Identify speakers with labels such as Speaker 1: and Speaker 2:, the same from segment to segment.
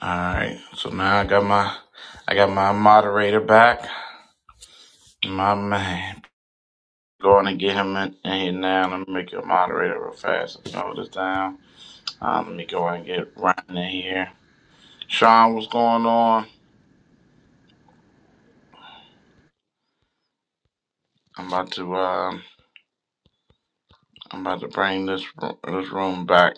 Speaker 1: All right, so now I got my, I got my moderator back. My man, going to get him in, in here now. Let me make you a moderator real fast. Let's Hold this down. Um, let me go and get Ryan in here. Sean, what's going on? I'm about to, um, I'm about to bring this ro- this room back.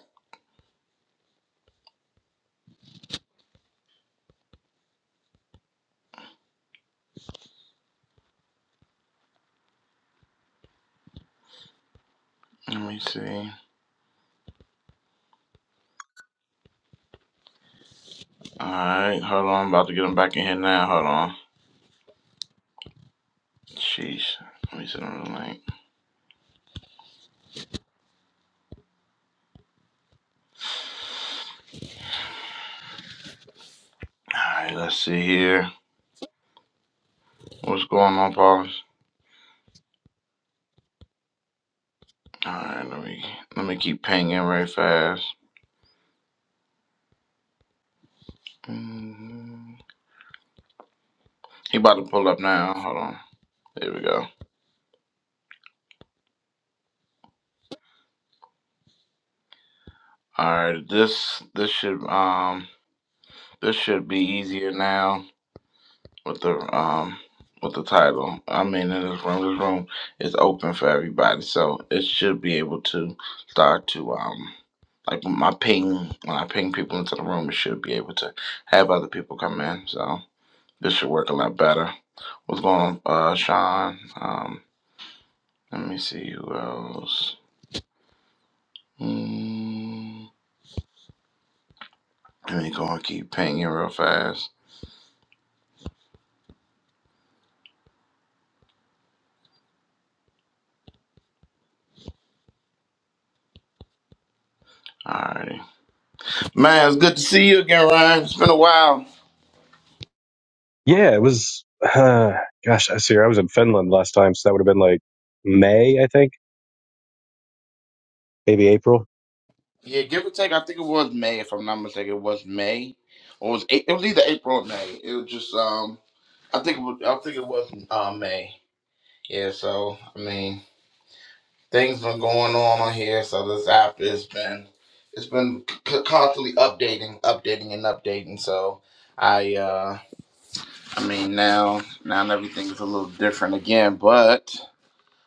Speaker 1: Let me see. All right, hold on. I'm about to get him back in here now. Hold on. Jeez. Let me send him the link. All right, let's see here. What's going on, Paulus? All right, let me let me keep pinging right fast. Mm, He about to pull up now. Hold on. There we go. All right, this this should um this should be easier now with the um with the title. I mean, in this room, this room is open for everybody, so it should be able to start to um like when my ping when I ping people into the room, it should be able to have other people come in. So this should work a lot better. What's going on, uh, Sean? Um, Let me see who else. Mm, let me go and keep painting real fast. Alrighty. Man, it's good to see you again, Ryan. It's been a while.
Speaker 2: Yeah, it was. Uh, gosh, I see. I was in Finland last time, so that would have been like May, I think, maybe April.
Speaker 1: Yeah, give or take, I think it was May, if I'm not mistaken. It was May. Or it was A- it was either April or May. It was just um I think it was I think it was uh, May. Yeah, so I mean things been going on on here, so this app has been it's been c- c- constantly updating, updating and updating. So I uh I mean, now now everything is a little different again, but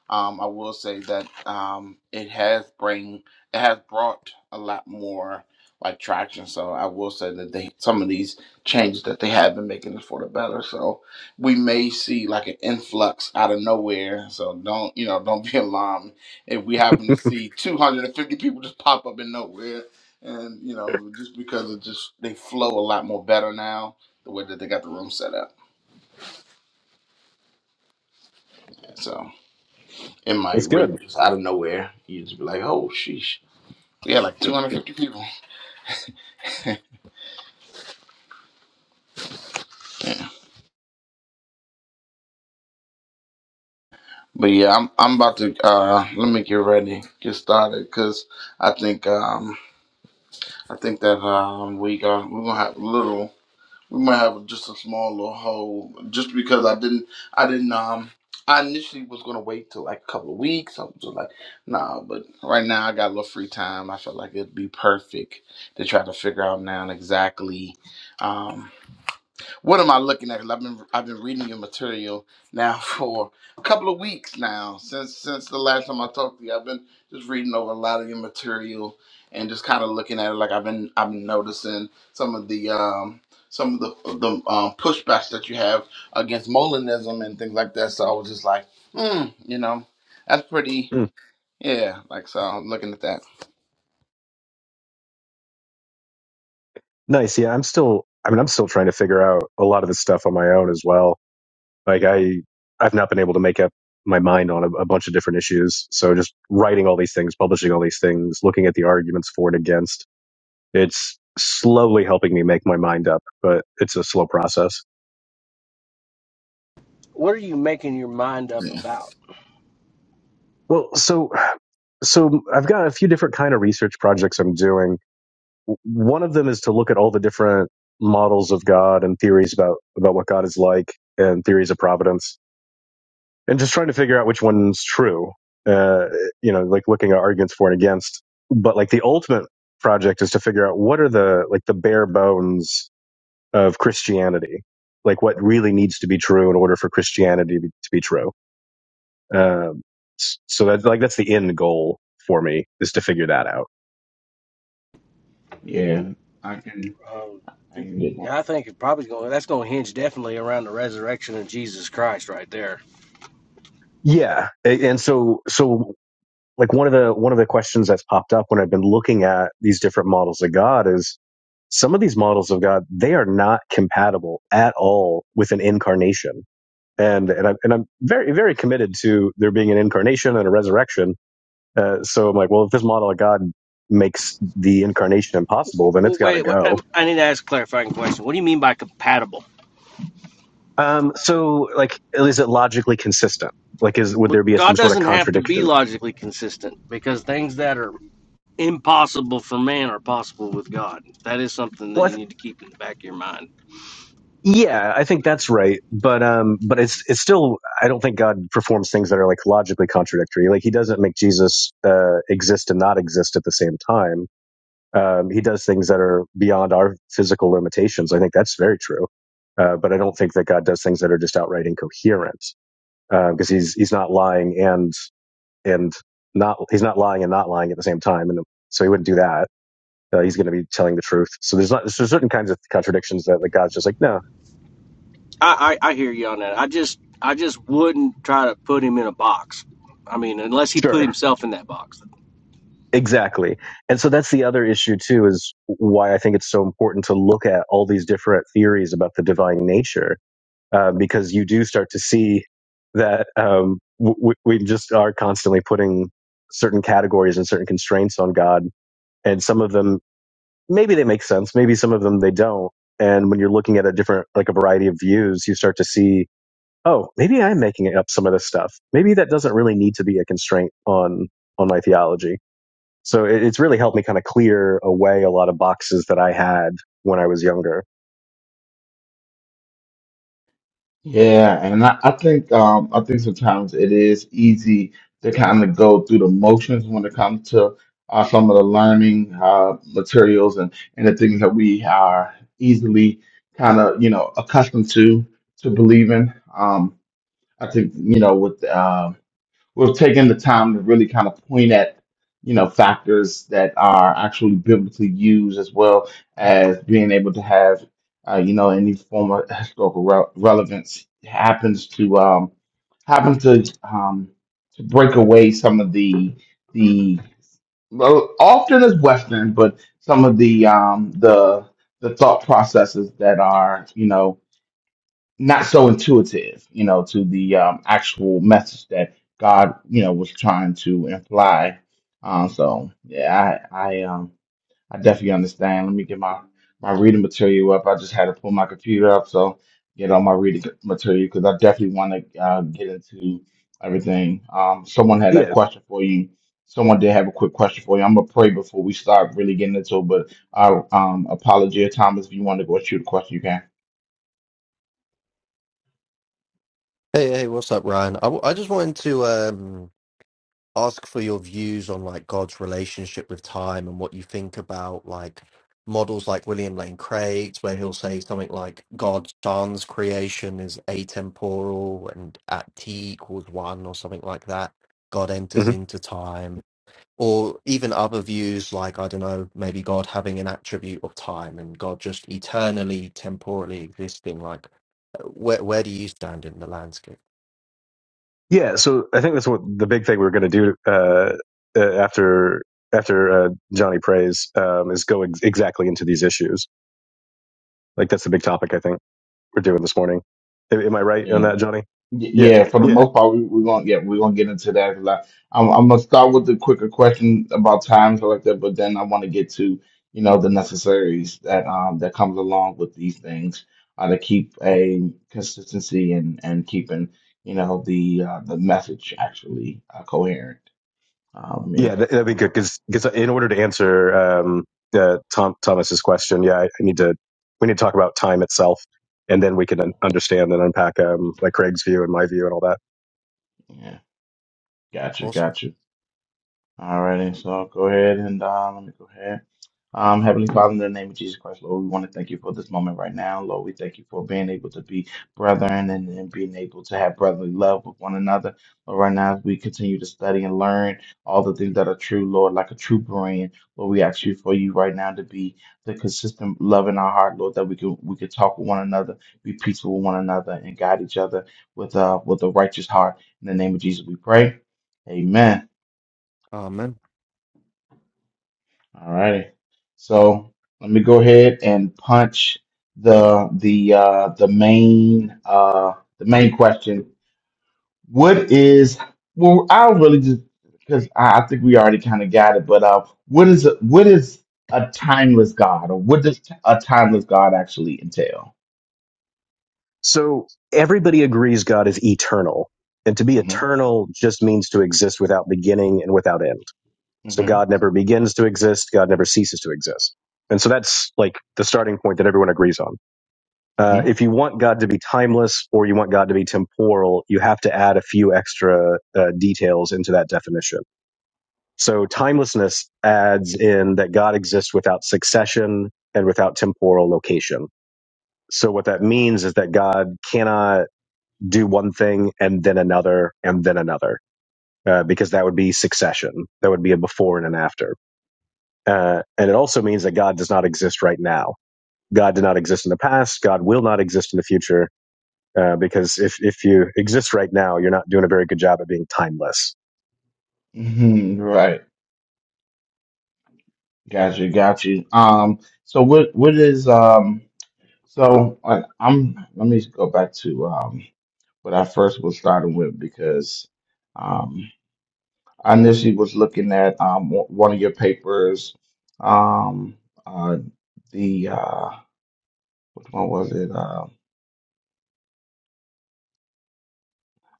Speaker 1: um, I will say that um, it has bring it has brought a lot more like traction. So I will say that they some of these changes that they have been making is for the better. So we may see like an influx out of nowhere. So don't you know don't be alarmed if we happen to see 250 people just pop up in nowhere. And you know, just because it just they flow a lot more better now, the way that they got the room set up. So it
Speaker 2: It's
Speaker 1: might really
Speaker 2: good.
Speaker 1: just out of nowhere, you just be like, oh, sheesh. Yeah, like 250 people. But yeah, I'm I'm about to uh let me get ready, get started, cause I think um I think that um we got we're gonna have a little we might have just a small little hole just because I didn't I didn't um I initially was gonna wait till like a couple of weeks. I was just like, nah, but right now I got a little free time. I felt like it'd be perfect to try to figure out now exactly um, What am I looking at? 'Cause I've been I've been reading your material now for a couple of weeks now since since the last time I talked to you. I've been just reading over a lot of your material and just kind of looking at it. Like I've been I've been noticing some of the um some of the the um, pushbacks that you have against Molinism and things like that. So I was just like, hmm, you know, that's pretty.
Speaker 2: Mm.
Speaker 1: Yeah, like so. I'm looking at that.
Speaker 2: Nice. Yeah, I'm still. I mean, I'm still trying to figure out a lot of this stuff on my own as well. Like I, I've not been able to make up my mind on a, a bunch of different issues. So just writing all these things, publishing all these things, looking at the arguments for and against, it's slowly helping me make my mind up, but it's a slow process.
Speaker 3: what are you making your mind up
Speaker 1: Yeah.
Speaker 3: about?
Speaker 2: Well, so so I've got a few different kind of research projects I'm doing one of them is to look at all the different models of God and theories about about what God is like and theories of providence, and just trying to figure out which one's true. Uh, you know, like looking at arguments for and against. But like the ultimate project is to figure out what are the like the bare bones of Christianity, like what really needs to be true in order for Christianity to be, to be true. Um, s- so that's like that's the end goal for me is to figure that out.
Speaker 1: Yeah, I can.
Speaker 3: Um,
Speaker 1: I can.
Speaker 3: yeah, I think it probably going that's going to hinge definitely around the resurrection of Jesus Christ right there.
Speaker 2: Yeah, A- and so so like one of the one of the questions that's popped up when I've been looking at these different models of God is some of these models of God they are not compatible at all with an incarnation, and and I'm and I'm very very committed to there being an incarnation and a resurrection. Uh, so I'm like, well, if this model of God makes the incarnation impossible, then
Speaker 3: Well,
Speaker 2: it's got to
Speaker 3: wait, wait um,
Speaker 2: go.
Speaker 3: I need to ask a clarifying question. What do you mean by compatible?
Speaker 2: Um, so like, is it logically consistent? Like, is would
Speaker 3: Well,
Speaker 2: there be a, some
Speaker 3: God
Speaker 2: sort of
Speaker 3: doesn't have to be
Speaker 2: contradiction?
Speaker 3: logically consistent because things that are impossible for man are possible with God. That is something that
Speaker 2: Well, I, th-
Speaker 3: you need to keep in the back of your mind.
Speaker 2: Yeah, I think that's right. But um but it's it's still I don't think God performs things that are like logically contradictory. Like he doesn't make Jesus uh exist and not exist at the same time. Um he does things that are beyond our physical limitations. I think that's very true. Uh but I don't think that God does things that are just outright incoherent. because uh, he's he's not lying and and not he's not lying and not lying at the same time and so he wouldn't do that. Uh, he's going to be telling the truth. So there's not there's certain kinds of contradictions that like God's just like, "No,
Speaker 3: I, I, I hear you on that. I just I just wouldn't try to put him in a box. I mean, unless he put
Speaker 2: sure.
Speaker 3: himself in that box.
Speaker 2: Exactly. And so that's the other issue too is why I think it's so important to look at all these different theories about the divine nature, uh, because you do start to see that um, w- w- we just are constantly putting certain categories and certain constraints on God, and some of them maybe they make sense, maybe some of them they don't. And when you're looking at a different, like a variety of views, you start to see, oh, maybe I'm making up some of this stuff. Maybe that doesn't really need to be a constraint on on my theology so it, it's really helped me kind of clear away a lot of boxes that I had when I was younger.
Speaker 1: Yeah, and I, I think um I think sometimes it is easy to kind of go through the motions when it comes to uh, some of the learning uh, materials and and the things that we are easily kind of you know accustomed to to believing. Um, I think you know with um we've taken the time to really kind of point at you know factors that are actually biblically used as well as being able to have uh, you know any form of historical re- relevance happens to um happens to um to break away some of the the well, often as western but some of the um the the thought processes that are you know not so intuitive, you know, to the um, actual message that God, you know, was trying to imply. Um, so yeah, I I um I definitely understand. Let me get my my reading material up. I just had to pull my computer up, so get all my reading material because I definitely want to uh, get into everything. Um, someone had a
Speaker 2: Yeah.
Speaker 1: question for you. Someone did have a quick question for you. I'm gonna pray before we start really getting into it, but uh, um, apology, Thomas, if you want to go shoot a question, you
Speaker 4: Hey, hey, what's up, Ryan? I, w- I just wanted to um, ask for your views on like God's relationship with time and what you think about like models like William Lane Craig's, where he'll say something like God's son's creation is atemporal and at t equals one or something like that. God enters
Speaker 2: hmm
Speaker 4: into time, or even other views like I don't know, maybe God having an attribute of time and God just eternally, temporally existing. Like, uh, where where do you stand in the landscape?
Speaker 2: Yeah. So I think that's what the big thing we're going to do uh, uh, after after uh, Johnny prays um, is go ex- exactly into these issues. Like that's the big topic I think we're doing this morning. Am I right on
Speaker 1: can.
Speaker 2: that, Johnny?
Speaker 1: Y-
Speaker 2: Yeah.
Speaker 1: Yeah, for the
Speaker 2: Yeah.
Speaker 1: most part, we, we're gonna yeah, we're gonna get into that a lot. I'm, I'm gonna start with the quicker question about times like that, but then I want to get to you know the necessaries that um that comes along with these things uh, to keep a consistency and and keeping you know the uh, the message actually uh, coherent. Um,
Speaker 2: Yeah,
Speaker 1: if,
Speaker 2: that, that'd be good because because in order to answer um, uh, Tom Thomas's question, yeah, I, I need to we need to talk about time itself, and then we can un- understand and unpack um, like Craig's view and my view and all that.
Speaker 1: yeah, gotcha,
Speaker 4: Awesome.
Speaker 1: gotcha. Alrighty, so go ahead and uh, let me go ahead. Um, Heavenly Father, in the name of Jesus Christ, Lord, we want to thank you for this moment right now. Lord, we thank you for being able to be brethren and, and being able to have brotherly love with one another. Lord, right now, as we continue to study and learn all the things that are true, Lord, like a true brand. Lord, we ask you for you right now to be the consistent love in our heart, Lord, that we can we can talk with one another, be peaceful with one another, and guide each other with uh with a righteous heart. In the name of Jesus, we pray. Amen.
Speaker 4: Amen.
Speaker 1: All righty. So let me go ahead and punch the the uh, the main uh, the main question. What is well? I'll really just because I, I think we already kind of got it. But uh, what is a, what is a timeless God, or what does a timeless God actually entail?
Speaker 2: So everybody agrees God is eternal, and to be
Speaker 1: hmm
Speaker 2: eternal just means to exist without beginning and without end. So
Speaker 1: hmm
Speaker 2: God never begins to exist, God never ceases to exist, and so that's like the starting point that everyone agrees on. uh,
Speaker 1: hmm
Speaker 2: if you want God to be timeless or you want God to be temporal, you have to add a few extra uh, details into that definition. So timelessness adds in that God exists without succession and without temporal location. So what that means is that God cannot do one thing and then another and then another, uh, because that would be succession. That would be a before and an after. Uh, and it also means that God does not exist right now. God did not exist in the past. God will not exist in the future uh, because if if you exist right now, you're not doing a very good job at being timeless.
Speaker 1: hmm Right. Got you. Got you. Um. So what what is um. So uh, I'm. Let me go back to um. but I first was starting with because um, I initially was looking at um, w- one of your papers, um, uh, the uh, which one was it? Uh,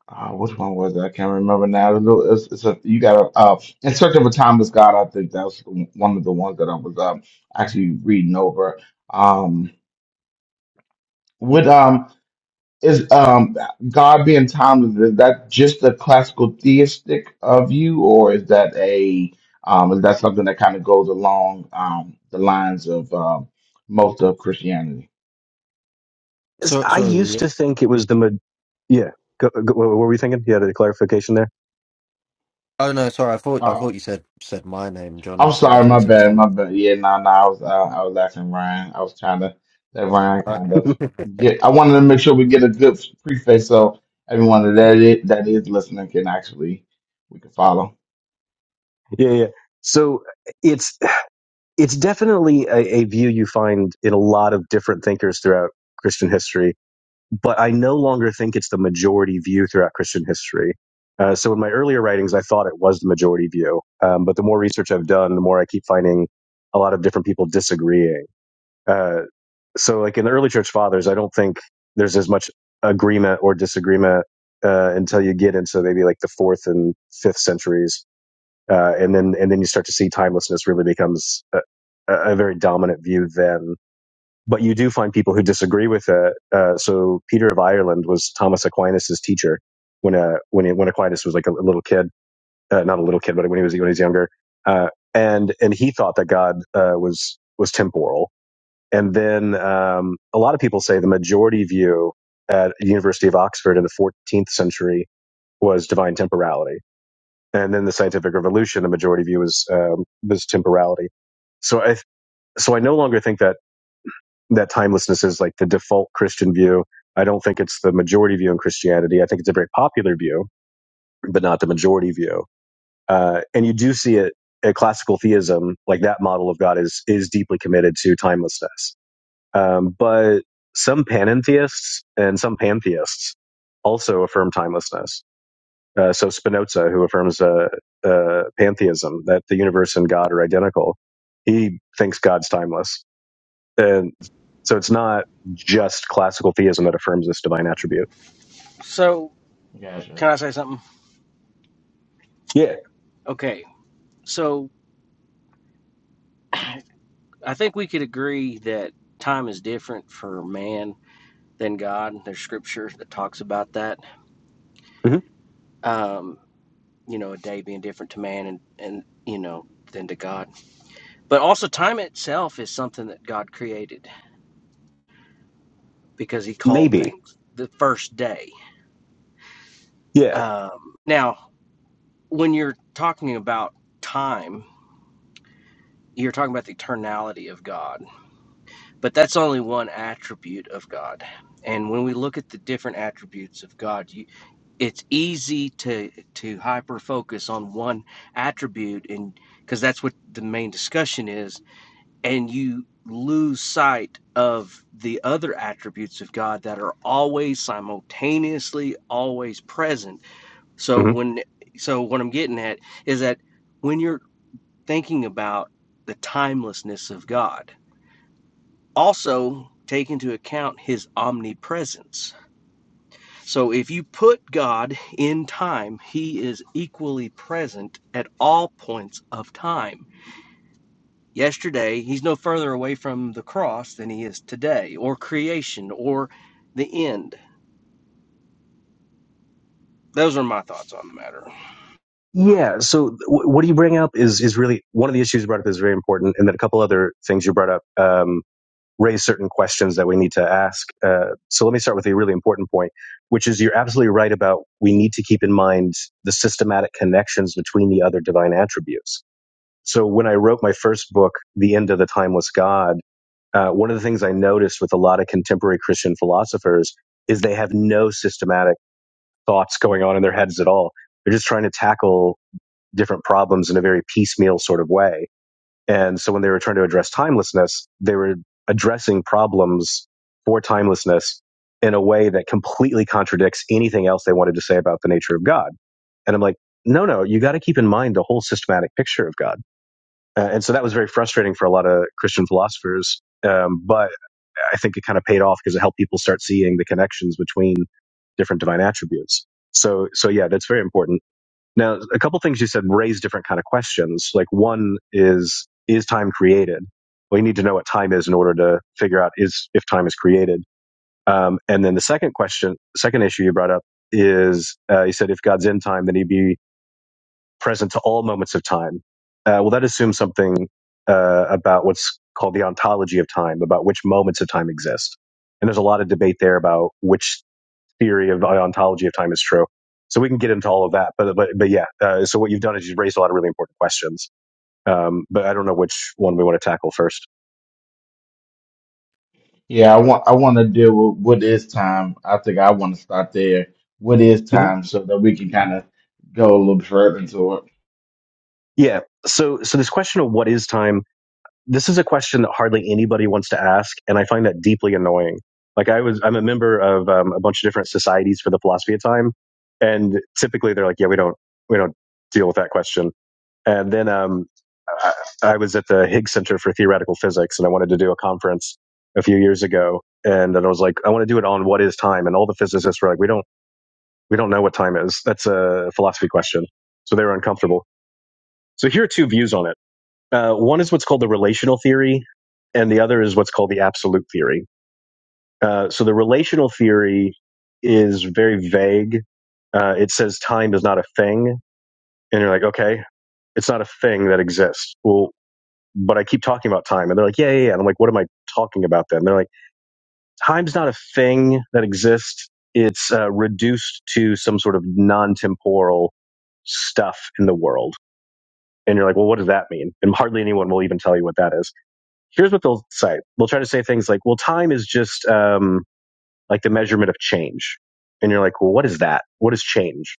Speaker 1: uh, which one was it? I can't remember now. It's, a little- it's it's a, you got a uh, in search of a timeless God. I think that was one of the ones that I was um, actually reading over. Um, with um, is um God being timeless, is that just a classical theistic of you, or is that a um is that something that kind of goes along um the lines of um most of Christianity?
Speaker 4: So
Speaker 2: I
Speaker 4: sorry, were
Speaker 2: used
Speaker 4: you?
Speaker 2: to think it was the ma- yeah. Go, go, what were we thinking? You had a clarification there.
Speaker 4: Oh no, sorry. I thought I thought
Speaker 1: Oh,
Speaker 4: you said said my name, Johnny.
Speaker 1: I'm
Speaker 4: Sorry, I
Speaker 1: sorry,
Speaker 4: thought you
Speaker 1: my
Speaker 4: said
Speaker 1: bad,
Speaker 4: Thomas.
Speaker 1: my bad. Yeah, no, no, I was uh, I was laughing, Ryan. I was trying to let Ryan kind
Speaker 4: Okay.
Speaker 1: of get. I wanted to make sure we get a good preface so everyone that is that is listening can actually we can follow.
Speaker 2: yeah, yeah. So it's it's definitely a, a view you find in a lot of different thinkers throughout Christian history, but I no longer think it's the majority view throughout Christian history. Uh, so in my earlier writings, I thought it was the majority view, um, but the more research I've done, the more I keep finding a lot of different people disagreeing. Uh, so like in the early church fathers i don't think there's as much agreement or disagreement uh, until you get into maybe like the fourth and fifth centuries uh, and then and then you start to see timelessness really becomes a, a very dominant view then but you do find people who disagree with it uh, so peter of ireland was thomas aquinas's teacher when uh, when he, when aquinas was like a little kid uh, not a little kid but when he was when he was younger uh, and and he thought that god uh, was was temporal and then um, a lot of people say the majority view at the University of Oxford in the 14th century was divine temporality. And then the scientific revolution, the majority view was um, was temporality. So I so I no longer think that that timelessness is like the default Christian view. I don't think it's the majority view in Christianity. I think it's a very popular view, but not the majority view. Uh, and you do see it a classical theism, like that model of God is is deeply committed to timelessness Um, but some panentheists and some pantheists also affirm timelessness. Uh, so Spinoza, who affirms uh, uh, pantheism, that the universe and God are identical, he thinks God's timeless. And so it's not just classical theism that affirms this divine attribute.
Speaker 3: So,
Speaker 1: Gotcha.
Speaker 3: can I say something?
Speaker 2: Yeah,
Speaker 3: Okay, So I think we could agree that time is different for man than God. There's scripture that talks about that.
Speaker 2: hmm
Speaker 3: Um, you know, a day being different to man and, and you know, than to God. But also time itself is something that God created because he called
Speaker 2: maybe.
Speaker 3: things the first day.
Speaker 2: Yeah.
Speaker 3: Um, now, when you're talking about time, you're talking about the eternality of God, but that's only one attribute of God. And when we look at the different attributes of God it's easy to to hyper focus on one attribute and because that's what the main discussion is and you lose sight of the other attributes of God that are always simultaneously always present so
Speaker 2: hmm
Speaker 3: when so what I'm getting at is that when you're thinking about the timelessness of God also take into account his omnipresence so if you put God in time, he is equally present at all points of time. Yesterday, he's no further away from the cross than he is today, or creation, or the end. Those are my thoughts on the matter.
Speaker 2: Yeah. So w- what do you bring up is, is really one of the issues you brought up is very important. And then a couple other things you brought up. Um, raise certain questions that we need to ask. Uh, so let me start with a really important point, which is you're absolutely right about we need to keep in mind the systematic connections between the other divine attributes. So when I wrote my first book, The End of the Timeless God, uh, one of the things I noticed with a lot of contemporary Christian philosophers is they have no systematic thoughts going on in their heads at all. They're just trying to tackle different problems in a very piecemeal sort of way and so when they were trying to address timelessness, they were addressing problems for timelessness in a way that completely contradicts anything else they wanted to say about the nature of God. And I'm like, no, no, you got to keep in mind the whole systematic picture of God. Uh, and so that was very frustrating for a lot of Christian philosophers. Um, but I think it kind of paid off because it helped people start seeing the connections between different divine attributes. So, so yeah, that's very important. Now, a couple things you said raise different kind of questions. Like one is, is time created? Well, you need to know what time is in order to figure out is if time is created. Um, and then the second question, second issue you brought up is, uh, you said if God's in time, then He'd be present to all moments of time. Uh, well, that assumes something uh, about what's called the ontology of time, about which moments of time exist. And there's a lot of debate there about which theory of the ontology of time is true. So we can get into all of that, but but but yeah. Uh, so what you've done is you've raised a lot of really important questions. Um, but I don't know which one we want to tackle 1st
Speaker 1: Yeah, I want I want to deal with what is time. I think I want to start there. What is
Speaker 2: Mm-hmm.
Speaker 1: time, so that we can kind of go a little further into it.
Speaker 2: Yeah. So so this question of what is time? This is a question that hardly anybody wants to ask, and I find that deeply annoying. Like I was, I'm a member of um, a bunch of different societies for the philosophy of time, and typically they're like, yeah, we don't we don't deal with that question. And then um, I, I was at the Higgs Center for Theoretical Physics, and I wanted to do a conference a few years ago. And then I was like, I want to do it on what is time, and all the physicists were like, we don't we don't know what time is. That's a philosophy question. So they were uncomfortable. So here are two views on it. Uh, one is what's called the relational theory, and the other is what's called the absolute theory. Uh, so the relational theory is very vague. Uh, it says time is not a thing, and you're like, okay, it's not a thing that exists. Well, but I keep talking about time. And they're like, yeah, yeah, yeah. And I'm like, what am I talking about then? And they're like, time's not a thing that exists. It's uh, reduced to some sort of non temporal stuff in the world. And you're like, well, what does that mean? And hardly anyone will even tell you what that is. Here's what they'll say. They'll try to say things like, well, time is just um, like the measurement of change. And you're like, well, what is that? What is change?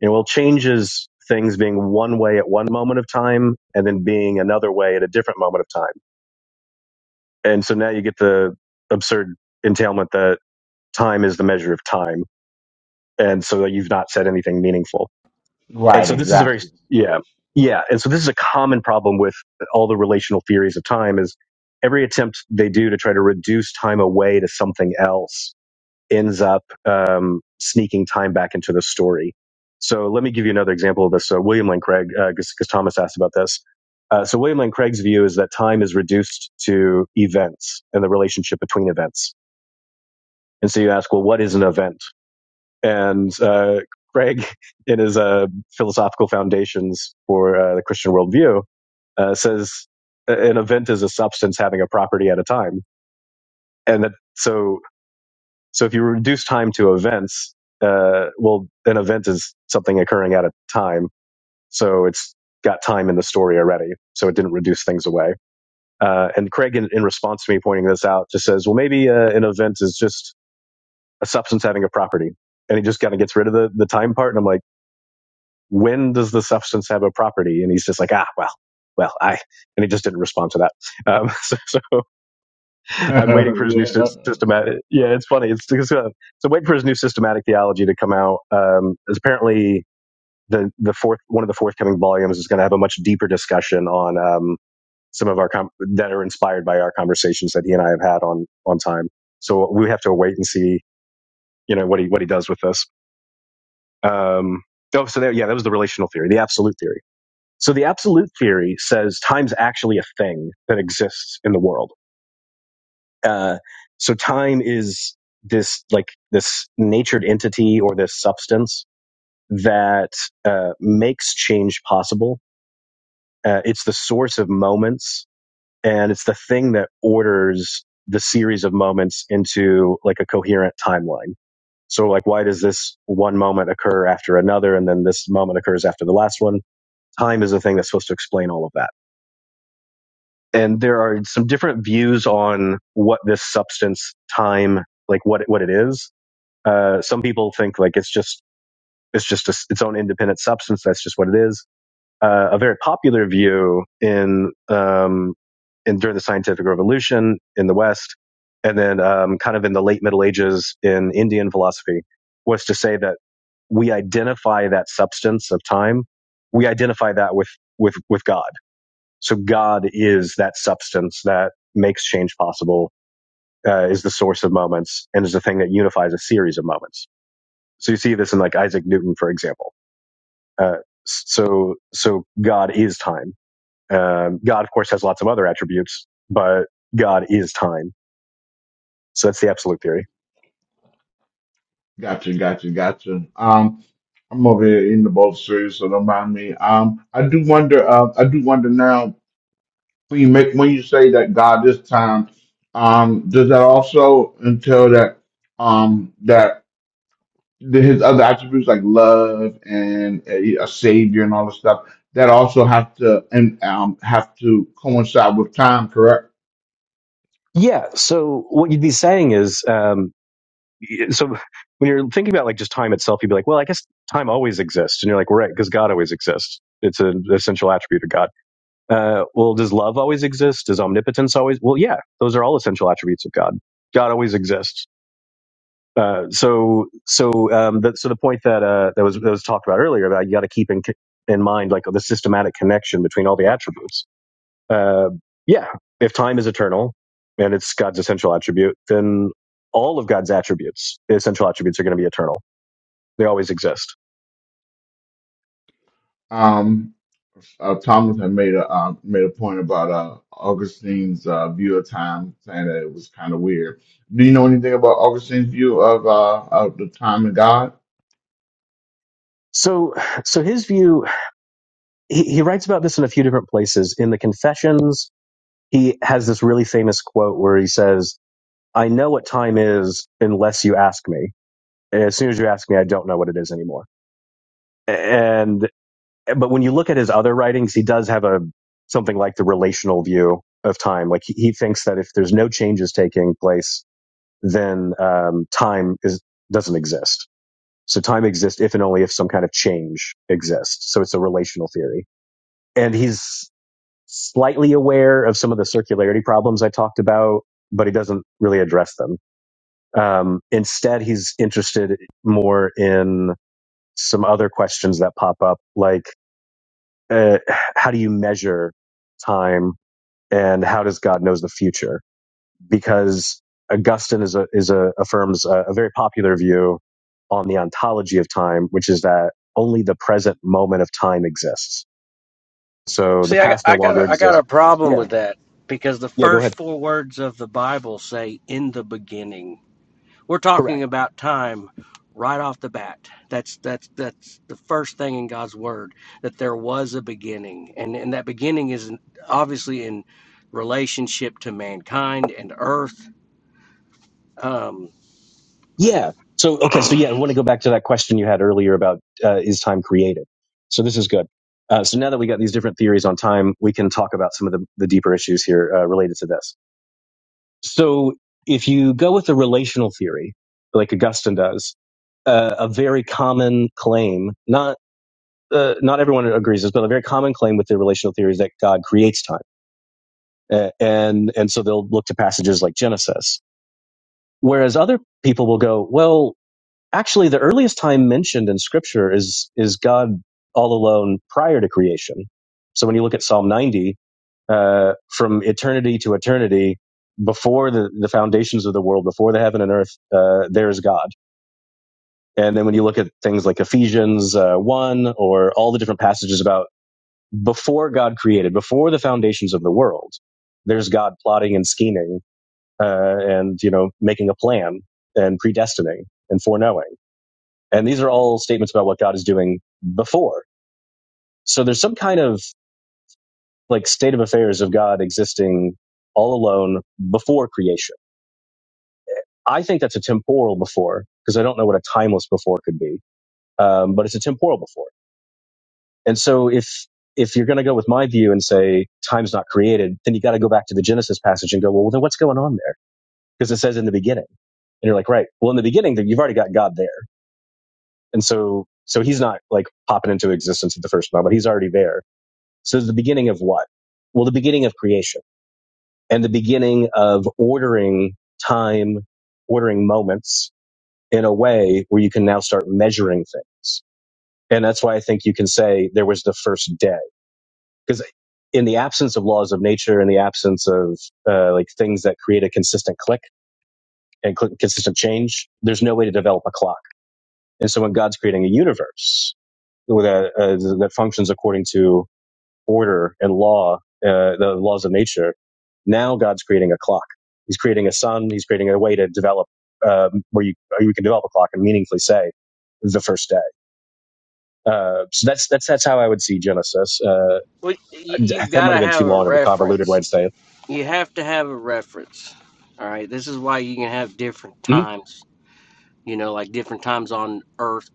Speaker 2: And well, change is things being one way at one moment of time and then being another way at a different moment of time And so now you get the absurd entailment that time is the measure of time. And so that you've not said anything meaningful. And
Speaker 1: Right,
Speaker 2: so this is a very,
Speaker 1: exactly.
Speaker 2: yeah, yeah. And so this is a common problem with all the relational theories of time is every attempt they do to try to reduce time away to something else ends up um, sneaking time back into the story. So let me give you another example of this. So William Lane Craig, because uh, Thomas asked about this. Uh, so William Lane Craig's view is that time is reduced to events and the relationship between events. And so you ask, well, what is an event? And uh, Craig, in his uh, philosophical foundations for uh, the Christian worldview, uh, says an event is a substance having a property at a time, and that so So if you reduce time to events, uh, well, an event is something occurring at a time. So it's got time in the story already. So it didn't reduce things away. Uh, and Craig, in, in response to me pointing this out, just says, well, maybe uh, an event is just a substance having a property. And he just kind of gets rid of the, the time part. And I'm like, when does the substance have a property? And he's just like, ah, well, well, I, and he just didn't respond to that. Um, so, so I'm waiting for his new
Speaker 1: Yeah.
Speaker 2: systematic. Yeah, it's funny. It's, it's uh, so wait for his new systematic theology to come out. Um, is apparently the the fourth one of the forthcoming volumes is going to have a much deeper discussion on um, some of our com- that are inspired by our conversations that he and I have had on on time. So we have to wait and see, you know, what he what he does with this. Um, oh, so there, yeah, that was the relational theory, the absolute theory. So the absolute theory says time's actually a thing that exists in the world Uh, so time is this like this natured entity or this substance that uh, makes change possible. Uh, it's the source of moments, and it's the thing that orders the series of moments into like a coherent timeline. So, like, why does this one moment occur after another, and then this moment occurs after the last one? Time is the thing that's supposed to explain all of that. And there are some different views on what this substance, time, like what what it is Uh, some people think like it's just it's just a s its own independent substance. That's just what it is. Uh, a very popular view in um, in during the scientific revolution in the West, and then um, kind of in the late Middle Ages in Indian philosophy, was to say that we identify that substance of time. We identify that with with with God. So God is that substance that makes change possible. Uh, is the source of moments and is the thing that unifies a series of moments so you see this in like Isaac Newton, for example. Uh, so so God is time. Um, God, of course, has lots of other attributes, but God is time. So that's the absolute theory.
Speaker 1: Gotcha, gotcha, gotcha. Um, I'm over here in the both series, so don't mind me. Um, I do wonder. Uh, I do wonder now when you make when you say that God is time. Um, does that also entail that? Um, that the, his other attributes like love and a, a savior and all the stuff that also have to and um, have to coincide with time, correct?
Speaker 2: Yeah. So what you'd be saying is, um, so when you're thinking about like just time itself, you'd be like, well, I guess time always exists, and you're like, well, right, because God always exists. It's an essential attribute of God. Uh, well, does love always exist? Does omnipotence always? Well, yeah, those are all essential attributes of God. God always exists Uh, so so um, that, so the point that uh, that was that was talked about earlier about you got to keep in in mind like the systematic connection between all the attributes. Uh, yeah, if time is eternal and it's God's essential attribute, then all of God's attributes, the essential attributes, are going to be eternal. They always exist.
Speaker 1: Um, uh, Thomas had made a uh, made a point about uh, Augustine's uh, view of time, saying that it was kind of weird. Do you know anything about Augustine's view of uh, of the time and God?
Speaker 2: So so his view, he, he writes about this in a few different places. In the Confessions, he has this really famous quote where he says, "I know what time is unless you ask me." And as soon as you ask me, I don't know what it is anymore. And but when you look at his other writings, he does have a something like the relational view of time. Like he, he thinks that if there's no changes taking place, then um, time is doesn't exist. So time exists if and only if some kind of change exists. So it's a relational theory, and he's slightly aware of some of the circularity problems I talked about, but he doesn't really address them. Um, instead, he's interested more in some other questions that pop up, like uh, how do you measure time, and how does God knows the future? Because Augustine is a, is a, affirms a, a very popular view on the ontology of time, which is that only the present moment of time exists. So the
Speaker 3: See, I got,
Speaker 2: past no
Speaker 3: I got,
Speaker 2: longer
Speaker 3: a, I got a
Speaker 2: exists.
Speaker 3: problem
Speaker 2: Yeah,
Speaker 3: with that because the
Speaker 2: yeah. Go
Speaker 3: first
Speaker 2: ahead.
Speaker 3: four words of the Bible say, "In the beginning." We're talking about time right off the bat. That's that's that's the first thing in God's word that there was a beginning, and and that beginning is obviously in relationship to mankind and earth. Um,
Speaker 2: Yeah. So okay. So yeah, I want to go back to that question you had earlier about uh, is time created. So this is good. Uh, so now that we got these different theories on time, we can talk about some of the, the deeper issues here uh, related to this. So if you go with a relational theory, like Augustine does, uh, a very common claim, not uh, not everyone agrees this, but a very common claim with the relational theory is that God creates time, uh, and and so they'll look to passages like Genesis. Whereas other people will go, well, Actually, the earliest time mentioned in Scripture is is God all alone prior to creation. So when you look at Psalm 90, uh, from eternity to eternity, before the, the foundations of the world, before the heaven and earth, uh, there is God. And then when you look at things like Ephesians uh, 1 or all the different passages about before God created, before the foundations of the world, there's God plotting and scheming uh, and you know making a plan and predestining and foreknowing. And these are all statements about what God is doing before. So there's some kind of like state of affairs of God existing all alone before creation. I think that's a temporal before because I don't know what a timeless before could be, um, but it's a temporal before. And so if if you're going to go with my view and say time's not created, then you got to go back to the Genesis passage and go, well, then what's going on there? Because it says in the beginning, and you're like, right. Well, in the beginning, then you've already got God there, and so so he's not like popping into existence at the first moment. He's already there So the beginning of what? Well, the beginning of creation and the beginning of ordering time, ordering moments in a way where you can now start measuring things. And that's why I think you can say there was the first day because in the absence of laws of nature, in the absence of uh, like things that create a consistent click and cl- consistent change, there's no way to develop a clock. And so when God's creating a universe that, uh, that functions according to order and law, uh, the laws of nature. Now God's creating a clock. He's creating a sun. He's creating a way to develop um, where you you can develop a clock and meaningfully say the first day. Uh, so that's that's that's how I would see Genesis. Uh,
Speaker 3: well, you, you've
Speaker 2: that
Speaker 3: got
Speaker 2: might have
Speaker 3: to
Speaker 2: been
Speaker 3: have
Speaker 2: too
Speaker 3: a
Speaker 2: long of a convoluted way
Speaker 3: reference.
Speaker 2: to say it.
Speaker 3: You have to have a reference. All right, this is why you can have different
Speaker 2: Mhm.
Speaker 3: times. You know, like different times on Earth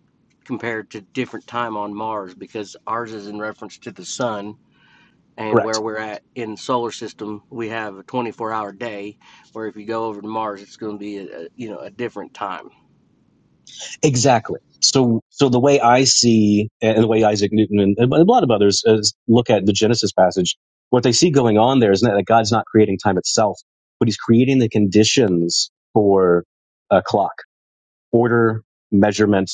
Speaker 3: compared to different time on Mars because ours is in reference to the sun and
Speaker 2: Correct.
Speaker 3: where we're at in the solar system we have a 24 hour day where if you go over to mars it's going to be a, you know a different time
Speaker 2: Exactly. So, so the way I see, and the way Isaac Newton and, a lot of others is look at the Genesis passage, what they see going on there is that God's not creating time itself, but He's creating the conditions for a clock, order, measurement,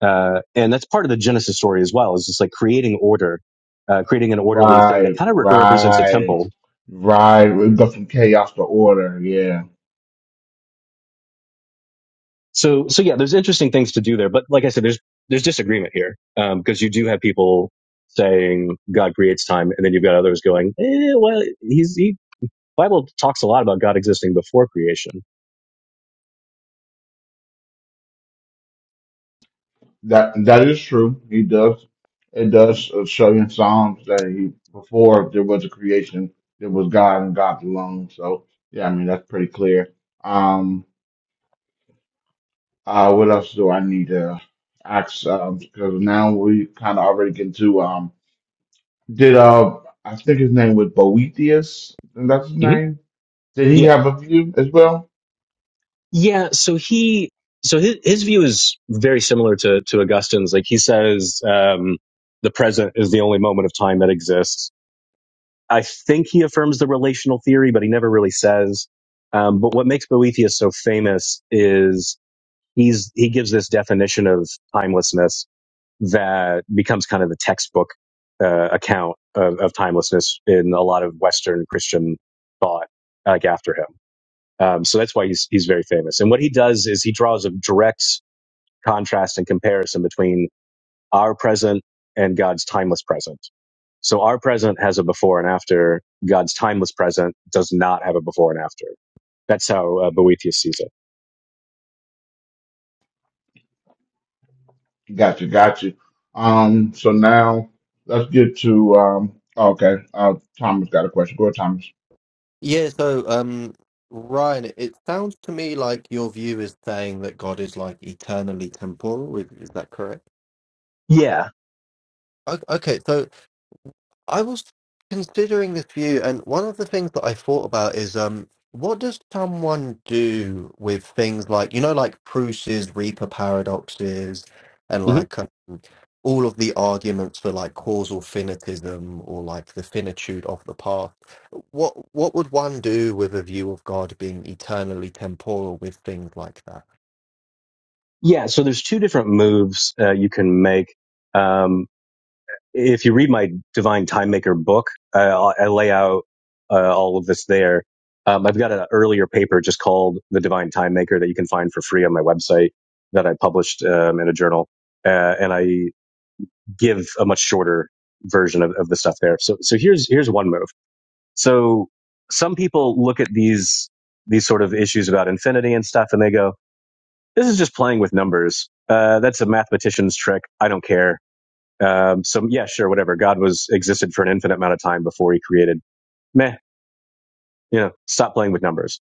Speaker 2: uh, and that's part of the Genesis story as well. Is it's like creating order, uh, creating an orderly thing that
Speaker 1: Right,
Speaker 2: kind of re- represents a
Speaker 1: right,
Speaker 2: temple
Speaker 1: right. We go from chaos to order. Yeah,
Speaker 2: So, so yeah, there's interesting things to do there. But like I said, there's, there's disagreement here. Um, cause you do have people saying God creates time and then you've got others going, eh, well, he's, he, Bible talks a lot about God existing before creation.
Speaker 1: that that is true. He does. It does uh, show in Psalms that he before there was a creation, there was God and God alone. So yeah, I mean that's pretty clear. Um, uh, what else do I need to ask? Um, because now we kind of already get to um. Did uh, I think his name was Boethius? and That's his
Speaker 2: hmm
Speaker 1: name. Did he
Speaker 2: Yeah.
Speaker 1: have a view as well?
Speaker 2: Yeah. So he, so his, his view is very similar to, to Augustine's. Like he says, um, the present is the only moment of time that exists. I think he affirms the relational theory, but he never really says. Um, but what makes Boethius so famous is he's he gives this definition of timelessness that becomes kind of the textbook uh, account of, of timelessness in a lot of Western Christian thought, like after him. Um, so that's why he's he's very famous. And what he does is he draws a direct contrast and comparison between our present and God's timeless present. So our present has a before and after. God's timeless present does not have a before and after. That's how uh, Boethius sees it.
Speaker 1: Gotcha, gotcha. Um, so now let's get to um okay. Uh Thomas got a question. Go ahead, Thomas.
Speaker 4: Yeah. So um, Ryan, it it sounds to me like your view is saying that God is like eternally temporal. Is, is that correct?
Speaker 2: Yeah.
Speaker 4: O- Okay. So I was considering this view, and one of the things that I thought about is um. What does someone do with things like, you know, like Proust's Reaper paradoxes and
Speaker 2: Mm-hmm.
Speaker 4: like all of the arguments for like causal finitism or like the finitude of the past what what would one do with a view of god being eternally temporal with things like that
Speaker 2: Yeah, so there's two different moves uh, you can make. Um, if you read my Divine Time Maker book, uh, I lay out uh, all of this there. Um, I've got an earlier paper just called The Divine Time Maker that you can find for free on my website that I published um, in a journal, uh, and I give a much shorter version of, of the stuff there. So, so here's here's one move. So some people look at these these sort of issues about infinity and stuff, and they go, this is just playing with numbers. Uh, that's a mathematician's trick. I don't care. Um, so yeah, sure, whatever. God was existed for an infinite amount of time before he created. Meh, you know, stop playing with numbers.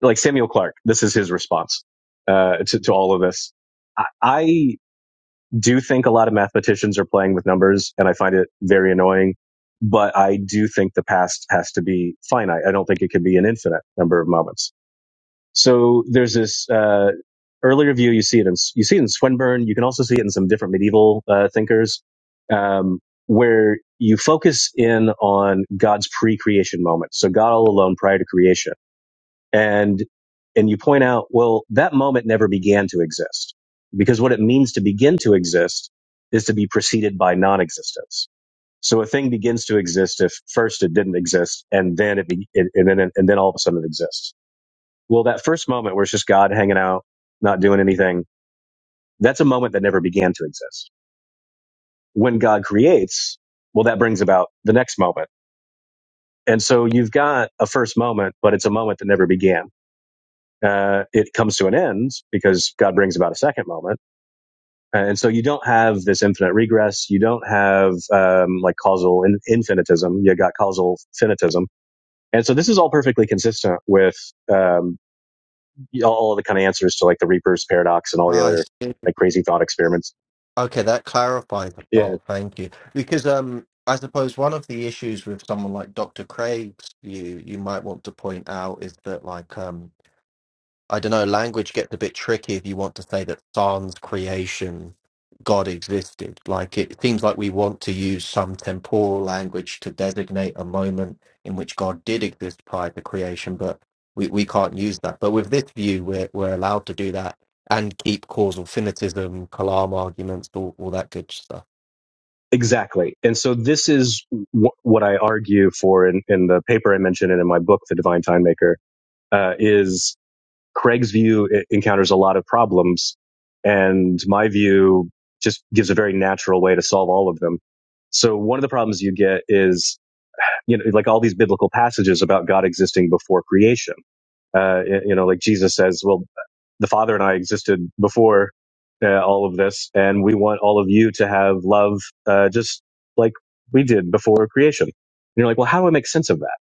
Speaker 2: Like Samuel Clark, this is his response uh, to, to all of this. I, I do think a lot of mathematicians are playing with numbers, and I find it very annoying. But I do think the past has to be finite. I don't think it can be an infinite number of moments So there's this uh, early review. You see it in you see it in Swinburne. You can also see it in some different medieval uh, thinkers, um, where you focus in on God's pre-creation moment. So God all alone prior to creation, and and you point out, well, that moment never began to exist because what it means to begin to exist is to be preceded by non-existence. So a thing begins to exist if first it didn't exist, and then it, be, it and then and then all of a sudden it exists well, that first moment where it's just God hanging out, not doing anything, that's a moment that never began to exist. When God creates, well, that brings about the next moment. And so you've got a first moment, but it's a moment that never began. Uh, it comes to an end because God brings about a second moment. Uh, And so you don't have this infinite regress. You don't have um, like causal in- infinitism. You got causal finitism. And so this is all perfectly consistent with um, all the kind of answers to like the Reaper's paradox and all the
Speaker 4: i
Speaker 2: other
Speaker 4: see
Speaker 2: like crazy thought experiments.
Speaker 4: okay that clarifies a
Speaker 2: Yeah,
Speaker 4: lot thank you because um i suppose one of the issues with someone like dr craig's view you might want to point out is that like um I don't know, language gets a bit tricky if you want to say that sans creation, God existed. Like it seems like we want to use some temporal language to designate a moment in which God did exist prior to creation, but we, we can't use that. But with this view, we're, we're allowed to do that and keep causal finitism, Kalam arguments, all, all that good stuff.
Speaker 2: exactly. And so this is w- what I argue for in, in the paper I mentioned and in my book, The Divine Time Maker, uh, is Craig's view e- encounters a lot of problems and my view just gives a very natural way to solve all of them. So one of the problems you get is, you know, like all these biblical passages about God existing before creation uh, you know, like Jesus says, well, the Father and I existed before uh, all of this, and we want all of you to have love uh, just like we did before creation. And you're like, well, how do I make sense of that?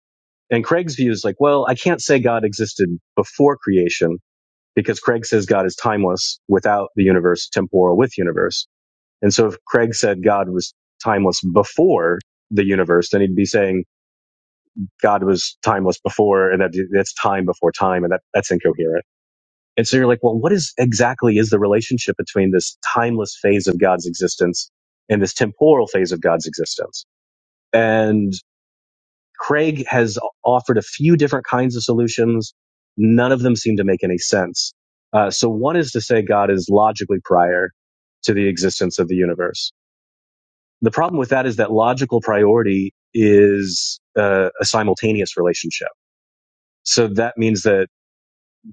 Speaker 2: And Craig's view is like, well, I can't say God existed before creation because Craig says God is timeless without the universe, temporal with universe. And so if Craig said God was timeless before the universe, then he'd be saying God was timeless before, and that that's time before time, and that that's incoherent. And so you're like, well, what is exactly is the relationship between this timeless phase of God's existence and this temporal phase of God's existence? And Craig has offered a few different kinds of solutions. None of them seem to make any sense. Uh, so one is to say God is logically prior to the existence of the universe. The problem with that is that logical priority is uh, a simultaneous relationship. So that means that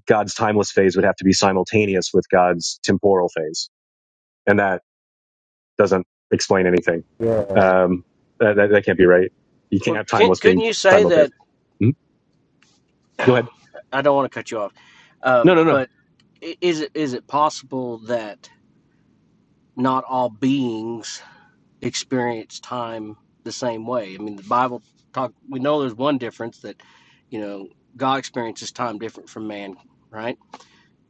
Speaker 2: God's timeless phase would have to be simultaneous with God's temporal phase and that doesn't explain anything.
Speaker 4: Yeah.
Speaker 2: Um, that, that, that can't be right. You can't
Speaker 3: well
Speaker 2: have
Speaker 3: can,
Speaker 2: timeless being
Speaker 3: couldn't you say
Speaker 2: simultaneous.
Speaker 3: that
Speaker 2: Hmm? Go
Speaker 3: i
Speaker 2: ahead.
Speaker 3: don't want to cut you off
Speaker 2: No,
Speaker 3: um,
Speaker 2: no, no.
Speaker 3: but is it is it possible that not all beings experience time the same way i mean the bible talk we know there's one difference that you know god experiences time different from man right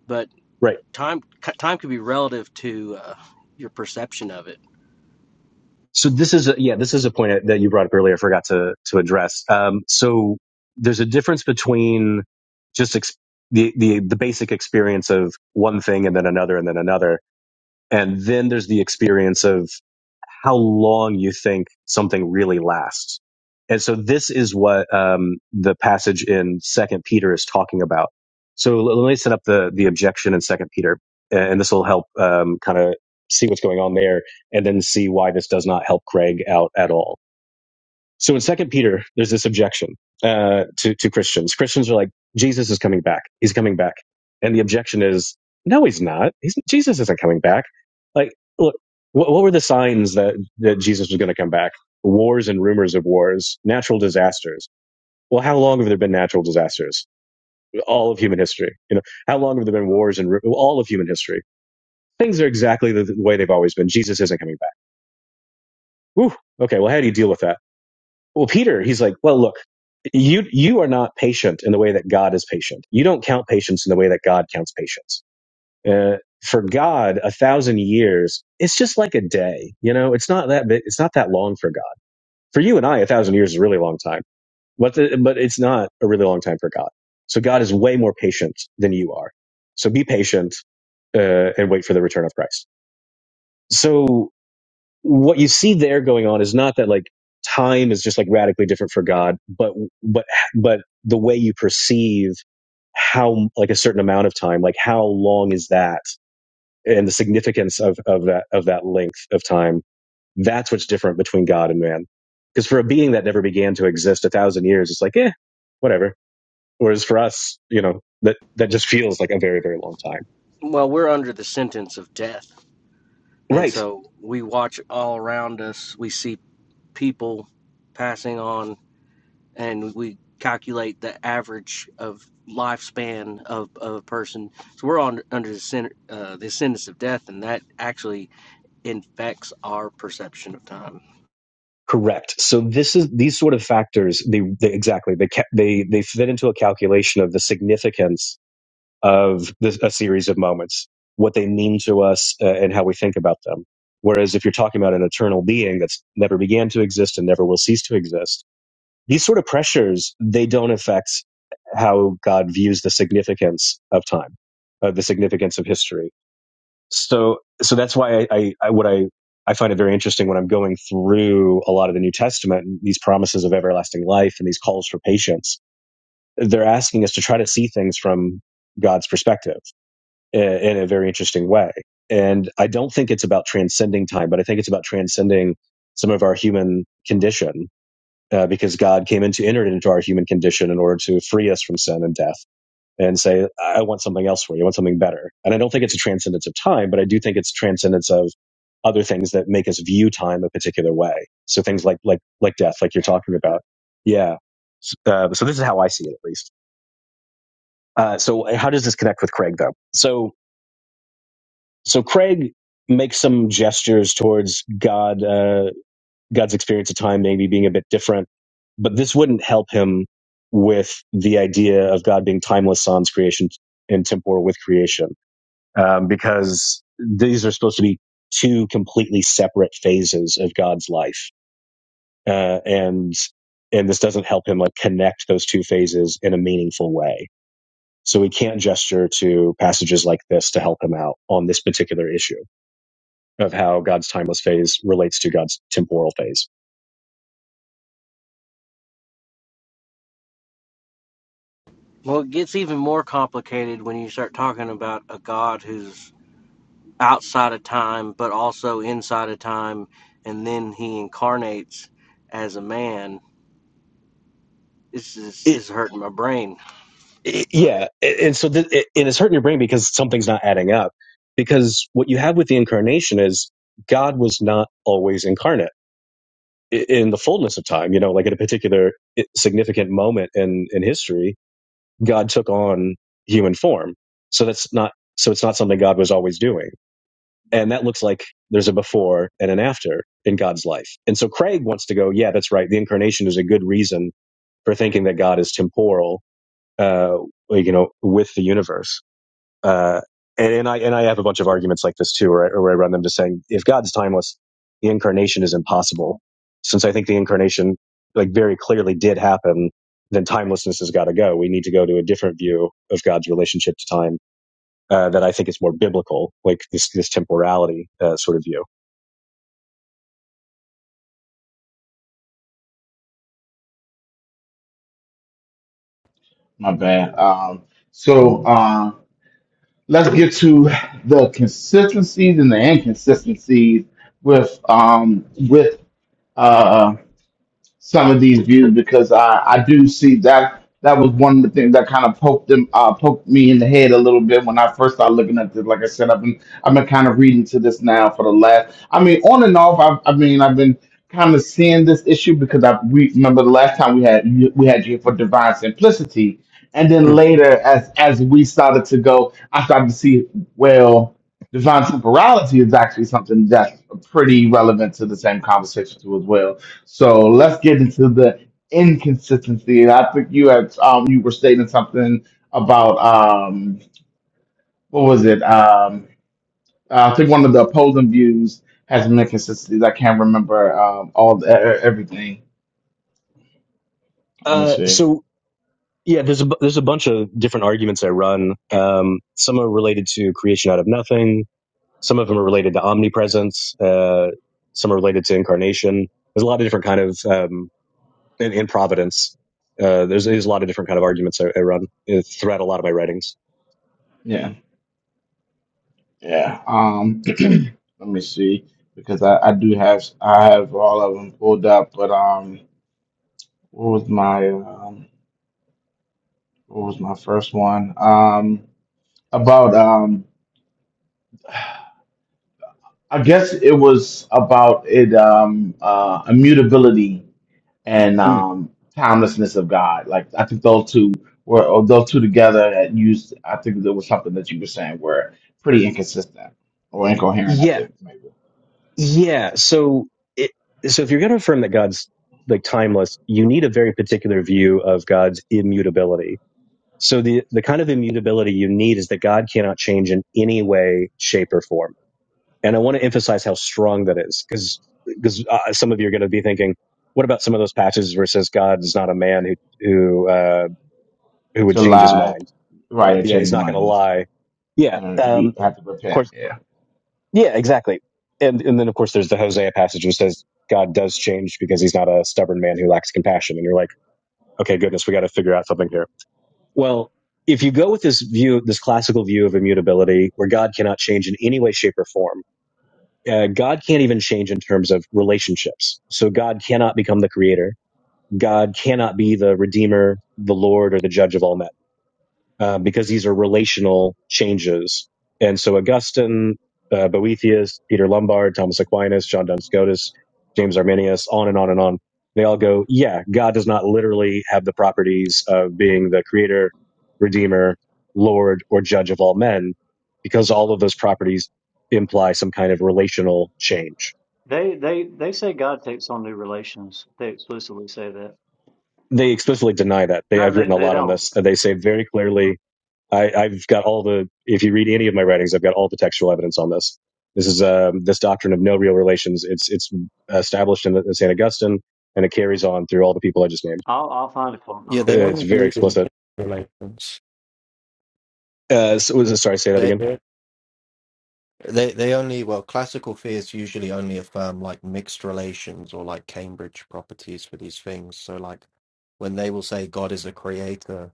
Speaker 3: but
Speaker 2: Right.
Speaker 3: time time could be relative to uh, your perception of it
Speaker 2: So this is a, yeah, this is a point that you brought up earlier. I forgot to to address. Um, so there's a difference between just ex- the the the basic experience of one thing and then another and then another And then there's the experience of how long you think something really lasts. And so this is what um, the passage in Second Peter is talking about. So let me set up the the objection in Second Peter, and this will help um, kind of see what's going on there, and then see why this does not help Craig out at all. So in Second Peter, there's this objection uh, to to Christians. Christians are like, Jesus is coming back. He's coming back, and the objection is, no, he's not. He's, Jesus isn't coming back. Like, look, what, what were the signs that that Jesus was going to come back? Wars and rumors of wars, natural disasters. Well, how long have there been natural disasters? All of human history. You know, how long have there been wars and ru- all of human history? Things are exactly the, the way they've always been. Jesus isn't coming back. Whew. Okay. Well, how do you deal with that? Well, Peter, he's like, well, look. You you are not patient in the way that God is patient. You don't count patience in the way that God counts patience. Uh, for God, a thousand years it's just like a day. You know, it's not that big, it's not that long for God. For you and I, a thousand years is a really long time, but the, but it's not a really long time for God. So God is way more patient than you are. So be patient uh, and wait for the return of Christ. So what you see there going on is not that like time is just like radically different for God, but but but the way you perceive how like a certain amount of time, like how long is that, and the significance of of that of that length of time. That's what's different between God and man. Because for a being that never began to exist a thousand years, it's like eh, whatever. Whereas for us, you know, that that just feels like a very very long time.
Speaker 3: Well, we're under the sentence of death. And
Speaker 2: Right.
Speaker 3: so we watch all around us. We see people passing on, and we calculate the average of lifespan of, of a person. So we're on under the, sen- uh, the sentence of death, and that actually infects our perception of time.
Speaker 2: Correct. So this is these sort of factors. They, they exactly they ca- they they fit into a calculation of the significance of this, a series of moments, what they mean to us, uh, and how we think about them. Whereas if you're talking about an eternal being that's never began to exist and never will cease to exist, these sort of pressures they don't affect how God views the significance of time, uh, the significance of history so so that's why I, I, I what I I find it very interesting when I'm going through a lot of the New Testament and these promises of everlasting life and these calls for patience. They're asking us to try to see things from God's perspective in, in a very interesting way. And I don't think it's about transcending time, but I think it's about transcending some of our human condition uh, because God came into entered into our human condition in order to free us from sin and death and say, I want something else for you. I want something better. And I don't think it's a transcendence of time, but I do think it's transcendence of other things that make us view time a particular way. So things like, like, like death, like you're talking about. Yeah. Uh, so this is how I see it, at least. Uh, so how does this connect with Craig though? So, so Craig makes some gestures towards God, uh, God's experience of time maybe being a bit different, but this wouldn't help him with the idea of God being timeless sans creation and temporal with creation um, because these are supposed to be two completely separate phases of God's life, uh, and and this doesn't help him like connect those two phases in a meaningful way. So we can't gesture to passages like this to help him out on this particular issue of how God's timeless phase relates to God's temporal phase.
Speaker 3: Well, it gets even more complicated when you start talking about a God who's outside of time, but also inside of time, and then he incarnates as a man This is
Speaker 2: It,
Speaker 3: this is hurting my brain.
Speaker 2: it- yeah, and so th- it, and it's hurting your brain because something's not adding up. Because what you have with the incarnation is God was not always incarnate in the fullness of time, you know, like at a particular significant moment in in history, God took on human form. So that's not so it's not something God was always doing. And that looks like there's a before and an after in God's life. And so Craig wants to go, yeah, that's right. The incarnation is a good reason for thinking that God is temporal, uh, you know, with the universe uh, and, and I and I have a bunch of arguments like this too, where I, where I run them to saying if God's timeless, the incarnation is impossible, since I think the incarnation like very clearly did happen. Then timelessness has got to go. We need to go to a different view of God's relationship to time uh, that I think is more biblical, like this this temporality uh, sort of view.
Speaker 1: My bad. Um so um, let's get to the consistencies and the inconsistencies with um with uh some of these views because I, I do see that that was one of the things that kind of poked them uh, poked me in the head a little bit when I first started looking at this. Like I said, I've been I've been kind of reading to this now for the last. I mean, on and off. I've, I mean, I've been kind of seeing this issue because I we, remember the last time we had you- we had you for divine simplicity, and then
Speaker 2: Hmm.
Speaker 1: later as as we started to go, I started to see well. Divine temporality is actually something that's pretty relevant to the same conversation too as well. So let's get into the inconsistency. And I think you had um you were stating something about um what was it? Um I think one of the opposing views has some inconsistencies. I can't remember um all the, e- e-, everything. Let me
Speaker 2: Uh,
Speaker 1: see.
Speaker 2: so yeah, there's a there's a bunch of different arguments I run. Um, some are related to creation out of nothing Some of them are related to omnipresence. Uh, some are related to incarnation. There's a lot of different kind of um, in, in providence. Uh, there's, there's a lot of different kind of arguments I, I run uh, throughout a lot of my writings.
Speaker 1: Yeah. Yeah. Um let me see because I, I do have I have all of them pulled up, but um what was my um what was my first one? Um about um I guess it was about it um uh immutability and
Speaker 2: Mm.
Speaker 1: um timelessness of God. Like I think those two were or those two together that used I think there was something that you were saying were pretty inconsistent or incoherent, I
Speaker 2: Yeah,
Speaker 1: think maybe.
Speaker 2: yeah. So, it, so if you're going to affirm that God's like timeless, you need a very particular view of God's immutability. So the the kind of immutability you need is that God cannot change in any way, shape, or form And I want to emphasize how strong that is because because uh, some of you are going to be thinking, what about some of those passages where it says God is not a man who who uh, who would
Speaker 1: To
Speaker 2: change his
Speaker 1: lie,
Speaker 2: mind?
Speaker 1: right and
Speaker 2: Yeah, he's
Speaker 1: change
Speaker 2: not going to
Speaker 1: minds,
Speaker 2: lie. Yeah,
Speaker 1: mind. yes. Uh,
Speaker 2: um,
Speaker 1: he
Speaker 2: of
Speaker 1: had to repent.
Speaker 2: course.
Speaker 1: Yeah.
Speaker 2: Yeah, exactly. And and then of course there's the Hosea passage which says God does change because he's not a stubborn man who lacks compassion. And you're like, okay, goodness, we got to figure out something here. Well, if you go with this view, this classical view of immutability, where God cannot change in any way, shape, or form uh, God can't even change in terms of relationships. So God cannot become the creator. God cannot be the redeemer, the Lord, or the judge of all men uh, because these are relational changes. And so Augustine, uh, Boethius, Peter Lombard, Thomas Aquinas, John Duns Scotus, James Arminius, on and on and on. They all go, yeah, God does not literally have the properties of being the creator, redeemer, Lord, or judge of all men because all of those properties imply some kind of relational change.
Speaker 5: They they they say God takes on new relations. They explicitly say that.
Speaker 2: they explicitly deny that.
Speaker 5: No,
Speaker 2: They, I've
Speaker 5: they,
Speaker 2: written a
Speaker 5: they
Speaker 2: lot on
Speaker 5: don't.
Speaker 2: this. and They say very clearly, I, I've got all the. If you read any of my writings, I've got all the textual evidence on this. This is um, this doctrine of no real relations. It's it's established in, in Saint Augustine, and it carries on through all the people I just named.
Speaker 5: I'll I'll find a quote. Hold
Speaker 4: Yeah,
Speaker 5: on.
Speaker 2: Uh,
Speaker 4: they
Speaker 2: It's
Speaker 4: only
Speaker 2: very
Speaker 4: believe in
Speaker 2: explicit.
Speaker 4: relations.
Speaker 2: Uh, so, was it- sorry, say that
Speaker 4: They
Speaker 2: again.
Speaker 4: They they only well classical fears usually only affirm like mixed relations or like Cambridge properties for these things. So like when they will say God is a creator,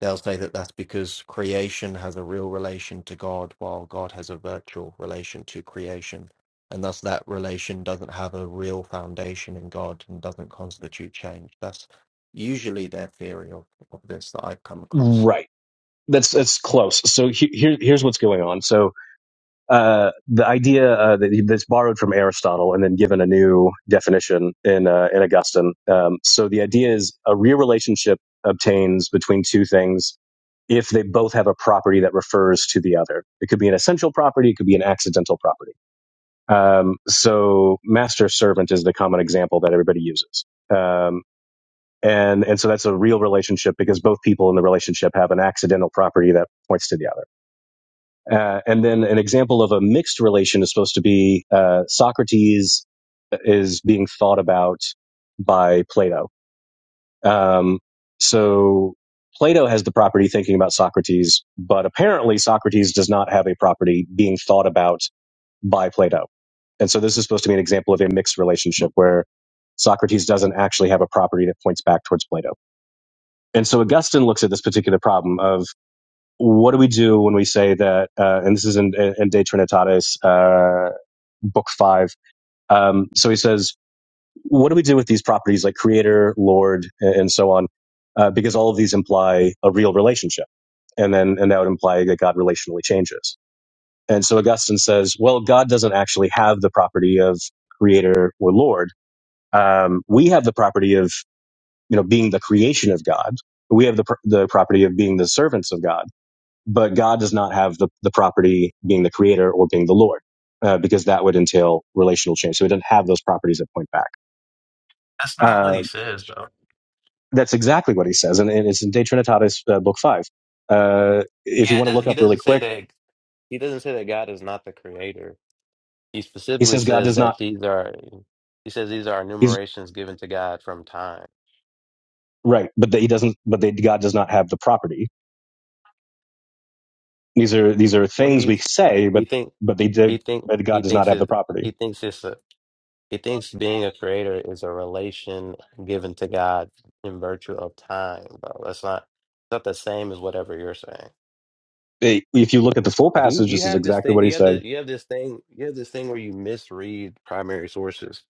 Speaker 4: they'll say that that's because creation has a real relation to God, while God has a virtual relation to creation, and thus that relation doesn't have a real foundation in God and doesn't constitute change. That's usually their theory of, of this that I've come across.
Speaker 2: Right. That's that's close. So he, here here's what's going on. So uh, the idea uh, that he- that's borrowed from Aristotle and then given a new definition in uh, in Augustine. Um, so the idea is a real relationship obtains between two things if they both have a property that refers to the other. It could be an essential property, it could be an accidental property. Um, so master servant is the common example that everybody uses. Um, and and so that's a real relationship because both people in the relationship have an accidental property that points to the other. Uh, and then an example of a mixed relation is supposed to be uh, Socrates is being thought about by Plato. Um, so Plato has the property thinking about Socrates, but apparently Socrates does not have a property being thought about by Plato. And so this is supposed to be an example of a mixed relationship where Socrates doesn't actually have a property that points back towards Plato. And so Augustine looks at this particular problem of what do we do when we say that, uh, and this is in, in De Trinitatis, uh, book five. Um, so he says, what do we do with these properties like creator, Lord, and, so on? Uh, because all of these imply a real relationship. And then, and that would imply that God relationally changes. And so Augustine says, well, God doesn't actually have the property of creator or Lord. Um, we have the property of, you know, being the creation of God. We have the, pr- the property of being the servants of God but God does not have the, the property being the creator or being the Lord, uh, because that would entail relational change. So he doesn't have those properties that point back.
Speaker 6: That's not what
Speaker 2: Uh,
Speaker 6: he says, though.
Speaker 2: that's exactly what he says. And, and it's in De Trinitatis, uh, book five. Uh,
Speaker 6: Yeah,
Speaker 2: if you
Speaker 6: it
Speaker 2: want to
Speaker 6: doesn't,
Speaker 2: look
Speaker 6: he
Speaker 2: up really
Speaker 6: doesn't say
Speaker 2: quick,
Speaker 6: that. He doesn't say that God is not the creator. He
Speaker 2: he
Speaker 6: specifically
Speaker 2: says God
Speaker 6: says
Speaker 2: does not,
Speaker 6: that these are. He says these are
Speaker 2: he's
Speaker 6: enumerations given to God from time.
Speaker 2: right, but that he doesn't, but that God does not have the property. These are, these are
Speaker 6: What do
Speaker 2: things
Speaker 6: you?
Speaker 2: we
Speaker 6: Th-
Speaker 2: say,
Speaker 6: you
Speaker 2: but,
Speaker 6: think?
Speaker 2: but they did,
Speaker 6: He think
Speaker 2: but
Speaker 6: he
Speaker 2: God does not
Speaker 6: thinks
Speaker 2: have the
Speaker 6: it.
Speaker 2: property.
Speaker 6: He thinks it's a. He thinks being a creator is a relation given to God in virtue of time, bro. That's not. It's not the same as whatever you're saying.
Speaker 2: If you look at the full
Speaker 6: Like you,
Speaker 2: passage,
Speaker 6: you
Speaker 2: this is
Speaker 6: have this
Speaker 2: exactly
Speaker 6: thing.
Speaker 2: what he
Speaker 6: You have
Speaker 2: says
Speaker 6: the. You have this thing. You have this thing where you misread primary sources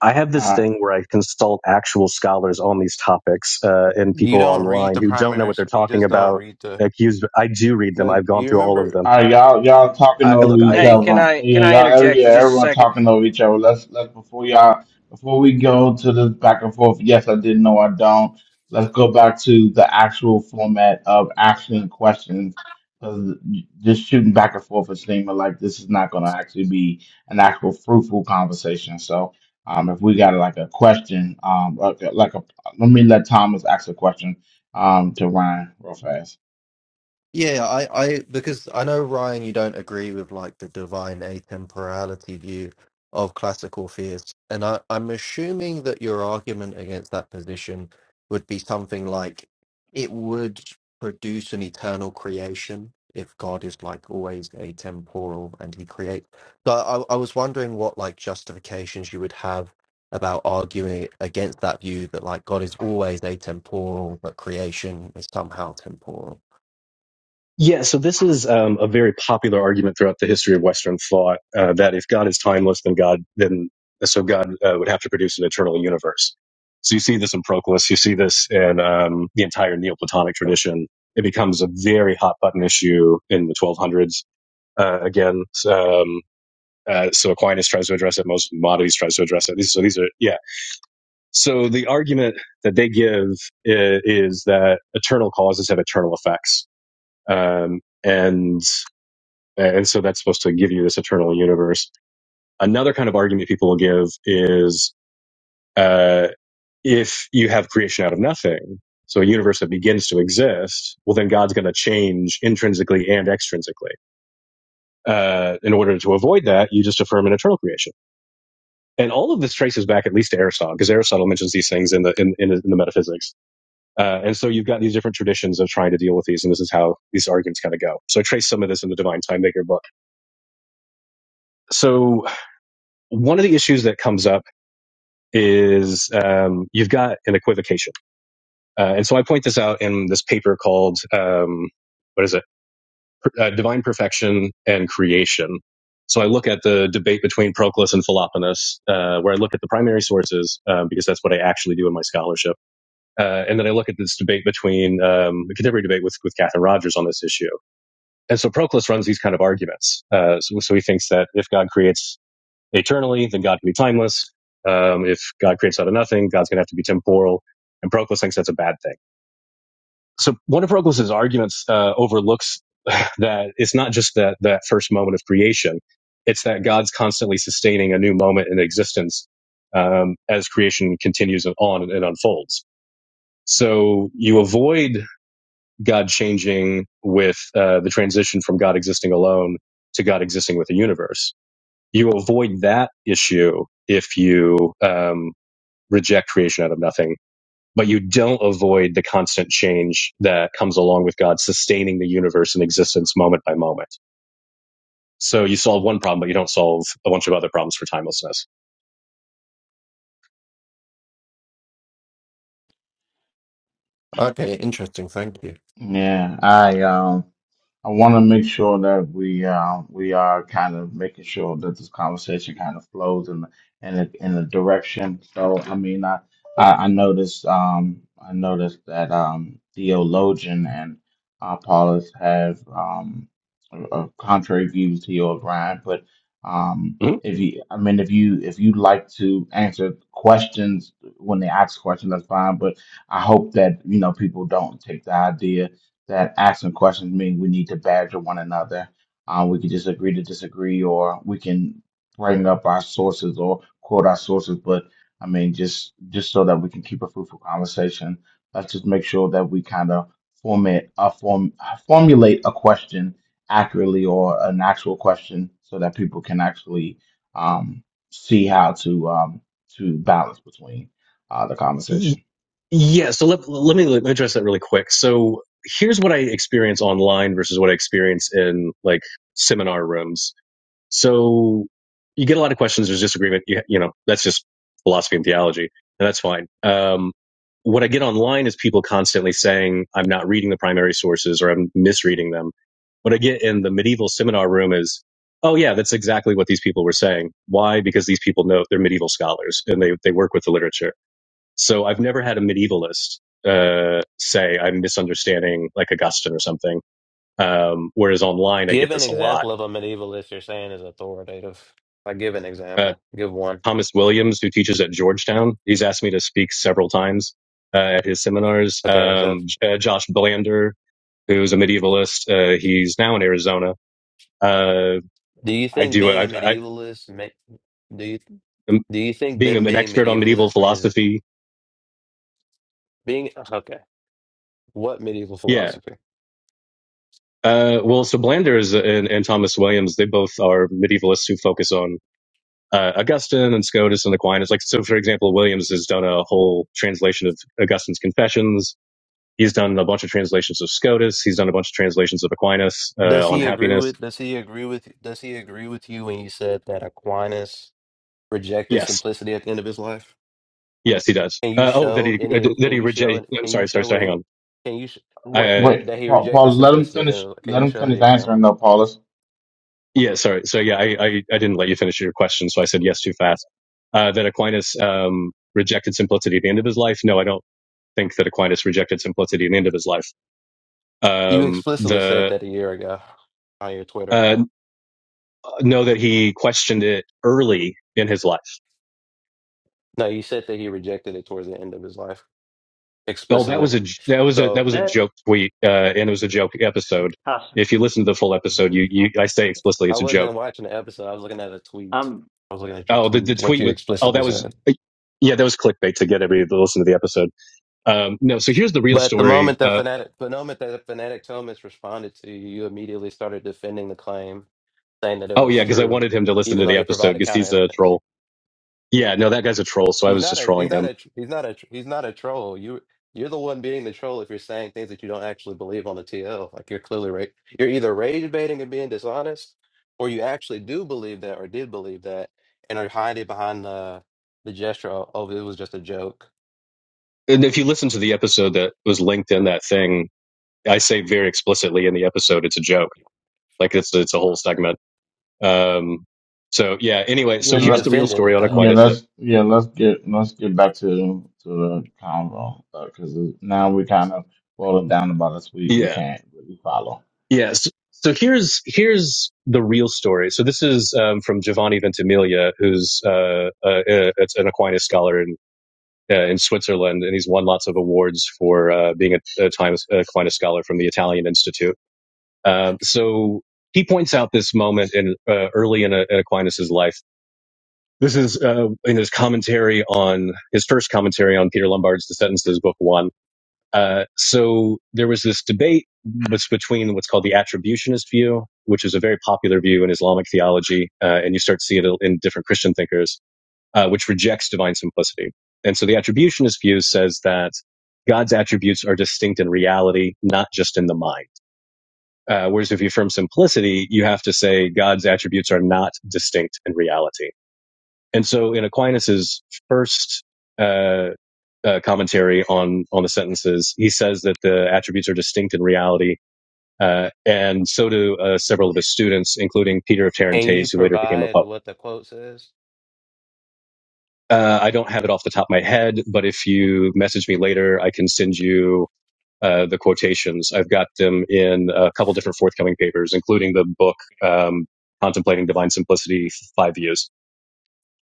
Speaker 2: I have
Speaker 1: Uh,
Speaker 2: this thing where I consult actual scholars on these topics uh, and
Speaker 6: You
Speaker 2: people
Speaker 6: don't read
Speaker 2: online
Speaker 6: the
Speaker 2: who don't know
Speaker 6: primary
Speaker 2: what they're
Speaker 6: source. You
Speaker 2: talking
Speaker 6: just don't
Speaker 2: about.
Speaker 6: read the.
Speaker 2: Accused, I do read them.
Speaker 6: No,
Speaker 2: I've gone
Speaker 6: you
Speaker 2: through all of
Speaker 6: remember.
Speaker 2: them.
Speaker 1: All right, y'all, y'all talking
Speaker 2: I,
Speaker 6: No,
Speaker 1: over
Speaker 2: look,
Speaker 6: you
Speaker 1: each
Speaker 2: I
Speaker 3: Hey,
Speaker 6: don't.
Speaker 3: can
Speaker 1: other.
Speaker 3: I can
Speaker 1: Yeah,
Speaker 3: I
Speaker 1: y'all, every,
Speaker 3: interject for
Speaker 1: yeah,
Speaker 3: just a
Speaker 1: everyone
Speaker 3: second?
Speaker 1: talking over each other. Let's let's before y'all before we go to this back and forth. Yes, I didn't know I don't. Let's go back to the actual format of asking questions because just shooting back and forth is seeming like this is not going to actually be an actual fruitful conversation. So, um, if we got like a question, um, like a, like a let me let Thomas ask a question, um, to Ryan real fast.
Speaker 4: Yeah, I, I because I know Ryan, you don't agree with like the divine atemporality view of classical theists, and I, I'm assuming that your argument against that position would be something like it would produce an eternal creation if God is like always atemporal and he creates. So I, I was wondering what like justifications you would have about arguing against that view that like God is always atemporal, but creation is somehow temporal.
Speaker 2: yeah. So this is um, a very popular argument throughout the history of Western thought uh, that if God is timeless, then God then uh, so God uh, would have to produce an eternal universe. So you see this in Proclus. You see this in um, the entire Neoplatonic tradition. It becomes a very hot button issue in the 1200s uh, again. um, Uh, so Aquinas tries to address it. Most Maimonides tries to address it. These, so these are yeah. So the argument that they give is, is that eternal causes have eternal effects, um, and and so that's supposed to give you this eternal universe. Another kind of argument people will give is uh, if you have creation out of nothing, so a universe that begins to exist, well then God's going to change intrinsically and extrinsically. Uh, in order to avoid that, you just affirm an eternal creation and all of this traces back at least to Aristotle, because Aristotle mentions these things in the in, in, in the metaphysics. Uh, and so you've got these different traditions of trying to deal with these, and this is how these arguments kind of go. So I trace some of this in the Divine Time Maker book. So one of the issues that comes up is um, you've got an equivocation, uh, and so I point this out in this paper called um, what is it? Uh, Divine Perfection and Creation. So I look at the debate between Proclus and Philoponus, uh, where I look at the primary sources, uh, because that's what I actually do in my scholarship Uh, and then I look at this debate between um, the contemporary debate with with Catherine Rogers on this issue. And so Proclus runs these kind of arguments. Uh, so, so he thinks that if God creates eternally, then God can be timeless. Um, if God creates out of nothing, God's going to have to be temporal. And Proclus thinks that's a bad thing. So one of Proclus's arguments uh, overlooks that it's not just that that first moment of creation; it's that God's constantly sustaining a new moment in existence um, as creation continues on and unfolds. So you avoid God changing with uh, the transition from God existing alone to God existing with the universe. You avoid that issue if you um, reject creation out of nothing, but you don't avoid the constant change that comes along with God sustaining the universe in existence moment by moment. So you solve one problem, but you don't solve a bunch of other problems for timelessness.
Speaker 4: Okay, interesting. Thank you.
Speaker 1: Yeah, all right, y'all. I want to make sure that we uh, we are kind of making sure that this conversation kind of flows in in a, in a direction. So I mean, I I, I noticed um I noticed that um theologian and uh, Paulus have um uh, contrary views to yours, Ryan. But um
Speaker 2: Mhm.
Speaker 1: if you I mean if you if you like to answer questions when they ask questions, that's fine. But I hope that you know people don't take the idea that asking questions mean we need to badger one another. Uh, we can just agree to disagree, or we can bring up our sources or quote our sources. But I mean, just just so that we can keep a fruitful conversation, let's just make sure that we kind of format a form uh, formulate a question accurately or an actual question so that people can actually um, see how to um, to balance between uh, the conversation.
Speaker 2: Yeah. So let, let me let me address that really quick. So here's what I experience online versus what I experience in like seminar rooms So you get a lot of questions. There's disagreement. You, you know, that's just philosophy and theology, and that's fine. Um, what I get online is people constantly saying I'm not reading the primary sources or I'm misreading them. What I get in the medieval seminar room is, oh yeah, that's exactly what these people were saying. Why? Because these people know they're medieval scholars and they they work with the literature. So I've never had a medievalist uh, say I'm misunderstanding like Augustine or something. Um, whereas online, I
Speaker 6: Give
Speaker 2: get
Speaker 6: an
Speaker 2: this a lot.
Speaker 6: example of a medievalist you're saying is authoritative. Like, give an
Speaker 2: Uh,
Speaker 6: example. Give one.
Speaker 2: Thomas Williams, who teaches at Georgetown. He's asked me to speak several times uh, at his seminars.
Speaker 6: Okay, so
Speaker 2: Um, uh, Josh Blander, who's a medievalist, uh, he's now in Arizona. Uh,
Speaker 6: do you
Speaker 2: I
Speaker 6: think
Speaker 2: do.
Speaker 6: being
Speaker 2: I,
Speaker 6: a
Speaker 2: I,
Speaker 6: medievalist make do you
Speaker 2: um,
Speaker 6: do you think
Speaker 2: being
Speaker 6: them
Speaker 2: an
Speaker 6: being
Speaker 2: expert on medieval
Speaker 6: medievalist means that
Speaker 2: philosophy.
Speaker 6: being okay? What medieval
Speaker 2: Yeah.
Speaker 6: philosophy?
Speaker 2: Uh, well, so Blander is, and, and Thomas Williams, they both are medievalists who focus on uh, Augustine and Scotus and Aquinas. Like, so for example, Williams has done a whole translation of Augustine's Confessions He's done a bunch of translations of Scotus. He's done a bunch of translations of Aquinas uh,
Speaker 6: Does
Speaker 2: on
Speaker 6: he agree
Speaker 2: happiness.
Speaker 6: with? Does he agree with? Does he agree with you when you said that Aquinas rejected
Speaker 2: Yes,
Speaker 6: simplicity at the end of his life?
Speaker 2: yes, he does.
Speaker 6: Can you
Speaker 2: Uh, oh, that
Speaker 6: show
Speaker 2: he uh,
Speaker 6: any?
Speaker 2: that
Speaker 6: Can
Speaker 2: he
Speaker 6: you
Speaker 2: reject.
Speaker 6: show?
Speaker 2: I'm
Speaker 6: Can you
Speaker 2: sorry, sorry,
Speaker 6: show
Speaker 2: sorry.
Speaker 6: where?
Speaker 2: Hang
Speaker 6: He,
Speaker 2: on.
Speaker 6: can you sh-
Speaker 1: Wait,
Speaker 2: I, uh,
Speaker 6: that
Speaker 1: wait,
Speaker 6: he
Speaker 1: Paul,
Speaker 6: rejected
Speaker 1: Paul, let him
Speaker 6: simplicity? at the end
Speaker 1: finish.
Speaker 6: of- Can
Speaker 1: Let
Speaker 6: you
Speaker 1: him
Speaker 6: show the
Speaker 1: finish answering
Speaker 6: example?
Speaker 1: though, Paulus.
Speaker 2: yeah, sorry. So yeah, I, I I didn't let you finish your question, so I said yes too fast. Uh, that Aquinas um, rejected simplicity at the end of his life. No, I don't think that Aquinas rejected simplicity at the end of his life.
Speaker 6: You
Speaker 2: Um,
Speaker 6: explicitly said
Speaker 2: the
Speaker 6: that a year ago on your Twitter.
Speaker 2: uh, know that he questioned it early in his life
Speaker 6: No, you said that he rejected it towards the end of his life
Speaker 2: Oh, that
Speaker 6: explicitly.
Speaker 2: was a that was a that
Speaker 6: So
Speaker 2: was a
Speaker 5: That
Speaker 2: joke tweet, uh, and it was a joke episode.
Speaker 5: i s-
Speaker 2: If you listen to the full episode, you, you I say explicitly
Speaker 6: I
Speaker 2: it's a joke.
Speaker 6: wasn't watching the episode. I was looking at a tweet.
Speaker 5: I'm
Speaker 6: I was looking at your
Speaker 2: Oh, the, the
Speaker 6: tweet. What
Speaker 2: tweet
Speaker 6: you
Speaker 2: with oh
Speaker 6: explicitly
Speaker 2: that was
Speaker 6: said.
Speaker 2: uh, yeah that was clickbait to get everybody to listen to the episode. Um, no, so here's the real
Speaker 6: But the
Speaker 2: story.
Speaker 6: moment that
Speaker 2: Uh,
Speaker 6: fanatic, the moment that fanatic Thomas responded to you, you immediately started defending the claim, saying that it
Speaker 2: oh
Speaker 6: was
Speaker 2: yeah, because I
Speaker 6: true,
Speaker 2: wanted him to listen to
Speaker 6: even though
Speaker 2: the
Speaker 6: he
Speaker 2: episode
Speaker 6: provided
Speaker 2: because
Speaker 6: counter
Speaker 2: he's a
Speaker 6: evidence.
Speaker 2: troll. Yeah, no, that guy's a troll, so I
Speaker 6: He's
Speaker 2: was
Speaker 6: not
Speaker 2: just
Speaker 6: a he's
Speaker 2: trolling
Speaker 6: not
Speaker 2: him.
Speaker 6: a he's not a he's not a troll. You you're the one being the troll if you're saying things that you don't actually believe on the TL. Like you're clearly ra- you're either rage baiting and being dishonest, or you actually do believe that or did believe that and are hiding behind the the gesture of "Oh, it was just a joke.
Speaker 2: And if you listen to the episode that was linked in that thing, I say very explicitly in the episode it's a joke. Like it's it's a whole segment. Um, so yeah. Anyway,
Speaker 1: Yeah,
Speaker 2: so
Speaker 6: You
Speaker 1: let,
Speaker 2: here's the real
Speaker 6: defended
Speaker 2: story
Speaker 6: it
Speaker 2: on
Speaker 1: uh,
Speaker 6: though.
Speaker 1: yeah,
Speaker 2: Aquinas. That,
Speaker 1: let's yeah, let's get let's get back to to the convo because now we kind of boiled it down about us. We we
Speaker 2: yeah,
Speaker 1: can't really follow.
Speaker 2: yeah. So, so here's here's the real story. So this is um, from Giovanni Ventimiglia, who's uh, uh, uh, it's an Aquinas scholar in uh, in Switzerland, and he's won lots of awards for uh, being a, a Times Aquinas scholar from the Italian Institute. Um, so he points out this moment in uh, early in, uh in Aquinas's life. This is uh, in his commentary on his first commentary on Peter Lombard's The Sentences, Book One Uh, so there was this debate was between what's called the attributionist view, which is a very popular view in Islamic theology, uh, and you start seeing it in different Christian thinkers, uh, which rejects divine simplicity. And so the attributionist view says that God's attributes are distinct in reality, not just in the mind. Uh, whereas if you affirm simplicity, you have to say God's attributes are not distinct in reality and so in Aquinas's first uh, uh, commentary on on the sentences, he says that the attributes are distinct in reality, uh, and so do uh, several of his students, including Peter of
Speaker 6: And you
Speaker 2: Tarentaise, who later became a
Speaker 6: provide
Speaker 2: pope.
Speaker 6: what the quote says.
Speaker 2: Uh, I don't have it off the top of my head, but if you message me later, I can send you uh, the quotations. I've got them in a couple different forthcoming papers, including the book um, "Contemplating Divine Simplicity: Five Views."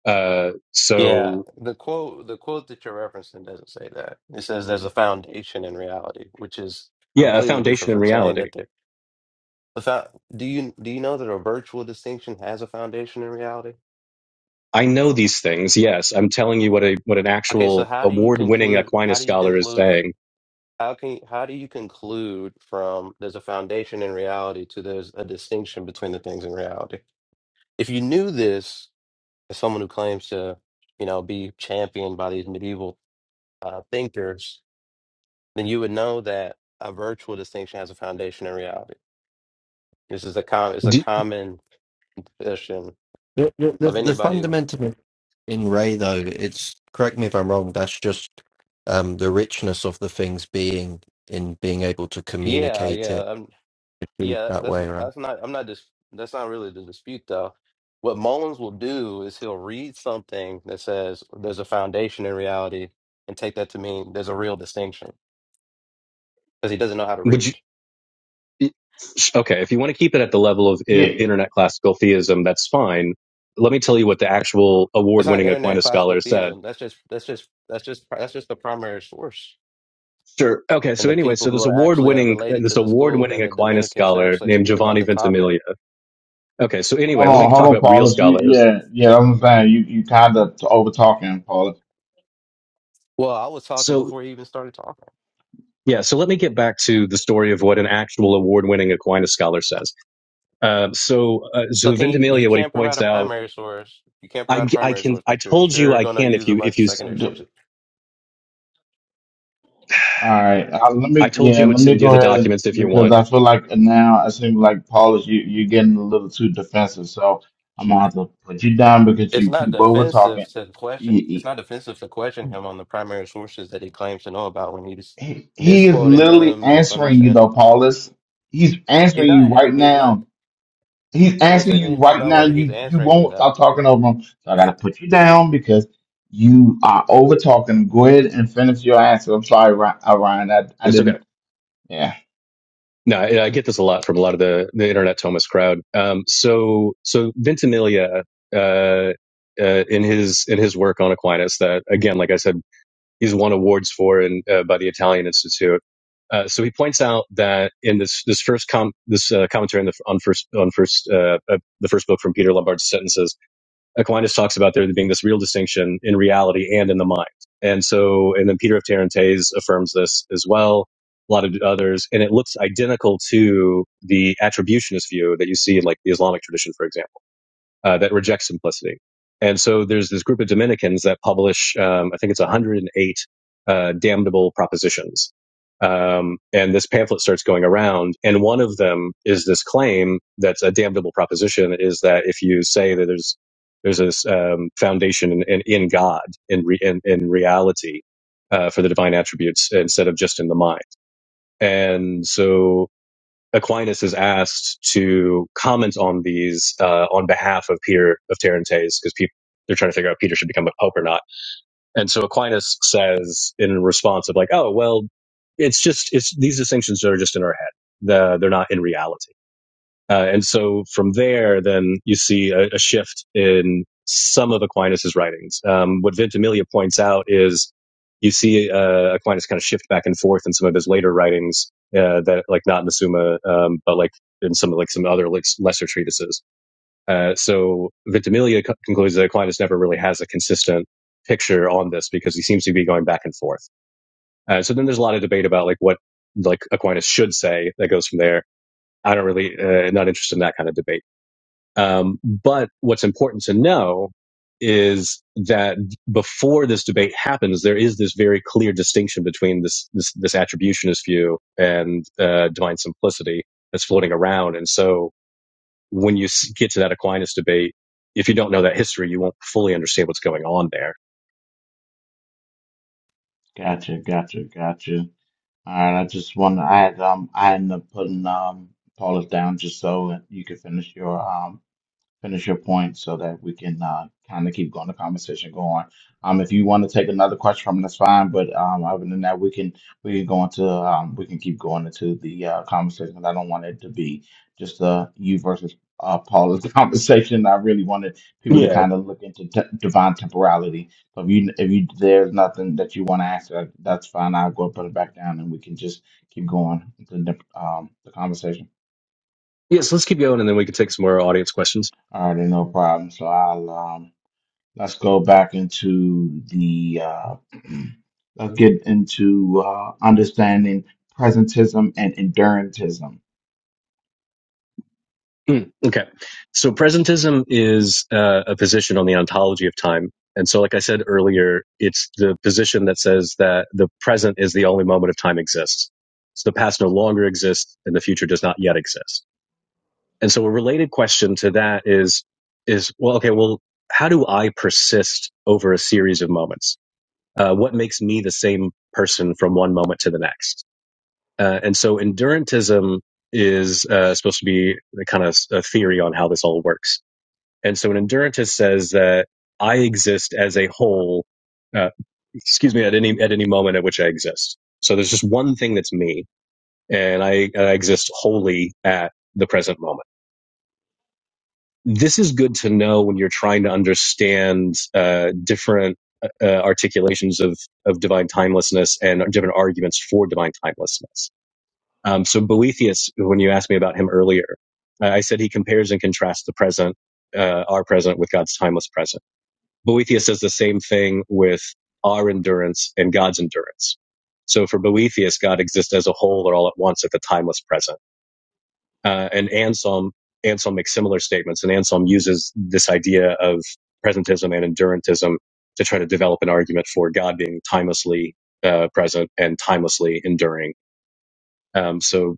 Speaker 2: Uh,
Speaker 6: Yeah,
Speaker 2: so,
Speaker 6: the quote the quote that you're referencing doesn't say that. It says there's a foundation in reality, which is
Speaker 2: yeah, a
Speaker 6: completely different
Speaker 2: foundation in
Speaker 6: from saying
Speaker 2: reality.
Speaker 6: that there The fa- do you do you know that a virtual distinction has a foundation in reality?
Speaker 2: I know these things. Yes, I'm telling you what a what an
Speaker 6: Okay, so
Speaker 2: actual
Speaker 6: how do you
Speaker 2: award-winning
Speaker 6: conclude? How
Speaker 2: Aquinas
Speaker 6: do you
Speaker 2: scholar is
Speaker 6: conclude? f-
Speaker 2: saying.
Speaker 6: How can how do you conclude from there's a foundation in reality to there's a distinction between the things in reality? If you knew this as someone who claims to, you know, be championed by these medieval uh, thinkers, then you would know that a virtual distinction has a foundation in reality. This is a com- it's a
Speaker 2: Do,
Speaker 6: common position
Speaker 4: The, the, the,
Speaker 6: of
Speaker 4: the
Speaker 6: anybody. who-
Speaker 4: fundamental in Ray, though, it's correct me if I'm wrong. That's just um, the richness of the things being in being able to
Speaker 6: Yeah,
Speaker 4: communicate it
Speaker 6: yeah. Yeah,
Speaker 4: that
Speaker 6: that's
Speaker 4: way, right?
Speaker 6: that's not I'm not just that's not really the dispute though. What Mullins will do is he'll read something that says there's a foundation in reality and take that to mean there's a real distinction because he doesn't know how to
Speaker 2: would
Speaker 6: read.
Speaker 2: you? Okay, if you want to keep it at the level of, of
Speaker 1: Yeah,
Speaker 2: internet classical theism, that's fine. Let me tell you what the actual
Speaker 6: That's not
Speaker 2: award-winning
Speaker 6: internet
Speaker 2: Aquinas
Speaker 6: classical
Speaker 2: scholar said.
Speaker 6: theism. That's just that's just that's just that's just the primary source
Speaker 2: Sure. Okay.
Speaker 6: and
Speaker 2: So
Speaker 6: the
Speaker 2: anyway,
Speaker 6: people
Speaker 2: so
Speaker 6: who
Speaker 2: this
Speaker 6: are actually uh,
Speaker 2: award-winning
Speaker 6: related to
Speaker 2: this
Speaker 6: the school
Speaker 2: award-winning
Speaker 6: and the
Speaker 2: Aquinas
Speaker 6: Dominicans who
Speaker 2: scholar
Speaker 6: actually
Speaker 2: named
Speaker 6: speak about
Speaker 2: Giovanni
Speaker 6: the topic.
Speaker 2: Ventimiglia. Okay. So anyway,
Speaker 1: hold
Speaker 2: let me
Speaker 1: on, hold
Speaker 2: talk
Speaker 1: on,
Speaker 2: about real
Speaker 1: Paulus. You
Speaker 2: scholars.
Speaker 1: yeah yeah, I'm saying you you kind of over talking, Paulus.
Speaker 6: Well, I was talking
Speaker 2: So
Speaker 6: before you even started talking.
Speaker 2: yeah. So let me get back to the story of what an actual award-winning Aquinas scholar says. Um, so, uh,
Speaker 6: So
Speaker 2: so
Speaker 6: can you, you
Speaker 2: Ventimiglia, what he
Speaker 6: can't provide
Speaker 2: points
Speaker 6: a
Speaker 2: out,
Speaker 6: primary source. You can't
Speaker 2: I,
Speaker 6: provide a
Speaker 2: I
Speaker 6: primary
Speaker 2: can,
Speaker 6: source,
Speaker 2: I
Speaker 6: but you're
Speaker 2: told you
Speaker 6: sure
Speaker 2: I
Speaker 6: gonna
Speaker 2: can if
Speaker 6: use a
Speaker 2: you,
Speaker 6: bunch
Speaker 2: if
Speaker 6: of
Speaker 2: you,
Speaker 6: secondary sources.
Speaker 1: All right, uh, let
Speaker 2: I
Speaker 1: me
Speaker 2: told you
Speaker 1: yeah,
Speaker 2: I would
Speaker 1: let me
Speaker 2: send you
Speaker 1: go
Speaker 2: the
Speaker 1: ahead
Speaker 2: documents if you
Speaker 1: because
Speaker 2: want.
Speaker 1: I feel like now it seems like Paulus, you you're getting a little too defensive, so I'm gonna have to put you down because
Speaker 6: It's
Speaker 1: you
Speaker 6: not
Speaker 1: keep over talking.
Speaker 6: defensive to question. It's
Speaker 1: He,
Speaker 6: not defensive to question him on the primary sources that he claims to know about when he's
Speaker 1: he, he is
Speaker 6: misquoting
Speaker 1: literally
Speaker 6: them,
Speaker 1: answering you
Speaker 6: misunderstanding
Speaker 1: though,
Speaker 6: them.
Speaker 1: Paulus. He's
Speaker 6: He's
Speaker 1: answering
Speaker 6: not.
Speaker 1: you
Speaker 6: a-
Speaker 1: right
Speaker 6: He's not.
Speaker 1: now. He's
Speaker 6: No one
Speaker 1: answering
Speaker 6: said
Speaker 1: you
Speaker 6: anything
Speaker 1: right
Speaker 6: about
Speaker 1: now.
Speaker 6: whether he's
Speaker 1: You you
Speaker 6: answering me
Speaker 1: won't
Speaker 6: though.
Speaker 1: stop talking over him, so I gotta put you down because you are over talking. Go ahead and finish your answer. I'm sorry, Ry- uh, Ryan. I I
Speaker 2: It's okay.
Speaker 1: didn't. Yeah,
Speaker 2: No, I, I get this a lot from a lot of the, the internet Thomas crowd. Um, so, so Ventimiglia, uh, uh, in his in his work on Aquinas, that again, like I said, he's won awards for and uh, by the Italian Institute. Uh, so he points out that in this this first com this uh, commentary on the on first on first uh, uh, the first book from Peter Lombard's sentences Aquinas talks about there being this real distinction in reality and in the mind. And so, and then Peter of Tarentaise affirms this as well, a lot of others, and it looks identical to the attributionist view that you see in like the Islamic tradition, for example uh, that reject simplicity. And so there's this group of Dominicans that publish, um, I think it's 108 uh, damnable propositions. Um, and this pamphlet starts going around, and one of them is this claim that's a damnable proposition is that if you say that there's there's this um, foundation in, in, in God in, re, in in reality uh, for the divine attributes instead of just in the mind, and so Aquinas is asked to comment on these uh, on behalf of Peter of Tarentaise because people they're trying to figure out if Peter should become a pope or not. And so Aquinas says in response of like, oh well, it's just it's these distinctions are just in our head. The, they're not in reality. Uh, and so from there, then you see a, a shift in some of Aquinas's writings. Um, what Ventimiglia points out is you see uh, Aquinas kind of shift back and forth in some of his later writings, uh, that like not in the Summa, um, but like in some like some other like, lesser treatises. Uh, so Ventimiglia co- concludes that Aquinas never really has a consistent picture on this because he seems to be going back and forth. Uh, so then there's a lot of debate about like what like Aquinas should say that goes from there. I don't really uh, not interested in that kind of debate um, but what's important to know is that before this debate happens, there is this very clear distinction between this this, this attributionist view and uh, divine simplicity that's floating around. And so, when you get to that Aquinas debate, if you don't know that history, you won't fully understand what's going on there.
Speaker 1: gotcha, gotcha, gotcha. And I just want I had um I ended up putting um Paula down just so you could finish your um finish your point so that we can uh, kind of keep going the conversation going. Um, if you want to take another question from, that's fine. But um, other than that, we can we can go into um, we can keep going into the uh, conversation. 'cause I don't want it to be just uh, you versus uh, Paula's conversation. I really wanted people to
Speaker 2: Yeah.
Speaker 1: kind of look into t- divine temporality. So if you if you there's nothing that you want to ask, uh, that's fine. I'll go put it back down, and we can just keep going with the um, the conversation.
Speaker 2: Yes. let's keep going, and then we can take some more audience questions.
Speaker 1: All right, no problem. So I'll um. Let's go back into the, uh, let's get into uh, understanding presentism and endurantism.
Speaker 2: Mm, okay. So presentism is uh, a position on the ontology of time. And so, like I said earlier, it's the position that says that the present is the only moment of time exists. So the past no longer exists and the future does not yet exist. And so a related question to that is, is, well, okay, well, how do I persist over a series of moments? Uh, what makes me the same person from one moment to the next? Uh, and so endurantism is uh, supposed to be the kind of a theory on how this all works. And so an endurantist says that I exist as a whole, uh, excuse me, at any at any moment at which I exist. So there's just one thing that's me, and I, I exist wholly at the present moment. This is good to know when you're trying to understand uh, different uh, uh, articulations of of divine timelessness and different arguments for divine timelessness um, so Boethius, when you asked me about him earlier, I said he compares and contrasts the present, uh, our present, with God's timeless present. Boethius does the same thing with our endurance and God's endurance. So for Boethius, God exists as a whole or all at once at the timeless present. Uh, and Anselm, Anselm makes similar statements, and Anselm uses this idea of presentism and endurantism to try to develop an argument for God being timelessly uh, present and timelessly enduring um, so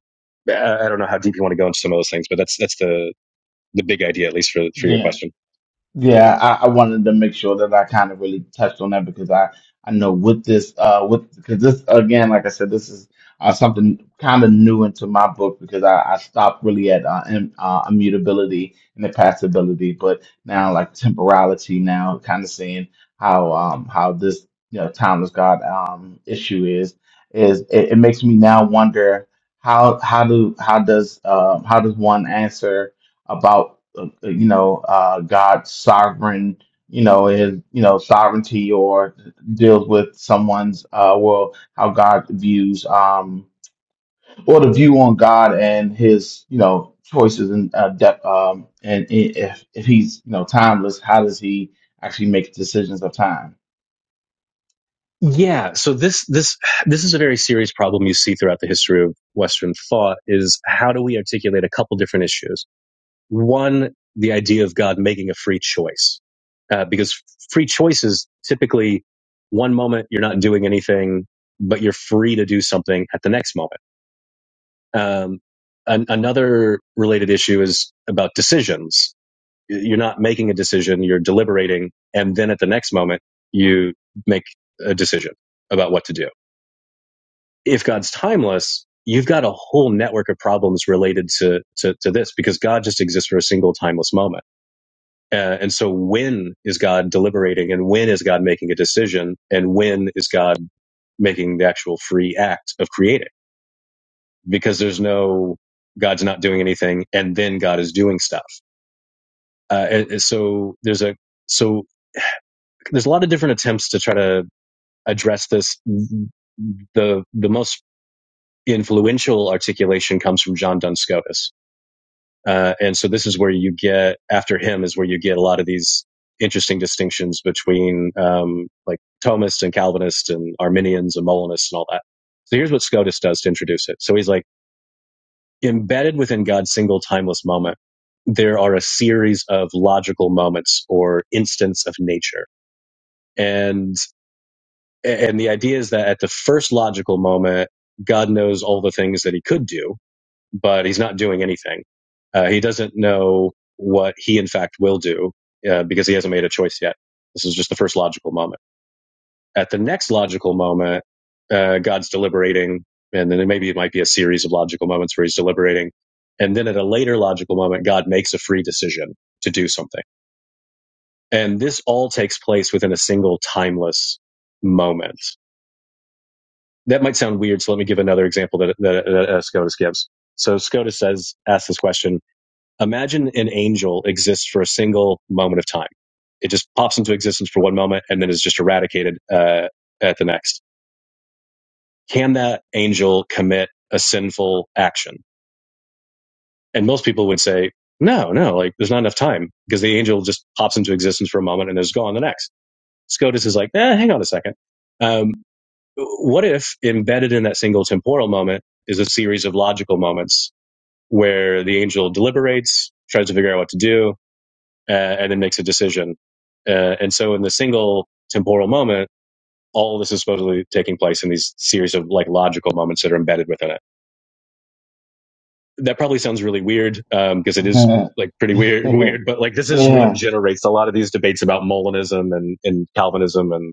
Speaker 2: I, I don't know how deep you want to go into some of those things, but that's that's the the big idea, at least for for your
Speaker 1: Yeah,
Speaker 2: question.
Speaker 1: Yeah, I, I wanted to make sure that I kind of really touched on that because I I know with this uh with because this again like I said this is uh, something kind of new into my book because I, I stopped really at uh, im- uh, immutability and impassibility, but now like temporality now kind of seeing how um how this you know timeless God um issue is is it, it makes me now wonder how how do how does um how does one answer about uh, you know, uh, God's sovereign, you know, his, you know, sovereignty or deals with someone's, uh, well, how God views, um, or the view on God and his, you know, choices and uh, depth, um, and i- if if he's, you know, timeless, how does he actually make decisions of time?
Speaker 2: Yeah. So this this this is a very serious problem you see throughout the history of Western thought is how do we articulate a couple different issues? One, the idea of God making a free choice, uh, because free choice is typically one moment you're not doing anything, but you're free to do something at the next moment. Um, an- another related issue is about decisions You're not making a decision, you're deliberating. And then at the next moment, you make a decision about what to do. If God's timeless, you've got a whole network of problems related to, to, to this because God just exists for a single timeless moment. Uh, and so when is God deliberating and when is God making a decision and when is God making the actual free act of creating? Because there's no, God's not doing anything and then God is doing stuff. Uh, and- and so there's a, so there's a lot of different attempts to try to address this. The the most influential articulation comes from John Duns Scotus, uh, and so this is where you get after him is where you get a lot of these interesting distinctions between um, like Thomists and Calvinists and Arminians and Molinists and all that. So here's what Scotus does to introduce it. So he's like embedded within God's single timeless moment. There are a series of logical moments or instants of nature. And And the idea is that at the first logical moment, God knows all the things that he could do, but he's not doing anything. Uh, he doesn't know what he, in fact, will do uh, because he hasn't made a choice yet. This is just the first logical moment. At the next logical moment, uh, God's deliberating, and then maybe it might be a series of logical moments where he's deliberating. And then at a later logical moment, God makes a free decision to do something. And this all takes place within a single timeless moment. that might sound weird, so let me give another example that, that, that uh, SCOTUS gives. So SCOTUS says, asks this question: Imagine an angel exists for a single moment of time. It just pops into existence for one moment and then is just eradicated uh, at the next. Can that angel commit a sinful action? And most people would say, no, no, like there's not enough time because the angel just pops into existence for a moment and is gone the next. SCOTUS is like, eh, hang on a second. Um, What if embedded in that single temporal moment is a series of logical moments where the angel deliberates, tries to figure out what to do, uh, and then makes a decision? Uh, and so in the single temporal moment, all this is supposedly taking place in these series of like logical moments that are embedded within it. That probably sounds really weird um, because it is like pretty weird, weird, but like this is what
Speaker 1: yeah,
Speaker 2: generates a lot of these debates about Molinism and, and Calvinism and,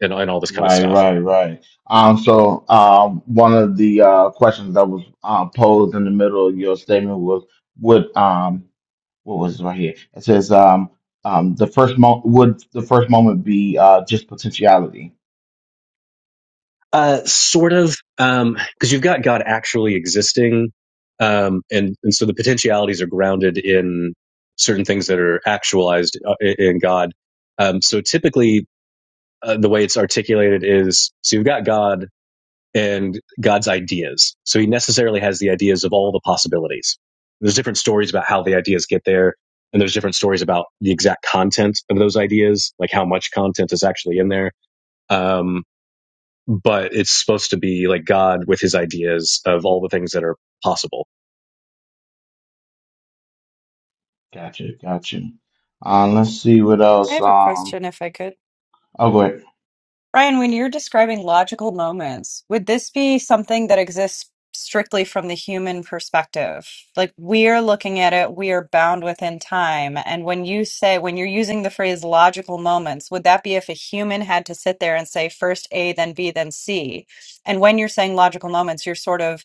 Speaker 2: and, and all this kind of
Speaker 1: Right,
Speaker 2: stuff.
Speaker 1: right, right. Um, so um, one of the uh, questions that was uh, posed in the middle of your statement was, would um, what was it right here? It says, um, um, the first mo would the first moment be uh, just potentiality?
Speaker 2: Uh, sort of, um, because you've got God actually existing, um, and and so the potentialities are grounded in certain things that are actualized uh, in God. Um, so typically, uh, the way it's articulated is so you've got God and God's ideas. So he necessarily has the ideas of all the possibilities. There's different stories about how the ideas get there, and there's different stories about the exact content of those ideas, like how much content is actually in there. Um, but it's supposed to be like God with his ideas of all the things that are possible.
Speaker 1: Gotcha, gotcha. Uh, let's see what
Speaker 7: I
Speaker 1: else.
Speaker 7: have a
Speaker 1: Um,
Speaker 7: question if I could.
Speaker 1: oh, go ahead.
Speaker 7: Ryan, when you're describing logical moments, would this be something that exists strictly from the human perspective? Like we're looking at it, we are bound within time. And when you say, when you're using the phrase logical moments, would that be if a human had to sit there and say first A, then B, then C? And when you're saying logical moments, you're sort of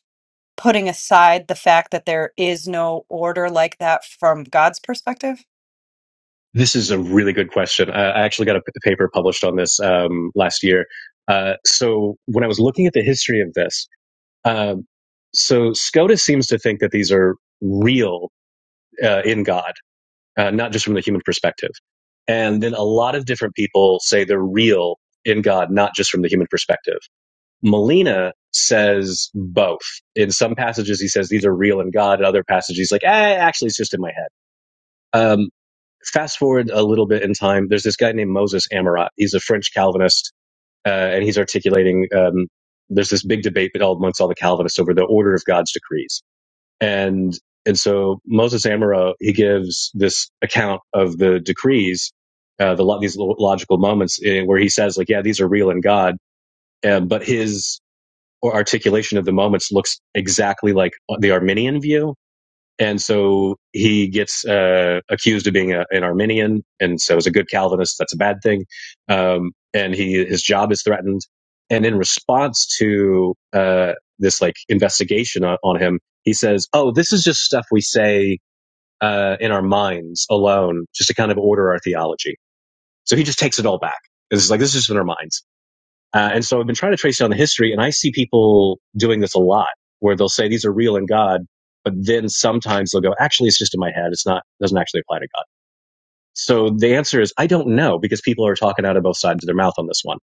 Speaker 7: putting aside the fact that there is no order like that from God's perspective?
Speaker 2: This is a really good question. I actually got a paper published on this um, last year. Uh, so when I was looking at the history of this, um, so Scotus seems to think that these are real uh, in God, uh, not just from the human perspective. And then a lot of different people say they're real in God, not just from the human perspective. Molina says both. In some passages, he says these are real in God. In other passages, he's like, eh, actually, it's just in my head. Um, fast forward a little bit in time. There's this guy named Moses Amarat. He's a French Calvinist, uh, and he's articulating. Um, there's this big debate all amongst all the Calvinists over the order of God's decrees, and and so Moses Amarat he gives this account of the decrees, uh, the lo- these logical moments uh, where he says like, yeah, these are real in God. Um, but his or articulation of the moments looks exactly like the Arminian view. And so he gets uh, accused of being a, an Arminian, and so as a good Calvinist, that's a bad thing. Um, and he his job is threatened. And in response to uh, this like investigation on, on him, he says, "Oh, this is just stuff we say uh, in our minds alone, just to kind of order our theology." So he just takes it all back. It's like this is just in our minds uh, and so I've been trying to trace down the history, and I see people doing this a lot, where they'll say these are real in God, but then sometimes they'll go, actually, it's just in my head. It's not it doesn't actually apply to God. So the answer is I don't know because people are talking out of both sides of their mouth on this one.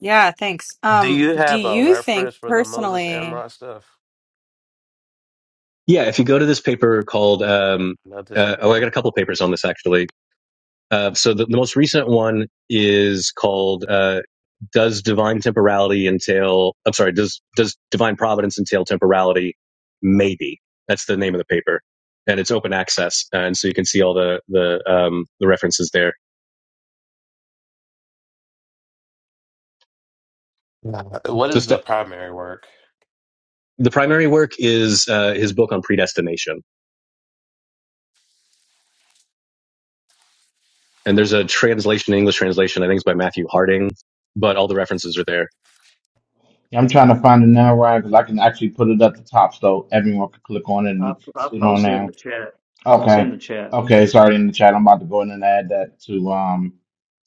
Speaker 7: Yeah, thanks.
Speaker 6: Do
Speaker 7: Um,
Speaker 6: you
Speaker 7: do
Speaker 6: have a
Speaker 7: you think
Speaker 6: reference for the Moses
Speaker 7: personally?
Speaker 6: Amrod stuff?
Speaker 2: Yeah, if you go to this paper called, um,
Speaker 6: Not the
Speaker 2: uh, oh, I
Speaker 6: secondary.
Speaker 2: got a couple papers on this actually. Uh, so the, the most recent one is called uh, "Does Divine Temporality Entail?" I'm sorry, does does Divine Providence entail temporality? Maybe that's the name of the paper, and it's open access, and so you can see all the the um, the references there.
Speaker 6: No. What
Speaker 2: So
Speaker 6: is the
Speaker 2: st-
Speaker 6: primary work?
Speaker 2: the primary work is uh, his book on predestination, and there's a translation, English translation, I think it's by Matthew Harding, but all the references are there.
Speaker 1: Yeah, I'm trying to find it now, Ryan, because I can actually put it at the top so everyone can click on it
Speaker 5: I,
Speaker 1: and
Speaker 5: I
Speaker 1: see it on
Speaker 5: posted in the
Speaker 1: now.
Speaker 5: chat. It's in
Speaker 1: Okay.
Speaker 5: the chat.
Speaker 1: Okay, it's already in the chat. I'm about to go in and add that to um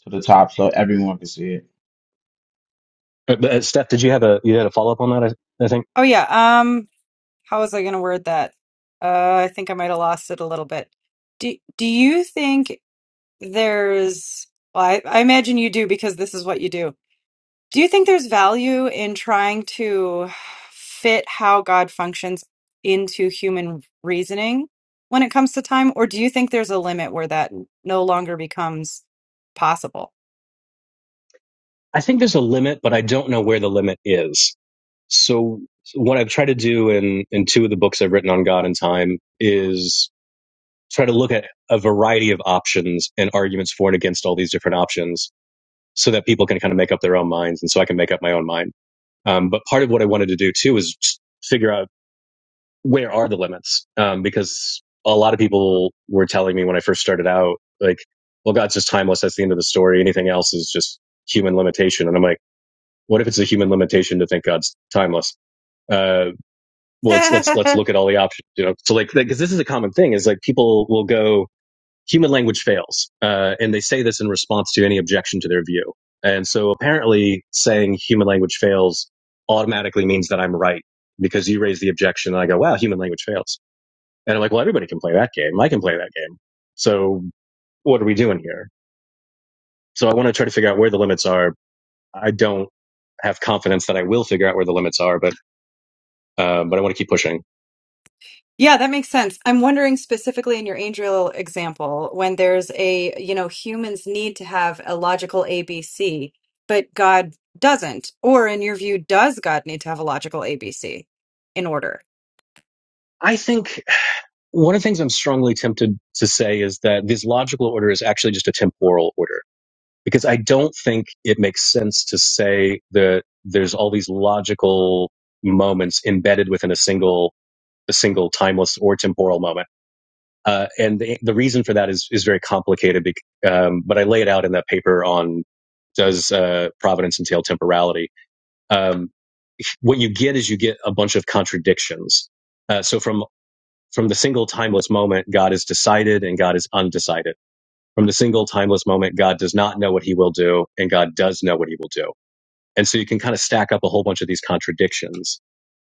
Speaker 1: to the top so everyone can see it.
Speaker 2: Uh, but, uh, Steph, did you have a you had a follow up on that? I, I think
Speaker 7: Oh yeah, um, how was I going to word that? Uh, I think I might have lost it a little bit. Do do you think there's well, I, I imagine you do because this is what you do. Do you think there's value in trying to fit how God functions into human reasoning when it comes to time, or do you think there's a limit where that no longer becomes possible?
Speaker 2: I think there's a limit, but I don't know where the limit is So so what I've tried to do in in two of the books I've written on God and time is try to look at a variety of options and arguments for and against all these different options so that people can kind of make up their own minds and so I can make up my own mind. Um, but part of what I wanted to do too is figure out where are the limits um, because a lot of people were telling me when I first started out like, well, God's just timeless. That's the end of the story. Anything else is just human limitation. And I'm like, what if it's a human limitation to think God's timeless? Uh, well, let's let's let's look at all the options. You know, so like because this is a common thing is like people will go human language fails, uh, and they say this in response to any objection to their view. And so apparently, saying human language fails automatically means that I'm right because you raise the objection, and I go, wow, human language fails, and I'm like, well, everybody can play that game. I can play that game. So what are we doing here? So I want to try to figure out where the limits are. I don't have confidence that I will figure out where the limits are, but uh, but I want to keep pushing.
Speaker 7: Yeah, that makes sense. I'm wondering specifically in your angel example, when there's a, you know, humans need to have a logical ABC, but God doesn't. Or in your view, does God need to have a logical ABC in order?
Speaker 2: I think one of the things I'm strongly tempted to say is that this logical order is actually just a temporal order because I don't think it makes sense to say that there's all these logical moments embedded within a single a single timeless or temporal moment. Uh, and the, the reason for that is is very complicated. bec- Um, but I lay it out in that paper on does uh, providence entail temporality. Um, what you get is you get a bunch of contradictions. Uh, so from from the single timeless moment, God is decided and God is undecided. From the single timeless moment, God does not know what he will do and God does know what he will do. And so you can kind of stack up a whole bunch of these contradictions.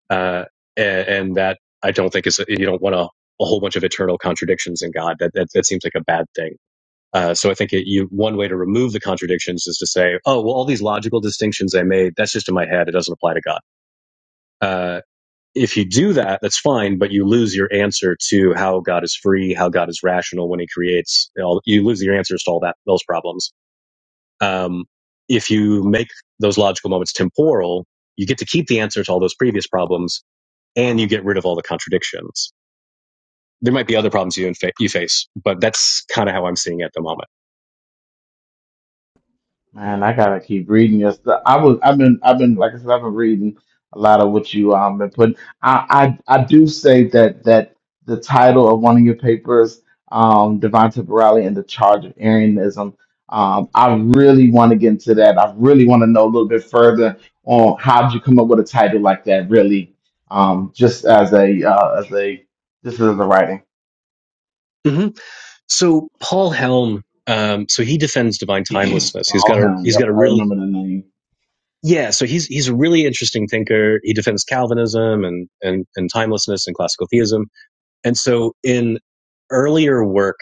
Speaker 2: Uh, and, and that I don't think is, you don't want a, a whole bunch of eternal contradictions in God. That, that, that seems like a bad thing. Uh, so I think it, you, one way to remove the contradictions is to say, oh, well, all these logical distinctions I made, that's just in my head. It doesn't apply to God. Uh, if you do that, that's fine, but you lose your answer to how God is free, how God is rational when He creates. You, know, you lose your answers to all that those problems. Um, if you make those logical moments temporal, you get to keep the answer to all those previous problems, and you get rid of all the contradictions. There might be other problems you, infa- you face, but that's kind of how I'm seeing it at the moment.
Speaker 1: Man, I gotta keep reading your stuff. I was, I've been, I've been, like I said, I've been reading a lot of what you um been putting. I, I, I do say that that the title of one of your papers, um, Divine Temporality and the Charge of Arianism, um, I really want to get into that. I really want to know a little bit further on how did you come up with a title like that? Really, um, just as a, uh, as a, this is the writing.
Speaker 2: hmm So Paul Helm, um, so he defends divine timelessness. He's got
Speaker 1: All
Speaker 2: a
Speaker 1: him.
Speaker 2: he's got
Speaker 1: Yep,
Speaker 2: a
Speaker 1: I
Speaker 2: really
Speaker 1: remember the name.
Speaker 2: Yeah, so he's he's a really interesting thinker. He defends Calvinism and and and timelessness and classical theism. And so in earlier work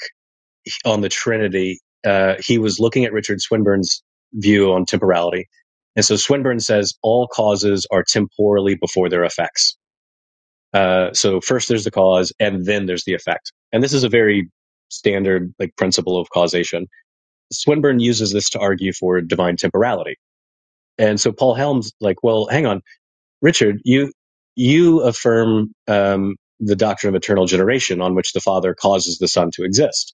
Speaker 2: on the Trinity, uh, he was looking at Richard Swinburne's view on temporality. And so Swinburne says all causes are temporally before their effects. Uh, so first there's the cause, and then there's the effect. And this is a very standard like principle of causation. Swinburne uses this to argue for divine temporality. And so Paul Helms like, well, hang on Richard, you you affirm um, the doctrine of eternal generation, on which the Father causes the Son to exist.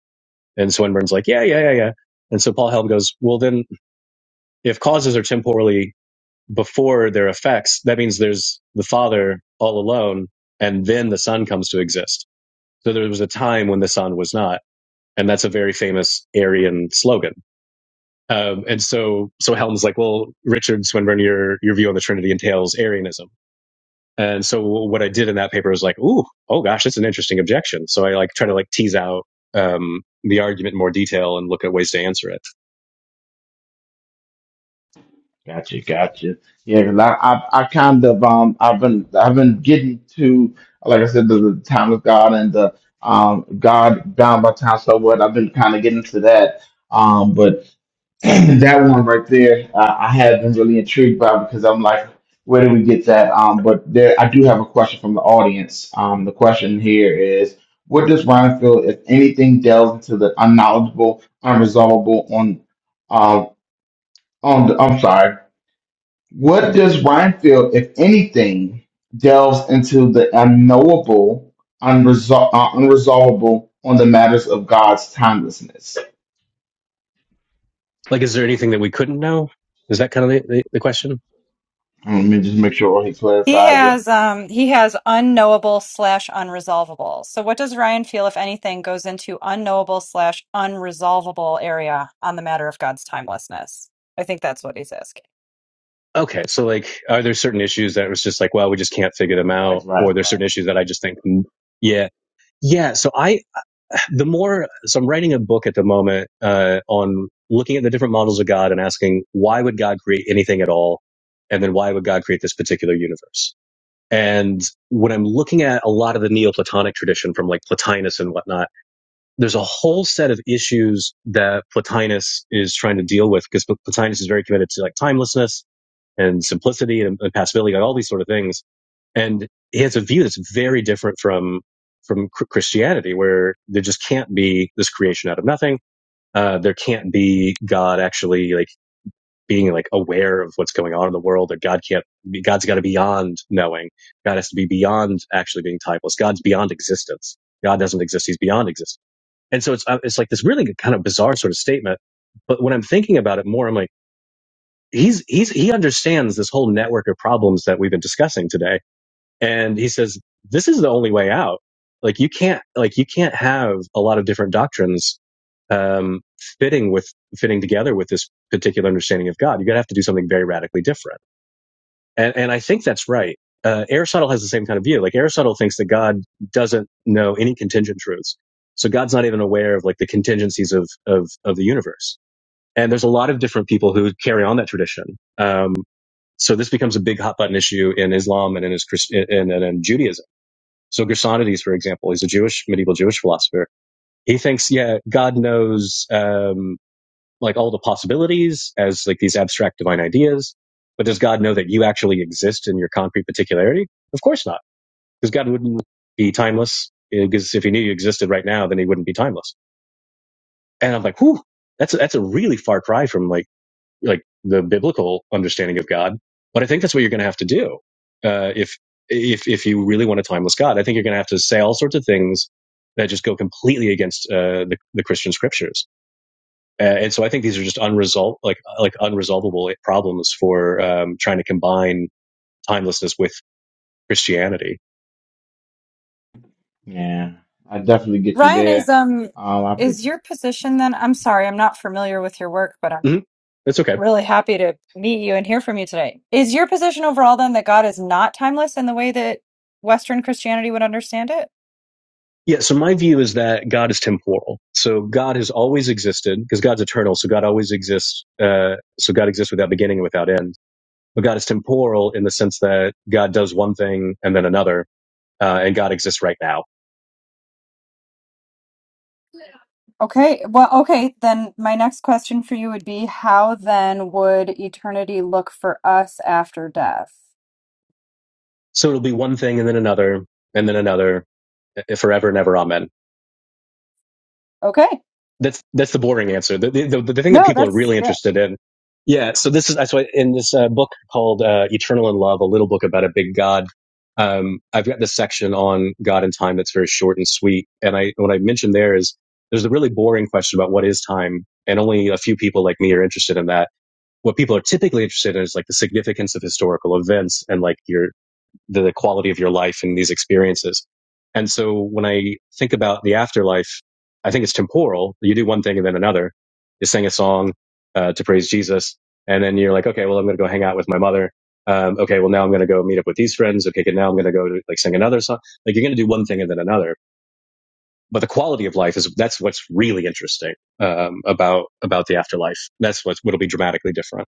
Speaker 2: And Swinburne's like, yeah, yeah, yeah, yeah. And so Paul Helm goes, well, then if causes are temporally before their effects, that means there's the Father all alone, and then the Son comes to exist. So there was a time when the Son was not, and that's a very famous Arian slogan. Um, and so, so Helm's like, well, Richard Swinburne, your your view on the Trinity entails Arianism. And so what I did in that paper was like, ooh, oh gosh, that's an interesting objection. So I like try to like tease out um, the argument in more detail and look at ways to answer it.
Speaker 1: Gotcha, gotcha. Yeah, 'cause I, I, I kind of um, I've been, I've been getting to, like I said, the, the time of God and the um, God bound by time. So what? I've been kind of getting to that. Um, but And that one right there, uh, I have been really intrigued by because I'm like, where do we get that? Um, but there, I do have a question from the audience. Um, the question here is, what does Ryan feel, if anything, delves into the unknowledgeable, unresolvable on, um, on the, I'm sorry, what does Ryan feel, if anything, delves into the unknowable, unresol- uh, unresolvable on the matters of God's timelessness?
Speaker 2: Like, is there anything that we couldn't know? Is that kind of the, the, the question?
Speaker 1: Um, Let me just make sure he
Speaker 7: He
Speaker 1: clarifies it.
Speaker 7: has um he has unknowable slash unresolvable. So what does Ryan feel if anything goes into unknowable slash unresolvable area on the matter of God's timelessness? I think that's what he's asking.
Speaker 2: Okay, so like, are there certain issues that it was just like, well, we just can't figure them out,
Speaker 1: Right,
Speaker 2: or
Speaker 1: right,
Speaker 2: there's certain issues that I just think, mm, yeah, yeah. So I, the more, so I'm writing a book at the moment uh, on looking at the different models of God and asking why would God create anything at all, and then why would God create this particular universe? And when I'm looking at a lot of the Neoplatonic tradition from like Plotinus and whatnot, there's a whole set of issues that Plotinus is trying to deal with because Plotinus is very committed to like timelessness and simplicity and, and passability and all these sort of things. And he has a view that's very different from from Christianity, where there just can't be this creation out of nothing. Uh, there can't be God actually like being like aware of what's going on in the world that God can't be, God's got to be beyond knowing. God has to be beyond actually being timeless. God's beyond existence. God doesn't exist. He's beyond existence. And so it's, uh, it's like this really kind of bizarre sort of statement. But when I'm thinking about it more, I'm like, he's, he's, he understands this whole network of problems that we've been discussing today and he says this is the only way out like you can't like you can't have a lot of different doctrines um fitting with fitting together with this particular understanding of god you're gonna have to do something very radically different and and i think that's right uh, aristotle has the same kind of view like aristotle thinks that god doesn't know any contingent truths so god's not even aware of like the contingencies of of of the universe and there's a lot of different people who carry on that tradition um so this becomes a big hot button issue in islam and in his Christ- and, and in Judaism. So Gersonides, for example, he's a Jewish medieval Jewish philosopher. He thinks, yeah, God knows um, like all the possibilities as like these abstract divine ideas, but does God know that you actually exist in your concrete particularity? Of course not, because God wouldn't be timeless. Because if he knew you existed right now, then he wouldn't be timeless. And I'm like, whew, that's a, that's a really far cry from like like the biblical understanding of God. But I think that's what you're going to have to do uh, if if if you really want a timeless God. I think you're going to have to say all sorts of things that just go completely against uh, the, the Christian scriptures. Uh, and so I think these are just unresolved like uh, like unresolvable problems for um, trying to combine timelessness with Christianity.
Speaker 1: Yeah, I definitely get you
Speaker 7: Ryan is
Speaker 1: there.
Speaker 7: um
Speaker 1: Um, I put,
Speaker 7: is your position then I'm sorry, I'm not familiar with your work, but I'm
Speaker 2: hmm That's okay.
Speaker 7: Really happy to meet you and hear from you today. Is your position overall then that God is not timeless in the way that Western Christianity would understand it?
Speaker 2: Yeah, so my view is that God is temporal. So God has always existed because God's eternal, so God always exists. Uh, so God exists without beginning and without end but God is temporal in the sense that God does one thing and then another, uh, and God exists right now.
Speaker 7: Okay, well, okay, then my next question for you would be how then would eternity look for us after death?
Speaker 2: So it'll be one thing and then another and then another eh, eh, forever and ever. Amen.
Speaker 7: Okay.
Speaker 2: That's that's the boring answer. The the, the, thing that
Speaker 7: No,
Speaker 2: people are
Speaker 7: that's
Speaker 2: really
Speaker 7: yeah.
Speaker 2: interested in. Yeah. So this is that's why in this uh, book called uh, Eternal in Love, a little book about a big God. Um, I've got this section on God and time that's very short and sweet. And I what I mentioned there is there's a really boring question about what is time, and only a few people like me are interested in that what people are typically interested in is like the significance of historical events and like your the, the quality of your life and these experiences. And so when I think about the afterlife, I think it's temporal. You do one thing and then another. You sing a song uh, to praise Jesus, and then you're like, okay, well I'm going to go hang out with my mother. Um, okay, well now I'm going to go meet up with these friends. Okay, good, now I'm going to go to like sing another song. Like you're going to do one thing and then another. But the quality of life is that's what's really interesting um, about about the afterlife. That's what's what'll be dramatically different.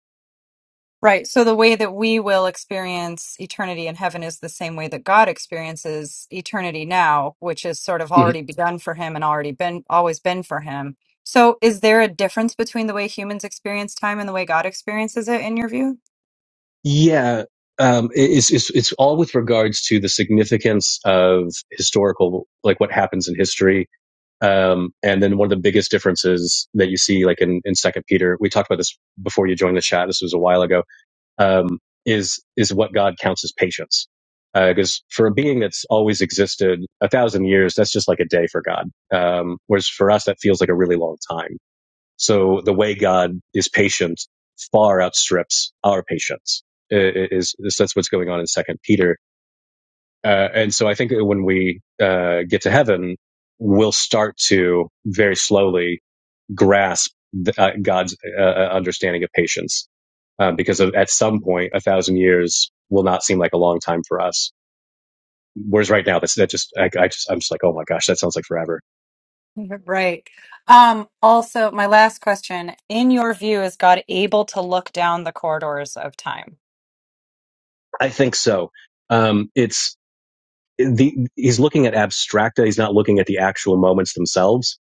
Speaker 7: Right. So the way that we will experience eternity in heaven is the same way that God experiences eternity now, which is sort of
Speaker 2: Mm-hmm.
Speaker 7: already begun for him and already been always been for him. So is there a difference between the way humans experience time and the way God experiences it in your view?
Speaker 2: Yeah, um, it's, it's it's all with regards to the significance of historical, like what happens in history. Um, and then one of the biggest differences that you see, like in, in Second Peter, we talked about this before you joined the chat. This was a while ago. Um, is is what God counts as patience. Uh, Because for a being that's always existed a thousand years, that's just like a day for God. Um, whereas for us, that feels like a really long time so the way God is patient far outstrips our patience. Is, is that's what's going on in Second Peter. Uh, and so I think that when we uh, get to heaven, we'll start to very slowly grasp the, uh, God's uh, uh, understanding of patience, uh, because of, at some point, a thousand years will not seem like a long time for us. Whereas right now, that's that just I, I just I'm just like, oh my gosh, that sounds like forever.
Speaker 7: Right. Um, also, my last question. In your view, is God able to look down the corridors of time?
Speaker 2: I think so. Um, it's the he's looking at abstracta. He's not looking at the actual moments themselves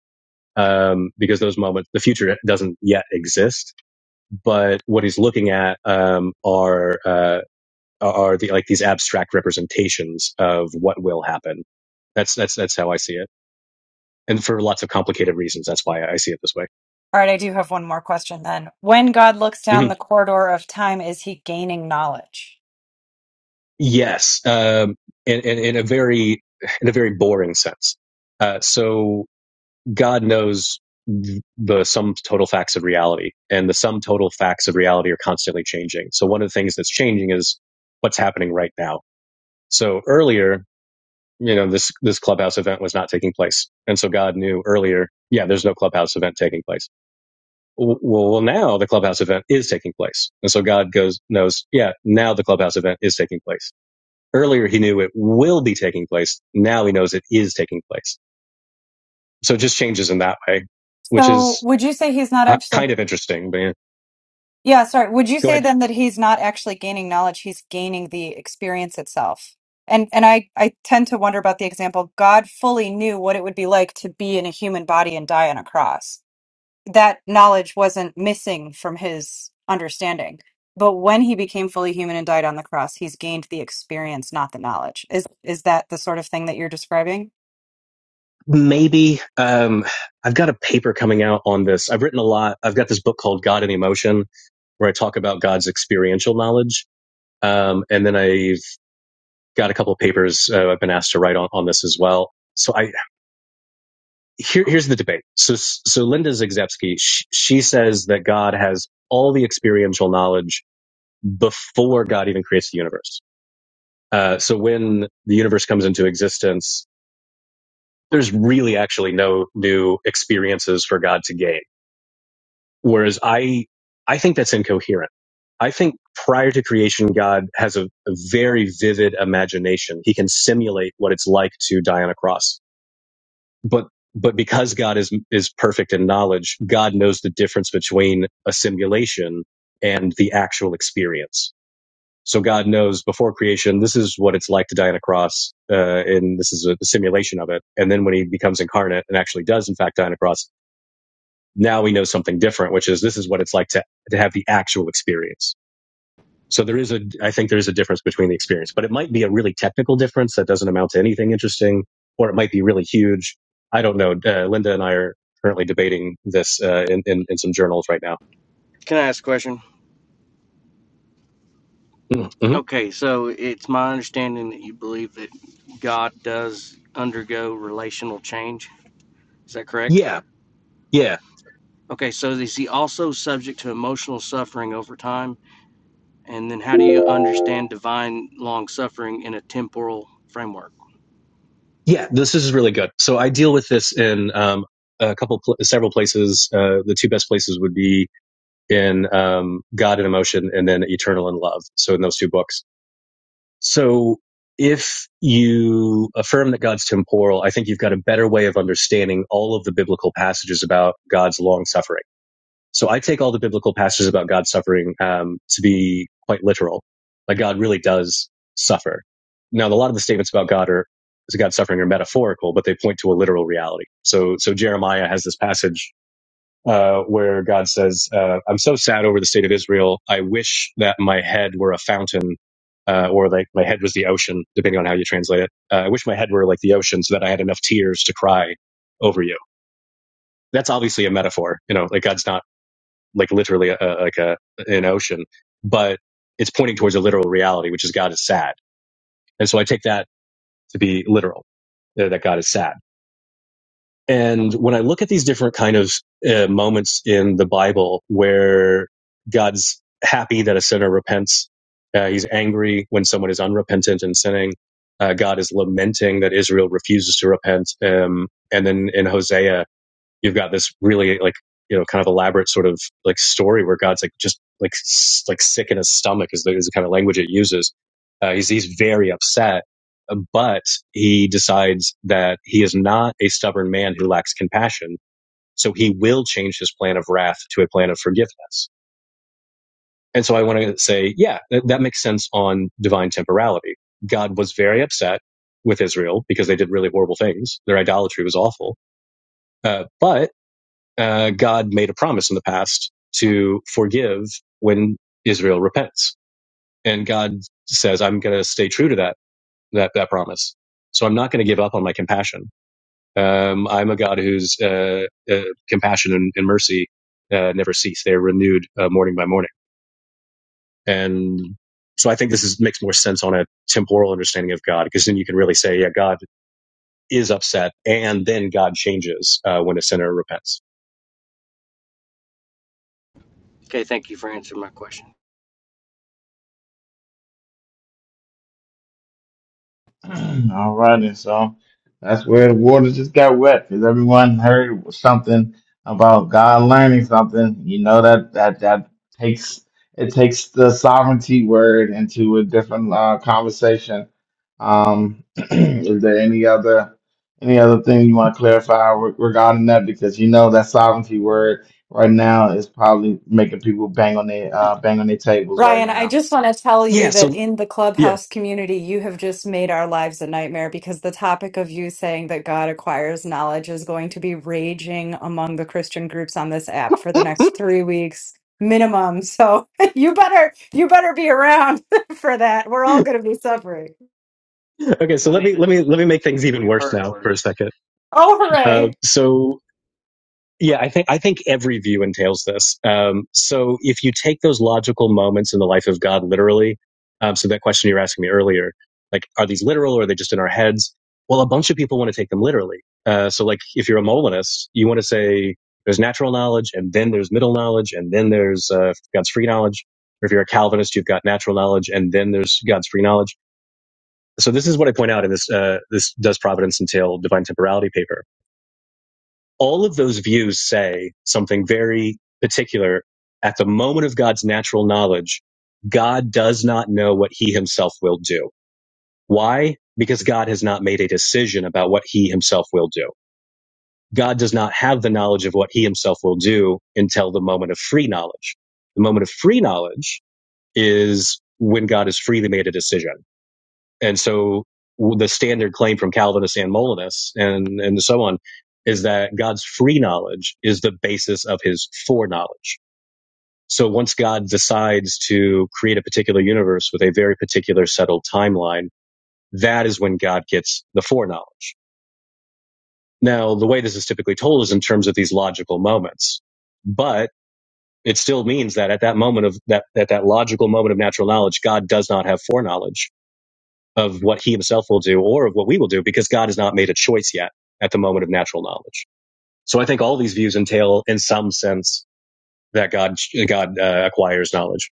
Speaker 2: um, because those moments, the future doesn't yet exist. But what he's looking at um, are uh, are the like these abstract representations of what will happen. That's that's that's how I see it, and for lots of complicated reasons. That's why I see it this way.
Speaker 7: All right, I do have one more question then. When God looks
Speaker 2: hmm
Speaker 7: down the corridor of time, is he gaining knowledge?
Speaker 2: Yes, um, in, in in a very in a very boring sense. Uh, so God knows the sum total facts of reality, and the sum total facts of reality are constantly changing. So one of the things that's changing is what's happening right now. So earlier, you know, this this clubhouse event was not taking place, and so God knew earlier, yeah, there's no clubhouse event taking place. Well, well, now the clubhouse event is taking place, and so God goes knows, yeah, now the clubhouse event is taking place. Earlier, he knew it will be taking place. Now he knows it is taking place. So it just changes in that way, which
Speaker 7: So,
Speaker 2: is
Speaker 7: would you say he's not
Speaker 2: uh,
Speaker 7: actually,
Speaker 2: kind of interesting, but yeah.
Speaker 7: yeah, sorry, would you
Speaker 2: go
Speaker 7: say
Speaker 2: ahead.
Speaker 7: then that he's not actually gaining knowledge, he's gaining the experience itself? And and I I tend to wonder about the example God fully knew what it would be like to be in a human body and die on a cross. that knowledge wasn't missing from his understanding. But when he became fully human and died on the cross, he's gained the experience, not the knowledge. Is is that the sort of thing that you're describing?
Speaker 2: Maybe um, I've got a paper coming out on this. I've written a lot. I've got this book called God and Emotion, where I talk about God's experiential knowledge. Um, and then I've got a couple of papers uh, I've been asked to write on, on this as well. So I here, here's the debate. So so Linda Zagzebski, she, she says that God has all the experiential knowledge before God even creates the universe. Uh, so when the universe comes into existence, there's really actually no new experiences for God to gain. Whereas I, I think that's incoherent. I think prior to creation, God has a, a very vivid imagination. He can simulate what it's like to die on a cross. But, but because God is, is perfect in knowledge, God knows the difference between a simulation and the actual experience so God knows before creation, this is what it's like to die on a cross, uh, and this is a, a simulation of it. And then when he becomes incarnate and actually does, in fact, die on a cross, now we know something different, which is this is what it's like to, to have the actual experience. So there is a, I think there is a difference between the experience, but it might be a really technical difference that doesn't amount to anything interesting, or it might be really huge. I don't know. Uh, Linda and I are currently debating this uh, in, in in some journals right now.
Speaker 3: Can I ask a question?
Speaker 2: Mhm. Mhm.
Speaker 3: Okay, so it's my understanding that you believe that God does undergo relational change. Is that correct?
Speaker 2: Yeah, yeah.
Speaker 3: Okay, so is he also subject to emotional suffering over time? And then how do you understand divine long suffering in a temporal framework?
Speaker 2: Yeah, this is really good. So I deal with this in um, a couple, pl- several places. Uh, the two best places would be in um, God and Emotion, and then Eternal and Love. So in those two books. So if you affirm that God's temporal, I think you've got a better way of understanding all of the biblical passages about God's long suffering. So I take all the biblical passages about God suffering um, to be quite literal. Like God really does suffer. Now, a lot of the statements about God are is God suffering are metaphorical, but they point to a literal reality. So, so Jeremiah has this passage uh, where God says, uh, "I'm so sad over the state of Israel. I wish that my head were a fountain." Uh, or like my head was the ocean, depending on how you translate it. Uh, I wish my head were like the ocean so that I had enough tears to cry over you. That's obviously a metaphor. You know, like God's not like literally a, like a an ocean, but it's pointing towards a literal reality, which is God is sad. And so I take that to be literal, uh, that God is sad. And when I look at these different kind of uh, moments in the Bible where God's happy that a sinner repents, uh, he's angry when someone is unrepentant and sinning. Uh, God is lamenting that Israel refuses to repent. Um, and then in Hosea, you've got this really like you know kind of elaborate sort of like story where God's like just like like sick in his stomach is the, is the kind of language it uses. Uh, he's he's very upset, uh, but he decides that he is not a stubborn man who lacks compassion, so he will change his plan of wrath to a plan of forgiveness. And so I want to say, yeah, that, that makes sense on divine temporality. God was very upset with Israel because they did really horrible things. Their idolatry was awful. Uh, but uh, God made a promise in the past to forgive when Israel repents, and God says, "I'm going to stay true to that that that promise. So I'm not going to give up on my compassion. Um, I'm a God whose uh, uh, compassion and, and mercy uh, never cease; they're renewed uh, morning by morning." And so I think this is, makes more sense on a temporal understanding of God, because then you can really say, "Yeah, God is upset, and then God changes uh, when a sinner repents."
Speaker 3: Okay, thank you for answering my question.
Speaker 1: all right, and so that's where the water just got wet because everyone heard something about God learning something. You know that that that takes it takes the sovereignty word into a different uh, conversation. Um, is there any other any other thing you want to clarify re- regarding that? Because you know that sovereignty word right now is probably making people bang on their uh, bang on their tables right
Speaker 7: Ryan, I
Speaker 1: now.
Speaker 7: just want to tell
Speaker 2: Yeah.
Speaker 7: you that
Speaker 2: So
Speaker 7: in the
Speaker 2: yeah.
Speaker 7: clubhouse community, you have just made our lives a nightmare because the topic of you saying that God acquires knowledge is going to be raging among the Christian groups on this app for the next three weeks minimum. So you better you better be around for that. We're all going to be suffering.
Speaker 2: Okay, so
Speaker 5: I
Speaker 2: let
Speaker 5: mean,
Speaker 2: me let
Speaker 5: it's
Speaker 2: me let me make things
Speaker 5: we
Speaker 2: even
Speaker 5: we've
Speaker 2: worse
Speaker 5: heard
Speaker 2: now for a
Speaker 5: worse.
Speaker 2: second.
Speaker 7: Oh,
Speaker 2: Uh,
Speaker 7: hooray!
Speaker 2: so yeah, I think I think every view entails this. Um, so if you take those logical moments in the life of God literally, um, so that question you were asking me earlier, like are these literal or are they just in our heads? Well, a bunch of people want to take them literally. Uh, so like if you're a Molinist, you want to say there's natural knowledge and then there's middle knowledge and then there's uh, God's free knowledge. Or if you're a Calvinist, you've got natural knowledge and then there's God's free knowledge so this is what I point out in this, uh, this does providence entail divine temporality paper. All of those views say something very particular. At the moment of God's natural knowledge, God does not know what he himself will do. Why? Because God has not made a decision about what he himself will do. God does not have the knowledge of what he himself will do until the moment of free knowledge. The moment of free knowledge is when God has freely made a decision. And so the standard claim from Calvinists and Molinists and, and so on is that God's free knowledge is the basis of his foreknowledge. So once God decides to create a particular universe with a very particular settled timeline, that is when God gets the foreknowledge. Now, the way this is typically told is in terms of these logical moments, but it still means that at that moment of that, at that logical moment of natural knowledge, God does not have foreknowledge of what he himself will do or of what we will do because God has not made a choice yet at the moment of natural knowledge. So I think all these views entail in some sense that God, God uh, acquires knowledge.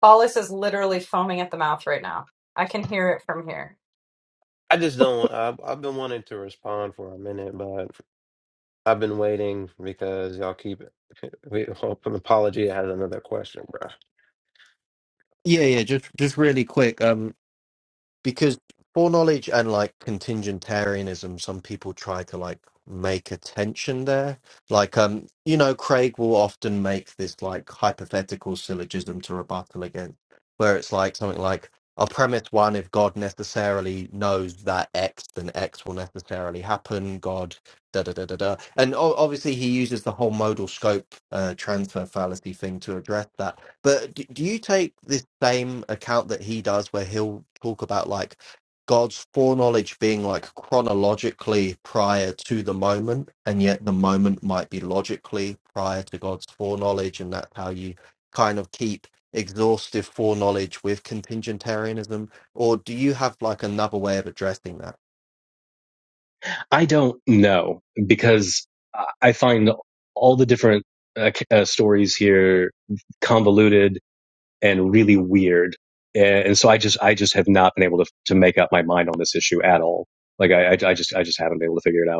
Speaker 7: Paulus is literally foaming at the mouth right now. I can hear it from here.
Speaker 6: I just don't. I've, I've been wanting to respond for a minute, but I've been waiting because y'all keep. We hope an apology has another question, bro.
Speaker 4: Yeah, yeah. Just just really quick. Um, because foreknowledge and like contingentarianism some people try to like make a tension there like um you know craig will often make this like hypothetical syllogism to rebuttal against where it's like something like a premise one if god necessarily knows that x then x will necessarily happen god da da da da da. And o- obviously, he uses the whole modal scope uh, transfer fallacy thing to address that. But do, do you take this same account that he does, where he'll talk about like God's foreknowledge being like chronologically prior to the moment, and yet the moment might be logically prior to God's foreknowledge, and that's how you kind of keep exhaustive foreknowledge with contingentarianism? Or do you have like another way of addressing that?
Speaker 2: I don't know because I find all the different uh, uh, stories here convoluted and really weird. And so I just, I just have not been able to, to make up my mind on this issue at all. Like I, I just, I just haven't been able to figure it out.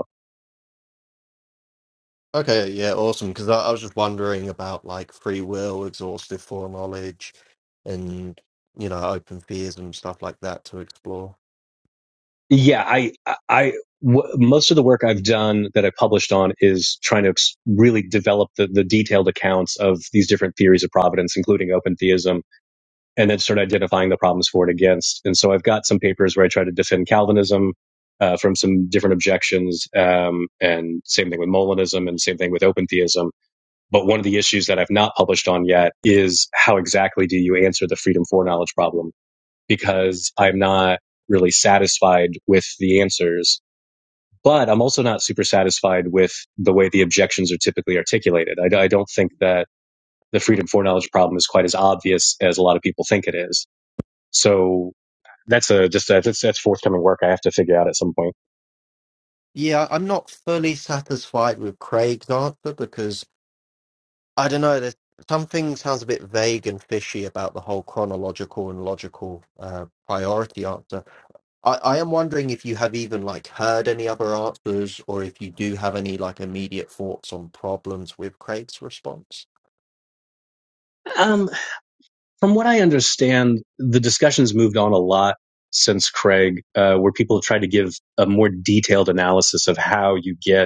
Speaker 4: Okay, yeah, awesome. Because I, I was just wondering about like free will, exhaustive foreknowledge, and you know, open theism and stuff like that to explore.
Speaker 2: yeah, I, I, I- w- most of the work I've done that I published on is trying to ex- really develop the, the detailed accounts of these different theories of providence, including open theism, and then start identifying the problems for and against. And so I've got some papers where I try to defend Calvinism. Uh, from some different objections, um, and same thing with Molinism, and same thing with open theism. But one of the issues that I've not published on yet is how exactly do you answer the freedom foreknowledge problem? because I'm not really satisfied with the answers. But I'm also not super satisfied with the way the objections are typically articulated. I, I don't think that the freedom for knowledge problem is quite as obvious as a lot of people think it is. So that's a just a, that's that's forthcoming work I have to figure out at some point.
Speaker 4: Yeah, I'm not fully satisfied with Craig's answer because I don't know. There's, something sounds a bit vague and fishy about the whole chronological and logical uh, priority answer. I, I am wondering if you have even like heard any other answers, or if you do have any like immediate thoughts on problems with Craig's response.
Speaker 2: Um, from what I understand, the discussions moved on a lot since Craig, uh, where people have tried to give a more detailed analysis of how you get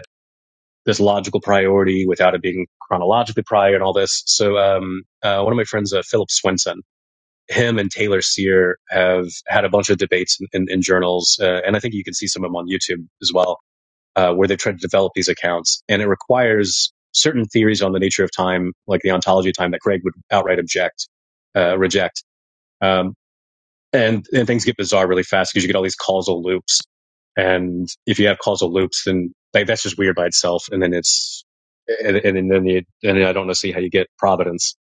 Speaker 2: this logical priority without it being chronologically prior and all this. So, um, uh, one of my friends, uh, Philip Swenson, him and Taylor Sear have had a bunch of debates in, in, in journals, uh, and I think you can see some of them on YouTube as well, uh, where they've tried to develop these accounts. And it requires certain theories on the nature of time, like the ontology of time, that Craig would outright object, uh, reject. Um, and and things get bizarre really fast because you get all these causal loops and if you have causal loops then like that's just weird by itself and then it's and, and then you and i don't see how you get providence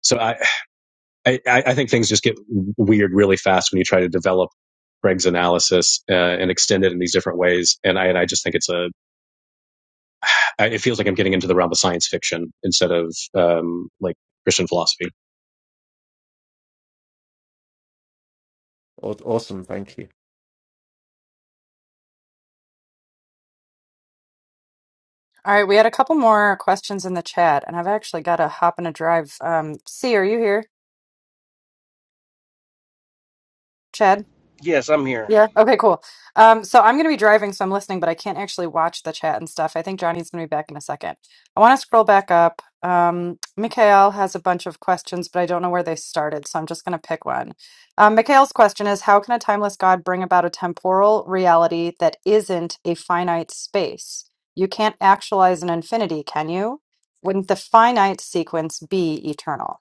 Speaker 2: so I, I i think things just get weird really fast when you try to develop Greg's analysis uh, and extend it in these different ways, and I and I just think it's a it feels like I'm getting into the realm of science fiction instead of um, like Christian philosophy.
Speaker 4: Aw- Awesome, thank you.
Speaker 7: All right, we had a couple more questions in the chat, and I've actually got to hop in a drive. Um, C, are you here? Chad?
Speaker 3: Yes, I'm here.
Speaker 7: Yeah. Okay, cool. Um, so I'm going to be driving, so I'm listening, but I can't actually watch the chat and stuff. I think Johnny's going to be back in a second. I want to scroll back up. Um, Mikhail has a bunch of questions, but I don't know where they started, so I'm just going to pick one. Um, Mikhail's question is How can a timeless God bring about a temporal reality that isn't a finite space? You can't actualize an infinity, can you? Wouldn't the finite sequence be eternal?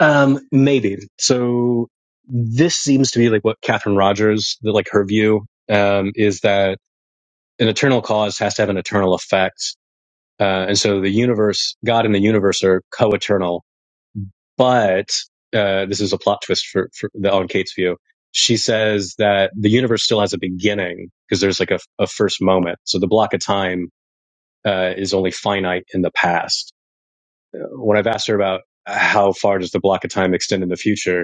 Speaker 2: Um, maybe. So this seems to be like what Catherine Rogers, the, like her view, um, is that an eternal cause has to have an eternal effect. Uh, and so the universe, God and the universe are co-eternal, but, uh, this is a plot twist for, for the, on Kate's view. She says that the universe still has a beginning because there's like a, a first moment. So the block of time, uh, is only finite in the past. Uh, When I've asked her about how far does the block of time extend in the future,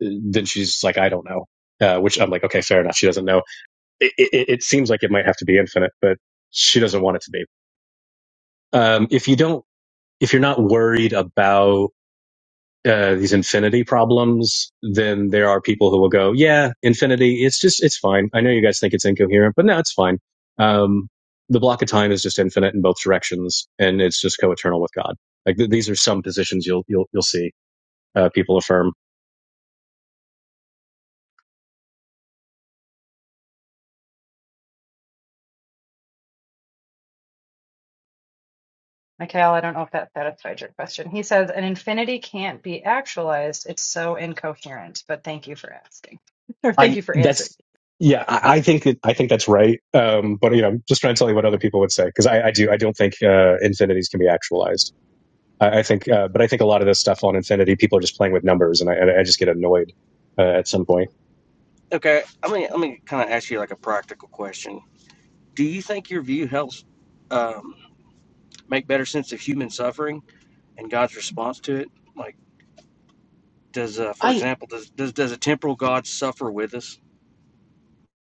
Speaker 2: then she's like, I don't know. Uh, which I'm like, okay, fair enough. She doesn't know. It, it, it seems like it might have to be infinite, but she doesn't want it to be. Um, if you don't, if you're not worried about uh, these infinity problems, then there are people who will go, yeah, infinity. It's just, it's fine. I know you guys think it's incoherent, but no, it's fine. Um, the block of time is just infinite in both directions, and it's just co-eternal with God. Like th- these are some positions you'll you'll you'll see uh, people affirm
Speaker 7: Mikhail, I don't know if that satisfied your question. He says an infinity can't be actualized. It's so incoherent, but thank you for asking. Or thank
Speaker 2: I
Speaker 7: you for answering.
Speaker 2: that's yeah, I, I think that I think that's right. Um, but you know, I'm just trying to tell you what other people would say because I, I do I don't think uh, infinities can be actualized. I, I think, uh, but I think a lot of this stuff on infinity, people are just playing with numbers, and I, and I just get annoyed uh, at some point.
Speaker 3: Okay, I mean, let me kind of ask you like a practical question. Do you think your view helps? um, make better sense of human suffering and God's response to it? Like, does, uh, for
Speaker 2: I
Speaker 3: example, does, does does a temporal God suffer with us?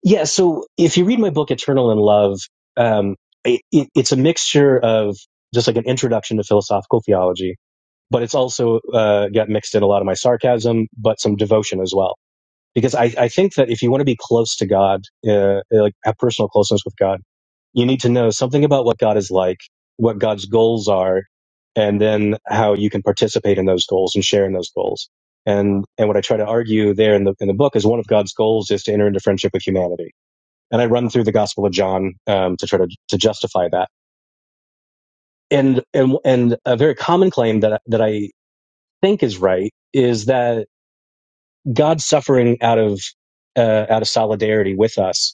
Speaker 2: yeah. So if you read my book Eternal in Love, um, it, it, it's a mixture of just like an introduction to philosophical theology, but it's also uh, got mixed in a lot of my sarcasm, but some devotion as well because I, I think that if you want to be close to God, uh, like have personal closeness with God, you need to know something about what God is like, what God's goals are, and then how you can participate in those goals and share in those goals. And and what I try to argue there in the in the book is one of God's goals is to enter into friendship with humanity. And I run through the Gospel of John um, to try to to justify that. And and and a very common claim that that I think is right is that God's suffering out of uh, out of solidarity with us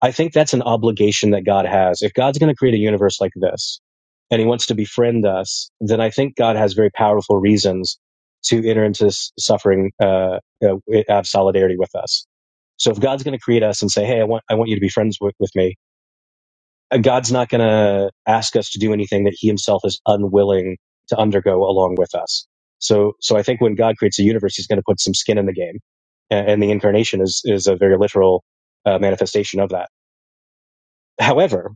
Speaker 2: I think that's an obligation that God has. If God's going to create a universe like this and he wants to befriend us, then I think God has very powerful reasons to enter into suffering, uh, uh, out solidarity with us. So if God's going to create us and say, Hey, I want, I want you to be friends with, with me, uh, God's not going to ask us to do anything that he himself is unwilling to undergo along with us. So, so I think when God creates a universe, he's going to put some skin in the game. And the incarnation is, is a very literal uh, manifestation of that. However,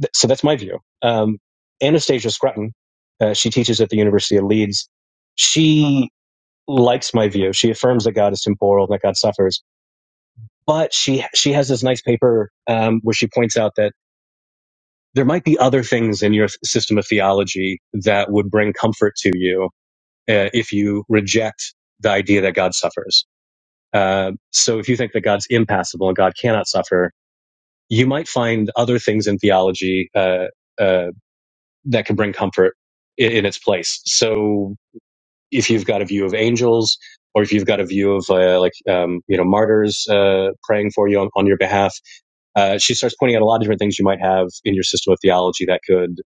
Speaker 2: Th- so that's my view. Um, Anastasia Scrutton, uh, she teaches at the University of Leeds. She likes my view. She affirms that God is temporal, that God suffers, but she she has this nice paper um, where she points out that there might be other things in your th- system of theology that would bring comfort to you uh, if you reject the idea that God suffers. Uh, so if you think that God's impassible and God cannot suffer, you might find other things in theology. Uh, uh, that can bring comfort in, in its place. So if you've got a view of angels, or if you've got a view of uh, like um, you know martyrs uh, praying for you on, on your behalf, uh, she starts pointing out a lot of different things you might have in your system of theology that could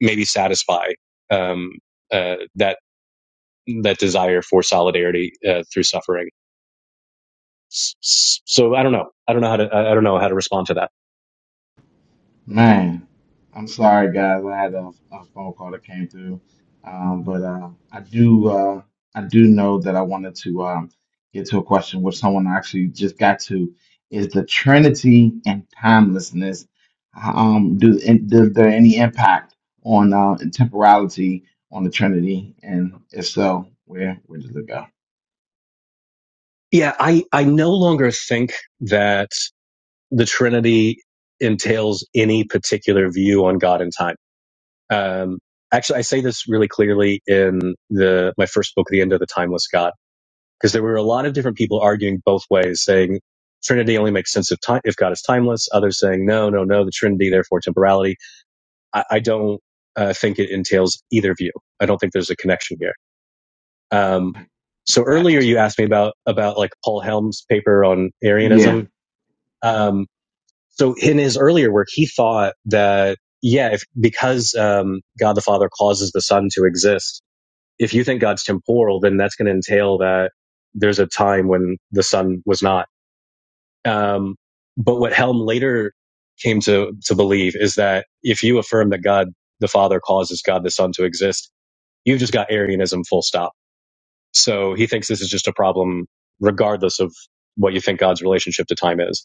Speaker 2: maybe satisfy um, uh, that that desire for solidarity uh, through suffering. So I don't know. I don't know how to. I don't know how to respond to that.
Speaker 1: Man, I'm sorry, guys. I had a, a phone call that came through, um, but uh, I do uh, I do know that I wanted to um, get to a question which someone actually just got to. Is the Trinity and timelessness um, do and does there any impact on uh, temporality on the Trinity? And if so, where where does it go?
Speaker 2: Yeah, I I no longer think that. the Trinity entails any particular view on God and time. Um, actually, I say this really clearly in the my first book, The End of the Timeless God, because there were a lot of different people arguing both ways, saying Trinity only makes sense if time if God is timeless. Others saying no, no, no, the Trinity therefore temporality. I, I don't uh, think it entails either view. I don't think there's a connection here. Um, so earlier
Speaker 1: Gotcha.
Speaker 2: you asked me about about like Paul Helms' paper on Arianism. Um, So in his earlier work, he thought that, yeah, if, because um, God the Father causes the Son to exist, if you think God's temporal, then that's going to entail that there's a time when the Son was not. Um, but what Helm later came to, to believe is that if you affirm that God the Father causes God the Son to exist, you've just got Arianism full stop. So he thinks this is just a problem regardless of what you think God's relationship to time is.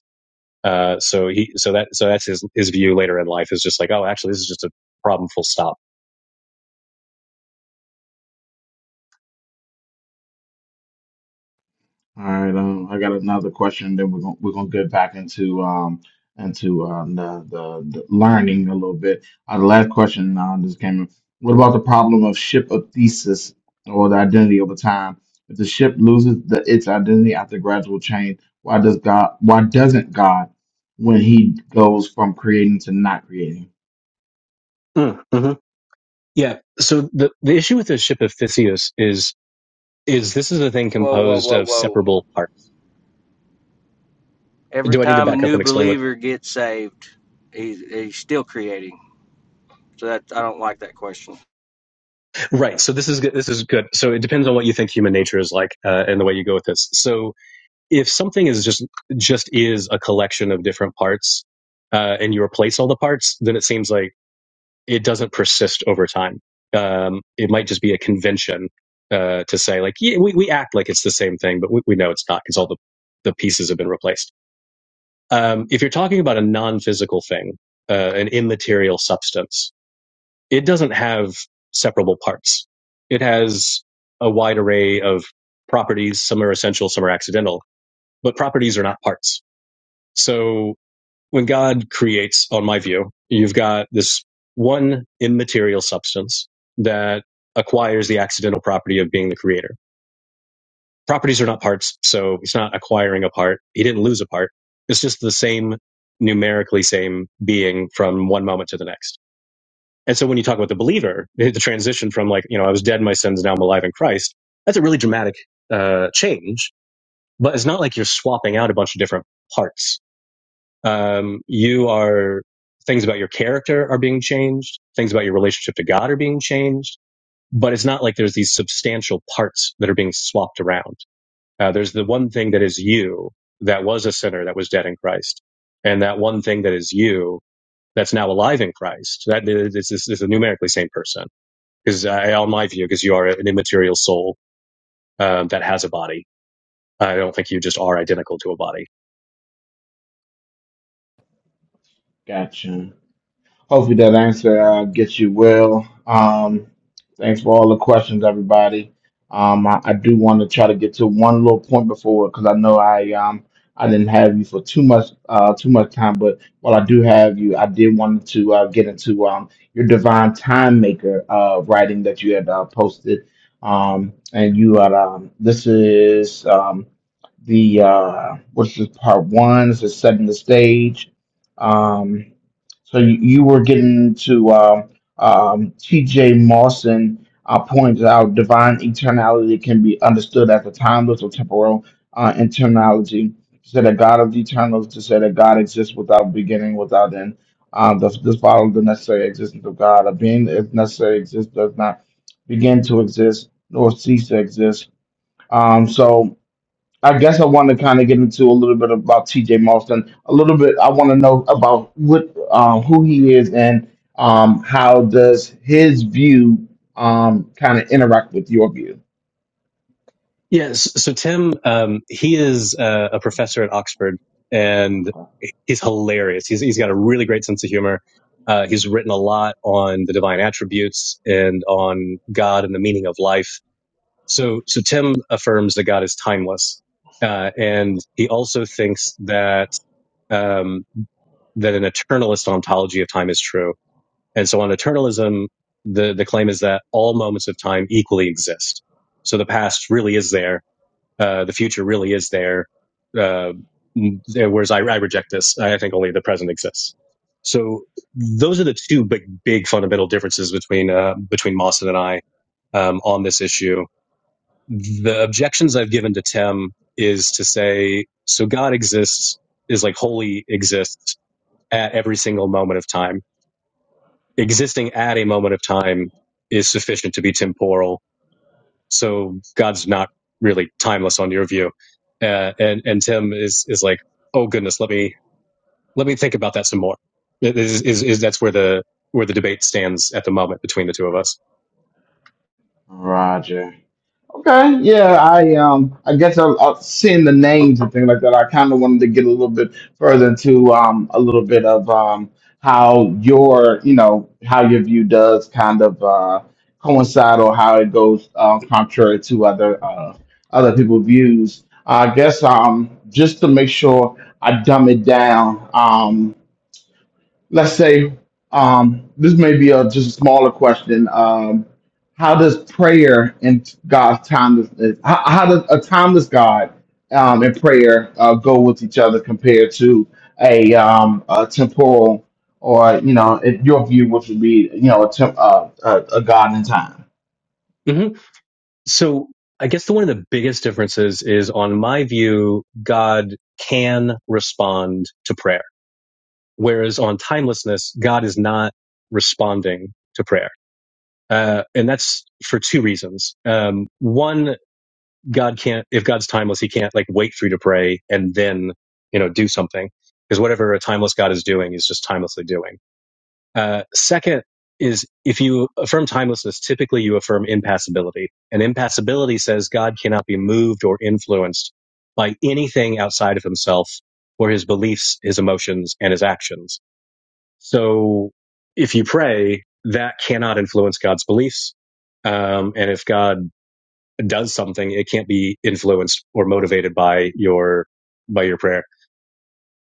Speaker 2: Uh, so he, so that, so that's his his view later in life is just like, oh, actually, this is just a problem. Full stop.
Speaker 1: All right, um, I got another question. Then we're gonna we're gonna get back into um into um, the, the the learning a little bit. Uh, the last question uh, just came in. What about the problem of ship of thesis or the identity over time? If the ship loses the its identity after gradual change, why does God? Why doesn't God when He goes from creating to not creating?
Speaker 2: Mm-hmm. Yeah. So the the issue with the ship of Theseus is is this is a thing
Speaker 3: Whoa, whoa,
Speaker 2: composed
Speaker 3: whoa,
Speaker 2: of
Speaker 3: whoa!
Speaker 2: separable parts.
Speaker 3: Every
Speaker 2: Do I need to
Speaker 3: time a
Speaker 2: back up
Speaker 3: new
Speaker 2: and explain what?
Speaker 3: believer gets saved, he's he's still creating. So that I don't like that question.
Speaker 2: Right. So this is good. This is good. So it depends on what you think human nature is like uh, and the way you go with this. So if something is just just is a collection of different parts uh, and you replace all the parts, then it seems like it doesn't persist over time. Um, it might just be a convention uh, to say like yeah, we we act like it's the same thing, but we, we know it's not because all the the pieces have been replaced. Um, if you're talking about a non-physical thing, uh, an immaterial substance, it doesn't have separable parts. It has a wide array of properties. Some are essential, some are accidental, but properties are not parts. So when God creates, on my view, you've got this one immaterial substance that acquires the accidental property of being the creator. Properties are not parts, so he's not acquiring a part. He didn't lose a part. It's just the same, numerically same being from one moment to the next. And so when you talk about the believer, the transition from like, you know, I was dead in my sins, now I'm alive in Christ, that's a really dramatic uh, change. But it's not like you're swapping out a bunch of different parts um, you are things about your character are being changed. Things about your relationship to God are being changed. But it's not like there's these substantial parts that are being swapped around. Uh, there's the one thing that is you that was a sinner that was dead in Christ, and that one thing that is you that's now alive in Christ. That is, is, is a numerically same person, because I, on my view, because you are an immaterial soul um, that has a body. I don't think you just are identical to a body.
Speaker 1: Gotcha. Hopefully that answer uh, gets you well. Um, thanks for all the questions, everybody. Um, I, I do want to try to get to one little point before because I know I um I didn't have you for too much uh too much time, but while I do have you, I did want to uh, get into um your divine time maker uh writing that you had uh, posted. Um, and you had um this is um the uh what's this part one? This is setting the stage. Um so you, you were getting to um, um, T.J. Mawson uh, points out divine eternality can be understood as a timeless or temporal uh, eternality. To say that God of the eternal is to say that God exists without beginning, without end. Um, this, this follows the necessary existence of God. A being, if necessary, exists does not begin to exist nor cease to exist. Um, so I guess I want to kind of get into a little bit about T.J. Marston. A little bit, I want to know about what um, who he is and um, how does his view um, kind of interact with your view.
Speaker 2: Yes. So Tim, um, he is uh, a professor at Oxford, and he's hilarious. He's he's got a really great sense of humor. Uh, he's written a lot on the divine attributes and on God and the meaning of life. So so Tim affirms that God is timeless, uh, and he also thinks that um, that an eternalist ontology of time is true. And so on eternalism, the, the claim is that all moments of time equally exist. So the past really is there uh, the future really is there. Uh, whereas I, I reject this. I think only the present exists. So those are the two big, big fundamental differences between uh, between Mawson and I um, on this issue. The objections I've given to Tim is to say, so God exists is like wholly exists at every single moment of time. Existing at a moment of time is sufficient to be temporal so God's not really timeless on your view. Uh, and and Tim is is like, oh goodness, let me let me think about that some more. It Is is, is that's where the where the debate stands at the moment between the two of us.
Speaker 1: Roger. Okay, yeah, I um, I guess I, I seeing the names and things like that. I kind of wanted to get a little bit further into um, a little bit of um, how your, you know, how your view does kind of uh, coincide or how it goes uh, contrary to other uh, other people's views. I guess um, just to make sure I dumb it down. Um, let's say um, this may be a just a smaller question. Um, how does prayer and God's timeless how, how does a timeless God um, and prayer uh, go with each other compared to a, um, a temporal or you know in your view which would be you know a, temp, uh, a, a God in time?
Speaker 2: hmm So I guess the one of the biggest differences is on my view, God can respond to prayer, whereas on timelessness, God is not responding to prayer. Uh, and that's for two reasons. Um, one, God can't, if God's timeless, he can't like wait for you to pray and then, you know, do something because whatever a timeless God is doing, is just timelessly doing. Uh, second is if you affirm timelessness, typically you affirm impassibility and impassibility says God cannot be moved or influenced by anything outside of himself or his beliefs, his emotions and his actions. So if you pray, that cannot influence God's beliefs. Um, and if God does something, it can't be influenced or motivated by your by your prayer.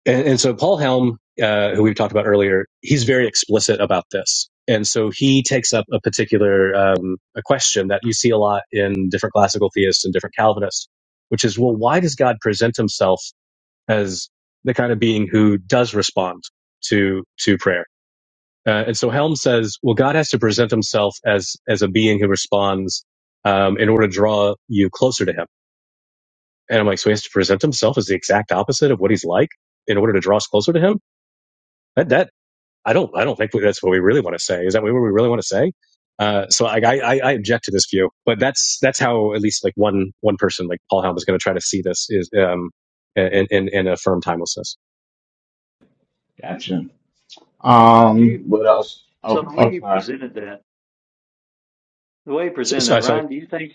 Speaker 2: And, and so Paul Helm, uh, who we have talked about earlier, he's very explicit about this. And so he takes up a particular um, a question that you see a lot in different classical theists and different Calvinists, which is, well, why does God present Himself as the kind of being who does respond to to prayer? Uh, and so Helm says, well, God has to present Himself as as a being who responds um, in order to draw you closer to Him and I'm like, so he has to present himself as the exact opposite of what he's like in order to draw us closer to him. That that I don't I don't think that's what we really want to say. Is that what we really want to say? Uh, so like, I, I I object to this view, but that's that's how at least like one one person like Paul Helm is going to try to see this is um in in, in affirm timelessness.
Speaker 1: Gotcha.
Speaker 5: Do
Speaker 1: Um,
Speaker 5: you
Speaker 1: what else?
Speaker 5: so
Speaker 1: Oh,
Speaker 5: the way you
Speaker 1: okay.
Speaker 5: presented that, the way you
Speaker 2: So,
Speaker 5: presented that,
Speaker 2: so, so
Speaker 5: Ryan? Do you think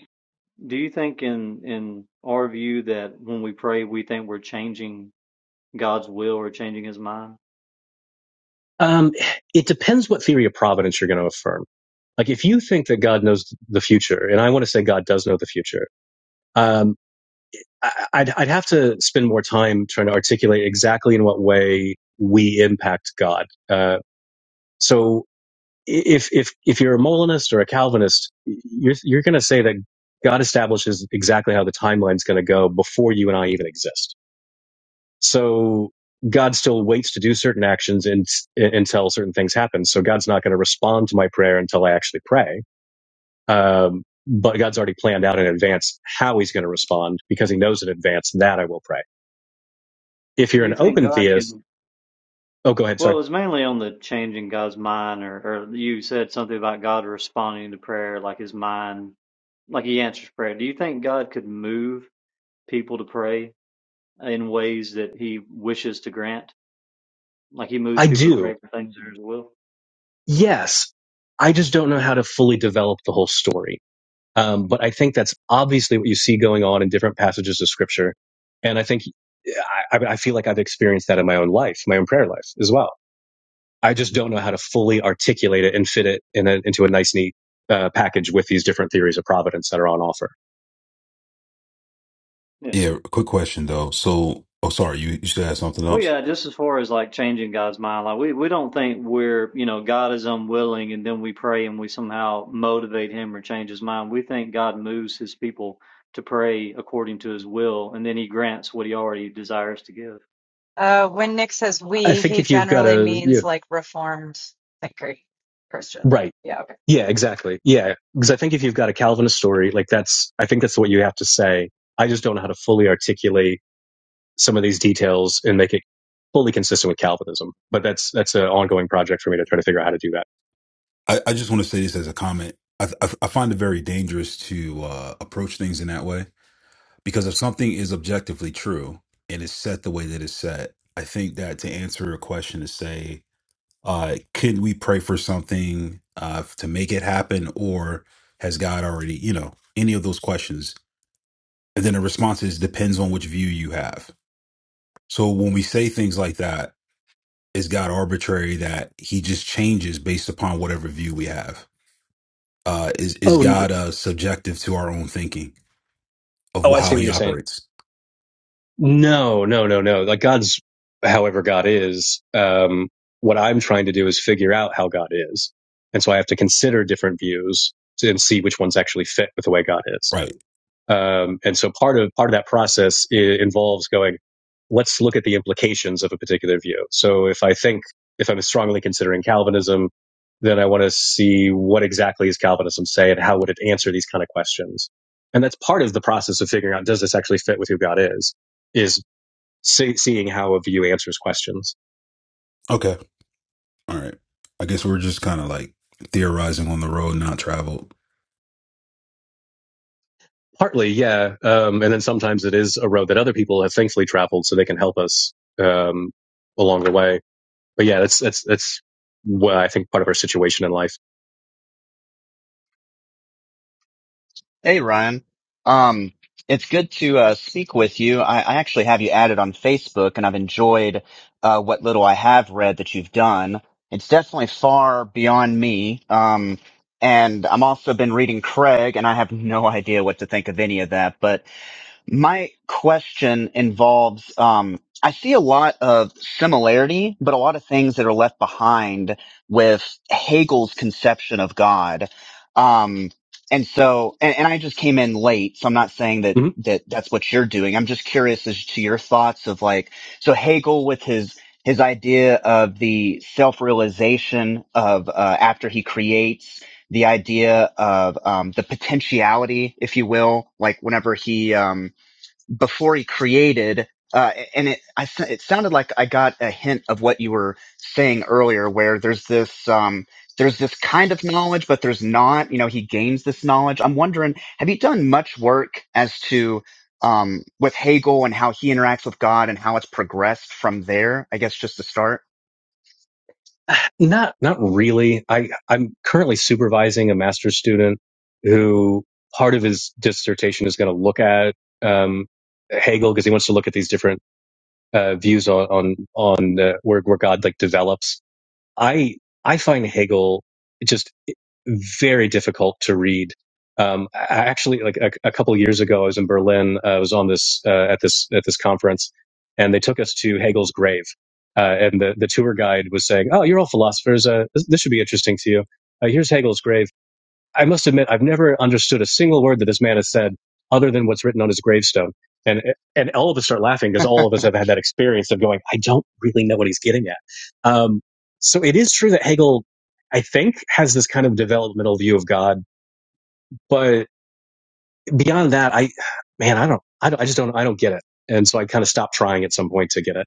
Speaker 5: do you think in in our view that when we pray we think we're changing God's will or changing His mind?
Speaker 2: um, it depends what theory of providence you're going to affirm. Like if you think that God knows the future, and I want to say God does know the future, um. I- I'd, I'd have to spend more time trying to articulate exactly in what way we impact God. Uh, so if, if, if you're a Molinist or a Calvinist, you're, you're going to say that God establishes exactly how the timeline's going to go before you and I even exist. So God still waits to do certain actions and, until certain things happen. So God's not going to respond to my prayer until I actually pray. Um, but God's already planned out in advance how he's going to respond because he knows in advance that I will pray. If you're
Speaker 5: Do
Speaker 2: an
Speaker 5: you think
Speaker 2: open
Speaker 5: God can?
Speaker 2: theist, oh, go ahead.
Speaker 5: Well, it
Speaker 2: Sorry.
Speaker 5: was mainly on the changing God's mind, or, or you said something about God responding to prayer, like his mind, like he answers prayer. Do you think God could move people to pray in ways that he wishes to grant? Like he moves
Speaker 2: I
Speaker 5: people to pray
Speaker 2: do.
Speaker 5: for things in his will?
Speaker 2: Yes. I just don't know how to fully develop the whole story. Um, but I think that's obviously what you see going on in different passages of scripture. And I think I, I feel like I've experienced that in my own life, my own prayer life as well. I just don't know how to fully articulate it and fit it in a, into a nice, neat uh, package with these different theories of providence that are on offer.
Speaker 5: Yeah.
Speaker 8: Yeah, quick question though. So, oh, sorry, you, you still had something
Speaker 5: Well,
Speaker 8: else.
Speaker 5: yeah, just as far as like changing God's mind, like we, we don't think we're, you know, God is unwilling and then we pray and we somehow motivate him or change his mind. We think God moves his people to pray according to his will and then he grants what he already desires to give.
Speaker 7: Uh, when Nick says
Speaker 2: I
Speaker 7: we,
Speaker 2: think
Speaker 7: he
Speaker 2: if you've got
Speaker 7: generally
Speaker 2: a,
Speaker 7: means
Speaker 2: yeah,
Speaker 7: like reformed thinker Christian.
Speaker 2: right
Speaker 7: Yeah.
Speaker 2: Yeah, exactly. Yeah, because I think if you've got a Calvinist story, like that's, I think that's what you have to say. I just don't know how to fully articulate some of these details and make it fully consistent with Calvinism. But that's that's an ongoing project for me to try to figure out how to do that.
Speaker 8: I, I just want to say this as a comment. I, I, I find it very dangerous to uh, approach things in that way because if something is objectively true and it's set the way that it's set, I think that to answer your question to say, uh, can we pray for something uh, to make it happen or has God already, you know, any of those questions? And then the response is depends on which view you have. So when we say things like that, is God arbitrary that He just changes based upon whatever view we have? Uh, is is
Speaker 2: Oh,
Speaker 8: God uh, subjective to our own thinking of
Speaker 2: oh, I
Speaker 8: how
Speaker 2: see what
Speaker 8: He
Speaker 2: you're saying.
Speaker 8: operates?
Speaker 2: No, no, no, no. Like God's, however God is. Um, what I'm trying to do is figure out how God is, and so I have to consider different views to- and see which ones actually fit with the way God is.
Speaker 8: Right.
Speaker 2: Um, and so part of part of that process involves going, let's look at the implications of a particular view. So if I think if I'm strongly considering Calvinism, then I want to see what exactly is Calvinism say and how would it answer these kind of questions. And that's part of the process of figuring out does this actually fit with who God is, is see, seeing how a view answers questions.
Speaker 8: Okay. All right. I guess we're just kind of like theorizing on the road not traveled.
Speaker 2: Partly, yeah, um, and then sometimes it is a road that other people have thankfully traveled, so they can help us um, along the way but yeah, that's that's that's what I think part of our situation in life.
Speaker 9: Hey Ryan, um, it's good to uh, speak with you. I, I actually have you added on Facebook, and I've enjoyed uh, what little I have read that you've done. It's definitely far beyond me, um, and I'm also been reading Craig, and I have no idea what to think of any of that. but. My question involves um, I see a lot of similarity, but a lot of things that are left behind with Hegel's conception of God. Um, and so, and, and I just came in late, so I'm not saying that,
Speaker 2: Mhm.
Speaker 9: that that's what you're doing. I'm just curious as to your thoughts of like, so Hegel with his, his idea of the self-realization of, uh, after he creates, the idea of um, the potentiality, if you will, like whenever he um, before he created uh, and it I, s- it sounded like I got a hint of what you were saying earlier where there's this um, there's this kind of knowledge but there's not you know he gains this knowledge I'm wondering have you done much work as to um, with Hegel and how he interacts with God and how it's progressed from there I guess just to start
Speaker 2: Not not really. I I'm currently supervising a master's student who part of his dissertation is going to look at um, Hegel because he wants to look at these different uh, views on on on uh, where where God like develops. I I find Hegel just very difficult to read. Um, I actually, like a, a couple of years ago, I was in Berlin. uh, I was on this uh, at this at this conference, and they took us to Hegel's grave. Uh, and the the tour guide was saying, "Oh, you're all philosophers. Uh, this, this should be interesting to you. Uh, here's Hegel's grave." I must admit, I've never understood a single word that this man has said other than what's written on his gravestone. And, and all of us start laughing because all of us have had that experience of going, I don't really know what he's getting at. Um, so it is true that Hegel, I think, has this kind of developmental view of God. But beyond that, I, man, I don't, I, don't, I just don't, I don't get it. And so I kind of stopped trying at some point to get it.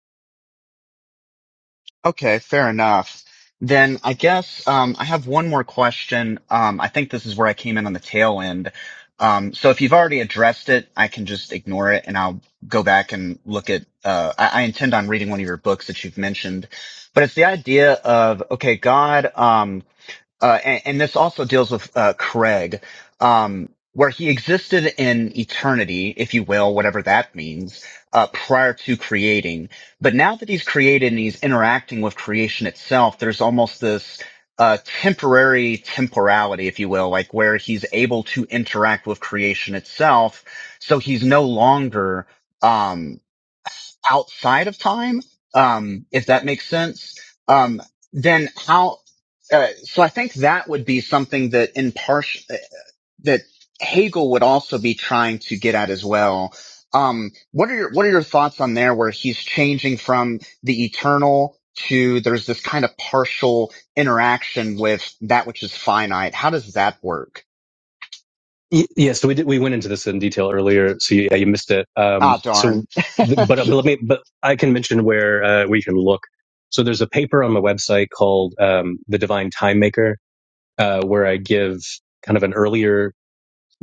Speaker 9: Okay, fair enough. Then I guess um, I have one more question. Um, I think this is where I came in on the tail end. Um, so if you've already addressed it, I can just ignore it and I'll go back and look at. Uh, I, I intend on reading one of your books that you've mentioned, but it's the idea of okay, God. um, uh, and, and this also deals with uh, Craig, um, where he existed in eternity, if you will, whatever that means, uh, prior to creating. But now that he's created and he's interacting with creation itself, there's almost this uh, temporary temporality, if you will, like where he's able to interact with creation itself. So he's no longer. Um, outside of time, um, if that makes sense, um, then how? Uh, so I think that would be something that in part that Hegel would also be trying to get at as well. Um, what are your what are your thoughts on there, where he's changing from the eternal to there's this kind of partial interaction with that which is finite? How does that work?
Speaker 2: Y- Yeah, so we did, we went into this in detail earlier, so yeah, you missed it. Um,
Speaker 9: Ah, darn.
Speaker 2: so, th- but but let me, but I can mention where uh, where you can look. So there's a paper on my website called um, "The Divine Time Maker," uh, where I give kind of an earlier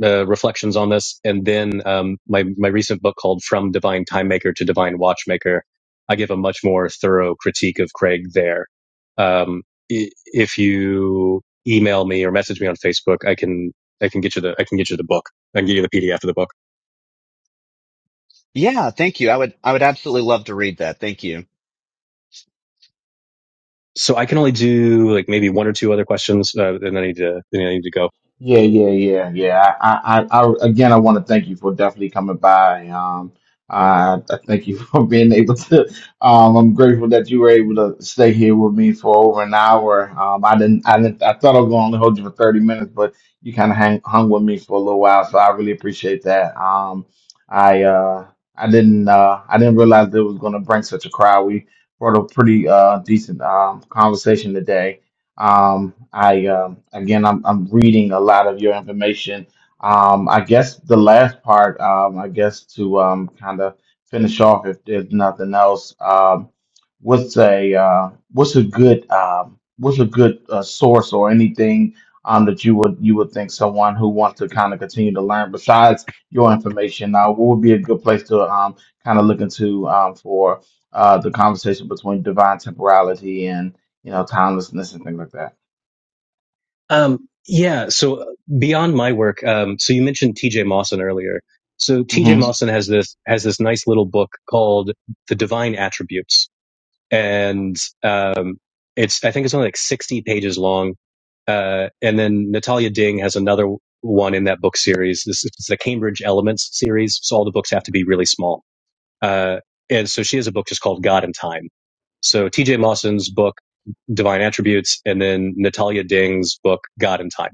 Speaker 2: uh, reflections on this, and then um, my my recent book called From Divine Time Maker to Divine Watchmaker. I give a much more thorough critique of Craig there. Um, if you email me or message me on Facebook, I can I can get you the I can get you the book. I can get you the PDF of the book.
Speaker 9: Yeah, thank you. I would I would absolutely love to read that. Thank you.
Speaker 2: So I can only do like maybe one or two other questions, uh, and I need to then I need to go.
Speaker 1: Yeah, yeah, yeah, yeah. I, I, I again, I want to thank you for definitely coming by. Um, I, I thank you for being able to. Um, I'm grateful that you were able to stay here with me for over an hour. Um, I didn't, I didn't, I thought I was going to only hold you for 30 minutes, but you kind of hang, hung with me for a little while, so I really appreciate that. Um, I, uh, I didn't, uh, I didn't realize it was going to bring such a crowd. We brought a pretty, uh, decent, um, conversation today um, I um, again, I'm I'm reading a lot of your information. Um, I guess the last part, um, I guess to um, kind of finish off, if there's nothing else, um, what's a uh, what's a good um, what's a good uh, source or anything um, that you would you would think someone who wants to kind of continue to learn besides your information, uh, what would be a good place to um, kind of look into um, for uh, the conversation between divine temporality and you know, timelessness and things like that.
Speaker 2: Um, yeah. So uh, beyond my work, um, so you mentioned T.J. Mawson earlier. So T.J.
Speaker 1: hmm
Speaker 2: Mawson has this has this nice little book called The Divine Attributes, and um, it's I think it's only like sixty pages long. Uh, and then Natalia Ding has another one in that book series. This is the Cambridge Elements series, so all the books have to be really small. Uh, and so she has a book just called God and Time. So T.J. Mawson's book Divine Attributes, and then Natalia Ding's book God and Time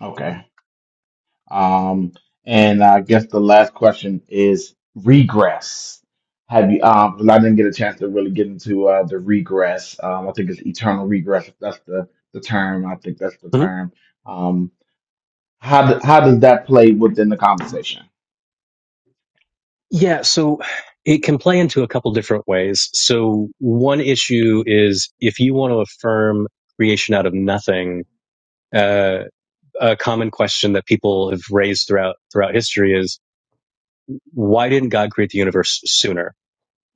Speaker 1: Okay. Um, and I guess the last question is regress. Have you? Um, 'cause I didn't get a chance to really get into uh, the regress. Um, I think it's eternal regress. If that's the the term. I think that's the
Speaker 2: Mhm.
Speaker 1: term. Um, how do, how does that play within the conversation?
Speaker 2: Yeah, so it can play into a couple different ways. So one issue is if you want to affirm creation out of nothing, uh, a common question that people have raised throughout throughout history is why didn't God create the universe sooner?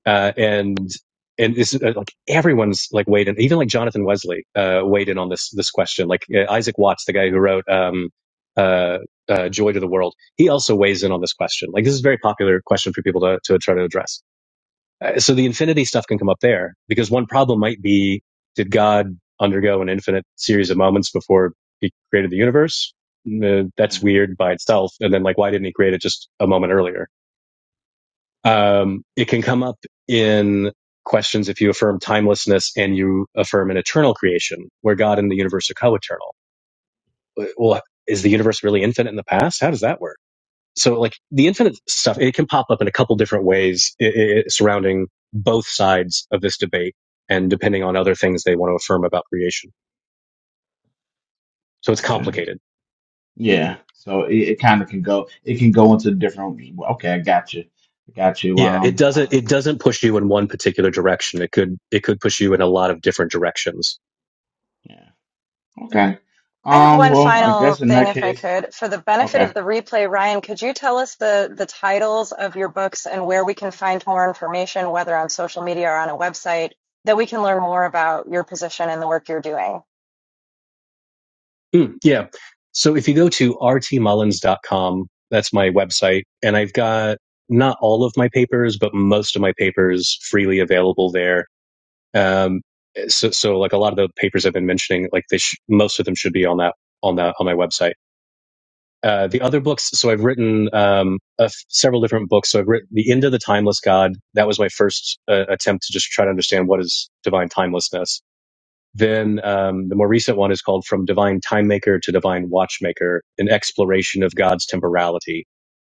Speaker 2: Uh, and and this is uh, like everyone's like weighed in, even like Jonathan Wesley uh, weighed in on this this question. Like uh, Isaac Watts, the guy who wrote um, uh, uh, "Joy to the World," he also weighs in on this question. Like this is a very popular question for people to to try to address Uh, so the infinity stuff can come up there because one problem might be, did God undergo an infinite series of moments before he created the universe? Mm, Uh, that's
Speaker 1: hmm
Speaker 2: weird by itself. And then like, why didn't he create it just a moment earlier? Um, it can come up in questions if you affirm timelessness and you affirm an eternal creation where God and the universe are co-eternal. Uh, Well, is the universe really infinite in the past? How does that work? so like the infinite stuff it can pop up in a couple different ways i i surrounding both sides of this debate and depending on other things they want to affirm about creation so it's
Speaker 1: Gotcha.
Speaker 2: complicated
Speaker 1: Yeah. So it, it kind of can go. It can go into different. well, Okay, I got you. I got you.
Speaker 2: yeah it
Speaker 1: Um.
Speaker 2: doesn't
Speaker 1: uh,
Speaker 2: it doesn't push you in one particular direction it could it could push you in a lot of different directions
Speaker 1: yeah. Okay.
Speaker 7: I have
Speaker 1: Um.
Speaker 7: one
Speaker 1: Well, I guess
Speaker 7: final
Speaker 1: in
Speaker 7: thing,
Speaker 1: that
Speaker 7: if I
Speaker 1: case.
Speaker 7: could. For the
Speaker 1: Okay.
Speaker 7: benefit of the replay, Ryan, could you tell us the, the titles of your books and where we can find more information, whether on social media or on a website, that we can learn more about your position and the work you're doing?
Speaker 2: Hmm, yeah so if you go to r t mullins dot com, that's my website and i've got not all of my papers but most of my papers freely available there Um, so, so like a lot of the papers I've been mentioning, like they sh- most of them should be on that on that on my website. Uh, the other books, so I've written um, a f- several different books. So I've written The End of the Timeless God. That was my first uh, attempt to just try to understand what is divine timelessness. Then um, the more recent one is called From Divine Time Maker to Divine Watchmaker, an exploration of God's temporality.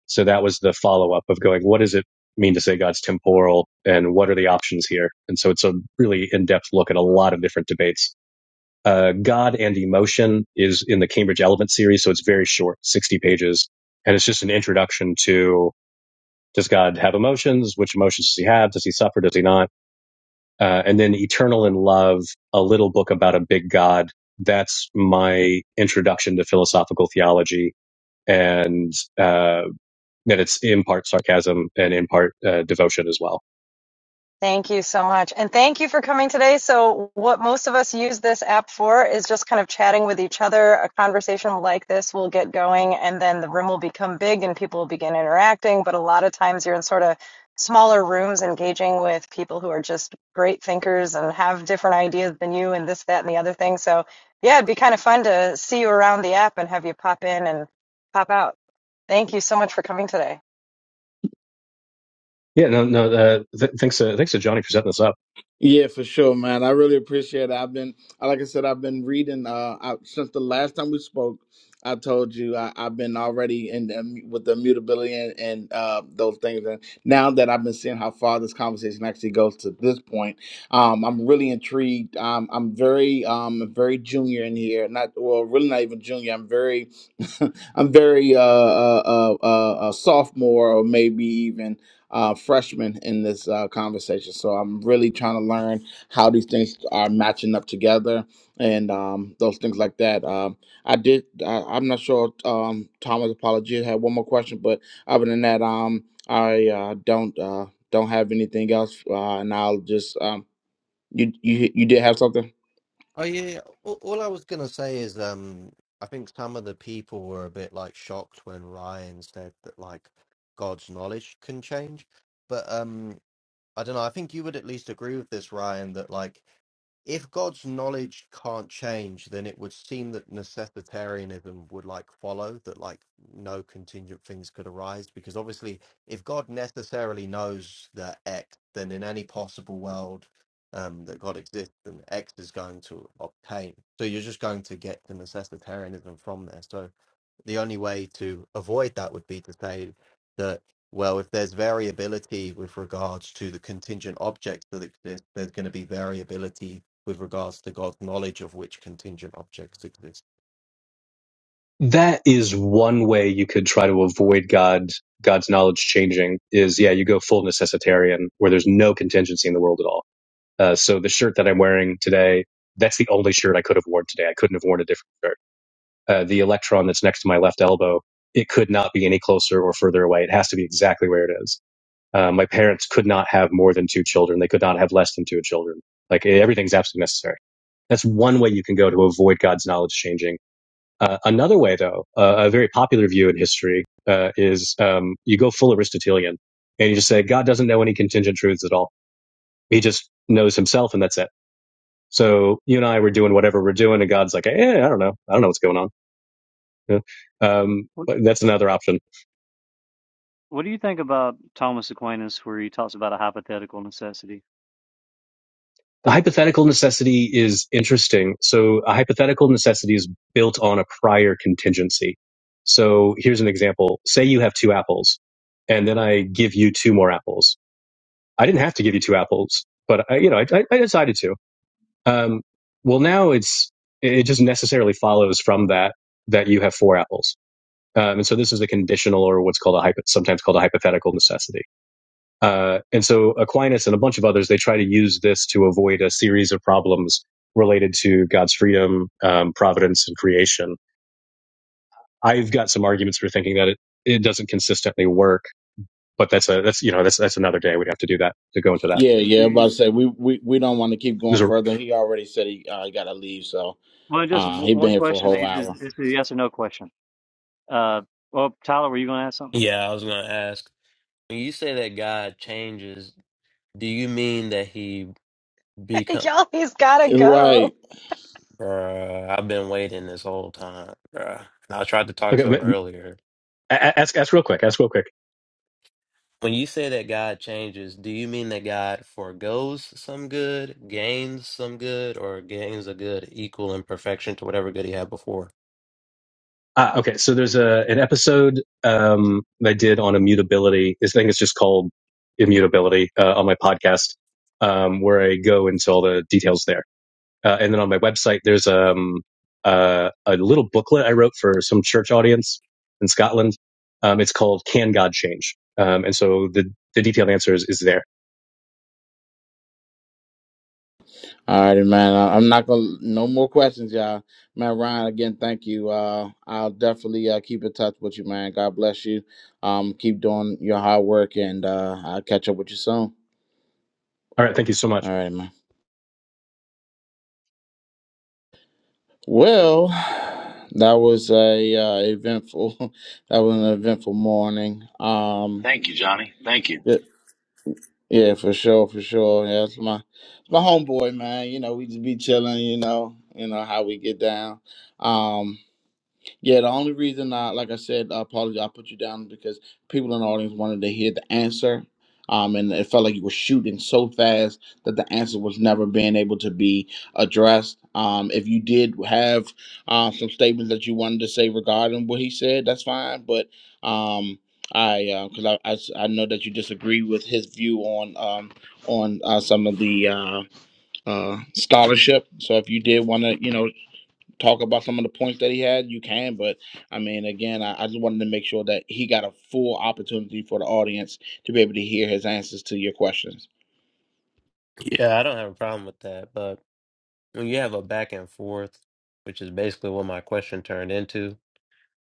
Speaker 2: So that was the follow up of going, what does it mean to say God's temporal and what are the options here? And so it's a really in depth look at a lot of different debates. Uh, God and Emotion is in the Cambridge Element series, so it's very short, 60 pages. And it's just an introduction to does God have emotions? Which emotions does he have? Does he suffer? Does he not? Uh, and then Eternal in Love, a little book about a big God. That's my introduction to philosophical theology. And, uh, that it's in part sarcasm and in part, uh, devotion as well.
Speaker 7: Thank you so much. And thank you for coming today. So, what most of us use this app for is just kind of chatting with each other. A conversation like this will get going, and then the room will become big and people will begin interacting. But a lot of times, you're in sort of smaller rooms engaging with people who are just great thinkers and have different ideas than you, and this, that, and the other thing. So, yeah, it'd be kind of fun to see you around the app and have you pop in and pop out. Thank you so much for coming today.
Speaker 2: Yeah, no, no, uh, th- thanks to, thanks to Johnny for setting this up.
Speaker 1: Yeah, for sure, man. I really appreciate it. I've been, like I said, I've been reading. Uh, I, since the last time we spoke, I told you I, I've been already in the, with the immutability and, and uh, those things. And now that I've been seeing how far this conversation actually goes to this point, um, I'm really intrigued. Um, I'm very, um, very junior in here. Not well, really not even junior. I'm very, I'm very uh, uh, uh, uh, a sophomore or maybe even uh, freshman in this uh, conversation. So I'm really trying to learn how these things are matching up together and um, those things like that. Um, I did. I, I'm not sure. Um, Thomas apologies. had one more question, but other than that, um, I uh, don't uh, don't have anything else, uh, and I'll just um, you you you did have something.
Speaker 4: Oh yeah. All, all I was gonna say is, um, I think some of the people were a bit like shocked when Ryan said that like God's knowledge can change, but um, I don't know. I think you would at least agree with this, Ryan, that like if God's knowledge can't change, then it would seem that necessitarianism would like follow that like no contingent things could arise because obviously if God necessarily knows that X, then in any possible world um, that God exists, then X is going to obtain. So you're just going to get the necessitarianism from there. So the only way to avoid that would be to say that. Well, if there's variability with regards to the contingent objects that exist, there's going to be variability with regards to God's knowledge of which contingent objects exist.
Speaker 2: That is one way you could try to avoid God, God's knowledge changing is, yeah, you go full necessitarian where there's no contingency in the world at all. Uh, so the shirt that I'm wearing today, that's the only shirt I could have worn today. I couldn't have worn a different shirt uh, the electron that's next to my left elbow, it could not be any closer or further away. It has to be exactly where it is. Uh, my parents could not have more than two children. They could not have less than two children. Like eh, everything's absolutely necessary. That's one way you can go to avoid God's knowledge changing. Uh, another way, though, uh, a very popular view in history uh, is um, you go full Aristotelian and you just say God doesn't know any contingent truths at all. He just knows himself, and that's it. So you and I were doing whatever we're doing, and God's like, eh, I don't know, I don't know what's going on yeah. Um,
Speaker 5: What,
Speaker 2: that's another option.
Speaker 5: what do you think about Thomas Aquinas where he talks about a hypothetical necessity?
Speaker 2: The hypothetical necessity is interesting. So a hypothetical necessity is built on a prior contingency. So here's an example. Say you have two apples and then I give you two more apples. I didn't have to give you two apples, but I, you know, I, I I decided to. Um, well, now it's, it just necessarily follows from that, that you have four apples. Um, and so this is a conditional or what's called a hypo, sometimes called a hypothetical necessity. Uh, and so Aquinas and a bunch of others, they try to use this to avoid a series of problems related to God's freedom, um, providence, and creation. I've got some arguments for thinking that it, it doesn't consistently work, but that's a, that's, you know, that's, that's another day. We'd have to do that to go into that.
Speaker 1: Yeah,
Speaker 5: Do
Speaker 1: yeah. I was About
Speaker 5: you,
Speaker 1: to say we we, we don't want to keep
Speaker 2: There's
Speaker 1: going
Speaker 2: a,
Speaker 1: further. He already said he uh, got to leave, so
Speaker 5: well, just
Speaker 1: uh,
Speaker 5: w-
Speaker 1: he been
Speaker 5: one
Speaker 1: here for a
Speaker 5: question.
Speaker 1: whole
Speaker 5: It's
Speaker 1: hour.
Speaker 5: it's a yes or no question. Uh, well, Tyler, were you going to ask something?
Speaker 6: Yeah, I was gonna ask. When you say that God changes, do you mean that he become?
Speaker 7: Y'all, he's got to go.
Speaker 1: Right.
Speaker 6: Bruh, I've been waiting this whole time, bruh. And I tried to talk
Speaker 2: okay,
Speaker 6: to him earlier.
Speaker 2: ask, ask real quick, ask real quick.
Speaker 6: When you say that God changes, do you mean that God forgoes some good, gains some good, or gains a good equal in perfection to whatever good he had before?
Speaker 2: Uh, okay. So there's a, an episode, um, that I did on immutability. This thing is just called immutability, uh, on my podcast, um, where I go into all the details there Uh, and then on my website, there's um, uh, a little booklet I wrote for some church audience in Scotland. Um, it's called "Can God Change?" Um, and so the the detailed answer is, is there.
Speaker 1: All righty, man. I, I'm not gonna no more questions, y'all. Man, Ryan, again, thank you. Uh, I'll definitely uh, keep in touch with you, man. God bless you. Um, keep doing your hard work, and uh, I'll catch up with you soon.
Speaker 2: All right, thank you so much.
Speaker 1: All right, man. Well, that was a uh, eventful. That was an eventful morning. Um,
Speaker 10: Thank you, Johnny. Thank you.
Speaker 1: yeah, yeah, for sure, for sure. Yeah, it's my my homeboy, man. You know, we just be chilling. You know, you know how we get down. Um. Yeah, the only reason I, like I said, I apologize. I put you down because people in the audience wanted to hear the answer. Um, and it felt like you were shooting so fast that the answer was never being able to be addressed. Um, if you did have uh, some statements that you wanted to say regarding what he said, that's fine. But um, I, because I, I s- I I, know that you disagree with his view on um, on uh, some of the uh, uh, scholarship. So if you did want to, you know, talk about some of the points that he had, you can. But I mean, again, I, I just wanted to make sure that he got a full opportunity for the audience to be able to hear his answers to your questions.
Speaker 6: Yeah, I don't have a problem with that, but when you have a back and forth, which is basically what my question turned into,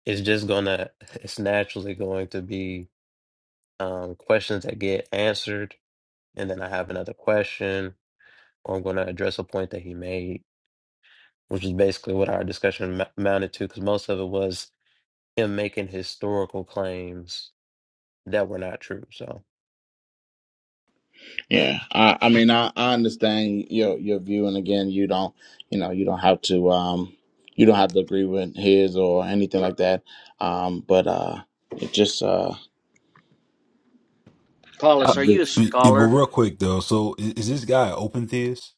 Speaker 6: it's just gonna, it's naturally going to be um, questions that get answered, and then I have another question, or I'm gonna address a point that he made, which is basically what our discussion m- amounted to, because most of it was. him making historical claims that were not true. So
Speaker 1: Yeah, I, I mean, I, I understand your your view, and again, you don't, you know, you don't have to, um, you don't have to agree with his or anything like that. Um, but uh, it just, uh,
Speaker 8: Uh,
Speaker 3: Paulus, are you a
Speaker 8: yeah, but
Speaker 3: scholar?
Speaker 8: real quick though, so is, is this guy an open theist?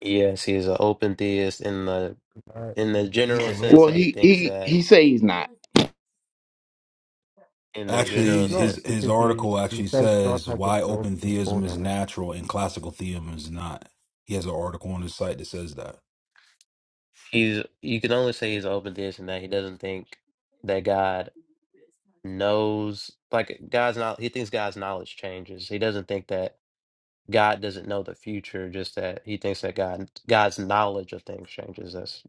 Speaker 6: yes, he's an open theist in the
Speaker 4: Uh,
Speaker 6: in the
Speaker 4: he's
Speaker 6: general
Speaker 4: a
Speaker 6: sense
Speaker 1: well,
Speaker 6: that
Speaker 4: neophyte.
Speaker 6: he
Speaker 1: he
Speaker 6: thinks
Speaker 1: he
Speaker 6: that
Speaker 1: he say he's not.
Speaker 6: in the
Speaker 8: Actually,
Speaker 6: general
Speaker 4: He's not
Speaker 8: his
Speaker 6: sense
Speaker 8: his
Speaker 4: because he,
Speaker 8: article
Speaker 4: he
Speaker 8: actually
Speaker 4: says God
Speaker 8: says
Speaker 4: has
Speaker 8: why open
Speaker 4: exhausted
Speaker 8: theism is
Speaker 4: borderlands.
Speaker 8: natural and classical theism is not. He has an article on his site that says that.
Speaker 6: he's you can only say he's an open theist in that he doesn't think that God knows like God's not he thinks God's knowledge changes. He doesn't think that God doesn't know the future, just that he thinks that God God's knowledge of things changes. That's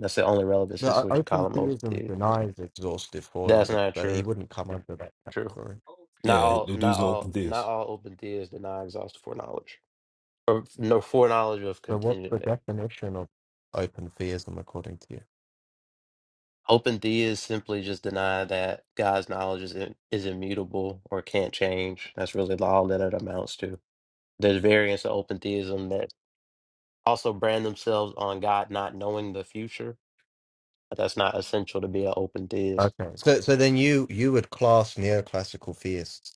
Speaker 6: that's the only relevance
Speaker 4: The
Speaker 6: is
Speaker 4: o-
Speaker 6: what you call
Speaker 4: open
Speaker 6: him open
Speaker 4: theism
Speaker 6: theist.
Speaker 4: denies exhaustive
Speaker 6: That's
Speaker 4: foreknowledge,
Speaker 6: not
Speaker 4: so he
Speaker 6: true.
Speaker 4: wouldn't come under that
Speaker 6: True.
Speaker 4: category.
Speaker 6: Not
Speaker 8: Yeah,
Speaker 6: all,
Speaker 8: the
Speaker 6: not
Speaker 8: dude's an open
Speaker 6: all, not
Speaker 8: theist,
Speaker 6: all open theias deny exhaustive foreknowledge or no foreknowledge of
Speaker 4: So, what's
Speaker 6: contingent
Speaker 4: the
Speaker 6: things.
Speaker 4: definition of open theism according to you?
Speaker 6: Open theias simply just deny that God's knowledge is in, is immutable or can't change. That's really all that it amounts to. There's variants of open theism that also brand themselves on God not knowing the future, but that's not essential to be an open theist.
Speaker 4: Okay. So, so then you you would class neoclassical theists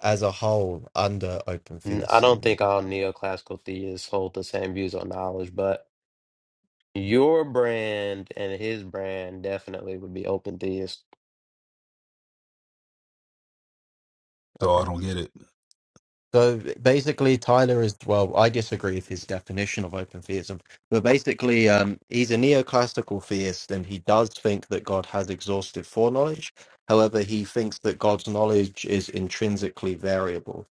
Speaker 4: as a whole under open
Speaker 6: N- I
Speaker 4: theism.
Speaker 6: don't
Speaker 4: then.
Speaker 6: think all neoclassical theists hold the same views on knowledge, but your brand and his brand definitely would be open theists
Speaker 8: so I
Speaker 4: Okay.
Speaker 8: don't get it.
Speaker 4: So basically, Tyler is well. I disagree with his definition of open theism, but basically, um, he's a neoclassical theist, and he does think that God has exhaustive foreknowledge. However, he thinks that God's knowledge is intrinsically variable.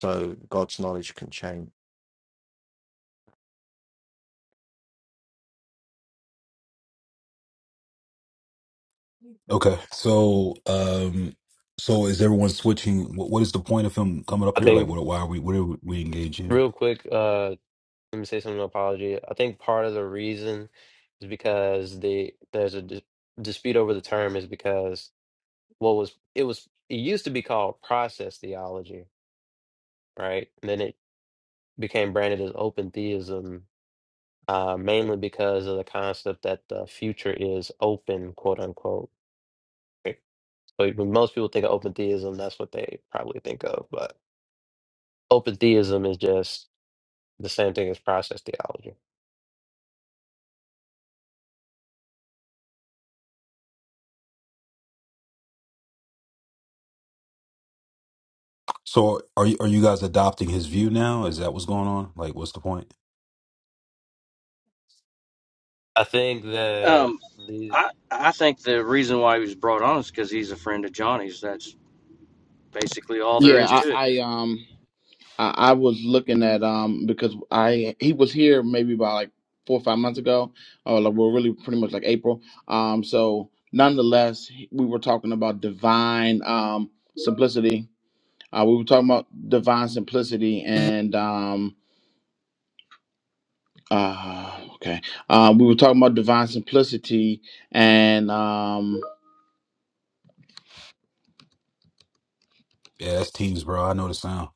Speaker 4: So God's knowledge can change.
Speaker 8: Okay. So, um, so is everyone switching? What, what is the point of him coming up
Speaker 6: I
Speaker 8: here? Like,
Speaker 6: think
Speaker 8: what? Why are we? What are we engaging?
Speaker 6: real quick, uh, let me say something to apology. I think part of the reason is because the there's a dis dispute over the term is because what was it was it used to be called process theology, right? And then it became branded as open theism, uh, mainly because of the concept that the future is open, quote unquote. right? So when most people think of open theism, that's what they probably think of, but open theism is just the same thing as process theology.
Speaker 8: So, are you are you guys adopting his view now? Is that what's going on? Like, what's the point?
Speaker 6: I think that
Speaker 3: Um,
Speaker 6: the
Speaker 3: I I think the reason why he was brought on is because he's a friend of Johnny's. That's basically all there
Speaker 1: Yeah,
Speaker 3: is to it.
Speaker 1: I, I um. I, I was looking at um because I he was here maybe about like four or five months ago, or like we're really pretty much like April. Um, so nonetheless, we were talking about divine um simplicity. Uh, we were talking about divine simplicity and um uh okay um we were talking about divine simplicity and um,
Speaker 8: Yeah, that's teams, bro. I know the sound.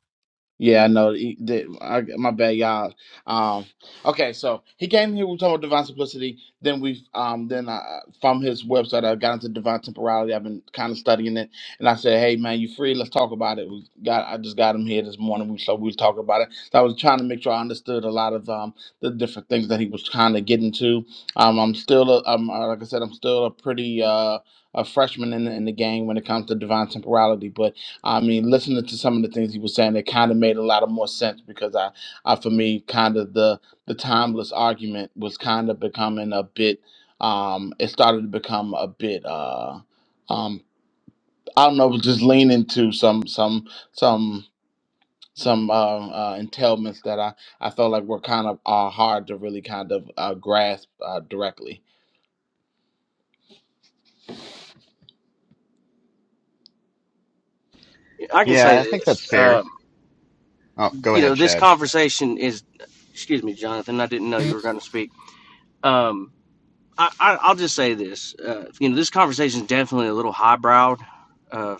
Speaker 1: Yeah, I know. He, the, I, my bad, y'all. Um, okay, so he came here. We talked about divine simplicity. Then we, um, then I, from his website, I got into divine temporality. I've been kind of studying it, and I said, "Hey, man, you free? Let's talk about it." We got. I just got him here this morning. We so we was talking about it. So I was trying to make sure I understood a lot of um the different things that he was kind of getting to. Um, I'm still, a, um, uh, like I said, I'm still a pretty uh a freshman in the, in the game when it comes to divine temporality, but I mean, listening to some of the things he was saying, it kind of made a lot of more sense because I, I for me, kind of the the timeless argument was kind of becoming a bit. Um, it started to become a bit. Uh, um, I don't know, just leaning to some some some some uh, uh, entailments that I I felt like were kind of uh, hard to really kind of uh, grasp uh, directly.
Speaker 3: I can
Speaker 9: Yeah,
Speaker 3: say
Speaker 9: I think
Speaker 3: this.
Speaker 9: that's fair.
Speaker 3: Um,
Speaker 9: Oh, go
Speaker 3: you
Speaker 9: ahead,
Speaker 3: know, this
Speaker 9: Chad.
Speaker 3: conversation is. Excuse me, Jonathan. I didn't know you were going to speak. Um. I, I I'll just say this. Uh, you know, this conversation is definitely a little highbrow uh,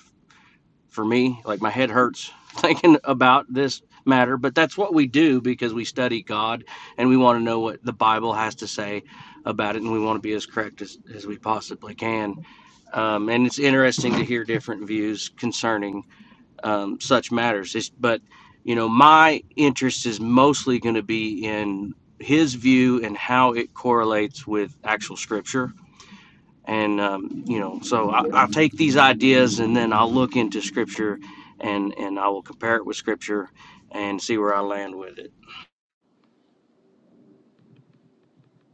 Speaker 3: for me. Like my head hurts thinking about this matter, but that's what we do because we study God and we want to know what the Bible has to say about it, and we want to be as correct as, as we possibly can. Um, and it's interesting to hear different views concerning um, such matters. It's, but you know, my interest is mostly going to be in his view and how it correlates with actual scripture and um, you know so I, i'll take these ideas and then i'll look into scripture and and i will compare it with scripture and see where i land with it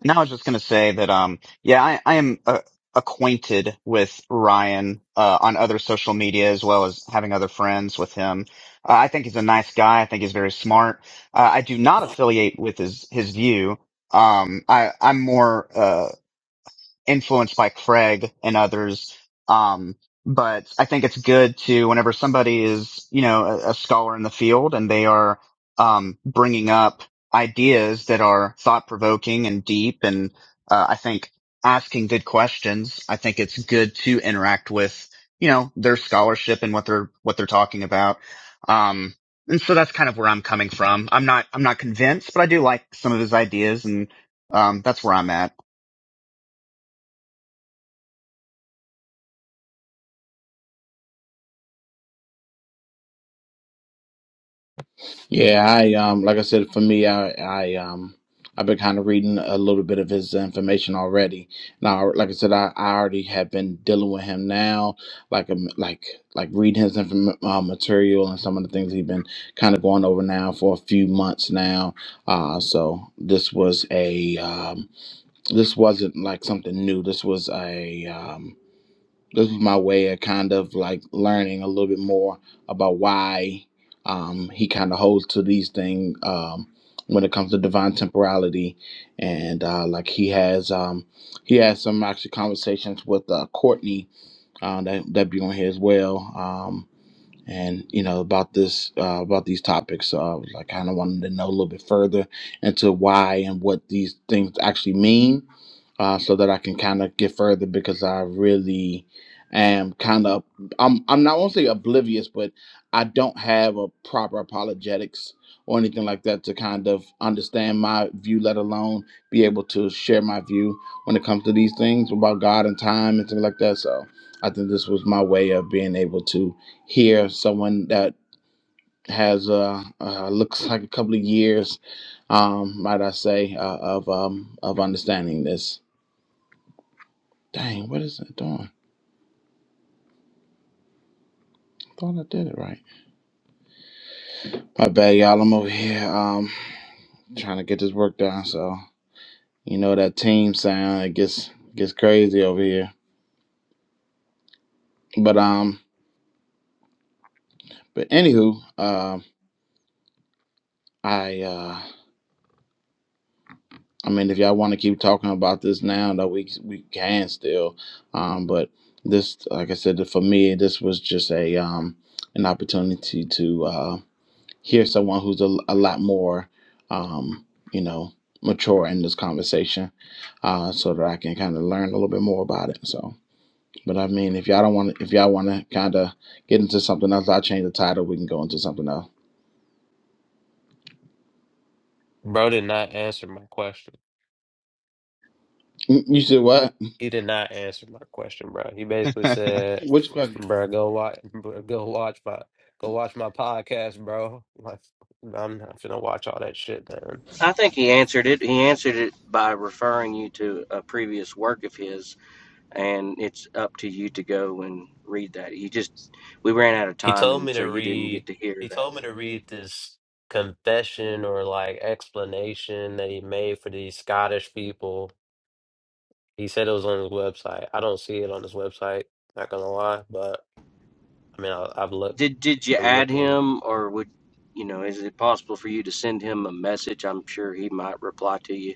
Speaker 9: Now I was just going to say that, um, yeah, I, I am uh, acquainted with Ryan uh, on other social media as well as having other friends with him. Uh, I think he's a nice guy. I think he's very smart. Uh, I do not affiliate with his his view. Um, I, I'm more. uh, influenced by Craig and others. Um, but I think it's good to whenever somebody is, you know, a, a scholar in the field and they are, um, bringing up ideas that are thought provoking and deep. And, uh, I think asking good questions, I think it's good to interact with, you know, their scholarship and what they're, what they're talking about. Um, and so that's kind of where I'm coming from. I'm not, I'm not convinced, but I do like some of his ideas and, um, that's where I'm at.
Speaker 1: Yeah, I um like I said for me I I um I've been kind of reading a little bit of his information already. Now, like I said, I, I already have been dealing with him now, like um, like like reading his inform- uh, material and some of the things he's been kind of going over now for a few months now. Uh, so this was a um, this wasn't like something new. This was a um, this was my way of kind of like learning a little bit more about why um, he kind of holds to these things um, when it comes to divine temporality, and uh, like he has um, he has some actually conversations with uh, Courtney uh, that that be on here as well. Um, and you know about this uh, about these topics. So I was like, kind of wanted to know a little bit further into why and what these things actually mean, uh, so that I can kind of get further because I really am kind of I'm I'm not won't say oblivious, but I don't have a proper apologetics or anything like that to kind of understand my view, let alone be able to share my view when it comes to these things about God and time and things like that. So I think this was my way of being able to here someone that has uh, uh looks like a couple of years um might i say uh, of um of understanding this dang what is it doing i thought i did it right my bad y'all i'm over here um trying to get this work done so you know that team sound it gets gets crazy over here but um but anywho um i uh I mean, if y'all want to keep talking about this now, that we we can still, um, but this, like I said, for me, this was just a um, an opportunity to uh, hear someone who's a, a lot more, um, you know, mature in this conversation, uh, so that I can kind of learn a little bit more about it. So, but I mean, if y'all don't want, if y'all want to kind of get into something else, I'll change the title. We can go into something else.
Speaker 6: bro did not answer my question.
Speaker 1: Mm, You said what?
Speaker 6: He did not answer my question, bro. He basically said,
Speaker 1: Which question?
Speaker 6: "Bro, go watch, bro, go watch my, go watch my podcast, bro." Like, I'm not gonna watch all that shit, man.
Speaker 3: i think he answered it he answered it by referring you to a previous work of his and it's up to you to go and read that he just we ran out of
Speaker 6: He
Speaker 3: time
Speaker 6: told me
Speaker 3: and so
Speaker 6: to
Speaker 3: you didn't
Speaker 6: read.
Speaker 3: get to hear
Speaker 6: He
Speaker 3: that
Speaker 6: told me to read this confession or like explanation that he made for these Scottish people. He said it was on his website. I don't see it on his website. Not gonna lie, but I mean, I, I've looked.
Speaker 3: did did you
Speaker 6: I'm
Speaker 3: add
Speaker 6: looking.
Speaker 3: him or would you know is it possible for you to send him a message i'm sure he might reply to you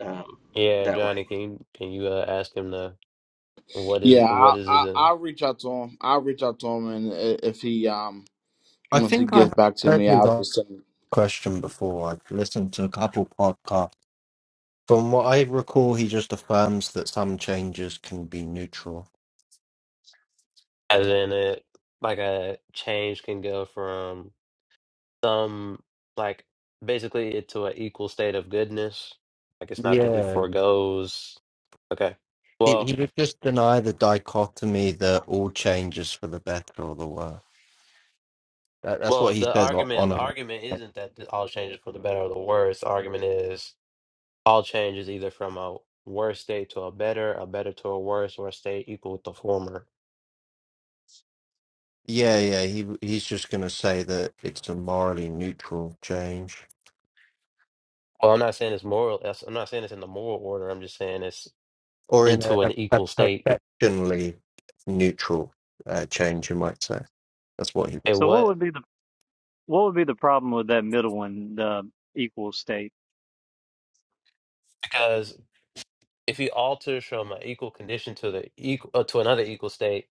Speaker 3: um,
Speaker 6: Yeah,
Speaker 3: that way
Speaker 6: Johnny, can you can you uh, ask him the what is
Speaker 1: Yeah,
Speaker 6: what
Speaker 1: I,
Speaker 6: is
Speaker 1: I
Speaker 6: it in?
Speaker 1: I'll reach out to him. I'll reach out to him, and i- if he um
Speaker 4: I
Speaker 1: once he
Speaker 4: think
Speaker 1: gets
Speaker 4: I
Speaker 1: back to
Speaker 4: heard
Speaker 1: me,
Speaker 4: his
Speaker 1: I'll just send.
Speaker 4: question before. I've listened to a couple podcasts. From what I recall, he just affirms that some changes can be neutral.
Speaker 6: As in it like a change can go from some like basically it to an equal state of goodness. Like it's not that he
Speaker 4: Yeah.
Speaker 6: foregoes. Okay.
Speaker 4: He,
Speaker 6: Well,
Speaker 4: he would just deny the dichotomy that all changes for the better or the worse. That, that's what
Speaker 6: well,
Speaker 4: he
Speaker 6: the
Speaker 4: says o-
Speaker 6: argument
Speaker 4: on
Speaker 6: the
Speaker 4: it.
Speaker 6: argument isn't that th- all changes for the better or the worse. The argument is all changes either from a worse state to a better, a better to a worse, or a state equal with the former.
Speaker 4: Yeah, yeah. He he's just going to say that it's a morally neutral change,
Speaker 6: Well, I'm not saying it's moral. that's- I'm not saying it's in the moral order. I'm just saying it's
Speaker 4: or in a,
Speaker 6: into an
Speaker 4: a
Speaker 6: equal state.
Speaker 4: affectionally neutral uh, change, you might say. That's what he.
Speaker 6: And
Speaker 5: So what would
Speaker 6: what?
Speaker 5: be the, what would be the problem with that middle one, the equal state?
Speaker 6: Because if he alters from an equal condition to the equal uh, to another equal state,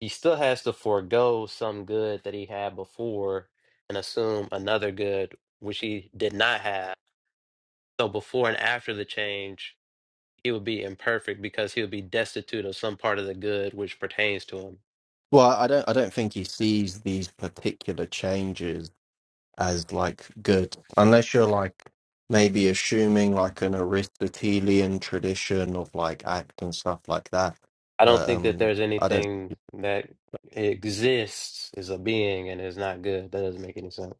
Speaker 6: he still has to forego some good that he had before and assume another good which he did not have. So before and after the change, he would be imperfect because he would be destitute of some part of the good which pertains to him.
Speaker 4: Well, I don't. I don't think he sees these particular changes as like good, unless you're like maybe assuming like an Aristotelian tradition of like act and stuff like that.
Speaker 6: I don't
Speaker 4: But
Speaker 6: think that
Speaker 4: um,
Speaker 6: there's
Speaker 4: I don't.
Speaker 6: anything that exists as a being and is not good. That doesn't make any sense.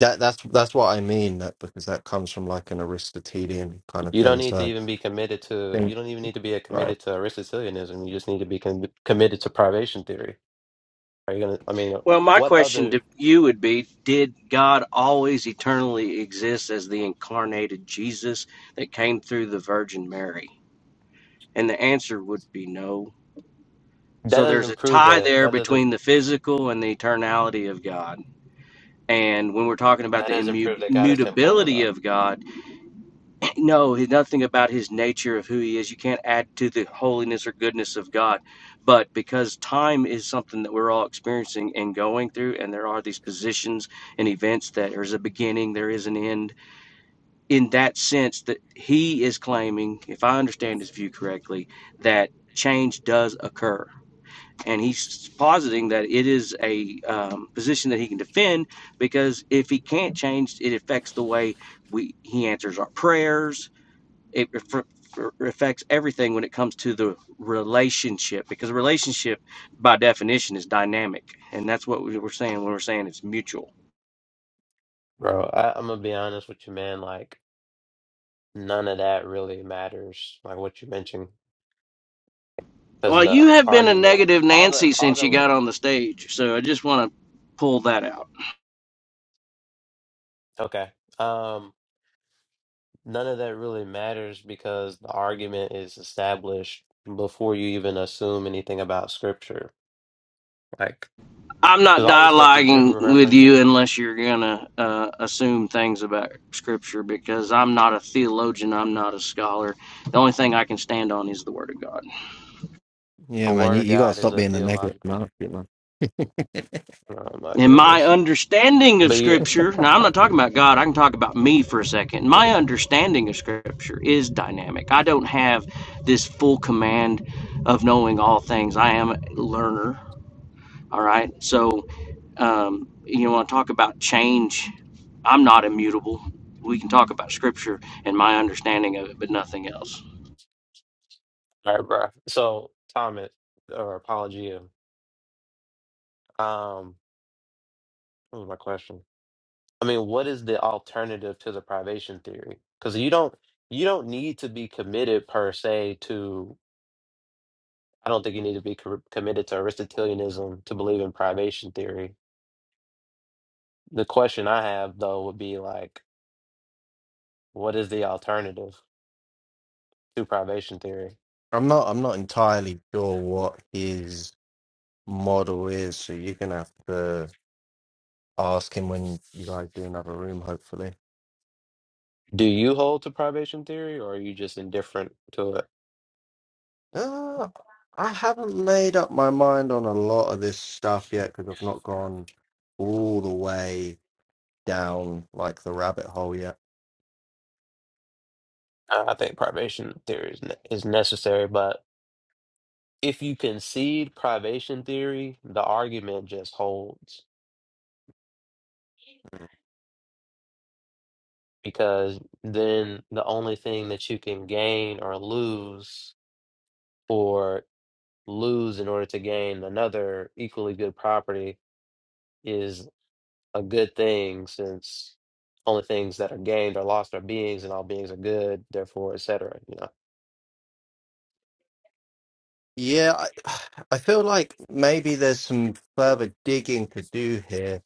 Speaker 4: That that's that's what I mean. That because that comes from like an Aristotelian kind of
Speaker 6: You don't
Speaker 4: thing.
Speaker 6: need to
Speaker 4: So
Speaker 6: even be committed to,
Speaker 4: I
Speaker 6: you
Speaker 4: think
Speaker 6: don't even need to be a
Speaker 4: right.
Speaker 6: committed to Aristotelianism. You just need to be con committed to privation theory. Are you gonna, I mean,
Speaker 3: Well, my
Speaker 6: what
Speaker 3: question
Speaker 6: other,
Speaker 3: to you would be Did God always eternally exist as the incarnated Jesus that came through the Virgin Mary? And the answer would be no.
Speaker 6: that
Speaker 3: So there's
Speaker 6: doesn't
Speaker 3: a
Speaker 6: prove
Speaker 3: tie
Speaker 6: that,
Speaker 3: there
Speaker 6: that doesn't,
Speaker 3: between the physical and the eternality of God. And when we're talking about
Speaker 6: that
Speaker 3: the
Speaker 6: doesn't
Speaker 3: immu-
Speaker 6: prove that God is temporal
Speaker 3: immutability
Speaker 6: though.
Speaker 3: of God, No, he- nothing about his nature of who he is. You can't add to the holiness or goodness of God. But because time is something that we're all experiencing and going through, and there are these positions and events that there's a beginning, there is an end. In that sense, that he is claiming, if I understand his view correctly, that change does occur. And he's positing that it is a um, position that he can defend because if he can't change, it affects the way we he answers our prayers it affects everything when it comes to the relationship because a relationship by definition is dynamic and that's what we we're saying when we're saying it's mutual
Speaker 6: Bro, I, I'm gonna be honest with you, man. Like, none of that really matters, like what you mentioned, because
Speaker 3: well you
Speaker 6: the
Speaker 3: have been a
Speaker 6: argument,
Speaker 3: negative
Speaker 6: all the,
Speaker 3: nancy
Speaker 6: all
Speaker 3: since
Speaker 6: the,
Speaker 3: you
Speaker 6: wa-
Speaker 3: got on the stage so i just want to pull that out
Speaker 6: okay, um, none of that really matters because the argument is established before you even assume anything about scripture. Like,
Speaker 3: i'm not
Speaker 6: Because all the stuff that you're
Speaker 3: dialoguing with
Speaker 6: referencing,
Speaker 3: you unless you're gonna uh, assume things about scripture because i'm not a theologian i'm not a scholar the only thing i can stand on is the word of god
Speaker 4: Yeah,
Speaker 6: the
Speaker 4: man,
Speaker 6: word
Speaker 4: you,
Speaker 6: of
Speaker 4: you gotta
Speaker 6: God is
Speaker 4: stop
Speaker 6: a
Speaker 4: being a negative
Speaker 6: theological.
Speaker 4: Nazi, man.
Speaker 6: Oh my
Speaker 3: And my
Speaker 6: goodness.
Speaker 3: understanding of
Speaker 6: But yeah,
Speaker 3: Scripture, now I'm not talking about God, I can talk about me for a second. My understanding of Scripture is dynamic. I don't have this full command of knowing all things. I am a learner, all right? So, um, you want to talk about change? I'm not immutable. We can talk about Scripture and my understanding of it, but nothing else.
Speaker 6: all right, bro. So Thomas or Apologia, um, um, what was my question? I mean, what is the alternative to the privation theory? Because you don't you don't need to be committed per se to. I don't think you need to be co- committed to Aristotelianism to believe in privation theory. The question I have though would be like, what is the alternative to privation theory?
Speaker 4: I'm not I'm not entirely sure what his model is, so you're gonna have to. ask him when you guys do another room, hopefully.
Speaker 6: Do you hold to privation theory, or are you just indifferent to it?
Speaker 4: Uh, I haven't made up my mind on a lot of this stuff yet because I've not gone all the way down like the rabbit hole yet.
Speaker 6: I I think privation theory is ne is necessary, but if you concede privation theory, the argument just holds because then the only thing that you can gain or lose, or lose in order to gain another equally good property, is a good thing since only things that are gained or lost are beings, and all beings are good, therefore, etc. You know,
Speaker 4: Yeah, I, I feel like maybe there's some further digging to do here.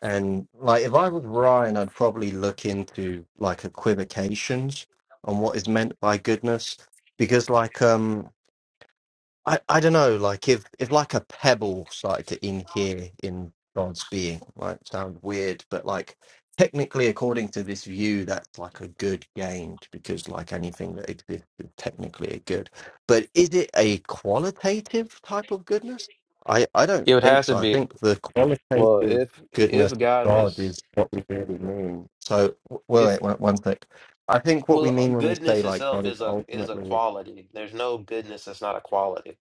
Speaker 4: And like if I was Ryan, I'd probably look into like equivocations on what is meant by goodness because like um I, I don't know, like if if like a pebble started to inhere in God's being, might sound weird, but like technically according to this view, that's like a good gained because like anything that exists is technically a good. But is it a qualitative type of goodness? I, I don't
Speaker 6: it would
Speaker 4: think
Speaker 6: have to
Speaker 4: so. I
Speaker 6: be.
Speaker 4: think the
Speaker 6: Well,
Speaker 4: qualitative
Speaker 6: if
Speaker 4: goodness
Speaker 6: if God
Speaker 4: of God
Speaker 6: was
Speaker 4: is what we really mean. So, w- wait,
Speaker 6: if
Speaker 4: wait, one one sec. I think what we
Speaker 6: well
Speaker 4: mean when we say
Speaker 6: goodness
Speaker 4: like
Speaker 6: itself
Speaker 4: God is
Speaker 6: is a is a
Speaker 4: ultimately
Speaker 6: quality. There's no goodness that's not a quality.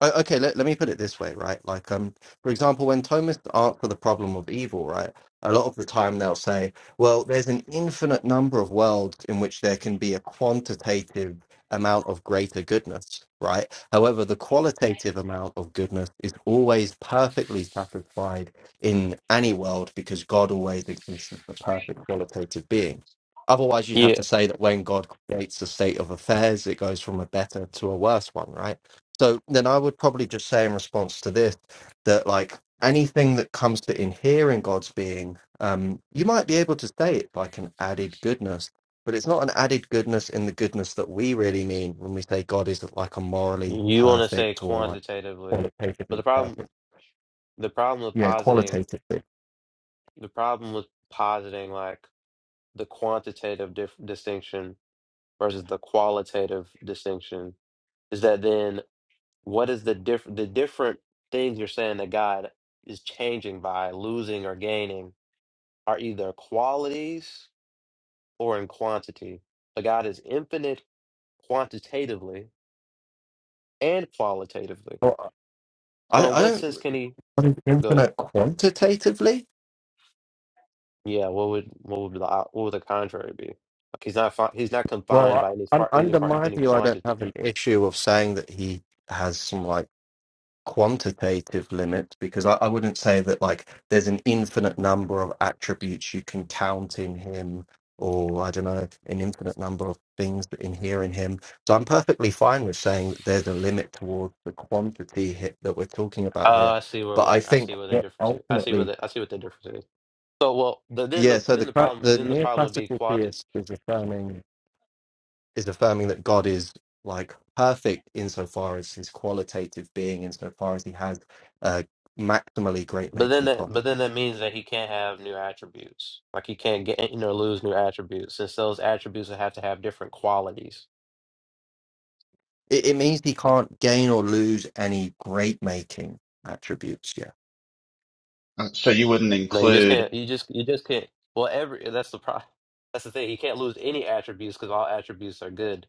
Speaker 4: o- okay let, let me put it this way right like um for example when thomas answer the problem of evil right a lot of the time they'll say well there's an infinite number of worlds in which there can be a quantitative amount of greater goodness right however the qualitative amount of goodness is always perfectly satisfied in any world because god always exists as the perfect qualitative being otherwise you'd have
Speaker 6: Yeah,
Speaker 4: to say that when god creates the state of affairs it goes from a better to a worse one right so then I would probably just say in response to this that like anything that comes to inhering God's being, um, you might be able to say it like an added goodness, but it's not an added goodness in the goodness that we really mean when we say God is like a morally
Speaker 6: you want to say
Speaker 4: perfect or like
Speaker 6: quantitatively, but
Speaker 4: qualitatively
Speaker 6: the problem
Speaker 4: perfect.
Speaker 6: the problem with
Speaker 4: Yeah,
Speaker 6: positing
Speaker 4: qualitatively.
Speaker 6: the problem with positing like the quantitative dif distinction versus the qualitative distinction is that then what is the diff the different things you're saying that God is changing by losing or gaining are either qualities or in quantity, but God is infinite quantitatively and qualitatively.
Speaker 4: Well, I,
Speaker 6: So, in
Speaker 4: I
Speaker 6: what
Speaker 4: don't
Speaker 6: sense can he?
Speaker 4: what is
Speaker 6: Go ahead.
Speaker 4: infinite quantitatively?
Speaker 6: Yeah. What would what would be the op- what would the contrary be? Like he's not fi- he's not
Speaker 4: Well,
Speaker 6: confined
Speaker 4: I,
Speaker 6: by any
Speaker 4: un,
Speaker 6: part any
Speaker 4: under
Speaker 6: part
Speaker 4: my
Speaker 6: any
Speaker 4: view, I don't
Speaker 6: quantity.
Speaker 4: have an issue of saying that he has some like quantitative limit because I, I wouldn't say that like there's an infinite number of attributes you can count in him or I don't know an infinite number of things that inhere in him. So I'm perfectly fine with saying that there's a limit towards the quantity hit that we're talking about
Speaker 6: Uh,
Speaker 4: here.
Speaker 6: I see where
Speaker 4: But I
Speaker 6: we're. I
Speaker 4: think
Speaker 6: see where the
Speaker 4: what
Speaker 6: difference is. I see where
Speaker 4: ultimately,
Speaker 6: the I see what the difference is. So well, the, then
Speaker 4: yeah.
Speaker 6: the
Speaker 4: So
Speaker 6: then
Speaker 4: the
Speaker 6: the
Speaker 4: cla-
Speaker 6: problem
Speaker 4: the
Speaker 6: then the problem would be
Speaker 4: neoclassical
Speaker 6: quantity.
Speaker 4: theist is affirming is affirming that God is like perfect insofar as his qualitative being, insofar as he has uh, maximally great
Speaker 6: But then
Speaker 4: making
Speaker 6: that but then
Speaker 4: property.
Speaker 6: that means that he can't have new attributes. Like he can't get you know lose new attributes since those attributes would have to have different qualities
Speaker 4: It, it means he can't gain or lose any great making attributes. Yeah.
Speaker 9: Uh, So you wouldn't
Speaker 6: No, you just can't.
Speaker 9: include,
Speaker 6: You just you just can't. Well, every that's the problem. That's the thing. You can't lose any attributes because all attributes are good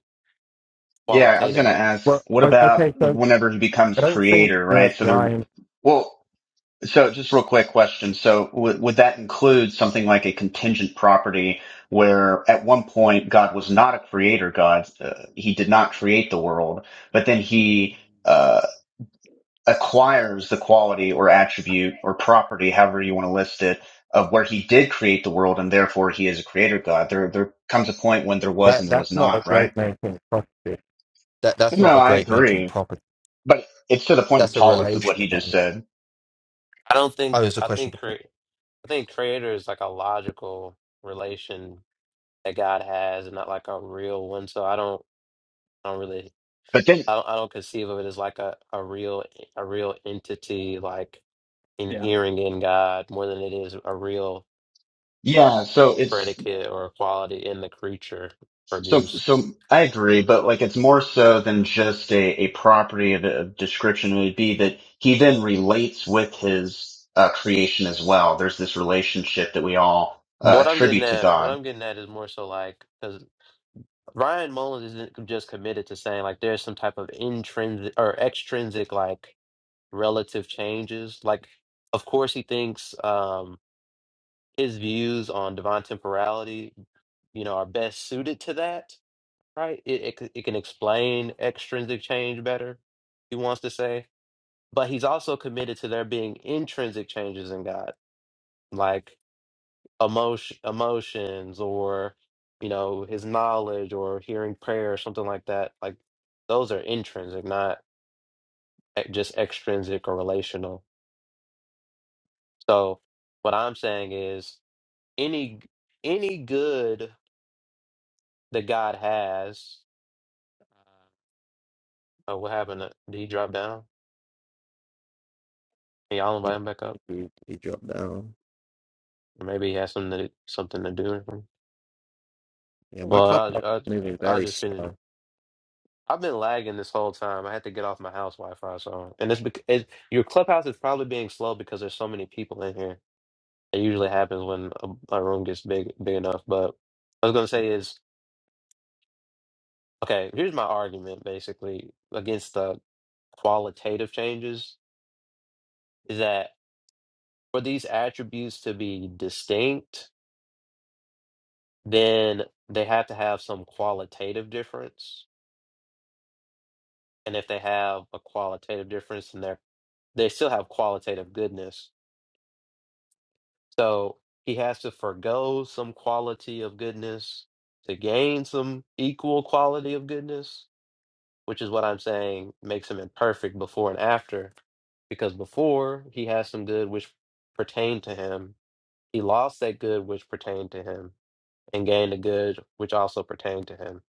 Speaker 9: yeah, I was going to
Speaker 6: qualitatively.
Speaker 9: ask,
Speaker 4: Well,
Speaker 9: what
Speaker 4: o-
Speaker 9: about
Speaker 4: okay. So
Speaker 9: whenever he
Speaker 4: I
Speaker 9: becomes
Speaker 4: don't think
Speaker 9: creator,
Speaker 4: that
Speaker 9: right? So there,
Speaker 4: Ryan
Speaker 9: well, so just real quick question. So would would that include something like a contingent property where at one point God was not a creator God, uh, he did not create the world, but then he uh, acquires the quality or attribute or property, however you want to list it, of where he did create the world and therefore he is a creator God. There, there comes a point when there was and
Speaker 4: that
Speaker 9: there
Speaker 4: that's
Speaker 9: was
Speaker 4: not a
Speaker 9: not, right?
Speaker 4: great making property. That that's not
Speaker 9: No,
Speaker 4: a
Speaker 9: I
Speaker 4: great making
Speaker 9: agree.
Speaker 4: property.
Speaker 9: But it's to the point of
Speaker 4: That's a
Speaker 9: Paulus of
Speaker 4: relation.
Speaker 9: what he just said.
Speaker 6: I don't
Speaker 4: Oh,
Speaker 6: think.
Speaker 4: there's a
Speaker 6: I
Speaker 4: question
Speaker 6: think
Speaker 4: to put.
Speaker 6: create. I think creator is like a logical relation that God has, and not like a real one. So I don't. I don't really.
Speaker 9: But then,
Speaker 6: I don't. I don't conceive of it as like a a real a real entity like inhering in God more than it is a real
Speaker 9: yeah, so it's,
Speaker 6: predicate or a quality in the creature
Speaker 9: so,
Speaker 6: produced.
Speaker 9: so I agree, but like it's more so than just a, a property of, of description. It would be that he then relates with his uh, creation as well. There's this relationship that we all uh,
Speaker 6: What I'm getting
Speaker 9: attribute to
Speaker 6: at, what
Speaker 9: God.
Speaker 6: I'm getting at is more so like because Ryan Mullins isn't just committed to saying like there's some type of intrinsic or extrinsic like relative changes. Like, of course, he thinks um his views on divine temporality, you know, are best suited to that. Right? It it, c- it can explain extrinsic change better. He wants to say, but he's also committed to there being intrinsic changes in God. like. emotion, emotions or you know his knowledge or hearing prayer or something like that like those are intrinsic not e- just extrinsic or relational so what i'm saying is any any good that god has oh what happened to, did he drop down Can y'all
Speaker 4: He,
Speaker 6: invite him back up
Speaker 4: he, dropped down.
Speaker 6: maybe he has something to, something to do or something.
Speaker 4: Yeah, my
Speaker 6: well
Speaker 4: club is
Speaker 6: i
Speaker 4: moving
Speaker 6: i, I
Speaker 4: very
Speaker 6: just finished
Speaker 4: slow.
Speaker 6: I've been lagging this whole time. I had to get off my house Wi-Fi, so and it's because it, your clubhouse is probably being slow because there's so many people in here. It usually happens when a, a room gets big big enough. But I was gonna
Speaker 4: Hm.
Speaker 6: say is okay. Here's my argument basically against the qualitative changes is that for these attributes to be distinct, then they have to have some qualitative difference. And if they have a qualitative difference, then they're they still have qualitative goodness So he has to forego some quality of goodness to gain some equal quality of goodness, which is what I'm saying makes him imperfect before and after. Because before he has some good which pertained to him, he lost that good which pertained to him and gained a good which also pertained to him,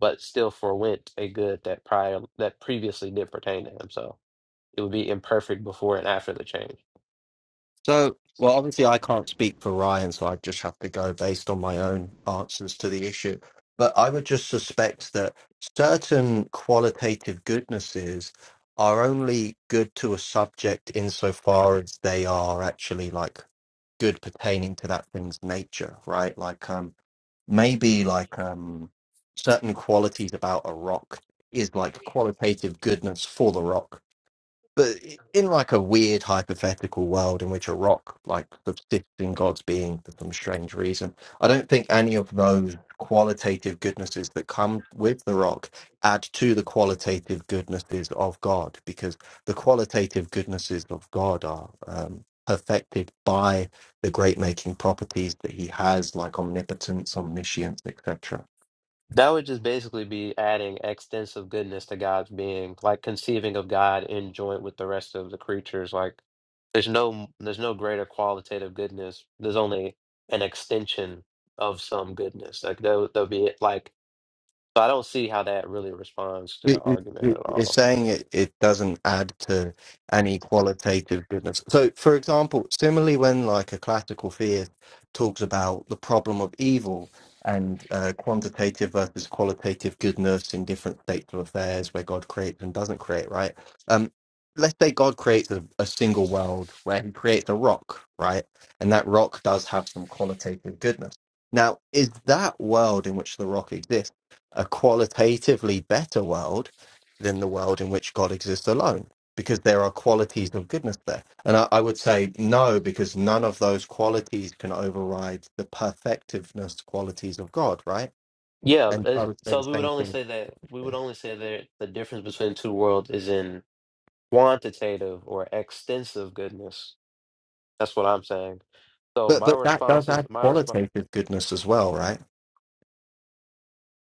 Speaker 6: but still forwent a good that prior that previously did pertain to him. So it would be imperfect before and after the change.
Speaker 4: So, well, obviously, I can't speak for Ryan, so I just have to go based on my own answers to the issue. But I would just suspect that certain qualitative goodnesses are only good to a subject insofar as they are actually like good pertaining to that thing's nature, right? Like um maybe like um certain qualities about a rock is like qualitative goodness for the rock but in like a weird hypothetical world in which a rock like subsists in God's being for some strange reason, I don't think any of those qualitative goodnesses that come with the rock add to the qualitative goodnesses of God, because the qualitative goodnesses of God are um, perfected by the great making properties that He has, like omnipotence, omniscience, etc.
Speaker 6: That would just basically be adding extensive goodness to God's being, like conceiving of God in joint with the rest of the creatures. Like there's no there's no greater qualitative goodness. There's only an extension of some goodness. Like there will be Like so I don't see how that really responds to the
Speaker 4: It- it-
Speaker 6: argument at
Speaker 4: it- It's
Speaker 6: all.
Speaker 4: saying it, it doesn't add to any qualitative goodness. So, for example, similarly, when like a classical theist talks about the problem of evil and uh, quantitative versus qualitative goodness in different states of affairs where God creates and doesn't create, right? Um, let's say God creates a, a single world where he creates a rock, right? And that rock does have some qualitative goodness. Now, is that world in which the rock exists? a qualitatively better world than the world in which God exists alone, because there are qualities of goodness there. And I, I would say no, because none of those qualities can override the perfectiveness qualities of God, right?
Speaker 6: Yeah,
Speaker 4: And I
Speaker 6: as-
Speaker 4: would say the
Speaker 6: so we would
Speaker 4: same
Speaker 6: only
Speaker 4: thing.
Speaker 6: say that we would
Speaker 4: here.
Speaker 6: only say that the difference between two worlds is in quantitative or extensive goodness. That's what I'm saying. So
Speaker 4: But
Speaker 6: my
Speaker 4: but that does
Speaker 6: response is
Speaker 4: add
Speaker 6: my response.
Speaker 4: qualitative goodness as well, right?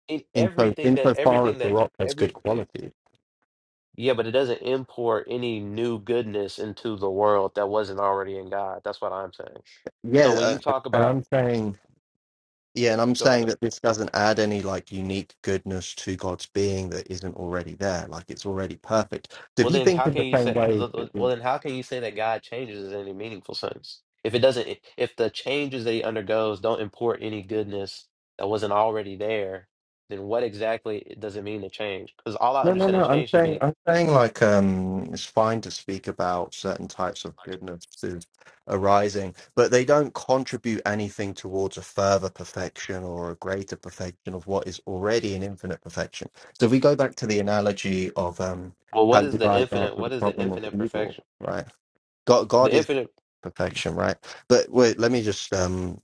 Speaker 6: it,
Speaker 4: In so
Speaker 6: everything that
Speaker 4: insofar as
Speaker 6: everything
Speaker 4: the
Speaker 6: that
Speaker 4: rock has good
Speaker 6: every eh,
Speaker 4: quality.
Speaker 6: yeah, but it doesn't import any new goodness into the world that wasn't already in God. That's what I'm saying. So
Speaker 4: Yeah,
Speaker 6: when you
Speaker 4: uh,
Speaker 6: talk
Speaker 4: and
Speaker 6: about
Speaker 4: I'm saying Yeah, and I'm
Speaker 6: go
Speaker 4: saying
Speaker 6: ahead.
Speaker 4: that this doesn't add any like unique goodness to God's being that isn't already there. Like it's already perfect. So if
Speaker 6: well,
Speaker 4: you
Speaker 6: then
Speaker 4: think
Speaker 6: how
Speaker 4: in
Speaker 6: can
Speaker 4: the
Speaker 6: you
Speaker 4: same
Speaker 6: say
Speaker 4: way,
Speaker 6: well then how can you say that God changes in any meaningful sense if it doesn't if the changes that he undergoes don't import any goodness that wasn't already there? Then what exactly does it mean to change? Because all I
Speaker 4: no, no,
Speaker 6: understand a
Speaker 4: no. I'm
Speaker 6: change to
Speaker 4: saying,
Speaker 6: be
Speaker 4: I'm saying like um, it's fine to speak about certain types of goodness to arising, but they don't contribute anything towards a further perfection or a greater perfection of what is already an infinite perfection. So if we go back to the analogy of um,
Speaker 6: well,
Speaker 4: how
Speaker 6: what is
Speaker 4: you
Speaker 6: the
Speaker 4: guys are
Speaker 6: infinite?
Speaker 4: for the
Speaker 6: What is the
Speaker 4: problem of
Speaker 6: infinite
Speaker 4: evil,
Speaker 6: perfection?
Speaker 4: right? God,
Speaker 6: The
Speaker 4: God is.
Speaker 6: infinite.
Speaker 4: perfection, right? But wait, let me just um,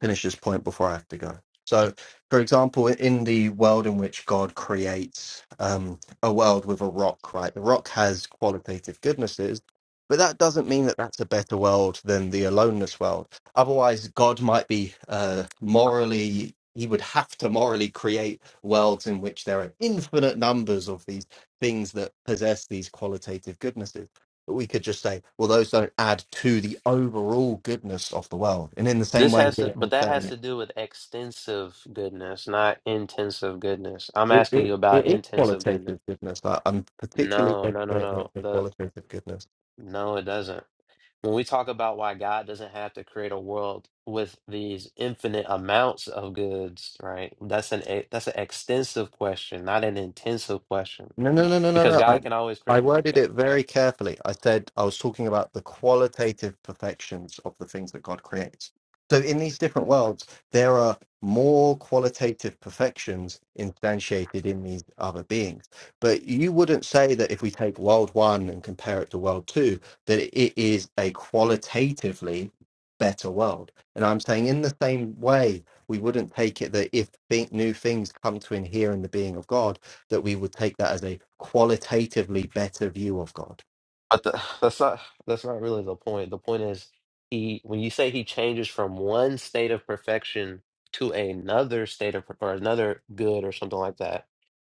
Speaker 4: finish this point before I have to go. So, for example, in the world in which God creates um, a world with a rock, right? The rock has qualitative goodnesses, but that doesn't mean that that's a better world than the aloneness world. Otherwise, God might be uh, morally, he would have to morally create worlds in which there are infinite numbers of these things that possess these qualitative goodnesses but we could just say, well, those don't add to the overall goodness of the world. And in the same
Speaker 6: This
Speaker 4: way,
Speaker 6: has to,
Speaker 4: here
Speaker 6: but
Speaker 4: I'm
Speaker 6: that has
Speaker 4: saying
Speaker 6: to do with extensive goodness, not intensive goodness. I'm
Speaker 4: it,
Speaker 6: asking you
Speaker 4: it,
Speaker 6: about
Speaker 4: it is
Speaker 6: intensive goodness.
Speaker 4: qualitative goodness. I, I'm particularly
Speaker 6: No, no, no,
Speaker 4: fascinated
Speaker 6: no.
Speaker 4: with
Speaker 6: The
Speaker 4: qualitative goodness.
Speaker 6: no, it doesn't. When we talk about why God doesn't have to create a world with these infinite amounts of goods, right? That's an e- that's an extensive question, not an intensive question,
Speaker 4: No, no, no, no, no,
Speaker 6: because
Speaker 4: no. I,
Speaker 6: God can always
Speaker 4: I
Speaker 6: create.
Speaker 4: worded it very carefully. I said I was talking about the qualitative perfections of the things that God creates. So in these different worlds, there are more qualitative perfections instantiated in these other beings. But you wouldn't say that if we take world one and compare it to world two, that it is a qualitatively better world. And I'm saying in the same way, we wouldn't take it that if thi- new things come to inhere in the being of God, that we would take that as a qualitatively better view of God.
Speaker 6: But the, that's not that's not really the point. The point is he when you say he changes from one state of perfection to another state of per- or another good or something like that,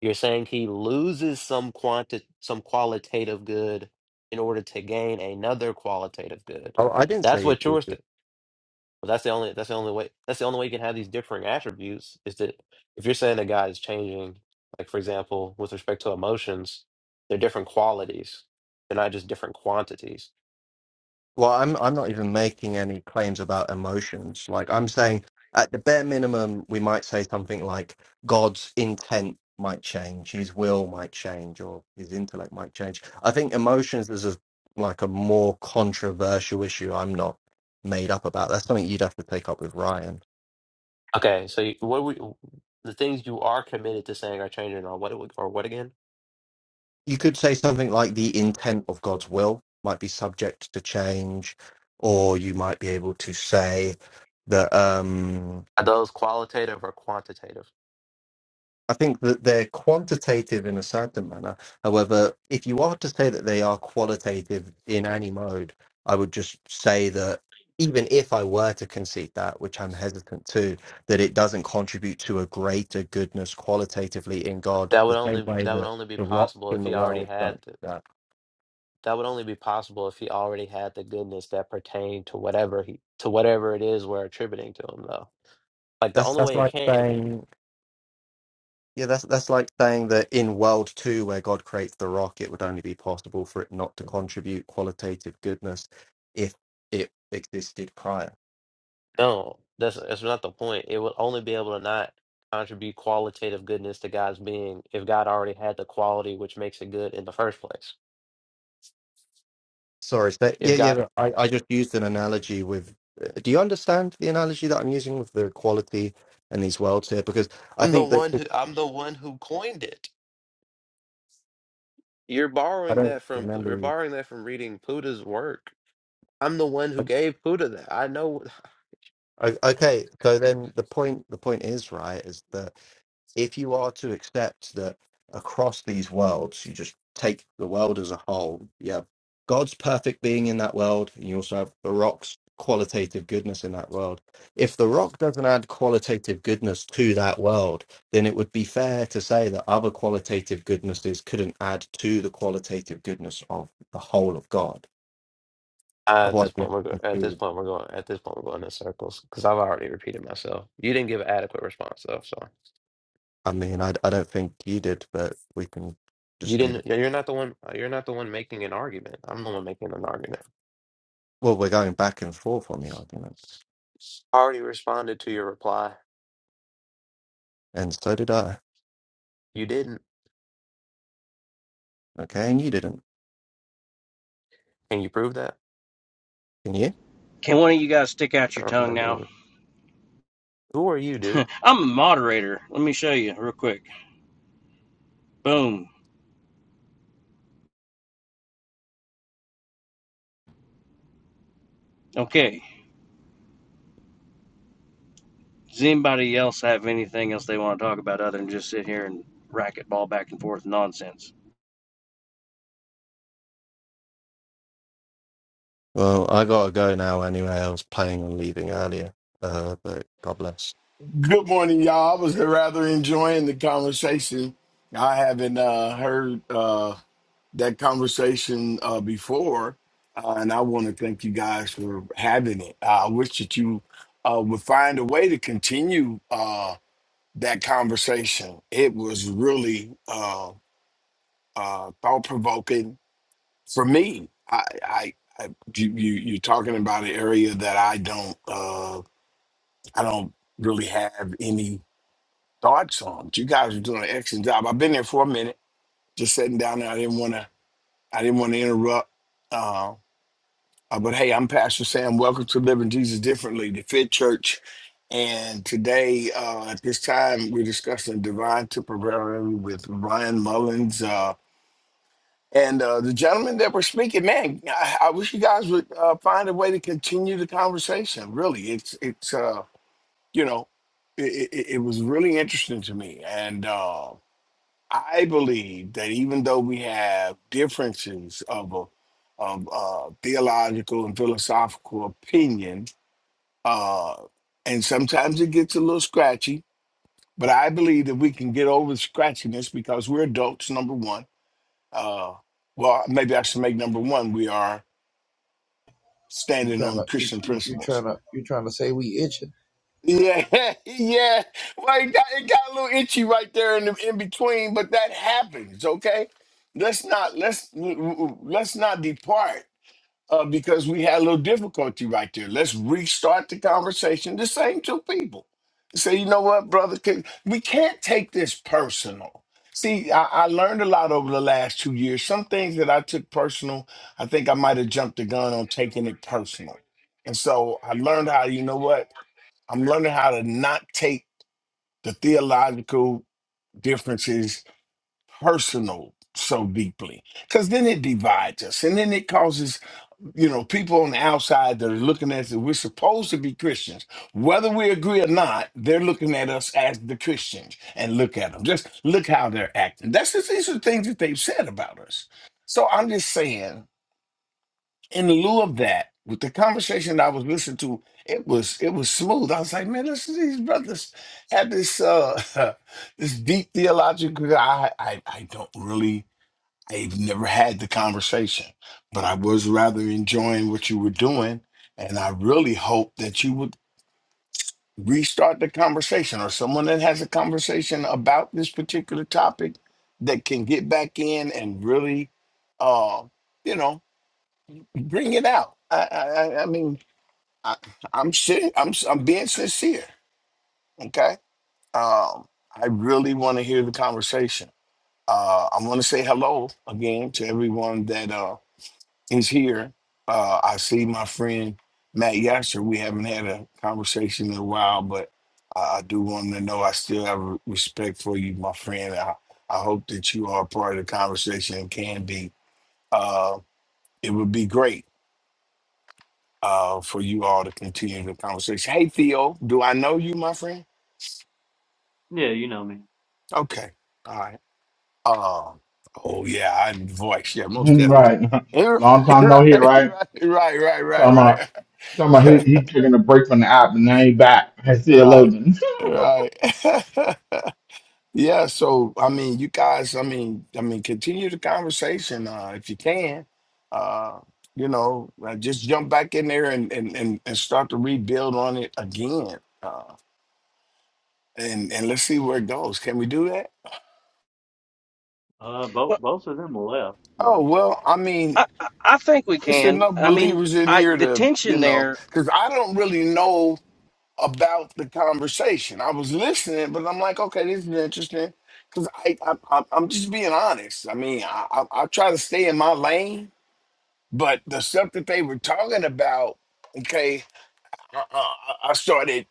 Speaker 6: you're saying he loses some quanti some qualitative good in order to gain another qualitative good.
Speaker 4: Oh, I didn't
Speaker 6: That's
Speaker 4: say.
Speaker 6: what yours. But that's the only that's the only way that's the only way you can have these differing attributes is that if you're saying a guy is changing, like for example, with respect to emotions, they're different qualities. They're not just different quantities.
Speaker 4: Well, I'm I'm not even making any claims about emotions. Like I'm saying, at the bare minimum, we might say something like God's intent might change, His will might change, or His intellect might change. I think emotions is a, like a more controversial issue. I'm not made up about. That's something you'd have to take up with Ryan.
Speaker 6: Okay, so you, what we the things you are committed to saying are changing are what it would- or what again?
Speaker 4: you could say something like the intent of God's will might be subject to change, or you might be able to say that um,
Speaker 6: Are those qualitative or quantitative?
Speaker 4: I think that they're quantitative in a certain manner. However, if you are to say that they are qualitative in any mode, I would just say that even if I were to concede that, which I'm hesitant to, that it doesn't contribute to a greater goodness qualitatively in God,
Speaker 6: That would
Speaker 4: the same
Speaker 6: only
Speaker 4: way
Speaker 6: that would
Speaker 4: that
Speaker 6: only be
Speaker 4: the rocks
Speaker 6: possible if
Speaker 4: in the
Speaker 6: he already
Speaker 4: world don't
Speaker 6: had the,
Speaker 4: do that.
Speaker 6: that would only be possible if he already had the goodness that pertained to whatever he to whatever it is we're attributing to him though. Like the
Speaker 4: That's
Speaker 6: only
Speaker 4: that's
Speaker 6: way it
Speaker 4: like
Speaker 6: can't
Speaker 4: saying Yeah, that's that's like saying that in World Two, where God creates the rock, it would only be possible for it not to contribute qualitative goodness if it existed prior.
Speaker 6: No, that's that's not the point. It would only be able to not contribute qualitative goodness to God's being if God already had the quality which makes it good in the first place.
Speaker 4: Sorry, so
Speaker 6: If
Speaker 4: yeah, yeah.
Speaker 6: God,
Speaker 4: but I, I just used an analogy with. uh, Do you understand the analogy that I'm using with the quality and these worlds here? Because I
Speaker 6: I'm the
Speaker 4: think that
Speaker 6: one who I'm the one who coined it. You're
Speaker 4: I
Speaker 6: borrowing
Speaker 4: don't
Speaker 6: that from
Speaker 4: remember
Speaker 6: you're
Speaker 4: you.
Speaker 6: borrowing that from reading Buddha's work. I'm the one who
Speaker 4: like,
Speaker 6: gave Buddha that. I know.
Speaker 4: O- Okay, so then the point the point is right is that if you are to accept that across these worlds, you just take the world as a whole, you have God's perfect being in that world, and you also have the rock's qualitative goodness in that world. If the rock doesn't add qualitative goodness to that world, then it would be fair to say that other qualitative goodnesses couldn't add to the qualitative goodness of the whole of God.
Speaker 6: Uh, at this
Speaker 4: Otherwise, we
Speaker 6: point,
Speaker 4: have
Speaker 6: we're go-
Speaker 4: to
Speaker 6: at this
Speaker 4: conclude.
Speaker 6: point we're going at this point we're going in circles because I've already repeated myself. You didn't give an adequate response though, so
Speaker 4: I mean, I, I don't think you did, but we can
Speaker 6: you
Speaker 4: just leave it.
Speaker 6: didn't. You're not the one. You're not the one making an argument. I'm the one making an argument.
Speaker 4: Well, we're going back and forth on the argument.
Speaker 6: I already responded to your reply.
Speaker 4: and so did I.
Speaker 6: You didn't.
Speaker 4: Okay, and you didn't,
Speaker 6: Can you prove that?
Speaker 4: can you?
Speaker 3: Can one of you guys stick out your
Speaker 6: Oh my
Speaker 3: tongue now?
Speaker 6: goodness. Who are you, dude?
Speaker 3: I'm a moderator. Let me show you real quick. Boom. Okay. Does anybody else have anything else they want to talk about other than just sit here and racquetball back and forth nonsense?
Speaker 4: Well, I gotta go now anyway. I was planning on leaving earlier, uh, but God bless.
Speaker 11: Good morning, y'all. I was rather enjoying the conversation. I haven't uh, heard uh, that conversation uh, before, uh, and I want to thank you guys for having it. I wish that you uh, would find a way to continue uh, that conversation. It was really uh, uh, thought provoking for me. I, I, I you, you, you're talking about an area that I don't, uh, I don't really have any Dark songs. You guys are doing an excellent job. I've been there for a minute, just sitting down there. I didn't want to. I didn't want to interrupt. Uh, uh, but hey, I'm Pastor Sam. Welcome to Living Jesus Differently, the Fit Church. And today, uh, at this time, we're discussing divine temporary with Ryan Mullins. Uh, and uh, the gentleman that we're speaking, man, I, I wish you guys would uh, find a way to continue the conversation. Really, it's it's uh, you know, it, it, it was really interesting to me, and. Uh, I believe that even though we have differences of a, of uh, theological and philosophical opinion, uh, and sometimes it gets a little scratchy, but I believe that we can get over the scratchiness because we're adults. Number one, uh, well, maybe I should make number one. We are
Speaker 12: You
Speaker 11: standing
Speaker 12: trying
Speaker 11: on
Speaker 12: to you
Speaker 11: Christian
Speaker 12: you, you
Speaker 11: principles
Speaker 12: trying to you trying to say we itching?
Speaker 11: Yeah, yeah. Well, it got, it got a little itchy right there in the, in between, but that happens. Okay, let's not let's let's not depart uh, because we had a little difficulty right there. Let's restart the conversation. The same two people say, you know what, brother, 'Cause we can't take this personal. See, I, I learned a lot over the last two years. Some things that I took personal, I think I might have jumped the gun on taking it personal. And so I learned how, you know what? I'm learning how to not take the theological differences personal so deeply because then it divides us and then it causes you know people on the outside that are looking at us we're supposed to be christians whether we agree or not they're looking at us as the christians and look at them just look how they're acting that's just these are the things that they've said about us so i'm just saying in lieu of that, with the conversation I was listening to, it was it was smooth. I was like, man, listen, these brothers had this uh this deep theological. I I I don't really. I've never had the conversation, but I was rather enjoying what you were doing, and I really hope that you would restart the conversation or someone that has a conversation about this particular topic that can get back in and really, uh, you know, bring it out. I, I, I I mean, I, I'm serious. I'm s- I'm being sincere. Okay. Um, I really want to hear the conversation. Uh, I want to say hello again to everyone that uh, is here. Uh, I see my friend Matt Yasser. We haven't had a conversation in a while, but I I do want him to know I still have re- respect for you, my friend. I, I hope that you are a part of the conversation and can be. Uh, it would be great uh, for you all to continue the conversation. Hey, Theo, do I know you, my friend?
Speaker 5: Yeah, you know me.
Speaker 11: Okay. All right. Um. Oh yeah, I voice. Yeah, most
Speaker 1: Him.
Speaker 11: definitely.
Speaker 1: right.
Speaker 11: Yeah,
Speaker 1: Long time no
Speaker 11: Right,
Speaker 1: hear,
Speaker 11: right,
Speaker 1: right?
Speaker 11: right, right,
Speaker 1: Talking about
Speaker 11: right,
Speaker 1: talking about he,
Speaker 11: right,
Speaker 1: he taking a break from the app and now he back. I see a
Speaker 11: right,
Speaker 1: loading.
Speaker 11: right. yeah. So I mean, you guys. I mean, I mean, continue the conversation uh, if you can. Uh, you know, uh, just jump back in there and and and, and start to rebuild on it again. Uh, and and let's see where it goes. Can we do that?
Speaker 5: Uh,
Speaker 3: Well,
Speaker 5: both both of them left,
Speaker 11: Oh
Speaker 5: but
Speaker 11: well, I mean,
Speaker 3: I, I I think we
Speaker 11: There's
Speaker 3: can.
Speaker 11: enough
Speaker 3: I mean,
Speaker 11: believers in
Speaker 3: I
Speaker 11: here
Speaker 3: the
Speaker 11: to, you
Speaker 3: tension
Speaker 11: know,
Speaker 3: there,
Speaker 11: because I don't really know about the conversation. I was listening, but I'm like, okay, this is interesting. Because I, I, I, I'm just being honest. I mean, I, I, I try to stay in my lane, but the stuff that they were talking about, okay, I, I, I started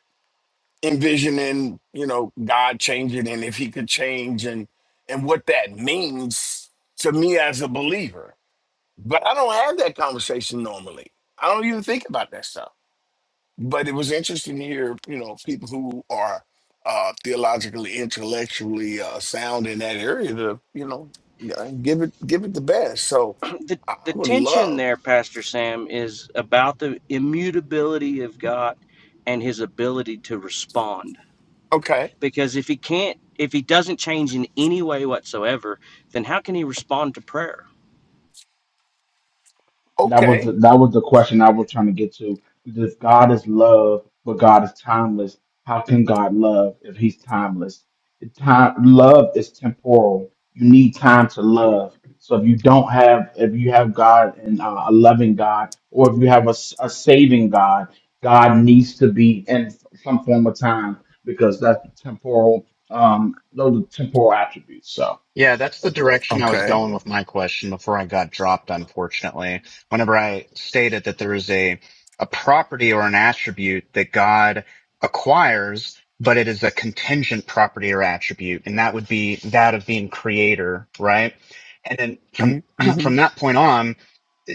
Speaker 11: envisioning, you know, God changing and if He could change and and what that means to me as a believer but I don't have that conversation normally. I don't even think about that stuff. But it was interesting to hear, you know, people who are uh, theologically, intellectually uh, sound in that area to, you know, uh, give it give it the best. So
Speaker 3: the
Speaker 11: I
Speaker 3: the
Speaker 11: I would
Speaker 3: tension
Speaker 11: love.
Speaker 3: there, Pastor Sam, is about the immutability of God and His ability to respond.
Speaker 11: Okay.
Speaker 3: Because if He can't, if He doesn't change in any way whatsoever, then how can He respond to prayer?
Speaker 1: That was the,
Speaker 11: Okay.
Speaker 1: that was the question I was trying to get to. If God is love, but God is timeless, how can God love if He's timeless? Time love is temporal. You need time to love. So if you don't have, if you have God and uh, a loving God, or if you have a, s- a saving God, God needs to be in some form of time because that's temporal. Um, those are temporal attributes. So
Speaker 9: Yeah, that's the direction I was
Speaker 11: Okay.
Speaker 9: going with my question before I got dropped, unfortunately. Whenever I stated that there is a, a property or an attribute that God acquires, but it is a contingent property or attribute, and that would be that of being creator, right? And then from,
Speaker 11: Mm-hmm.
Speaker 9: from that point on,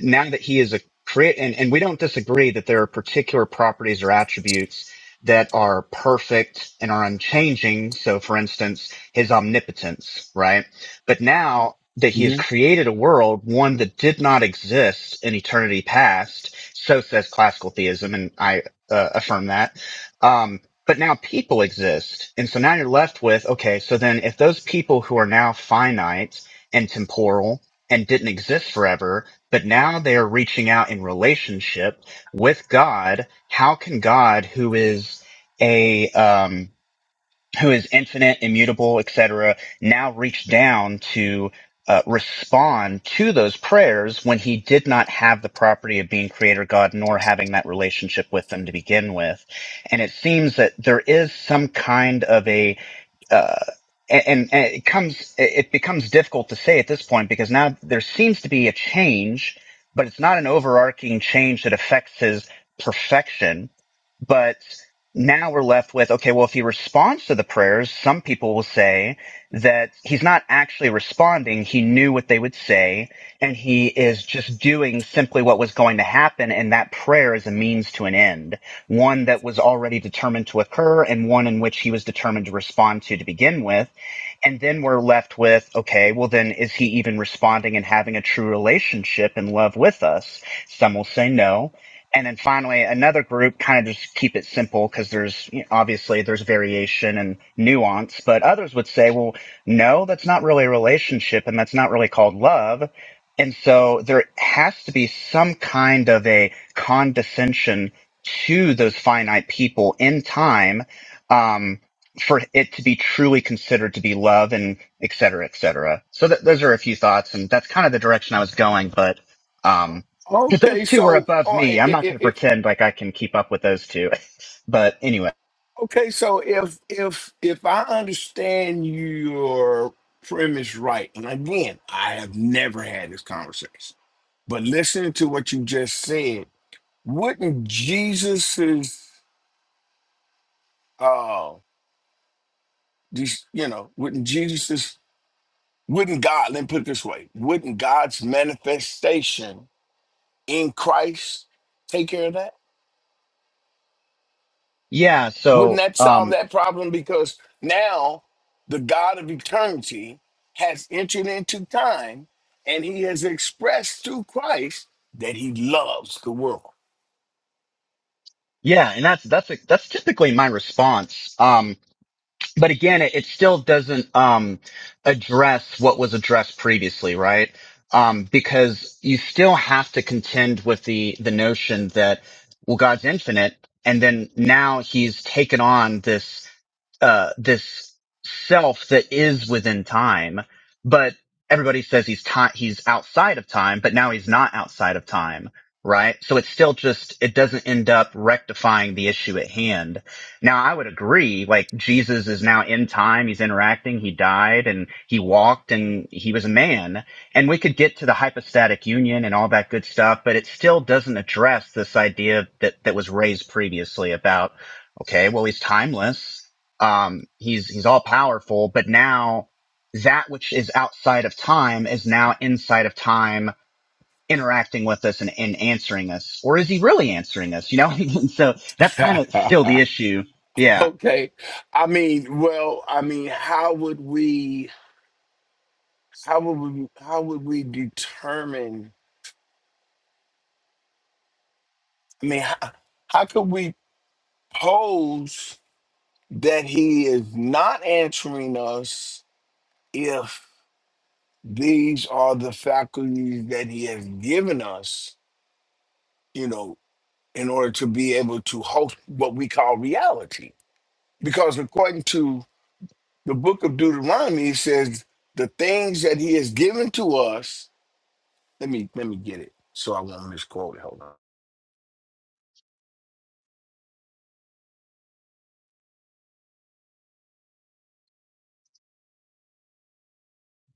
Speaker 9: now that he is a create, and, and we don't disagree that there are particular properties or attributes that are perfect and are unchanging. So for instance, his omnipotence, right? But now that he has
Speaker 11: hmm
Speaker 9: created a world, one that did not exist in eternity past, so says classical theism, and I uh, affirm that. Um, but now people exist. And so now you're left with, okay, so then if those people who are now finite and temporal and didn't exist forever, but now they are reaching out in relationship with God, how can God, who is a, um, who is infinite, immutable, et cetera? now reached down to uh, respond to those prayers when he did not have the property of being creator God nor having that relationship with them to begin with. And it seems that there is some kind of a uh, and, and it comes it becomes difficult to say at this point because now there seems to be a change, but it's not an overarching change that affects his perfection. But now we're left with okay, well, if he responds to the prayers, some people will say that he's not actually responding. He knew what they would say, and he is just doing simply what was going to happen, and that prayer is a means to an end one that was already determined to occur and one in which he was determined to respond to to begin with. And then we're left with, okay, well, then is he even responding and having a true relationship and love with us? Some will say no. And then finally, another group kind of just keep it simple because there's you know, obviously there's variation and nuance, but others would say, well, no, that's not really a relationship and that's not really called love. And so there has to be some kind of a condescension to those finite people in time um, for it to be truly considered to be love and et cetera, et cetera. So that, those are a few thoughts, and that's kind of the direction I was going. But um, because
Speaker 11: Okay.
Speaker 9: those two were
Speaker 11: So,
Speaker 9: above me, I'm not going to
Speaker 11: uh,
Speaker 9: pretend like I can keep up with those two. but anyway,
Speaker 11: Okay, so if if if I understand your premise right, and again, I have never had this conversation, but listening to what you just said, wouldn't Jesus's uh these you know, wouldn't Jesus's wouldn't God, let me put it this way, wouldn't God's manifestation in Christ take care of that?
Speaker 9: yeah.
Speaker 11: Wouldn't
Speaker 9: So
Speaker 11: that solve
Speaker 9: um,
Speaker 11: that problem? Because now the God of eternity has entered into time and he has expressed through Christ that he loves the world.
Speaker 9: yeah, and that's that's that's typically my response. Um, but again, it, it still doesn't um, address what was addressed previously, right? Um, because you still have to contend with the the notion that well, God's infinite, and then now He's taken on this uh, this self that is within time, but everybody says he's time, he's outside of time, but now he's not outside of time, right? So it's still just, it doesn't end up rectifying the issue at hand. Now I would agree, like Jesus is now in time, he's interacting, he died and he walked and he was a man and we could get to the hypostatic union and all that good stuff, but it still doesn't address this idea that, that was raised previously about, okay, well, he's timeless um, he's he's all powerful, but now that which is outside of time is now inside of time interacting with us and, and answering us. Or is he really answering us? You know? so that's kind of still the issue. Yeah.
Speaker 11: okay. I mean, well, I mean, how would we how would we how would we determine I mean, how, how could we pose that he is not answering us if? These are the faculties that he has given us, you know, in order to be able to host what we call reality. Because according to the book of Deuteronomy, it says the things that he has given to us. Let me let me get it so I won't misquote it. Hold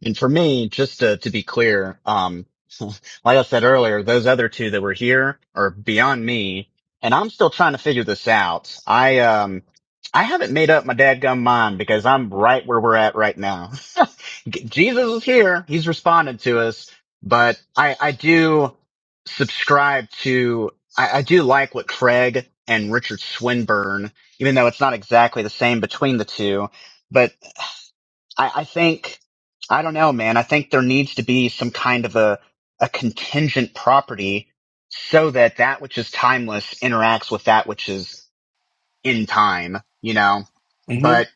Speaker 9: And for me, just to, to be clear, um, like I said earlier, those other two that were here are beyond me, and I'm still trying to figure this out. I um, I haven't made up my dadgum mind because I'm right where we're at right now. G- Jesus is here; he's responded to us, but I I do subscribe to I, I do like what Craig and Richard Swinburne, even though it's not exactly the same between the two. but. I, I think I don't know, man. I think there needs to be some kind of a a contingent property so that that which is timeless interacts with that which is in time, you know.
Speaker 11: on. hmm
Speaker 9: But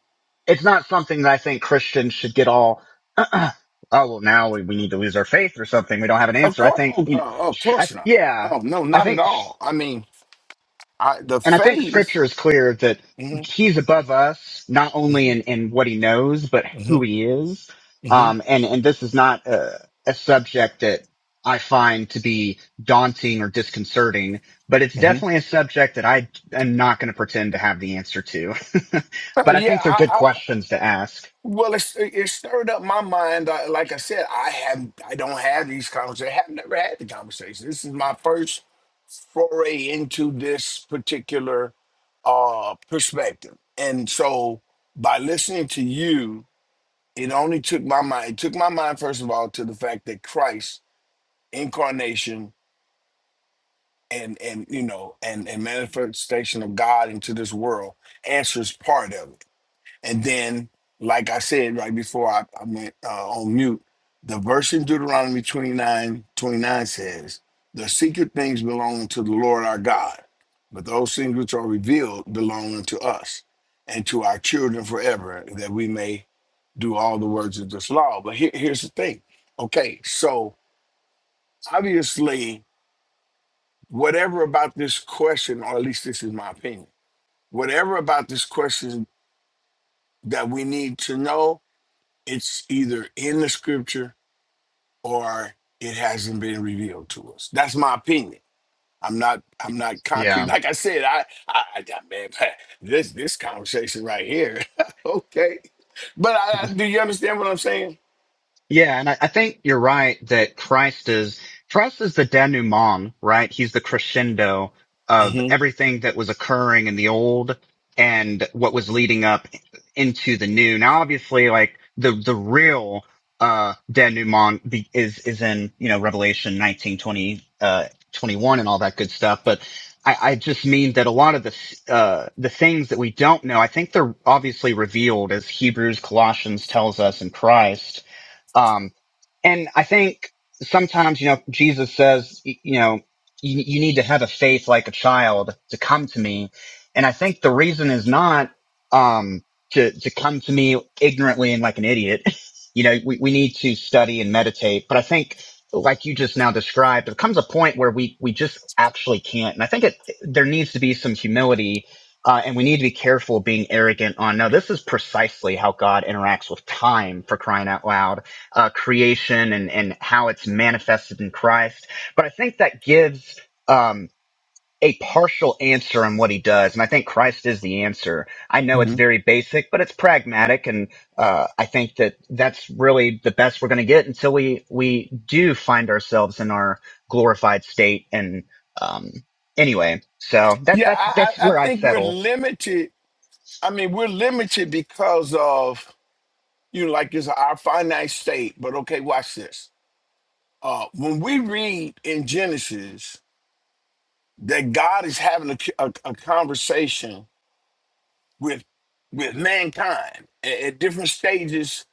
Speaker 9: it's not something that I think Christians should get all. oh well, now we, we need to lose our faith or something. We don't have an
Speaker 11: Of
Speaker 9: answer. I
Speaker 11: course,
Speaker 9: think
Speaker 11: oh,
Speaker 9: you know.
Speaker 11: uh, of
Speaker 9: Sh- I,
Speaker 11: course not.
Speaker 9: yeah,
Speaker 11: Oh no,
Speaker 9: I
Speaker 11: not at
Speaker 9: think.
Speaker 11: all. I mean, I, the
Speaker 9: And I think
Speaker 11: faith.
Speaker 9: scripture is clear that
Speaker 11: hmm
Speaker 9: he's above us, not only in, in what he knows, but
Speaker 11: hmm
Speaker 9: who he is.
Speaker 11: hmm
Speaker 9: Um, and, and this is not a, a subject that I find to be daunting or disconcerting, but it's
Speaker 11: hmm
Speaker 9: definitely a subject that I am not going to pretend to have the answer to.
Speaker 11: Oh,
Speaker 9: but I
Speaker 11: yeah,
Speaker 9: think they're good
Speaker 11: I,
Speaker 9: questions to ask.
Speaker 11: Well, it's, it it stirred up my mind. I, like I said, I have I don't have these conversations. I have never had the conversation. This is my first foray into this particular uh, perspective, and so by listening to you, it only took my mind. It took my mind first of all to the fact that Christ incarnation and and you know and and manifestation of God into this world answers part of it and then, like I said right before I, I went uh, on mute, the verse in Deuteronomy 29 29 says, The secret things belong to the Lord our God, but those things which are revealed belong unto us and to our children forever, that we may do all the words of this law. But here, here's the thing. Okay, so obviously, whatever about this question, or at least this is my opinion, whatever about this question that we need to know it's either in the scripture or it hasn't been revealed to us. That's my opinion. I'm not I'm not concrete.
Speaker 9: Yeah.
Speaker 11: Like I said, I I, I man, this this conversation right here. okay. But I, I, do you understand what I'm saying?
Speaker 9: Yeah, and I, I think you're right that Christ is Christ is the denouement, right? He's the crescendo of
Speaker 11: hmm
Speaker 9: everything that was occurring in the old and what was leading up into the new. Now, obviously, like the the real uh denouement be, is is in you know Revelation 19, twenty, uh, 21 and all that good stuff, but. I, I just mean that a lot of the s- uh, the things that we don't know, I think they're obviously revealed as Hebrews, Colossians tells us in Christ, um, and I think sometimes, you know, Jesus says, y- you know, you, you need to have a faith like a child to come to me. And I think the reason is not, um, to, to come to me ignorantly and like an idiot. You know, we, we need to study and meditate. But I think, like you just now described, there comes a point where we, we just actually can't. And I think it, there needs to be some humility. Uh, and we need to be careful of being arrogant on, no, this is precisely how God interacts with time for crying out loud uh, creation and, and how it's manifested in Christ. But I think that gives um, a partial answer on what he does. And I think Christ is the answer. I know it's
Speaker 11: hmm
Speaker 9: very basic, but it's pragmatic. And uh, I think that that's really the best we're going to get until we, we do find ourselves in our glorified state. And um, anyway, so that,
Speaker 11: Yeah,
Speaker 9: that's,
Speaker 11: I,
Speaker 9: that's
Speaker 11: I I
Speaker 9: where I
Speaker 11: think we're
Speaker 9: settle.
Speaker 11: limited. I mean, we're limited because of you know, like it's our finite state. But okay, watch this. Uh, when we read in Genesis, that God is having a, a, a conversation with with mankind at, at different stages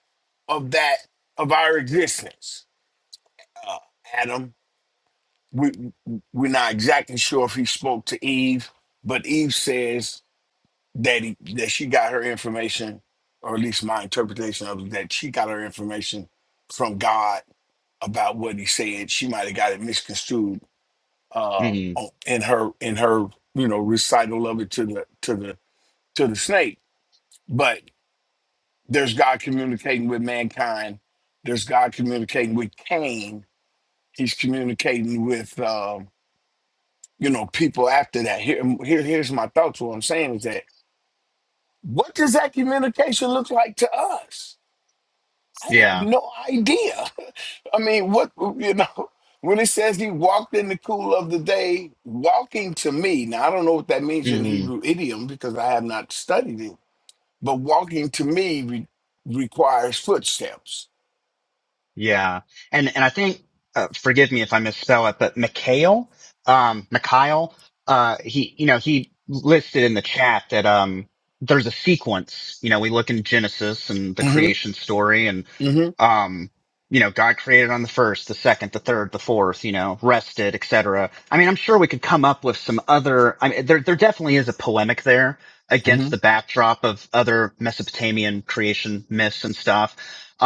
Speaker 11: of that of our existence. Uh, Adam, we we're not exactly sure if he spoke to Eve, but Eve says that he, that she got her information, or at least my interpretation of it, that she got her information from God about what he said. She might have got it misconstrued uh,
Speaker 9: hmm
Speaker 11: on- in her in her you know recital of it to the to the to the snake, but there's God communicating with mankind. There's God communicating with Cain. He's communicating with um, you know people after that. Here, here, here's my thoughts. What I'm saying is that what does that communication look like to us? I have
Speaker 9: Yeah.
Speaker 11: no idea. I mean, what you know when it says he walked in the cool of the day, walking to me. Now I don't know what that means in Hebrew idiom because I have not studied it But walking to me re- requires footsteps.
Speaker 9: Yeah. And, and I think, uh, forgive me if I misspell it, but Mikhail, um, Mikhail, uh, he, you know, he listed in the chat that, um, there's a sequence, you know, we look in Genesis and the
Speaker 11: hmm
Speaker 9: creation story and,
Speaker 11: hmm
Speaker 9: um, you know, God created on the first, the second, the third, the fourth, you know, rested, etc. I mean, I'm sure we could come up with some other, I mean, there, there definitely is a polemic there
Speaker 11: hmm
Speaker 9: against the backdrop of other Mesopotamian creation myths and stuff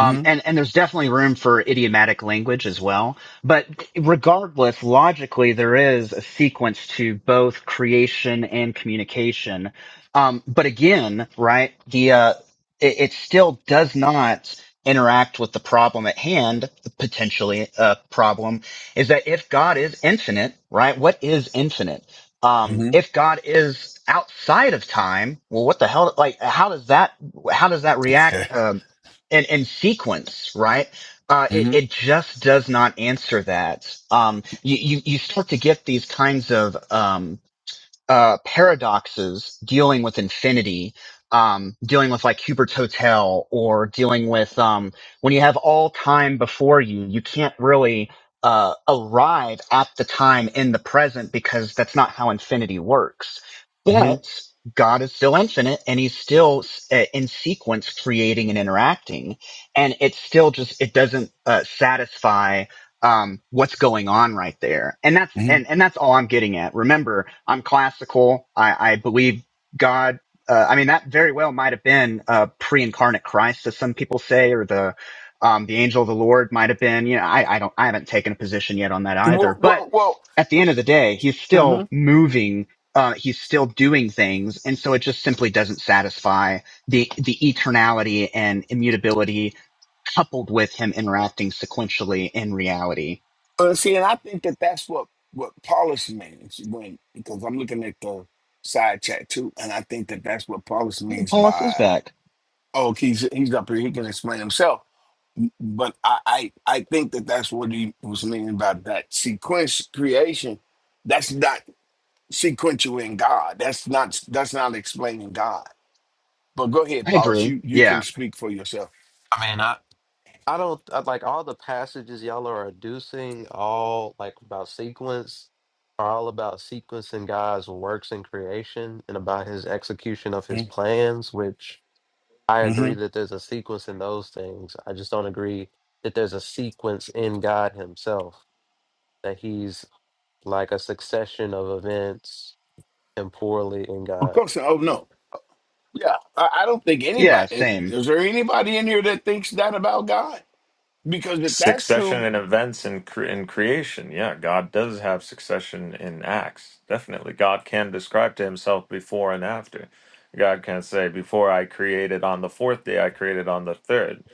Speaker 11: hmm hmm
Speaker 9: and, and there's definitely room for idiomatic language as well. But regardless, logically, there is a sequence to both creation and communication. Um, but again, right, the, uh, it, it still does not interact with the problem at hand, the potentially uh, problem is that if God is infinite, right, what is infinite? Um, if God is outside of time, well, what the hell, like, how does that, how does that react? Um, and and sequence, right? Uh, it,
Speaker 11: hmm
Speaker 9: it just does not answer that. Um, you, you you start to get these kinds of um, uh, paradoxes dealing with infinity, um, dealing with like Hubert's Hotel or dealing with, um, when you have all time before you, you can't really, uh, arrive at the time in the present because that's not how infinity works.
Speaker 11: hmm
Speaker 9: But God is still infinite and he's still uh, in sequence creating and interacting. And it's still just, it doesn't, uh, satisfy um, what's going on right there. And that's,
Speaker 11: hmm
Speaker 9: and, and that's all I'm getting at. Remember, I'm classical. I, I believe God, uh, I mean, that very well might have been, a pre-incarnate Christ, as some people say, or the, um, the angel of the Lord might have been, you know, I, I don't, I haven't taken a position yet on that either,
Speaker 11: Well,
Speaker 9: but
Speaker 11: well, well.
Speaker 9: at the end of the day, he's
Speaker 11: hmm
Speaker 9: still moving. Uh, he's still doing things. And so it just simply doesn't satisfy the, the eternality and immutability coupled with him interacting sequentially in reality.
Speaker 11: Uh, see, and I think that that's what what Paulus means when because I'm looking at the side chat too, and I think that that's what Paulus
Speaker 9: Hey,
Speaker 11: means
Speaker 9: Paulus is
Speaker 11: by
Speaker 9: back.
Speaker 11: oh, he's he's up here, he can explain himself. But I I, I think that that's what he was meaning by that sequence creation. That's not. sequential in God. That's not that's not explaining God. But go ahead,
Speaker 9: I
Speaker 11: Paulus.
Speaker 9: agree.
Speaker 11: You you can
Speaker 9: Yeah.
Speaker 11: speak for yourself.
Speaker 6: I mean, I I don't I, like all the passages y'all are adducing, all like about sequence, are all about sequencing God's works in creation and about his execution of his plans, which I
Speaker 11: Mm-hmm.
Speaker 6: agree that there's a sequence in those things. I just don't agree that there's a sequence in God himself, that he's like a succession of events temporally in
Speaker 11: Of
Speaker 6: God.
Speaker 11: course. Oh no. Yeah. I, I don't think
Speaker 9: Yeah.
Speaker 11: anybody eh,
Speaker 9: Same.
Speaker 11: is there anybody in here that thinks that about God? Because if that's
Speaker 13: Succession
Speaker 11: true,
Speaker 13: in events and cre- in creation. Yeah, God does have succession in acts. Definitely. God can describe to himself before and after. God can say, Before I created on the fourth day, I created on the third.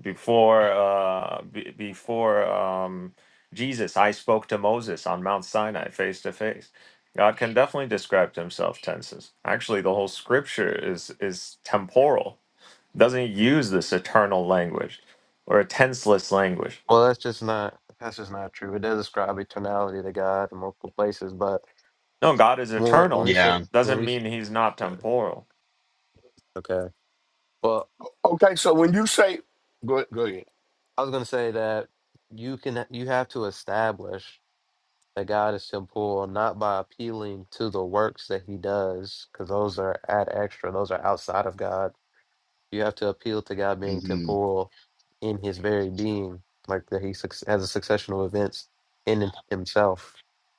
Speaker 13: Before, uh, be before um, Jesus, I spoke to Moses on Mount Sinai face to face. God can definitely describe to himself tenses. Actually, the whole scripture is is temporal. doesn't use this eternal language or a tenseless language
Speaker 6: Well, that's just not that's just not true. It does describe eternality to God in multiple places, but
Speaker 13: No, God is
Speaker 6: when we, when
Speaker 13: eternal.
Speaker 6: we say
Speaker 9: Yeah.
Speaker 6: when
Speaker 13: Doesn't
Speaker 6: we s-
Speaker 13: mean he's not
Speaker 6: uh,
Speaker 13: temporal.
Speaker 6: okay, well,
Speaker 11: okay. So when you say, go go ahead.
Speaker 6: I was going to say that you can you have to establish that God is temporal not by appealing to the works that He does, because those are ad extra; those are outside of God. You have to appeal to God being
Speaker 9: hmm
Speaker 6: temporal in His very being, like that He suc- has a succession of events in Himself,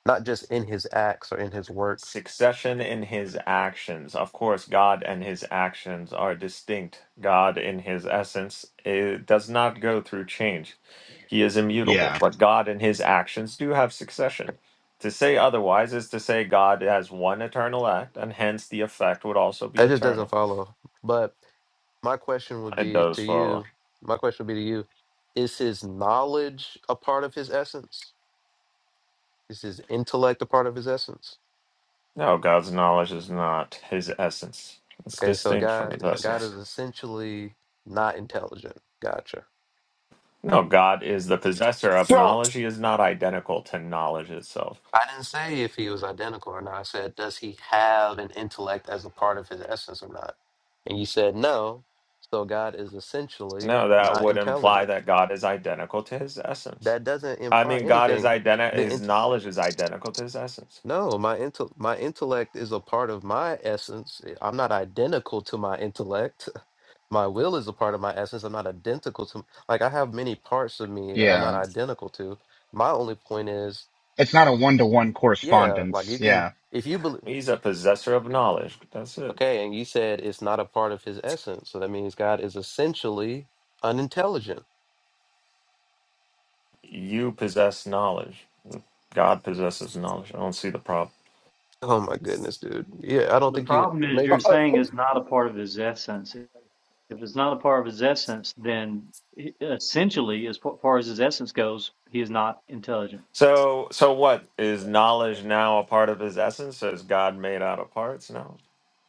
Speaker 6: not just in His acts or in His works.
Speaker 13: Succession in his actions. Of course, God and his actions are distinct. God in his essence it does not go through change. He is immutable,
Speaker 9: Yeah.
Speaker 13: but God and his actions do have succession. To say otherwise is to say God has one eternal act, and hence the effect would also be
Speaker 6: That just doesn't
Speaker 13: eternal.
Speaker 6: follow. But my question would
Speaker 13: It
Speaker 6: be
Speaker 13: does
Speaker 6: to
Speaker 13: follow.
Speaker 6: you, my question would be to you, is his knowledge a part of his essence? Is his intellect a part of his essence?
Speaker 13: No, God's knowledge is not his essence. It's
Speaker 6: Okay, so
Speaker 13: distinct from his
Speaker 6: God God
Speaker 13: essence.
Speaker 6: is essentially not intelligent. Gotcha.
Speaker 13: No, God is the possessor of
Speaker 11: So,
Speaker 13: knowledge. He is not identical to knowledge itself.
Speaker 6: I didn't say if he was identical or not. I said, does he have an intellect as a part of his essence or not? And you said no. So God is essentially
Speaker 13: No, that
Speaker 6: not
Speaker 13: would imply
Speaker 6: intelligent.
Speaker 13: that God is identical to his essence.
Speaker 6: That doesn't
Speaker 13: I
Speaker 6: imply
Speaker 13: mean, God is
Speaker 6: anything.
Speaker 13: identical,
Speaker 6: The
Speaker 13: his
Speaker 6: int-
Speaker 13: knowledge is identical to his essence.
Speaker 6: No, my intel my intellect is a part of my essence. I- I'm not identical to my intellect. My will is a part of my essence. I'm not identical to like I have many parts of me that I'm not
Speaker 9: Yeah.
Speaker 6: identical to. My only point is,
Speaker 9: It's not a one to one
Speaker 6: yeah, like
Speaker 9: correspondence.
Speaker 6: you can
Speaker 9: Yeah.
Speaker 6: if you believe
Speaker 13: He's a possessor of knowledge. That's it.
Speaker 6: okay, and you said it's not a part of his essence, so that means God is essentially unintelligent.
Speaker 13: You possess knowledge. God possesses knowledge. I don't see the problem.
Speaker 6: Oh my goodness, dude. Yeah, I don't
Speaker 5: the
Speaker 6: think you
Speaker 5: problem is
Speaker 11: uh,
Speaker 5: you're
Speaker 6: maybe
Speaker 11: uh,
Speaker 5: saying
Speaker 11: uh,
Speaker 5: is not a part of his essence. If it's not a part of his essence, then he- essentially, as fa- far as his essence goes, he is not intelligent.
Speaker 13: So, so what is knowledge now a part of his essence? Is God made out of parts? No,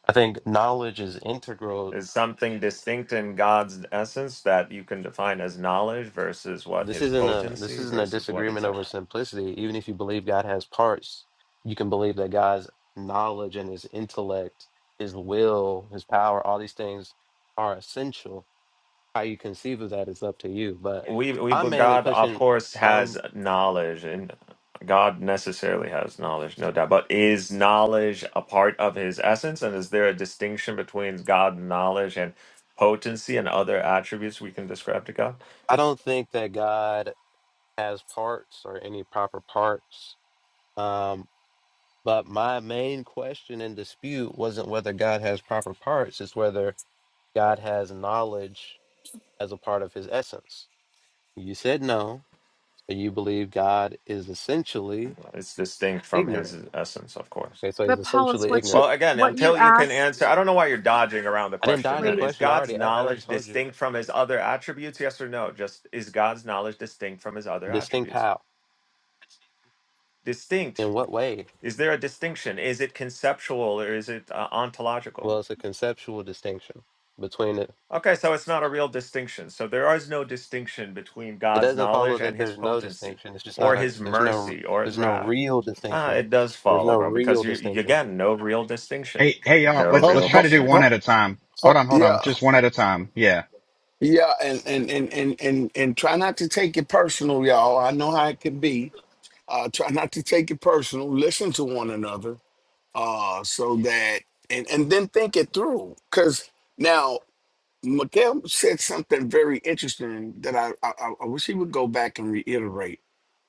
Speaker 6: I think knowledge is integral.
Speaker 13: There's something distinct in God's essence that you can define as knowledge versus what
Speaker 6: This
Speaker 13: his
Speaker 6: isn't a this
Speaker 13: potency
Speaker 6: isn't a
Speaker 13: versus what
Speaker 6: disagreement
Speaker 13: it's.
Speaker 6: over simplicity. Even if you believe God has parts, you can believe that God's knowledge and his intellect, his will, his power, all these things are essential. How you conceive of that is up to you. But
Speaker 13: We we
Speaker 6: I'm
Speaker 13: but
Speaker 6: mainly
Speaker 13: God of
Speaker 6: pushing
Speaker 13: course has
Speaker 6: um
Speaker 13: knowledge and God necessarily has knowledge, no doubt. But is knowledge a part of his essence, and is there a distinction between God knowledge and potency and other attributes we can describe to God?
Speaker 6: I don't think that God has parts or any proper parts. Um but my main question and dispute wasn't whether God has proper parts, it's whether God has knowledge as a part of his essence You said no. So you believe God is essentially
Speaker 13: It's distinct from his
Speaker 6: ignorant.
Speaker 13: essence, of course.
Speaker 6: Okay, so he's
Speaker 14: But Paulus,
Speaker 6: essentially
Speaker 14: what you
Speaker 6: ignorant.
Speaker 13: Well, again,
Speaker 14: what you
Speaker 13: until you can
Speaker 14: asked?
Speaker 13: answer, I don't know why you're dodging around the
Speaker 6: I didn't die
Speaker 13: question,
Speaker 6: as a
Speaker 13: man.
Speaker 14: Wait,
Speaker 13: Is
Speaker 6: question. I
Speaker 13: God's
Speaker 6: already, I already
Speaker 13: knowledge
Speaker 6: told you.
Speaker 13: distinct from his other attributes? Yes or no? Just is God's knowledge distinct from his other
Speaker 6: Distinct
Speaker 13: attributes?
Speaker 6: how?
Speaker 13: Distinct.
Speaker 6: In what way?
Speaker 13: Is there a distinction? Is it conceptual or is it uh, ontological?
Speaker 6: Well, it's a conceptual distinction between it.
Speaker 13: Okay, so it's not a real distinction. So there is no distinction between
Speaker 6: It
Speaker 13: God's
Speaker 6: doesn't follow
Speaker 13: knowledge
Speaker 6: that
Speaker 13: and his
Speaker 6: there's no
Speaker 13: potency
Speaker 6: distinction. It's just not
Speaker 13: or
Speaker 6: a.
Speaker 13: his
Speaker 6: There's no.
Speaker 13: mercy or his
Speaker 6: There's no
Speaker 13: wrath.
Speaker 6: real
Speaker 13: Ah,
Speaker 6: distinction.
Speaker 13: it does
Speaker 6: There's
Speaker 13: follow,
Speaker 6: no
Speaker 13: bro,
Speaker 6: real
Speaker 13: because you, you-
Speaker 6: distinction,
Speaker 13: again, no real distinction.
Speaker 9: Hey, hey, y'all,
Speaker 13: No
Speaker 9: let's,
Speaker 11: ho-
Speaker 9: let's
Speaker 13: real
Speaker 9: try to do
Speaker 11: ho-
Speaker 13: distinction.
Speaker 9: one at
Speaker 11: ho-
Speaker 9: a time. Hold on. Hold
Speaker 11: yeah,
Speaker 9: on. Just one at a time. Yeah.
Speaker 11: yeah, and and and and and and try not to take it personal, y'all. I know how it can be. Uh, try not to take it personal. Listen to one another uh, so that and and then think it through. Because now Mikael said something very interesting that I, I I I wish he would go back and reiterate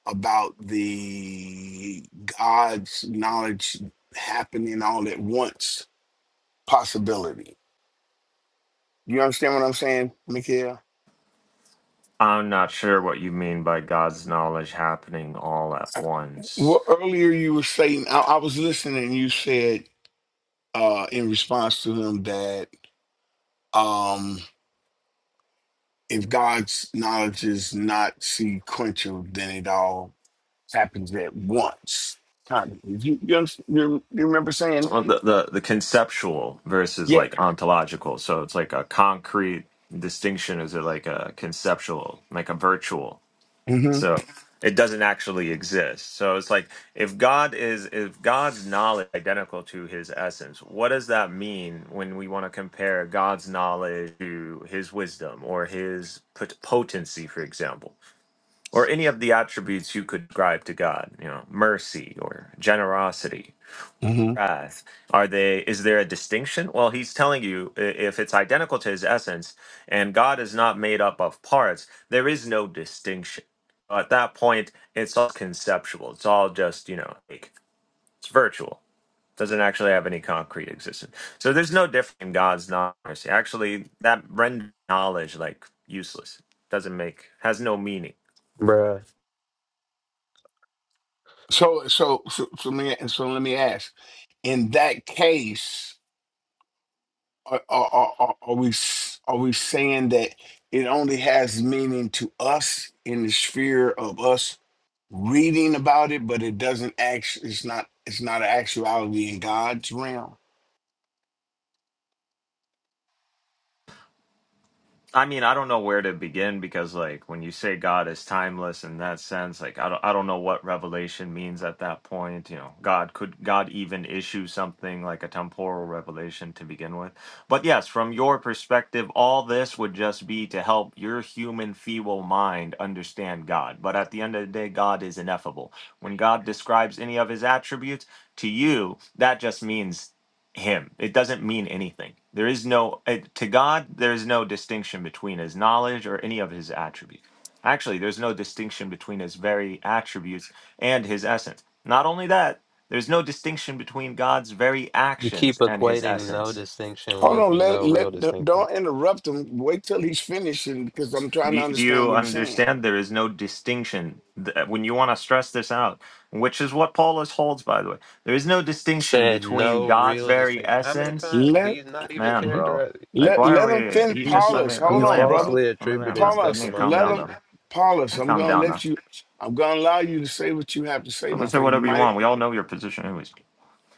Speaker 11: about the God's knowledge happening all at once possibility. You understand what I'm saying, Mikael?
Speaker 13: I'm not sure what you mean by God's knowledge happening all at
Speaker 11: Uh,
Speaker 13: once.
Speaker 11: Well, earlier you were saying I, I was listening. and You said uh, in response to him that. um, if God's knowledge is not sequential, then it all happens at once. Kind of. You, you, under- you you remember saying,
Speaker 13: Well, the, the the conceptual versus
Speaker 11: yeah.
Speaker 13: like ontological. So it's like a concrete distinction. Is it like a conceptual, like a virtual?
Speaker 11: hmm
Speaker 13: So it doesn't actually exist. So it's like if God is if God's knowledge is identical to His essence, what does that mean when we want to compare God's knowledge to His wisdom or His pot- potency, for example? or any of the attributes you could ascribe to God, you know, mercy or generosity,
Speaker 11: hmm
Speaker 13: wrath. Are they is there a distinction? Well, he's telling you i- if it's identical to his essence and God is not made up of parts, there is no distinction. At that point, it's all conceptual. It's all just, you know, like it's virtual. Doesn't actually have any concrete existence. So there's no difference in God's not mercy. Actually, that renders knowledge like useless. Doesn't make has no meaning
Speaker 6: bruh.
Speaker 11: So, so, so, so, me, so let me ask. In that case, are, are, are, are are we s- are we saying that it only has meaning to us in the sphere of us reading about it, but it doesn't actually. It's not. It's not an actuality in God's realm.
Speaker 13: I mean, I don't know where to begin because, like, when you say God is timeless in that sense, like, I don't, I don't know what revelation means at that point. You know, God could God even issue something like a temporal revelation to begin with? But yes, from your perspective, all this would just be to help your human feeble mind understand God. But at the end of the day, God is ineffable. When God describes any of His attributes to you, that just means him. It doesn't mean anything. There is no it, to God. There is no distinction between his knowledge or any of his attributes. Actually, there's no distinction between his very attributes and his essence. Not only that, there's no distinction between God's very
Speaker 6: You keep
Speaker 13: actions and his
Speaker 6: equating no
Speaker 13: essence.
Speaker 6: distinction
Speaker 11: Hold
Speaker 6: with
Speaker 11: on, let
Speaker 6: no real
Speaker 11: let the-
Speaker 6: distinction.
Speaker 11: don't interrupt him. Wait till he's finishing because I'm trying
Speaker 13: Do,
Speaker 11: to
Speaker 13: do
Speaker 11: understand
Speaker 13: you
Speaker 11: what he's saying.
Speaker 13: understand? There is no distinction. Th- When you want to stress this out, which is what Paulus holds, by the way, there is no distinction
Speaker 6: Said
Speaker 13: between
Speaker 6: no
Speaker 13: God's
Speaker 6: real
Speaker 13: very
Speaker 6: distinction. How many
Speaker 13: essence
Speaker 6: times?
Speaker 11: Let
Speaker 6: He's not even
Speaker 13: Man,
Speaker 11: Mhm.
Speaker 13: bro.
Speaker 6: characterized.
Speaker 13: Like,
Speaker 11: let
Speaker 13: why are
Speaker 11: let him
Speaker 13: we?
Speaker 11: finish.
Speaker 13: He
Speaker 6: He's
Speaker 13: just
Speaker 6: just,
Speaker 13: let me
Speaker 11: Paulus,
Speaker 13: let me
Speaker 11: hold
Speaker 6: he's
Speaker 11: on,
Speaker 13: land, bro.
Speaker 11: brother.
Speaker 6: falsely
Speaker 13: Let me land,
Speaker 6: attributing
Speaker 13: man. You
Speaker 6: stuff
Speaker 13: need
Speaker 11: Paulus,
Speaker 6: to
Speaker 13: to
Speaker 6: my
Speaker 13: calm
Speaker 11: let
Speaker 13: down, bro.
Speaker 11: him.
Speaker 6: position.
Speaker 13: You
Speaker 11: Paulus,
Speaker 13: need to
Speaker 11: I'm
Speaker 13: calm
Speaker 11: gonna
Speaker 13: down, man.
Speaker 11: let you. I'm gonna allow you to say what you have to say, my
Speaker 13: Let's say
Speaker 11: friend. You
Speaker 13: whatever you want.
Speaker 11: might,
Speaker 13: We all know your position, anyways.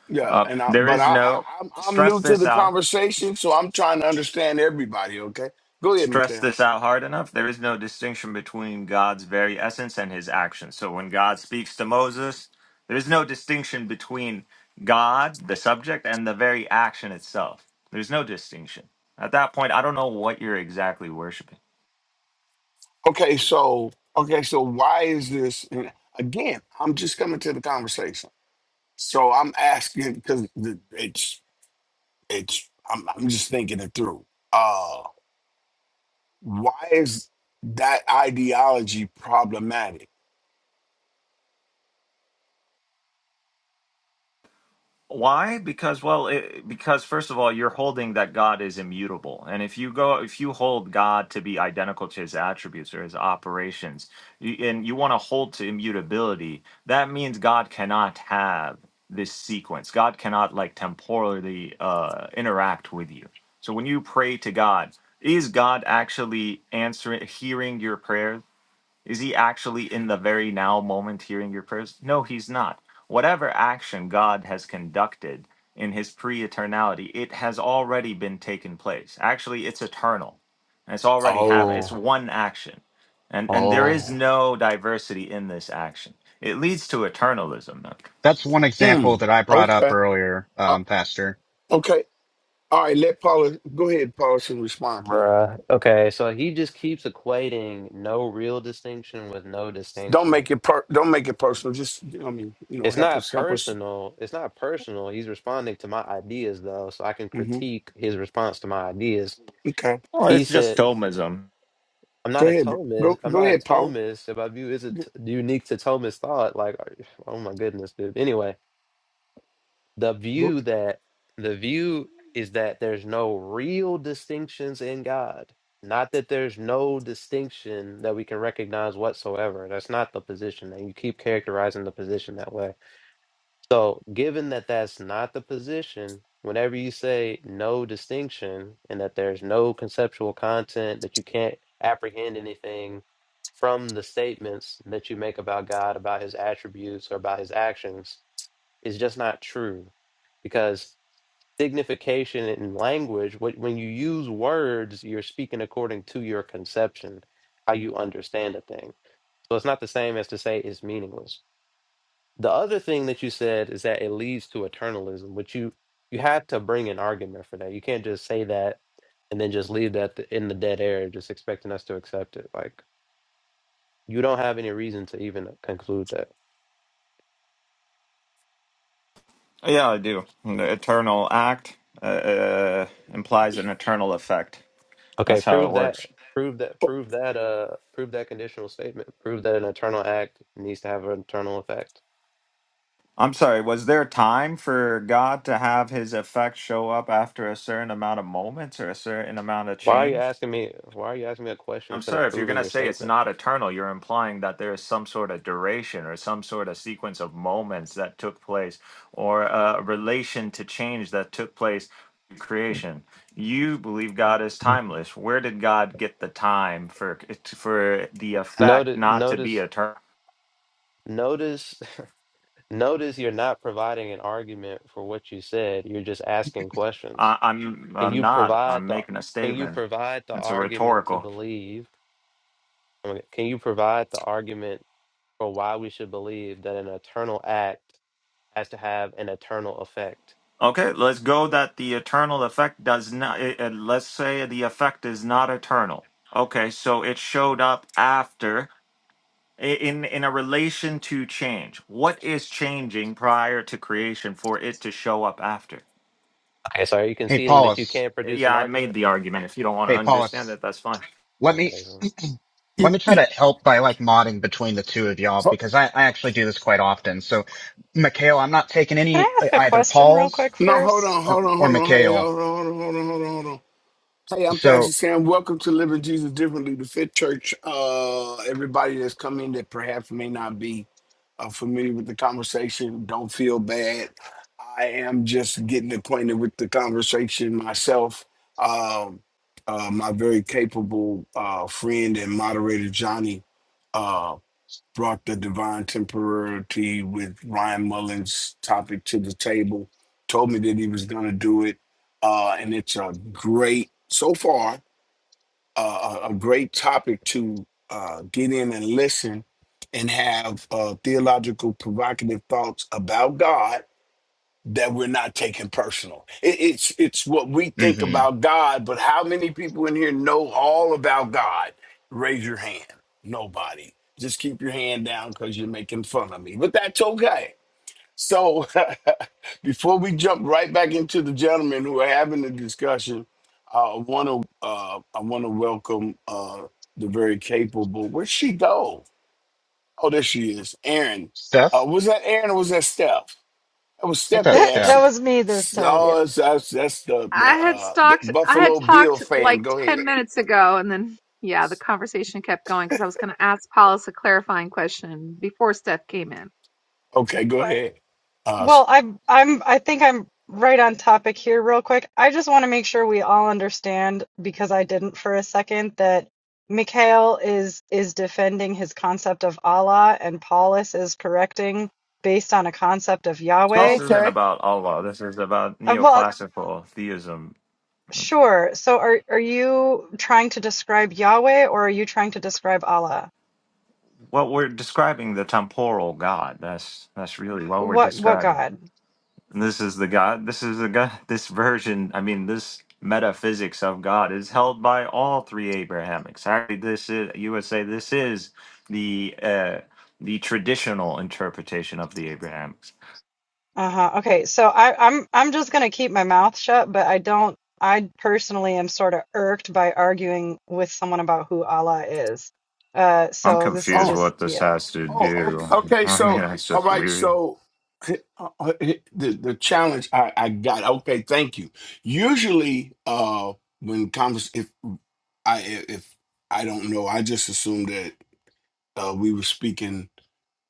Speaker 11: yeah.
Speaker 13: Uh,
Speaker 11: And I,
Speaker 13: there
Speaker 11: but
Speaker 13: is
Speaker 11: I, I
Speaker 13: no
Speaker 11: I'm I'm
Speaker 13: stress
Speaker 11: new to
Speaker 13: this
Speaker 11: the
Speaker 13: out.
Speaker 11: conversation, so I'm trying to understand everybody. Okay, go ahead,
Speaker 13: Stress
Speaker 11: Mikhail.
Speaker 13: this out hard enough. There is no distinction between God's very essence and His actions. So when God speaks to Moses, there is no distinction between God, the subject, and the very action itself. There's no distinction. At that point, I don't know what you're exactly worshiping.
Speaker 11: Okay, so okay, so why is this? And again, I'm just coming to the conversation. So I'm asking because the- it's it's I'm I'm just thinking it through. Uh, why is that ideology problematic?
Speaker 13: Why? Because well, it, because first of all, you're holding that God is immutable, and if you go, if you hold God to be identical to His attributes or His operations, you, and you want to hold to immutability, that means God cannot have this sequence. God cannot like temporally uh, interact with you. So when you pray to God, is God actually answering, hearing your prayers? Is he actually in the very now moment hearing your prayers? No, he's not. Whatever action God has conducted in his pre eternality, it has already been taken place. Actually, it's eternal. And it's already happened. It's
Speaker 11: Oh,
Speaker 13: one action. And and there is
Speaker 11: oh.
Speaker 13: no diversity in this action. It leads to eternalism. though.
Speaker 9: That's one
Speaker 11: Hmm.
Speaker 9: example that I brought up
Speaker 11: Okay.
Speaker 9: earlier,
Speaker 11: Uh,
Speaker 9: um, Pastor.
Speaker 11: okay. All right. Let Paula go ahead. Paula should respond, please.
Speaker 6: Bruh. Okay, so he just keeps equating no real distinction with no
Speaker 11: Don't
Speaker 6: distinction.
Speaker 11: make it per. Don't make it personal. Just you know, what I mean, you know,
Speaker 6: It's
Speaker 11: help
Speaker 6: not
Speaker 11: us. Help us.
Speaker 6: personal. It's not personal. He's responding to my ideas though, so I can
Speaker 11: hmm
Speaker 6: critique his response to my ideas.
Speaker 11: Okay.
Speaker 13: Well,
Speaker 6: He
Speaker 13: it's just
Speaker 6: said,
Speaker 13: Thomism.
Speaker 6: "I'm not
Speaker 11: Go
Speaker 6: a
Speaker 11: ahead. Bro.
Speaker 6: Thomist.
Speaker 11: Go.
Speaker 6: I'm
Speaker 11: Go
Speaker 6: not a
Speaker 11: ahead, Paula.
Speaker 6: Thomist. If my view
Speaker 11: Go.
Speaker 6: isn't unique to Thomist thought, like, are- oh my goodness, dude. Anyway, the
Speaker 11: go-
Speaker 6: view that the view is that there's no real distinctions in God. Not that there's no distinction that we can recognize whatsoever. That's not the position. And you keep characterizing the position that way. So, given that that's not the position, whenever you say no distinction and that there's no conceptual content, that you can't apprehend anything from the statements that you make about God, about his attributes, or about his actions, is just not true because signification in language, wh- when you use words, you're speaking according to your conception, how you understand a thing. So it's not the same as to say it's meaningless. The other thing that you said is that it leads to eternalism, which you you had to bring an argument for that. You can't just say that and then just leave that in the dead air, just expecting us to accept it. Like you don't have any reason to even conclude that.
Speaker 13: Yeah, I do. The eternal act uh, uh, implies an eternal effect.
Speaker 6: Okay,
Speaker 13: That's how it
Speaker 6: prove
Speaker 13: works.
Speaker 6: that. Prove that.
Speaker 11: oh,
Speaker 6: Prove that. Uh, prove that conditional statement. Prove that an eternal act needs to have an eternal effect.
Speaker 13: I'm sorry, was there time for God to have his effect show up after a certain amount of moments or a certain amount of
Speaker 6: Why are you
Speaker 13: change?
Speaker 6: asking me? Why are you asking me a question
Speaker 13: I'm
Speaker 6: instead of
Speaker 13: sorry, if you're going
Speaker 6: proving
Speaker 13: to
Speaker 6: your
Speaker 13: say it's
Speaker 6: statement?
Speaker 13: not eternal, you're implying that there is some sort of duration or some sort of sequence of moments that took place or a relation to change that took place in creation. You believe God is timeless. Where did God get the time for for the effect
Speaker 6: Notice.
Speaker 13: not to be
Speaker 6: Notice.
Speaker 13: eternal?
Speaker 6: Notice. Notice you're not providing an argument for what you said. You're just asking questions.
Speaker 13: I, I'm
Speaker 6: Can
Speaker 13: I'm
Speaker 6: you
Speaker 13: not.
Speaker 6: provide
Speaker 13: I'm
Speaker 6: the?
Speaker 13: making a
Speaker 6: Can you
Speaker 13: statement.
Speaker 6: provide the
Speaker 13: It's a
Speaker 6: argument to
Speaker 13: rhetorical.
Speaker 6: believe? okay, Can you provide the argument for why we should believe that an eternal act has to have an eternal effect?
Speaker 13: Okay, let's go that the eternal effect does not. It, it- let's say the effect is not eternal. Okay, so it showed up after i- in in a relation to change. What is changing prior to creation for it to show up after?
Speaker 6: Okay, so are you
Speaker 9: Hey,
Speaker 6: conceding that you
Speaker 9: Paulus.
Speaker 6: can't produce an
Speaker 13: Yeah, I made
Speaker 6: argument?
Speaker 13: the argument. If you don't want to
Speaker 9: Hey,
Speaker 13: understand
Speaker 9: Paulus.
Speaker 13: it, that's fine.
Speaker 9: Let
Speaker 6: Okay,
Speaker 9: me,
Speaker 6: so
Speaker 11: you-
Speaker 9: Let me try to help by like modding between the two of y'all
Speaker 11: oh,
Speaker 9: because I, I actually do this quite often. So, Mikhail, I'm not taking
Speaker 7: Can
Speaker 9: any
Speaker 7: I
Speaker 9: uh,
Speaker 7: ask a
Speaker 9: either
Speaker 7: question real
Speaker 9: Paul's
Speaker 7: quick
Speaker 11: No, hold
Speaker 7: first?
Speaker 11: on,
Speaker 9: or
Speaker 11: hold on,
Speaker 9: or
Speaker 11: hold on. Hey,
Speaker 9: Mikhail.
Speaker 11: hold on, hold on, hold on, hold on, hold on. Hey, I'm Pastor
Speaker 9: So,
Speaker 11: Sam. Welcome to Living Jesus Differently, the Fit Church. Uh, everybody that's come in that perhaps may not be uh, familiar with the conversation, don't feel bad. I am just getting acquainted with the conversation myself. Um, uh, my very capable uh, friend and moderator, Johnny. uh, brought the divine temporality with Ryan Mullins topic to the table, told me that he was going to do it. Uh, and it's a great, so far, uh, a a great topic to uh, get in and listen and have uh, theological provocative thoughts about God that we're not taking personal. It, it's it's what we think
Speaker 9: hmm
Speaker 11: about God, but how many people in here know all about God? Raise your hand. Nobody. Just keep your hand down because you're making fun of me. But that's okay. So before we jump right back into the gentlemen who are having the discussion, uh, I want to uh, I want to welcome uh, the very capable. Where'd she go? Oh, there she is, Aaron. Uh,
Speaker 9: Steph,
Speaker 11: was that Aaron or was that Steph? I was
Speaker 9: take
Speaker 11: stepped
Speaker 9: that,
Speaker 11: that asked
Speaker 7: That
Speaker 9: Steph.
Speaker 7: was me this time, yeah.
Speaker 11: Oh, that's that's, that's the the,
Speaker 14: I had
Speaker 11: uh, the
Speaker 14: stalked. I had
Speaker 11: Buffalo Bill
Speaker 14: talked
Speaker 11: fan.
Speaker 14: like
Speaker 11: Go
Speaker 14: ten
Speaker 11: ahead.
Speaker 14: minutes ago, and then yeah, the conversation kept going because I was going to ask Paulus a clarifying question before Steph came in.
Speaker 11: Okay, go
Speaker 7: But
Speaker 11: ahead. Uh,
Speaker 7: well, I'm I'm I think I'm right on topic here real quick. I just want to make sure we all understand because I didn't for a second that Mikhail is is defending his concept of Allah and Paulus is correcting based on a concept of
Speaker 13: This
Speaker 7: Yahweh.
Speaker 13: isn't
Speaker 11: okay.
Speaker 13: about Allah. This is about
Speaker 7: Uh, well,
Speaker 13: neoclassical theism.
Speaker 7: sure. So are are you trying to describe Yahweh or are you trying to describe Allah?
Speaker 13: Well, we're describing the temporal God. That's that's really what we're
Speaker 7: What what
Speaker 13: describing.
Speaker 7: God?
Speaker 13: And this is the God. This is the God. This version. I mean, this metaphysics of God is held by all three Abrahamics. Actually, this is you would say this is the uh, the traditional interpretation of the Abrahamics.
Speaker 7: Uh-huh. Okay. So I, I'm I'm just gonna keep my mouth shut, but I don't I personally am sort of irked by arguing with someone about who Allah is. Uh
Speaker 13: I'm
Speaker 7: so this is
Speaker 13: confused
Speaker 11: Oh,
Speaker 7: just
Speaker 13: what this
Speaker 7: yeah.
Speaker 13: has to
Speaker 11: oh, okay.
Speaker 13: do.
Speaker 11: okay.
Speaker 13: I mean,
Speaker 11: So,
Speaker 13: that's
Speaker 11: all
Speaker 13: just
Speaker 11: right.
Speaker 13: weird.
Speaker 11: So, h- uh, uh, h- the the challenge I, I got. Okay, thank you. Usually, uh, when convers if I if I don't know, I just assumed that uh, we were speaking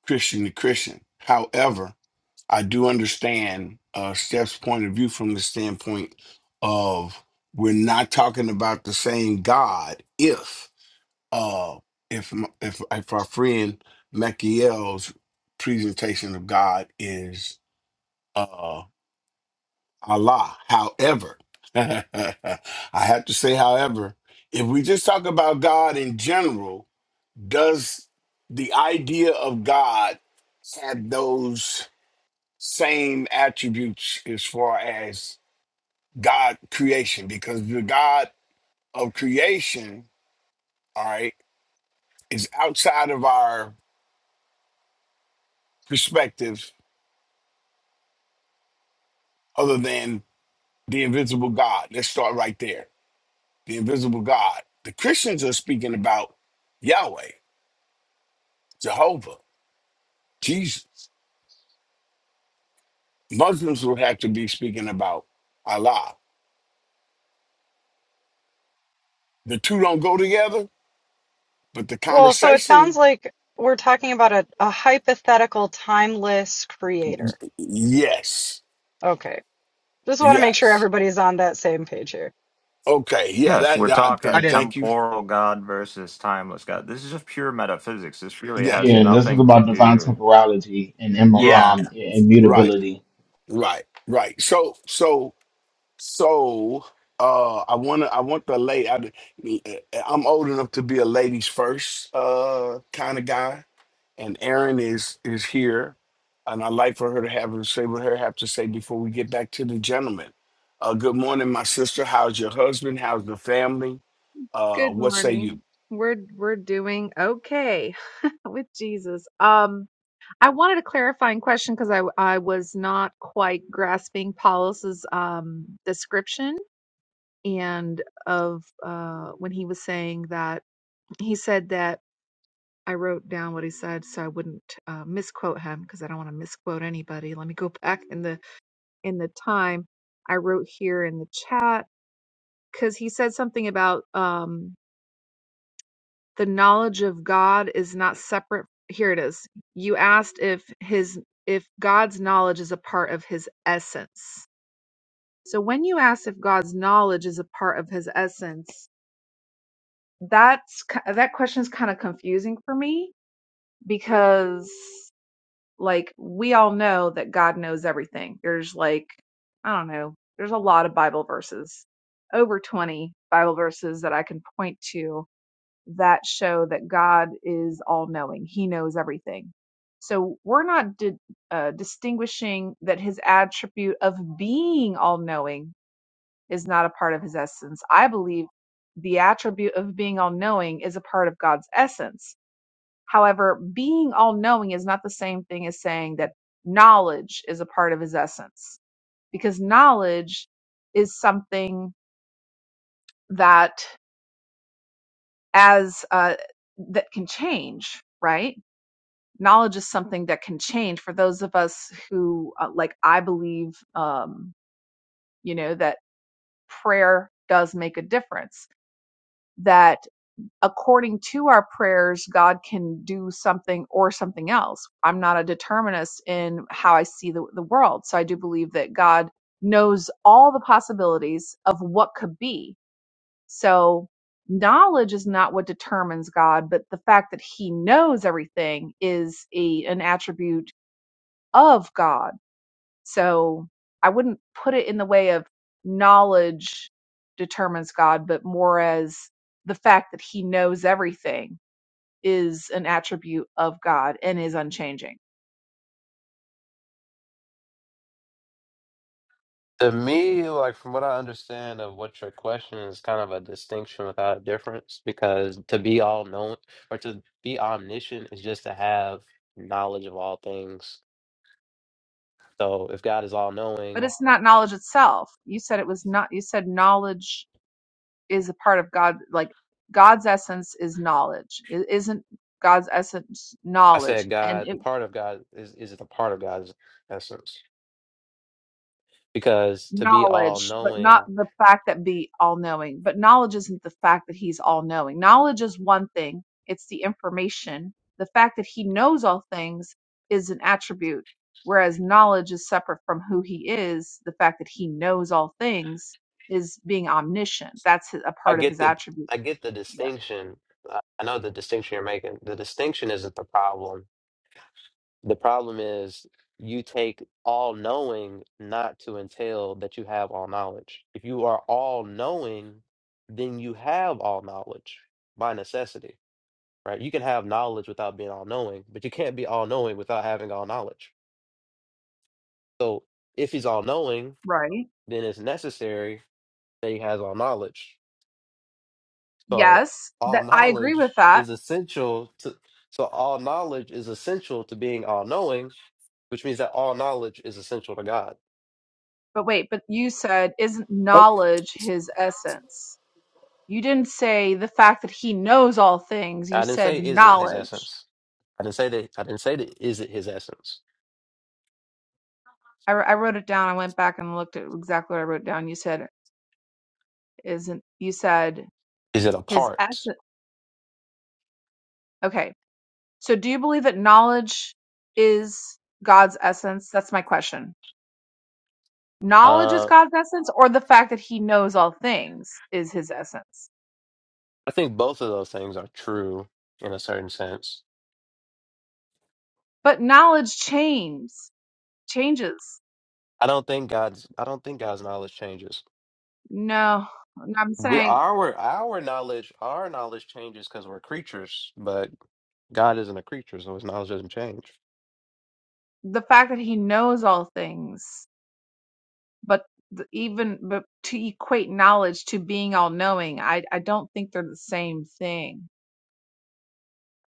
Speaker 11: Christian to Christian. However, I do understand uh, Steph's point of view from the standpoint of we're not talking about the same God if uh, if m- if if our friend Mekiel's presentation of God is uh, Allah. However, I have to say, however, if we just talk about God in general, does the idea of God have those? same attributes as far as God creation, because the God of creation, all right, is outside of our perspective other than the invisible God. Let's start right there. The invisible God. The Christians are speaking about Yahweh, Jehovah, Jesus. Muslims will have to be speaking about Allah. The two don't go together, but the
Speaker 7: Well, so it sounds
Speaker 11: conversation,
Speaker 7: like we're talking about a, a hypothetical timeless creator.
Speaker 11: yes,
Speaker 7: Okay. Just want to make sure
Speaker 11: yes.
Speaker 7: everybody's on that same page here.
Speaker 11: Okay, yeah,
Speaker 13: Yes,
Speaker 11: that.
Speaker 13: we're
Speaker 11: yeah, I- I
Speaker 9: I
Speaker 13: talking
Speaker 9: didn't.
Speaker 11: thank you.
Speaker 13: temporal God versus timeless God. This is just pure metaphysics. This really
Speaker 11: Yeah,
Speaker 13: has
Speaker 1: yeah, this is
Speaker 13: nothing to
Speaker 1: about divine
Speaker 13: do
Speaker 1: temporality and immo-
Speaker 11: right,
Speaker 9: Yeah,
Speaker 1: um
Speaker 11: right,
Speaker 1: immutability.
Speaker 11: right, right. So, so, so, uh, I wanna, I want the lady. I, I'm old enough to be a ladies first, uh, kind of guy, and Erin is is here, and I'd like for her to have to say what her have to say before we get back to the gentleman. Uh, good morning, my sister. How's your husband? How's the family? Uh,
Speaker 14: Good
Speaker 11: what say you?
Speaker 14: morning. We're we're doing okay with Jesus. Um, I wanted a clarifying question because I I was not quite grasping Paulus's um description and of uh when he was saying that he said that I wrote down what he said so I wouldn't uh, misquote him because I don't want to misquote anybody. Let me go back in the in the time I wrote here in the chat because he said something about um, the knowledge of God is not separate. Here it is. You asked if his if God's knowledge is a part of his essence. So when you ask if God's knowledge is a part of his essence, that's ki- that question is kind of confusing for me because like we all know that God knows everything. There's like I don't know, there's a lot of Bible verses, over 20 Bible verses that I can point to that show that God is all knowing. He knows everything. So we're not di- uh, distinguishing that his attribute of being all knowing is not a part of his essence. I believe the attribute of being all knowing is a part of God's essence However, being all knowing is not the same thing as saying that knowledge is a part of his essence, because knowledge is something that as uh, that can change, right? Knowledge is something that can change for those of us who, uh, like I believe, um, you know, that prayer does make a difference. That according to our prayers, God can do something or something else. I'm not a determinist in how I see the, the world. So I do believe that God knows all the possibilities of what could be. So knowledge is not what determines God, but the fact that he knows everything is a, an attribute of God. So I wouldn't put it in the way of knowledge determines God, but more as the fact that he knows everything is an attribute of God and is unchanging.
Speaker 6: to me, like from what I understand of what your question is, kind of a distinction without a difference, because to be all known or to be omniscient is just to have knowledge of all things. So if God is all
Speaker 14: But
Speaker 6: knowing,
Speaker 14: it's not knowledge itself. You said it was not, you said knowledge is a part of God. Like God's essence is knowledge. It isn't God's essence
Speaker 6: I
Speaker 14: knowledge.
Speaker 6: said
Speaker 14: And
Speaker 6: God, the
Speaker 14: it
Speaker 6: part of God is is the part of God's essence, because to be all
Speaker 14: knowledge, but not
Speaker 6: knowing,
Speaker 14: the fact that be all knowing. But knowledge isn't the fact that he's all knowing. Knowledge is one thing, it's the information. The fact that he knows all things is an attribute, whereas knowledge is separate from who he is. The fact that he knows all things is being omniscient. That's a
Speaker 6: I
Speaker 14: part of
Speaker 6: get
Speaker 14: his
Speaker 6: the
Speaker 14: attribute.
Speaker 6: I get the
Speaker 14: Yeah.
Speaker 6: distinction. I I know the distinction you're making. The distinction isn't the problem The problem is you take all knowing not to entail that you have all knowledge. If you are all knowing, then you have all knowledge by necessity, right? You can have knowledge without being all knowing, but you can't be all knowing without having all knowledge. So if he's all knowing,
Speaker 14: Right.
Speaker 6: then it's necessary that he has all knowledge. So
Speaker 14: Yes,
Speaker 6: all
Speaker 14: that I agree with
Speaker 6: knowledge
Speaker 14: that.
Speaker 6: is essential to so all knowledge is essential to being all knowing, which means that all knowledge is essential to God.
Speaker 14: But wait, but you said isn't
Speaker 11: Okay.
Speaker 14: knowledge his essence? You didn't say the fact that he knows all things. You
Speaker 6: I didn't say
Speaker 14: said
Speaker 6: is it his
Speaker 14: knowledge.
Speaker 6: essence. I didn't say that. I didn't say that. Is it his essence?
Speaker 14: I, I wrote it down. I went back and looked at exactly what I wrote down. You said isn't. You said
Speaker 6: Is it a
Speaker 14: his
Speaker 6: part?
Speaker 14: essence. Okay. So do you believe that knowledge is God's essence? That's my question. Knowledge is
Speaker 6: Uh,
Speaker 14: God's essence, or the fact that He knows all things is His essence.
Speaker 6: I think both of those things are true in a certain sense.
Speaker 14: But knowledge changes. Changes.
Speaker 6: I don't think God's. I don't think God's knowledge changes.
Speaker 14: No, I'm
Speaker 6: We,
Speaker 14: saying
Speaker 6: our our knowledge our knowledge changes because we're creatures, but God isn't a creature, so His knowledge doesn't change.
Speaker 14: the fact that He knows all things. but the, even but to equate knowledge to being all knowing, I I don't think they're the same thing.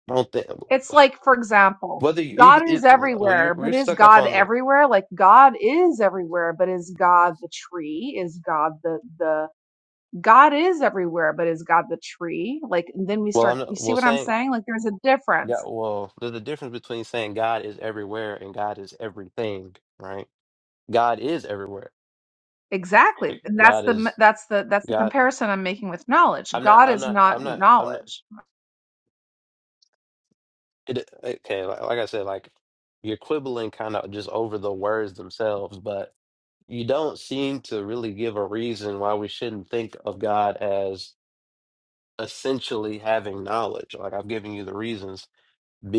Speaker 6: I don't think
Speaker 14: It's like, for example,
Speaker 6: whether you
Speaker 14: God
Speaker 6: even it,
Speaker 14: is
Speaker 6: well you're
Speaker 14: everywhere,
Speaker 6: we're
Speaker 14: but is
Speaker 6: stuck up
Speaker 14: God
Speaker 6: on the
Speaker 14: everywhere? Like God is everywhere, but is God the tree? Is God the the God is everywhere, but is God the tree? Like and then we
Speaker 6: well I'm
Speaker 14: start. You
Speaker 6: not,
Speaker 14: see
Speaker 6: well
Speaker 14: what I'm
Speaker 6: saying
Speaker 14: saying? Like there's a
Speaker 6: yeah
Speaker 14: difference.
Speaker 6: well there's a difference between saying God is everywhere and God is everything, right? God is everywhere.
Speaker 14: Exactly. And that's
Speaker 6: God
Speaker 14: the
Speaker 6: is
Speaker 14: that's the that's the
Speaker 6: God.
Speaker 14: comparison I'm making with knowledge.
Speaker 6: I'm not.
Speaker 14: God
Speaker 6: I'm
Speaker 14: is
Speaker 6: not.
Speaker 14: not
Speaker 6: I'm not. I'm not.
Speaker 14: knowledge
Speaker 6: It, okay, like, like I said, like you're quibbling kind of just over the words themselves, but you don't seem to really give a reason why we shouldn't think of God as essentially having knowledge. Like I've given you the reasons.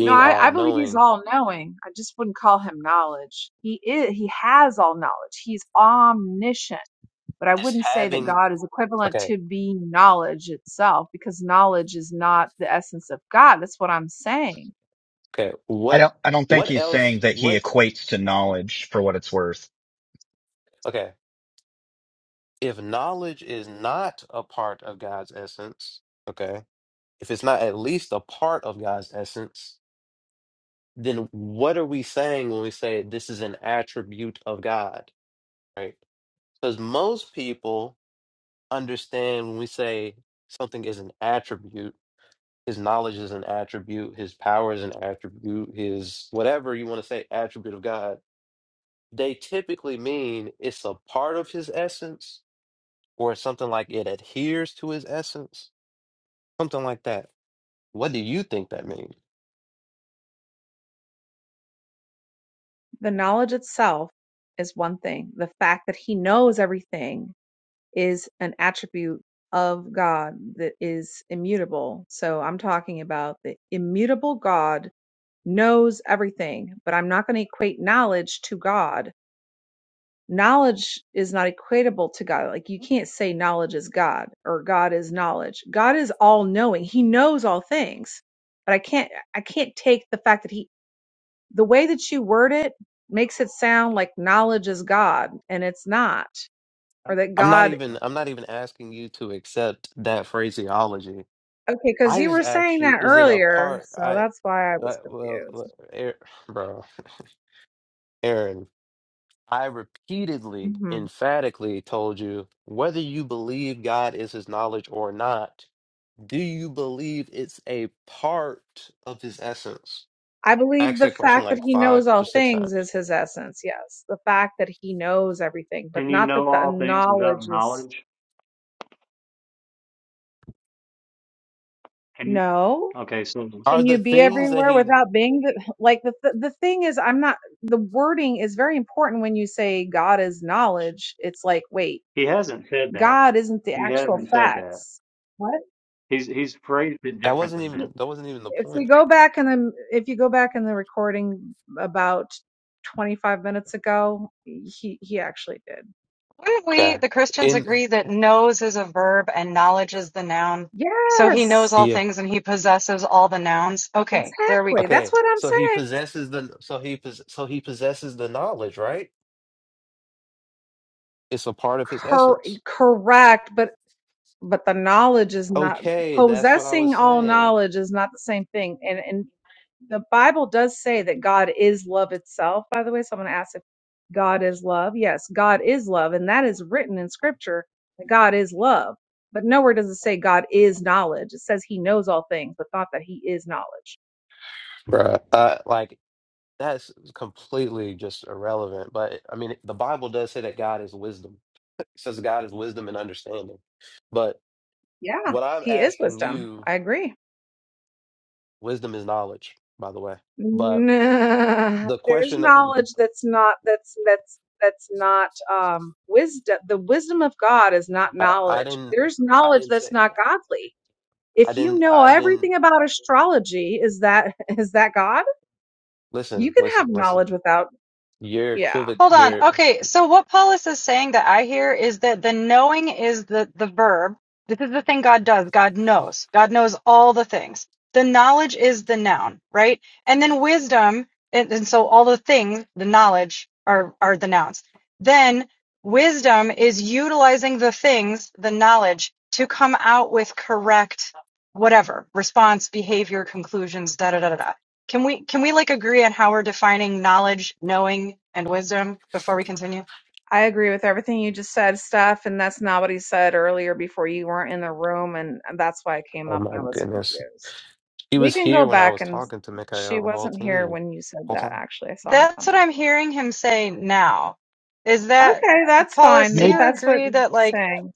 Speaker 14: No, I,
Speaker 6: all
Speaker 14: I believe he's
Speaker 6: knowing
Speaker 14: all knowing. I just wouldn't call him knowledge. He is he has all knowledge. He's omniscient. But I
Speaker 6: is
Speaker 14: wouldn't say that
Speaker 6: having.
Speaker 14: God is equivalent
Speaker 6: Okay.
Speaker 14: to being knowledge itself, because knowledge is not the essence of God. That's what I'm saying.
Speaker 6: Okay.
Speaker 9: I
Speaker 6: What?
Speaker 9: don't. I don't think
Speaker 6: What
Speaker 9: he's
Speaker 6: else?
Speaker 9: saying that he
Speaker 6: What?
Speaker 9: equates to knowledge for what it's worth.
Speaker 6: Okay. If knowledge is not a part of God's essence, okay. if it's not at least a part of God's essence, then what are we saying when we say this is an attribute of God, right? Because most people understand when we say something is an attribute, his knowledge is an attribute, his power is an attribute, his whatever you want to say, attribute of God, they typically mean it's a part of his essence or it's something like it adheres to his essence, something like that. What do you think that means?
Speaker 14: The knowledge itself is one thing. The fact that he knows everything is an attribute of God that is immutable. So I'm talking about the immutable God knows everything, but I'm not going to equate knowledge to God. Knowledge is not equatable to God. Like you can't say knowledge is God or God is knowledge. God is all knowing. He knows all things. But I can't I can't take the fact that he the way that you word it makes it sound like knowledge is God and it's not or that
Speaker 6: I'm not
Speaker 14: God
Speaker 6: even I'm not even asking you to accept that phraseology.
Speaker 14: okay cuz
Speaker 6: I
Speaker 14: you
Speaker 6: just
Speaker 14: were
Speaker 6: asked
Speaker 14: saying
Speaker 6: you,
Speaker 14: that
Speaker 6: is it a
Speaker 14: earlier,
Speaker 6: part?
Speaker 14: so
Speaker 6: I
Speaker 14: that's why I
Speaker 6: uh,
Speaker 14: was
Speaker 6: well, well,
Speaker 14: confused.
Speaker 6: er, bro, Aaron. I repeatedly,
Speaker 14: Mm-hmm.
Speaker 6: emphatically told you whether you believe God is His knowledge or not. Do you believe it's a part of His essence?
Speaker 14: I
Speaker 6: I
Speaker 14: believe
Speaker 6: asked
Speaker 14: the
Speaker 6: that question
Speaker 14: fact that
Speaker 6: like
Speaker 14: he
Speaker 6: five
Speaker 14: knows
Speaker 6: or
Speaker 14: all
Speaker 6: six
Speaker 14: things
Speaker 6: times.
Speaker 14: is his essence. Yes. The fact that he knows everything, but
Speaker 5: Can you
Speaker 14: not that
Speaker 5: know
Speaker 14: the
Speaker 5: all things
Speaker 14: knowledge
Speaker 5: without
Speaker 14: is
Speaker 5: knowledge? Can you?
Speaker 14: no.
Speaker 5: Okay, so
Speaker 6: Are
Speaker 14: Can you
Speaker 6: the
Speaker 14: be
Speaker 6: things that
Speaker 14: everywhere
Speaker 6: He
Speaker 14: without being the, like the, the the thing is I'm not the wording is very important when you say God is knowledge. It's like, wait,
Speaker 5: he hasn't said that.
Speaker 14: God isn't the
Speaker 5: He
Speaker 14: actual
Speaker 5: hasn't said that.
Speaker 14: facts. What?
Speaker 5: He's he's phrased it
Speaker 6: that
Speaker 5: different
Speaker 6: wasn't
Speaker 5: than that.
Speaker 14: He-
Speaker 6: even that wasn't even the
Speaker 14: If we
Speaker 6: point.
Speaker 14: go back and then if you go back in the recording about 25 minutes ago, he he actually did.
Speaker 7: Wouldn't we,
Speaker 6: Okay.
Speaker 7: the Christians,
Speaker 6: In
Speaker 7: agree that knows is a verb and knowledge is the noun? So he knows
Speaker 14: Yes.
Speaker 7: all
Speaker 6: yeah.
Speaker 7: things and he possesses all the nouns. Okay, there we go.
Speaker 14: Exactly. That's
Speaker 6: Okay,
Speaker 14: what I'm
Speaker 6: so he
Speaker 14: saying.
Speaker 6: possesses the so he pos so he possesses the knowledge, right? It's a part of his
Speaker 14: Cor-
Speaker 6: essence.
Speaker 14: correct, but but the knowledge is not
Speaker 6: Okay, that's what I was
Speaker 14: possessing all
Speaker 6: saying,
Speaker 14: knowledge is not the same thing. And and the Bible does say that God is love itself, by the way. Someone asked if God is love. Yes, God is love, and that is written in scripture that God is love. But nowhere does it say God is knowledge. It says he knows all things, but not that he is knowledge.
Speaker 6: bruh. Uh, like that's completely just irrelevant. But I mean, the Bible does say that God is wisdom. It says God is wisdom and understanding. But
Speaker 14: Yeah,
Speaker 6: what I'm
Speaker 14: he is
Speaker 6: asking
Speaker 14: wisdom.
Speaker 6: you,
Speaker 14: I agree.
Speaker 6: wisdom is knowledge, by the way. But
Speaker 14: Nah,
Speaker 6: the
Speaker 14: there's
Speaker 6: question that
Speaker 14: knowledge that's not that's that's that's not um wisdom. The wisdom of God is not
Speaker 6: I, I
Speaker 14: knowledge.
Speaker 6: didn't,
Speaker 14: There's
Speaker 6: I
Speaker 14: knowledge
Speaker 6: didn't say,
Speaker 14: that's not godly. If
Speaker 6: I
Speaker 14: you
Speaker 6: didn't,
Speaker 14: know
Speaker 6: I didn't.
Speaker 14: everything about astrology, is that is that God?
Speaker 6: Listen,
Speaker 14: You can have
Speaker 6: listen, listen.
Speaker 14: knowledge without
Speaker 6: You're
Speaker 14: yeah.
Speaker 6: equivoc.
Speaker 7: Hold on.
Speaker 6: You're
Speaker 7: Okay, so what Paulus is saying that I hear is that the knowing is the the verb. This is the thing God does. God knows. God knows all the things. The knowledge is the noun, right? And then wisdom, and, and so all the things, the knowledge are are the nouns. Then wisdom is utilizing the things, the knowledge, to come out with correct whatever response, behavior, conclusions, da da da da da. Can we can we like agree on how we're defining knowledge, knowing, and wisdom before we continue?
Speaker 14: I agree with everything you just said, Steph, and that's not what he said earlier before you weren't in the room, and that's why I came
Speaker 6: Oh
Speaker 14: up
Speaker 6: my
Speaker 14: and I was
Speaker 6: goodness.
Speaker 14: confused.
Speaker 6: He
Speaker 14: We
Speaker 6: was
Speaker 14: can go
Speaker 6: here when I
Speaker 14: back
Speaker 6: was
Speaker 14: and
Speaker 6: talking to
Speaker 14: she
Speaker 6: Mikhail the whole
Speaker 14: wasn't here
Speaker 6: team.
Speaker 14: when you said
Speaker 6: Whole
Speaker 14: that,
Speaker 6: time.
Speaker 14: actually. I saw her coming.
Speaker 7: That's what I'm hearing him say now. Is that
Speaker 14: Okay, that's
Speaker 7: Paulus,
Speaker 14: fine
Speaker 7: do
Speaker 14: if
Speaker 9: Maybe
Speaker 7: you
Speaker 14: that's what
Speaker 7: agree
Speaker 14: you're
Speaker 7: that like
Speaker 14: saying.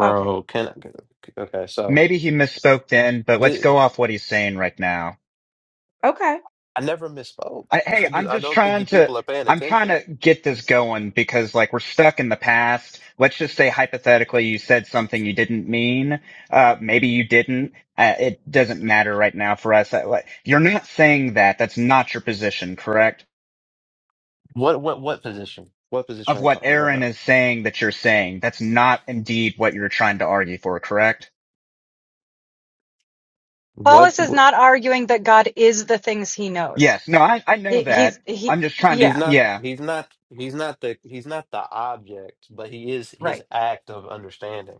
Speaker 7: okay.
Speaker 6: can I, okay, so
Speaker 9: maybe he misspoke then, but let's
Speaker 6: the
Speaker 9: go off what he's saying right now.
Speaker 14: Okay,
Speaker 6: I never misspoke.
Speaker 9: I, hey,
Speaker 6: I just
Speaker 9: I'm
Speaker 6: I
Speaker 9: just
Speaker 6: don't think
Speaker 9: trying
Speaker 6: you
Speaker 9: to
Speaker 6: people are paying
Speaker 9: I'm trying
Speaker 6: attention.
Speaker 9: to get this going because like we're stuck in the past. Let's just say hypothetically you said something you didn't mean. Uh, maybe you didn't. Uh, it doesn't matter right now for us. Uh, like, You're not saying that. That's not your position, correct?
Speaker 6: What what what position? What
Speaker 9: Of
Speaker 6: position are you
Speaker 9: what
Speaker 6: talking about
Speaker 9: Aaron
Speaker 6: now?
Speaker 9: is saying that you're saying, that's not indeed what you're trying to argue for, correct?
Speaker 6: What,
Speaker 7: Paulus is
Speaker 6: what
Speaker 7: not arguing that God is the things he knows.
Speaker 9: Yes. No, I, I know
Speaker 7: He
Speaker 9: that.
Speaker 7: he's he
Speaker 9: I'm just trying to,
Speaker 6: he's
Speaker 7: yeah,
Speaker 6: not
Speaker 9: yeah.
Speaker 6: he's not he's not the he's not the object, but he is his
Speaker 7: right.
Speaker 6: act of understanding.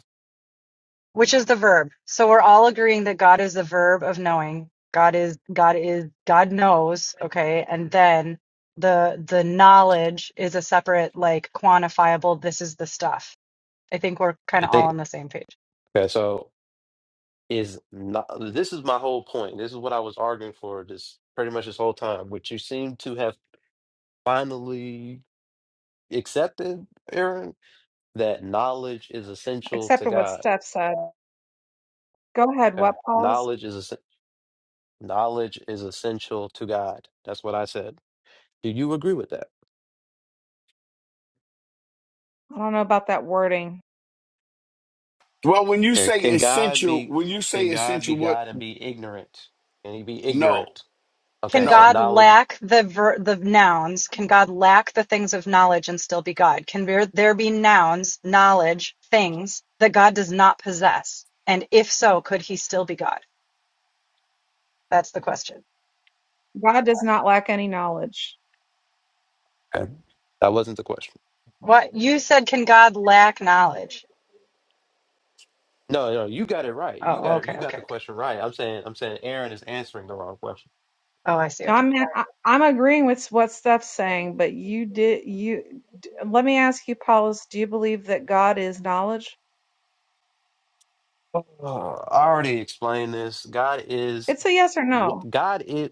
Speaker 7: Which is the verb. So we're all agreeing that God is the verb of knowing. God is God is God knows, okay? And then the the knowledge is a separate like quantifiable this is the stuff I think we're kind
Speaker 6: I
Speaker 7: of all
Speaker 6: think
Speaker 7: on the same page.
Speaker 6: okay, so is not this is my whole point. This is what I was arguing for this pretty much this whole time, which you seem to have finally accepted, Aaron, that knowledge is essential
Speaker 14: except
Speaker 6: to
Speaker 14: for what
Speaker 6: God.
Speaker 14: Steph said. Go ahead.
Speaker 6: Okay.
Speaker 14: What, Paul's?
Speaker 6: Knowledge is es- knowledge is essential to God. That's what I said. Do you agree with that?
Speaker 14: I don't know about that wording.
Speaker 11: Well, when you
Speaker 6: Okay.
Speaker 11: say
Speaker 6: Can God
Speaker 11: essential,
Speaker 6: be
Speaker 11: when you say
Speaker 6: can God be
Speaker 11: essential, what?
Speaker 6: God and be ignorant? Can he be
Speaker 11: No,
Speaker 6: ignorant?
Speaker 7: Can
Speaker 6: Okay, so
Speaker 11: no.
Speaker 7: God
Speaker 6: knowledge
Speaker 7: lack the ver- the nouns? Can God lack the things of knowledge and still be God? Can there, there be nouns, knowledge, things that God does not possess? And if so, could he still be God? That's the question.
Speaker 14: God does not lack any knowledge.
Speaker 6: okay. That wasn't the question.
Speaker 7: What you said, can God lack knowledge?
Speaker 6: No, no, you got it right. You
Speaker 7: Oh,
Speaker 6: got it.
Speaker 7: okay,
Speaker 6: You got
Speaker 7: okay,
Speaker 6: the
Speaker 7: okay.
Speaker 6: question right. I'm saying I'm saying Aaron is answering the wrong question.
Speaker 7: Oh, I see. Okay.
Speaker 14: Now, I'm I- I'm agreeing with what Steph's saying, but you did you. d- Let me ask you, Paulus. Do you believe that God is knowledge?
Speaker 6: Oh, I already explained this. God is
Speaker 14: It's a yes or
Speaker 6: what
Speaker 14: no.
Speaker 6: God is.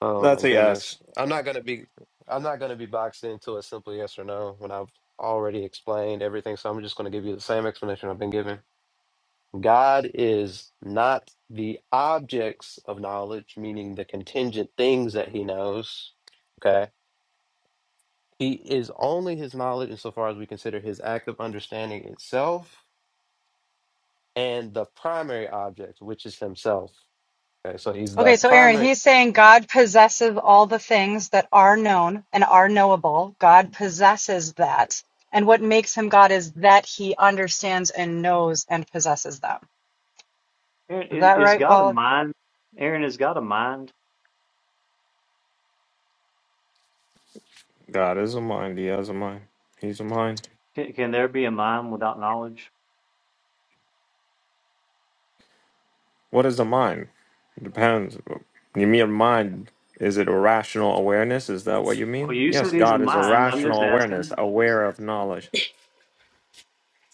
Speaker 6: Oh my
Speaker 13: That's a
Speaker 6: goodness.
Speaker 13: yes.
Speaker 6: I'm not gonna be I'm not gonna be boxed into a simple yes or no when I've already explained everything. So I'm just gonna give you the same explanation I've been given. God is not the objects of knowledge, meaning the contingent things that he knows. Okay. He is only his knowledge insofar as we consider his act of understanding itself and the primary object, which is himself. Okay, so he's the
Speaker 7: Okay, so Aaron,
Speaker 6: primary
Speaker 7: he's saying God possesses all the things that are known and are knowable. God possesses that. And what makes him God is that he understands and knows and possesses them.
Speaker 5: Aaron,
Speaker 7: Is that
Speaker 5: i- is
Speaker 7: right,
Speaker 5: God a
Speaker 7: Paula?
Speaker 5: mind? Aaron, is God a mind?
Speaker 13: God is a mind. He has a mind. He's a mind.
Speaker 5: Can, can there be a mind without knowledge?
Speaker 13: What is a mind? It depends. You mean mind? Is it irrational awareness? Is that what you
Speaker 5: Well,
Speaker 13: mean?
Speaker 5: you
Speaker 13: Yes,
Speaker 5: said he's a
Speaker 13: God is a
Speaker 5: mind. I'm
Speaker 13: rational
Speaker 5: just
Speaker 13: awareness,
Speaker 5: asking.
Speaker 13: aware of knowledge.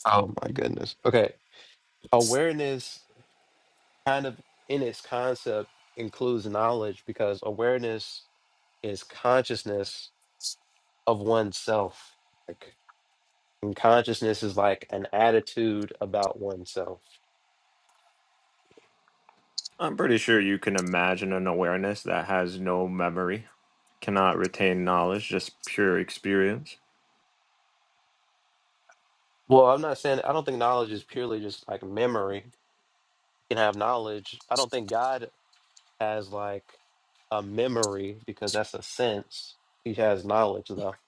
Speaker 6: Oh my goodness. Okay. Awareness. kind of in its concept includes knowledge because awareness is consciousness of oneself. Like, and consciousness is like an attitude about oneself.
Speaker 13: I'm pretty sure you can imagine an awareness that has no memory, cannot retain knowledge, just pure experience.
Speaker 6: Well, I'm not saying I don't think knowledge is purely just like memory. You can have knowledge. I don't think God has like a memory because that's a sense. He has knowledge though.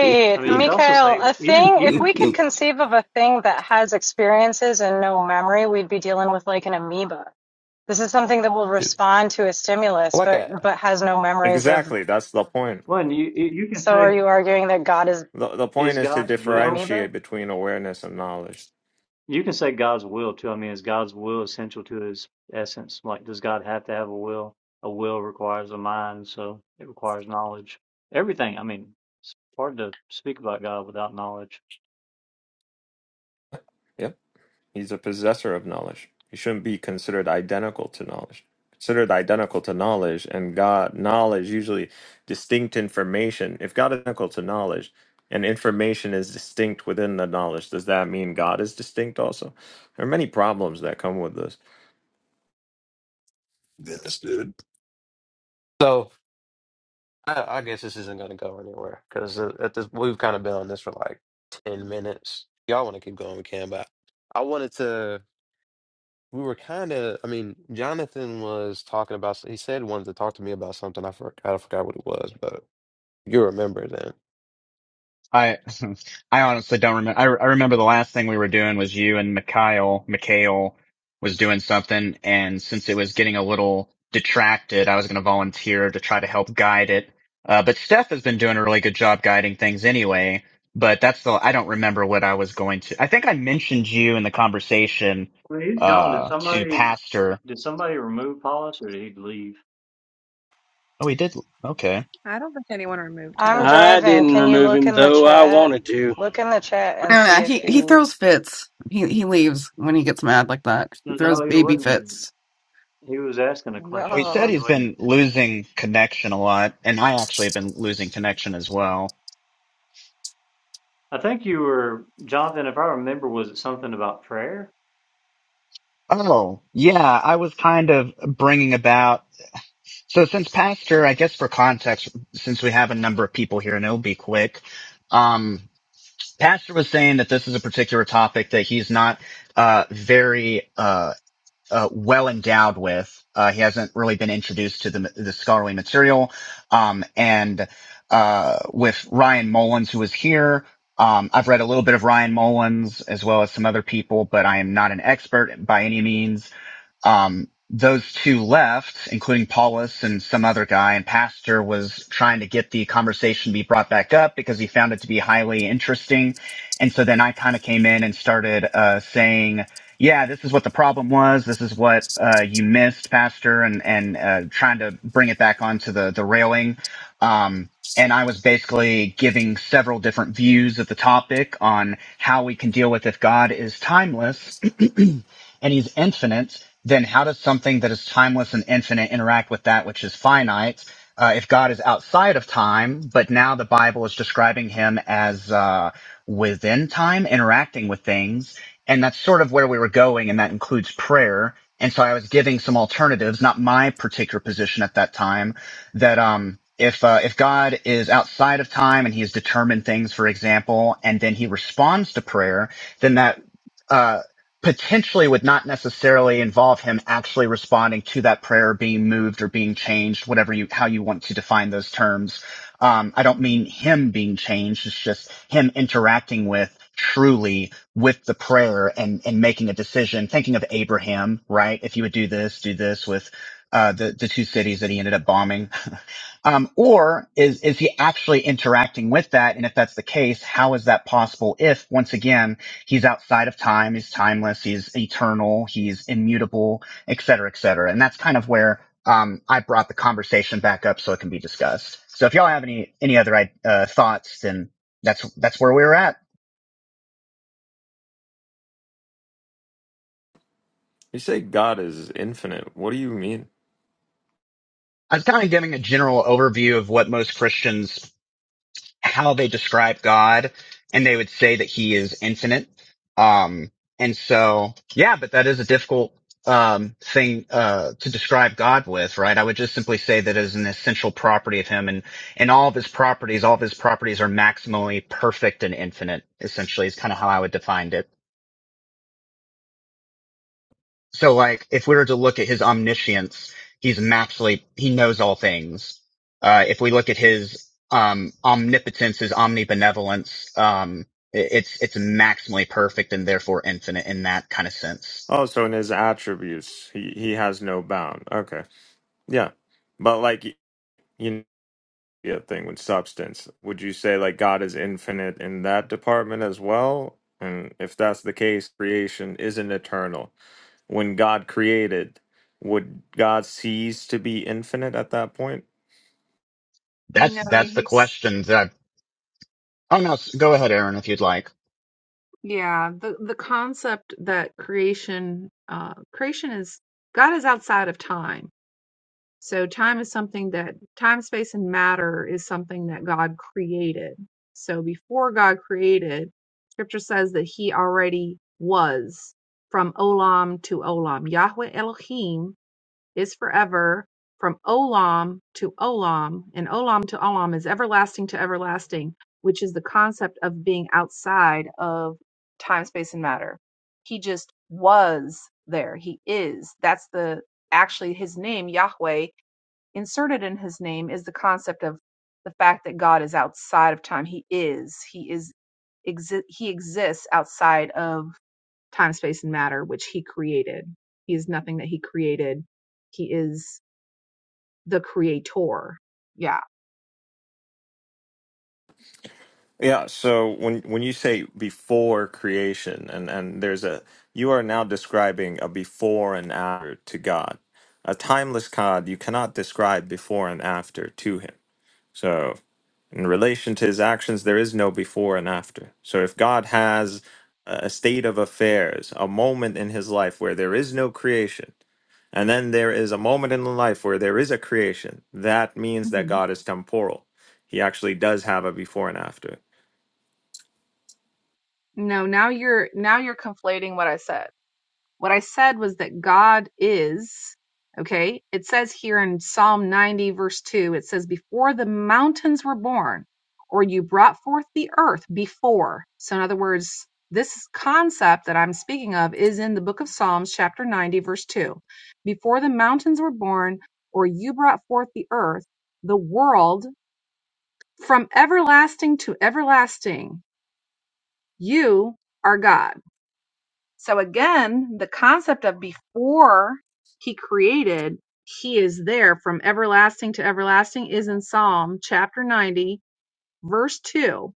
Speaker 5: I mean, you could also
Speaker 7: Mikhail,
Speaker 5: say
Speaker 7: a
Speaker 5: even
Speaker 7: thing, if
Speaker 5: even
Speaker 7: we could
Speaker 11: Mm.
Speaker 7: conceive of a thing that has experiences and no memory, we'd be dealing with like an amoeba. This is something that will
Speaker 6: Dude,
Speaker 7: respond to a stimulus,
Speaker 6: Like
Speaker 7: but
Speaker 6: a
Speaker 7: but has no memories of.
Speaker 13: Exactly. That's the point.
Speaker 5: when you you can
Speaker 7: So are
Speaker 5: say
Speaker 7: you arguing that God is
Speaker 13: The, the point
Speaker 5: is
Speaker 13: is to
Speaker 5: God's
Speaker 7: an
Speaker 5: will.
Speaker 7: amoeba?
Speaker 13: differentiate between awareness and knowledge.
Speaker 5: You can say God's will too. I mean, is God's will essential to His essence? Like, does God have to have a will? A will requires a mind, so it requires knowledge. Everything. I mean, it's hard to speak about God without knowledge.
Speaker 13: Yep. He's a possessor of knowledge. He shouldn't be considered identical to knowledge. Considered identical to knowledge and God knowledge usually distinct information. If God is identical to knowledge and information is distinct within the knowledge, does that mean God is distinct also? There are many problems that come with this.
Speaker 6: Yes, dude. so I, I guess this isn't going to go anywhere because at this we've kind of been on this for like ten minutes. Y'all want to keep going, we can. But I wanted to. We were kind of. I mean, Jonathan was talking about. He said he wanted to talk to me about something. I forgot. I forgot what it was, but you remember then.
Speaker 9: I I honestly don't remember. I, I remember the last thing we were doing was you and Mikhail. Mikhail was doing something, and since it was getting a little detracted, I was going to volunteer to try to help guide it. Uh, but Steph has been doing a really good job guiding things anyway. But that's the I don't remember what I was going to. I think I mentioned you in the conversation
Speaker 5: I he's gone. Did
Speaker 9: uh, to
Speaker 5: somebody
Speaker 9: Pastor.
Speaker 5: did somebody remove Paulus, or did he leave?
Speaker 9: Oh, he did. Okay.
Speaker 14: I don't think anyone removed
Speaker 7: I'm
Speaker 14: him.
Speaker 3: I
Speaker 7: driving.
Speaker 3: didn't
Speaker 7: Can you
Speaker 3: remove
Speaker 7: look
Speaker 3: Him
Speaker 7: in the
Speaker 3: though I
Speaker 7: chat?
Speaker 3: wanted to.
Speaker 7: Look in the chat
Speaker 15: I
Speaker 7: and
Speaker 15: don't
Speaker 7: see
Speaker 15: know.
Speaker 7: if
Speaker 15: He he
Speaker 7: he.
Speaker 15: throws fits. He he leaves when he gets mad like that. He throws
Speaker 5: No, he
Speaker 15: baby
Speaker 5: wouldn't.
Speaker 15: fits.
Speaker 5: He was asking a question.
Speaker 9: Well, he
Speaker 5: Like
Speaker 9: said
Speaker 7: Yo.
Speaker 5: he
Speaker 9: he's
Speaker 5: wouldn't.
Speaker 9: been losing connection a lot, and I actually have been losing connection as well.
Speaker 5: I think you were Jonathan, if I remember, was it something about prayer?
Speaker 9: Oh, yeah, I was kind of bringing about. So since Pastor, I guess for context, since we have a number of people here and it'll be quick, um, Pastor was saying that this is a particular topic that he's not, uh, very, uh, uh, well endowed with. Uh, he hasn't really been introduced to the, the scholarly material. Um, and, uh, with Ryan Mullins, who is here, um, I've read a little bit of Ryan Mullins as well as some other people, but I am not an expert by any means um, those two left, including Paulus and some other guy, and Pastor was trying to get the conversation to be brought back up because he found it to be highly interesting. And so then I kind of came in and started uh, saying, "Yeah, this is what the problem was. This is what uh, you missed, Pastor," and and uh, trying to bring it back onto the the railing. Um, and I was basically giving several different views of the topic on how we can deal with if God is timeless and He's infinite then how does something that is timeless and infinite interact with that which is finite? Uh, if God is outside of time, but now the Bible is describing him as uh, within time, interacting with things, and that's sort of where we were going, and that includes prayer. And so I was giving some alternatives, not my particular position at that time, that um, if uh, if God is outside of time and He has determined things, for example, and then He responds to prayer, then that. Uh, potentially would not necessarily involve him actually responding to that prayer being moved or being changed, whatever you, how you want to define those terms. Um, I don't mean him being changed. It's just him interacting with truly with the prayer and, and making a decision, thinking of Abraham, right? If you would do this, do this with, uh, the, the two cities that he ended up bombing. Um, or is is he actually interacting with that? And if that's the case, how is that possible? If once again he's outside of time, he's timeless, he's eternal, he's immutable, et cetera, et cetera. And that's kind of where um, I brought the conversation back up so it can be discussed. So if y'all have any any other uh, thoughts, then that's that's where we were at.
Speaker 13: You say God is infinite. What do you mean?
Speaker 9: I was kind of giving a general overview of what most Christians how they describe God and they would say that he is infinite. Um, and so, yeah, but that is a difficult, um, thing, uh, to describe God with, right? I would just simply say that it is an essential property of him and, and all of his properties, all of his properties are maximally perfect and infinite, essentially is kind of how I would define it. So like, if we were to look at his omniscience, he's naturally, he knows all things. Uh, if we look at his, um, omnipotence, his omnibenevolence, um, i- it's, it's maximally perfect and therefore infinite in that kind of sense.
Speaker 13: Oh, so in his attributes, he, he has no bound. Okay. Yeah. But like you know yeah thing with substance would you say like god is infinite in that department as well and if that's the case creation isn't eternal when god created would god cease to be infinite at that point
Speaker 9: That's,
Speaker 14: No,
Speaker 9: that's the
Speaker 14: he's
Speaker 9: question that I've, oh no, s- go ahead, Aaron, if you'd like.
Speaker 14: yeah, the the concept that creation uh creation is God is outside of time. So time is something that time, space, and matter is something that God created. So before God created, scripture says that he already was from Olam to Olam. Yahweh Elohim is forever from Olam to Olam, and Olam to Olam is everlasting to everlasting, which is the concept of being outside of time, space, and matter. He just was there. He is. That's the actually his name, Yahweh Inserted in his name is the concept of the fact that God is outside of time. He is. He is exi- he exists outside of time, space, and matter, which he created. He is nothing that he created. He is the creator. Yeah.
Speaker 13: yeah so when when you say before creation and and there's a you are now describing a before and after to god a timeless god you cannot describe before and after to him so In relation to his actions, there is no before and after. So if God has a state of affairs, a moment in his life where there is no creation, and then there is a moment in life where there is a creation, that means that
Speaker 14: hmm
Speaker 13: God is temporal. He actually does have a before and after.
Speaker 14: No, now you're now you're conflating what I said. What I said was that God is, okay? It says here in Psalm 90, verse 2, it says, Before the mountains were born, or you brought forth the earth before. So, in other words, this concept that I'm speaking of is in the book of Psalms, chapter 90, verse 2. Before the mountains were born, or you brought forth the earth, the world, from everlasting to everlasting, you are God. So again, the concept of before he created, he is there from everlasting to everlasting is in Psalm chapter 90, verse 2.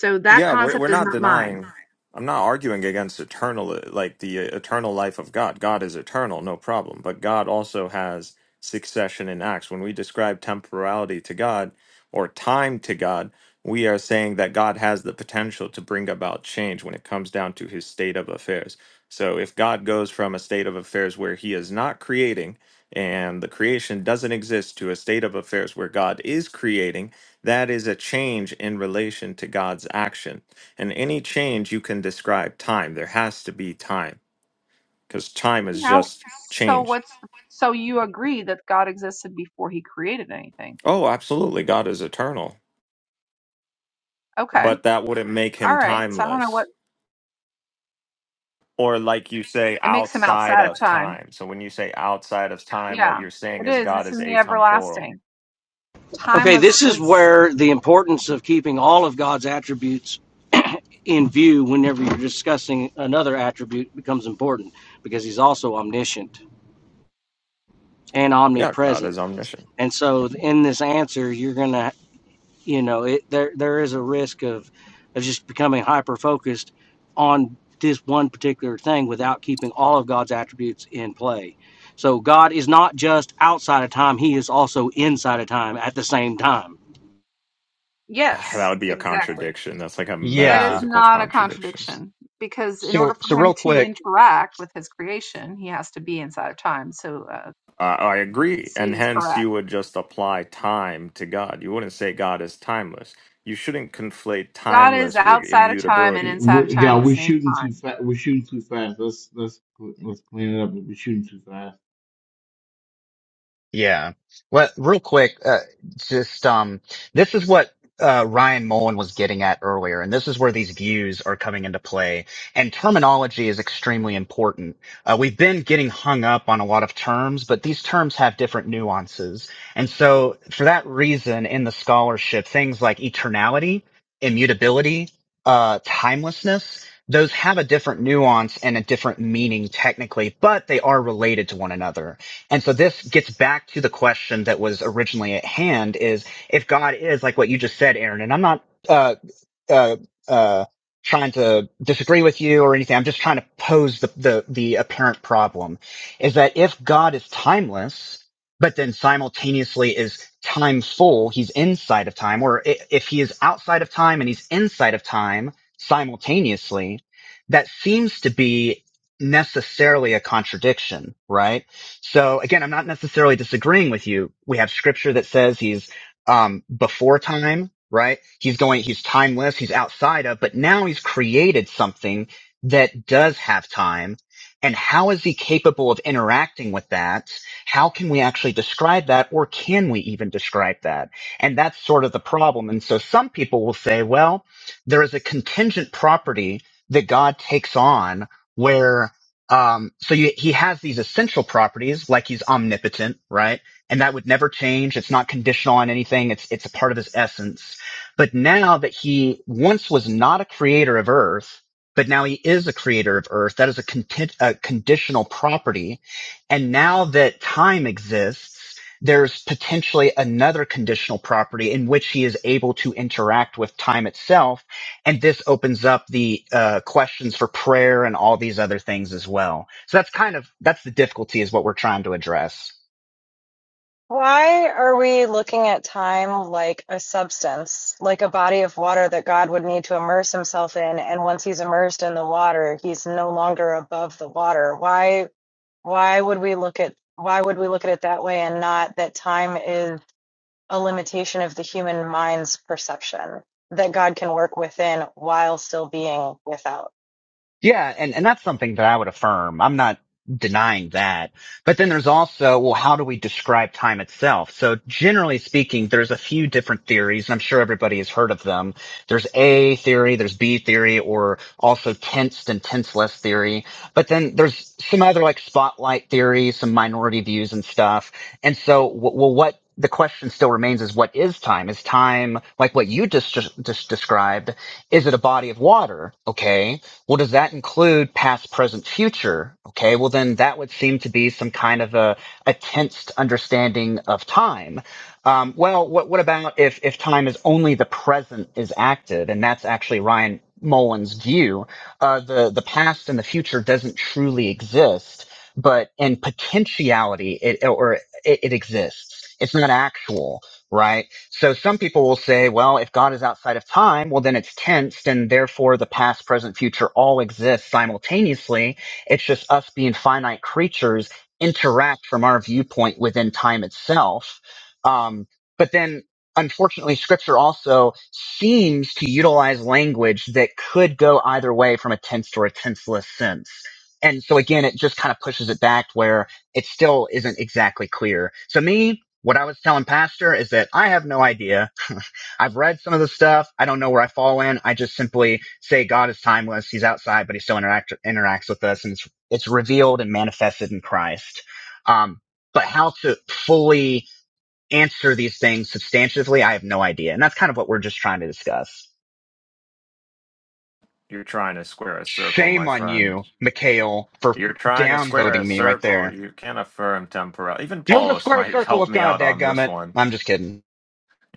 Speaker 14: So that
Speaker 13: Yeah, we're we're
Speaker 14: concept is
Speaker 13: not
Speaker 14: not mine.
Speaker 13: denying. I'm not arguing against eternal, like the uh, eternal life of God. God is eternal, no problem. But God also has succession in acts. When we describe temporality to God or time to God, we are saying that God has the potential to bring about change when it comes down to his state of affairs. So if God goes from a state of affairs where he is not creating and the creation doesn't exist to a state of affairs where God is creating, that is a change in relation to God's action. And any change you can describe time. There has to be time because time is
Speaker 14: How
Speaker 13: just
Speaker 14: so
Speaker 13: change.
Speaker 14: what's so you agree that God existed before he created anything.
Speaker 13: Oh, absolutely. God is eternal,
Speaker 14: Okay.
Speaker 13: but that wouldn't make
Speaker 14: All
Speaker 13: him
Speaker 14: right. So I don't know
Speaker 13: timeless.
Speaker 14: what
Speaker 13: Or, like you say,
Speaker 14: it makes him
Speaker 13: outside
Speaker 14: outside of
Speaker 13: of
Speaker 14: time.
Speaker 13: time. So, when you say outside of time, what
Speaker 14: Yeah.
Speaker 13: you're saying
Speaker 14: It
Speaker 13: is
Speaker 14: is.
Speaker 13: God
Speaker 14: It's
Speaker 13: is
Speaker 14: in the
Speaker 13: atemporal.
Speaker 14: everlasting. Time
Speaker 3: Okay,
Speaker 14: was
Speaker 3: this is
Speaker 14: was
Speaker 3: where the importance of keeping all of God's attributes in view whenever you're discussing another attribute becomes important because he's also omniscient and
Speaker 13: Yeah, God
Speaker 3: omnipresent.
Speaker 13: is omniscient.
Speaker 3: And so in this answer, you're going to, you know, it, there there is a risk of of just becoming hyper focused on this one particular thing without keeping all of God's attributes in play. So God is not just outside of time, he is also inside of time at the same time
Speaker 13: That
Speaker 14: yes,
Speaker 13: would be a
Speaker 14: exactly.
Speaker 13: contradiction. That's like a
Speaker 14: That is
Speaker 9: Yeah.
Speaker 13: metaphysical
Speaker 14: not a
Speaker 13: contradiction.
Speaker 14: contradiction because in order
Speaker 9: So, so
Speaker 14: for him
Speaker 9: real
Speaker 14: to
Speaker 9: quick,
Speaker 14: interact with his creation, he has to be inside of time. So uh,
Speaker 13: Uh, I agree.
Speaker 14: C
Speaker 13: And
Speaker 14: is
Speaker 13: hence, you
Speaker 14: correct.
Speaker 13: would just apply time to God. You wouldn't say God is timeless. You shouldn't conflate
Speaker 14: God is
Speaker 13: timeless with
Speaker 14: outside of time and
Speaker 13: immutability.
Speaker 14: inside of
Speaker 1: We,
Speaker 14: time
Speaker 1: yeah,
Speaker 14: at the
Speaker 1: we're
Speaker 14: same
Speaker 1: shooting too
Speaker 14: time.
Speaker 1: fast. We're shooting too fast. Let's let's let's clean it up. We're shooting too fast.
Speaker 9: Yeah. Well, real quick, uh, just um, this is what uh, Ryan Mullen was getting at earlier, and this is where these views are coming into play. And terminology is extremely important. Uh, we've been getting hung up on a lot of terms, but these terms have different nuances. And so, for that reason, in the scholarship, things like eternality, immutability, uh, timelessness. Those have a different nuance and a different meaning technically, but they are related to one another. And so this gets back to the question that was originally at hand is if God is like what you just said, Aaron, and I'm not, uh, uh, uh, trying to disagree with you or anything. I'm just trying to pose the, the, the apparent problem is that if God is timeless, but then simultaneously is time full, he's inside of time, or i- if he is outside of time and he's inside of time simultaneously, that seems to be necessarily a contradiction, right? So again, I'm not necessarily disagreeing with you. We have scripture that says he's um, before time, right? He's going, he's timeless, he's outside of, but now he's created something that does have time. And how is he capable of interacting with that? How can we actually describe that or can we even describe that? And that's sort of the problem. And so some people will say, well, there is a contingent property that God takes on where um, so you, he has these essential properties, like he's omnipotent, right? and that would never change. It's not conditional on anything. It's, it's a part of his essence. But now that he once was not a creator of earth, but now he is a creator of earth, that is a, content, a conditional property. And now that time exists, there's potentially another conditional property in which he is able to interact with time itself. And this opens up the uh, questions for prayer and all these other things as well. So that's kind of, that's the difficulty is what we're trying to address.
Speaker 7: Why are we looking at time like a substance, like a body of water that God would need to immerse himself in, and once he's immersed in the water, he's no longer above the water? Why why would we look at why would we look at it that way and not that time is a limitation of the human mind's perception that God can work within while still being without?
Speaker 9: Yeah, and, and that's something that I would affirm. I'm not denying that. But then there's also, well, how do we describe time itself? So generally speaking, there's a few different theories, and I'm sure everybody has heard of them. There's A theory, there's B theory, or also tensed and tenseless theory. But then there's some other like spotlight theory, some minority views and stuff. And so, w- well, what the question still remains is what is time? Is time like what you just, just, just described? Is it a body of water? Okay well, does that include past, present, future? Okay, well, then that would seem to be some kind of a, a tensed understanding of time. Um, well, what, what about if, if time is only the present is active? And that's actually Ryan Mullen's view. Uh, the, the past and the future doesn't truly exist, but in potentiality, it, or it, it exists. It's not actual, right? So some people will say, well, if God is outside of time, well, then it's tensed and therefore the past, present, future all exist simultaneously. It's just us being finite creatures interact from our viewpoint within time itself. Um, but then unfortunately scripture also seems to utilize language that could go either way from a tensed or a tenseless sense. And so again, it just kind of pushes it back where it still isn't exactly clear. So me, what I was telling Pastor is that I have no idea. I've read some of the stuff. I don't know where I fall in. I just simply say God is timeless. He's outside, but he still interact, interacts with us and it's, it's revealed and manifested in Christ. Um, but how to fully answer these things substantively, I have no idea. And that's kind of what we're just trying to discuss.
Speaker 13: You're trying to square a circle, my
Speaker 9: Shame on
Speaker 13: friend.
Speaker 9: you, Mikhail, for
Speaker 13: You're trying to square a
Speaker 9: downvoting me right
Speaker 13: circle.
Speaker 9: there.
Speaker 13: You can't affirm temporal. Even
Speaker 9: There's a
Speaker 13: Paulus
Speaker 9: square
Speaker 13: might
Speaker 9: circle
Speaker 13: help
Speaker 9: with
Speaker 13: me
Speaker 9: God,
Speaker 13: out on this
Speaker 9: dadgummit.
Speaker 13: one.
Speaker 9: I'm just kidding.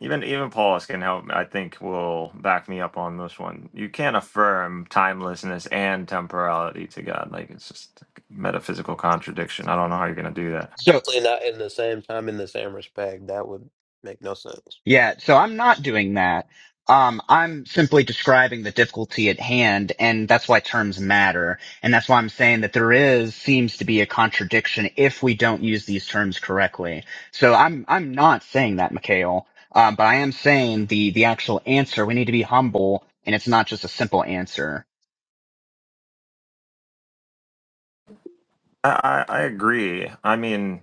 Speaker 13: Even even Paulus can help. I think will back me up on this one. You can't affirm timelessness and temporality to God. Like it's just a metaphysical contradiction. I don't know how you're gonna do that.
Speaker 9: So.
Speaker 6: Definitely not in the same time in the same respect. That would make no sense.
Speaker 9: Yeah, so I'm not doing that. Um, I'm simply describing the difficulty at hand, and that's why terms matter. And that's why I'm saying that there is, seems to be a contradiction if we don't use these terms correctly. So I'm, I'm not saying that, Mikhail. Um, but I am saying the, the actual answer, we need to be humble, and it's not just a simple answer.
Speaker 13: I, I, I agree. I mean,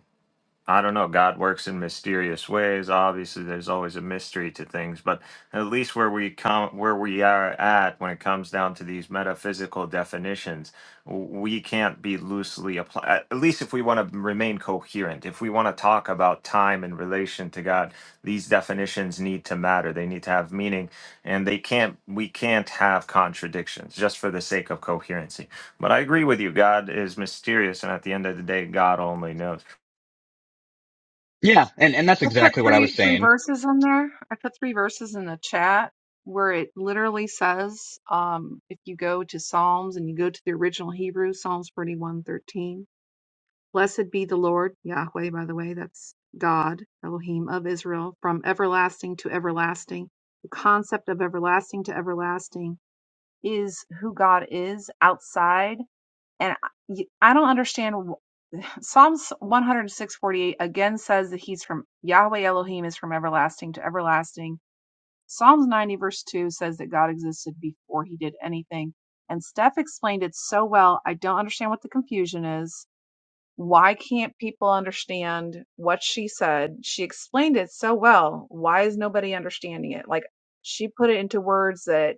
Speaker 13: I don't know. God works in mysterious ways. Obviously, there's always a mystery to things, but at least where we come, where we are at, when it comes down to these metaphysical definitions, w- we can't be loosely applied. At at least if we want to remain coherent, if we want to talk about time in relation to God, these definitions need to matter. They need to have meaning, and they can't. We can't have contradictions just for the sake of coherency. But I agree with you. God is mysterious, and at the end of the day, God only knows.
Speaker 9: Yeah, and, and that's
Speaker 14: I put
Speaker 9: exactly what I was
Speaker 14: three three
Speaker 9: saying.
Speaker 14: verses in there. I put three verses in the chat where it literally says, um, if you go to Psalms and you go to the original Hebrew, Psalms 41:13. Blessed be the Lord, Yahweh, by the way, that's God, Elohim of Israel, from everlasting to everlasting. The concept of everlasting to everlasting is who God is outside. And I I don't understand. wh- Psalms 106:48 again says that he's from Yahweh Elohim is from everlasting to everlasting. Psalms 90 verse 2 says that God existed before he did anything. And Steph explained it so well. I don't understand what the confusion is why can't people understand what she said? She explained it so well. Why is nobody understanding it? Like she put it into words that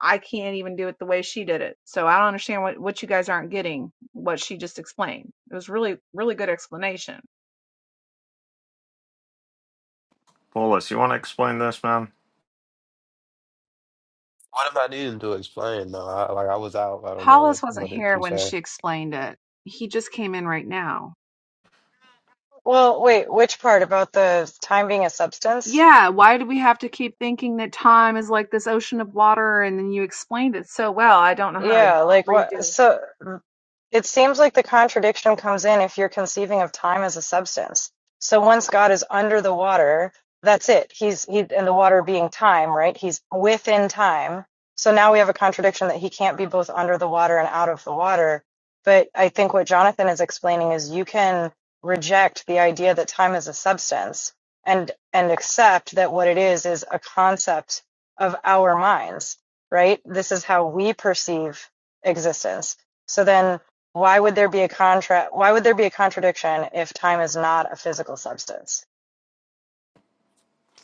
Speaker 14: I can't even do it the way she did it. So I don't understand what, what you guys aren't getting, what she just explained. It was really, really good explanation.
Speaker 13: Mullis, you want to explain this, man?
Speaker 6: What am I needing to explain though? I, like I was out. I don't know what
Speaker 14: Paulus wasn't
Speaker 6: what did
Speaker 14: here
Speaker 6: she
Speaker 14: when
Speaker 6: say.
Speaker 14: she explained it. He just came in right now.
Speaker 7: Well, wait, which part about the time being a substance?
Speaker 14: Yeah, why do we have to keep thinking that time is like this ocean of water? And then you explained it so well. I don't know how to
Speaker 7: Yeah, like
Speaker 14: redo.
Speaker 7: what?
Speaker 14: it.
Speaker 7: So It seems like the contradiction comes in if you're conceiving of time as a substance. So once God is under the water, that's it. He's he and the water being time, right? He's within time. So now we have a contradiction that he can't be both under the water and out of the water. But I think what Jonathan is explaining is you can reject the idea that time is a substance and and accept that what it is is a concept of our minds, right? This is how we perceive existence. So then why would there be a contra why would there be a contradiction if time is not a physical substance?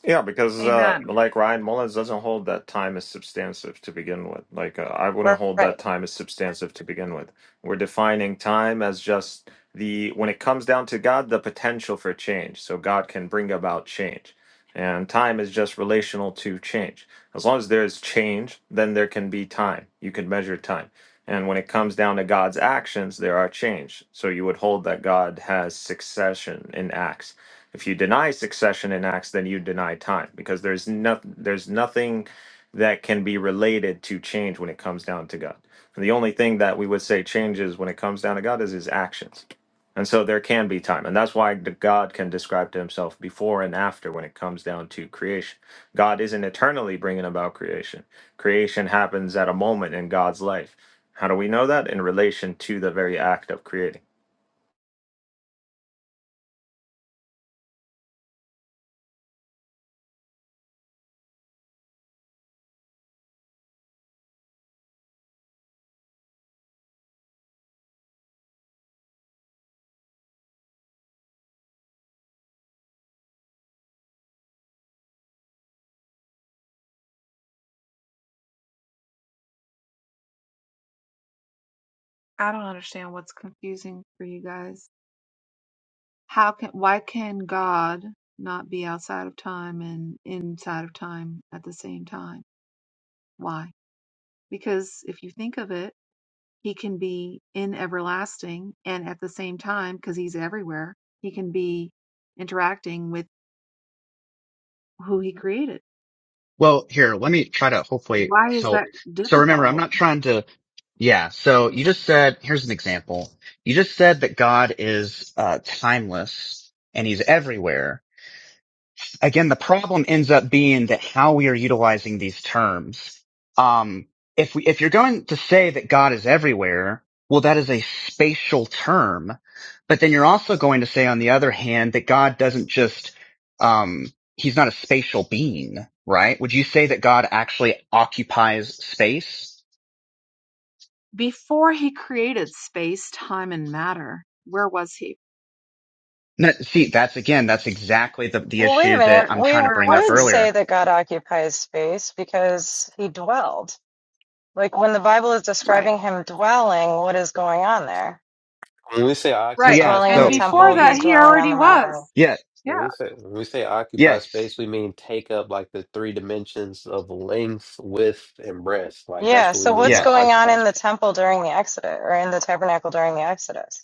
Speaker 13: Yeah, because uh,
Speaker 14: Amen.
Speaker 13: like Ryan Mullins doesn't hold that time as substantive to begin with. Like uh, I wouldn't hold that
Speaker 7: Right.
Speaker 13: time as substantive to begin with. We're defining time as just the when it comes down to God, the potential for change. So God can bring about change, and time is just relational to change. As long as there is change, then there can be time. You can measure time. And when it comes down to God's actions, there are change. So you would hold that God has succession in acts If you deny succession in Acts, then you deny time because there's nothing there's nothing that can be related to change when it comes down to God. And the only thing that we would say changes when it comes down to God is his actions. And so there can be time. And that's why the God can describe to himself before and after when it comes down to creation. God isn't eternally bringing about creation. Creation happens at a moment in God's life. How do we know that? In relation to the very act of creating.
Speaker 14: I don't understand what's confusing for you guys. How can why can God not be outside of time and inside of time at the same time? Why? Because if you think of it, he can be in everlasting and at the same time because he's everywhere, he can be interacting with who he created.
Speaker 9: Well, here, let me try to hopefully
Speaker 14: Why is that
Speaker 9: help. So remember, I'm
Speaker 14: difficult?
Speaker 9: not trying to Yeah. So you just said, here's an example. You just said that God is uh, timeless and he's everywhere. Again, the problem ends up being that how we are utilizing these terms. Um, if we, if you're going to say that God is everywhere, well, that is a spatial term, but then you're also going to say, on the other hand, that God doesn't just, um, he's not a spatial being, right? Would you say that God actually occupies space?
Speaker 14: Before he created space, time and matter, where was he?
Speaker 9: No, see, that's again, that's exactly the, the
Speaker 7: Well, wait a
Speaker 9: issue that
Speaker 14: Where
Speaker 7: minute.
Speaker 9: I'm
Speaker 7: We
Speaker 9: trying to
Speaker 14: where
Speaker 9: bring up
Speaker 14: was
Speaker 7: would
Speaker 14: he?
Speaker 7: say
Speaker 9: earlier.
Speaker 7: that God occupies space because he dwelled. Like when the Bible is
Speaker 14: Right.
Speaker 7: describing him dwelling, what is going on there?
Speaker 6: When we say
Speaker 9: So
Speaker 7: He's
Speaker 14: Right.
Speaker 6: occupy
Speaker 9: yeah,
Speaker 7: dwelling in
Speaker 14: And
Speaker 7: the
Speaker 9: so
Speaker 6: space, we
Speaker 14: before
Speaker 7: temple,
Speaker 14: that,
Speaker 7: he's
Speaker 6: mean
Speaker 14: he
Speaker 7: dwelling on
Speaker 14: already
Speaker 7: the
Speaker 6: when
Speaker 14: was.
Speaker 7: mountain.
Speaker 9: yeah,
Speaker 14: Yeah.
Speaker 6: we say when we say occupy
Speaker 9: yes,
Speaker 6: space, we mean take up like the three dimensions of length, width, and breadth. Like that's
Speaker 7: Yeah,
Speaker 6: what we
Speaker 7: so
Speaker 6: mean
Speaker 7: what's
Speaker 6: by
Speaker 7: going on
Speaker 9: yes,
Speaker 6: occupy
Speaker 7: in the temple during the Exodus or in the tabernacle during the Exodus?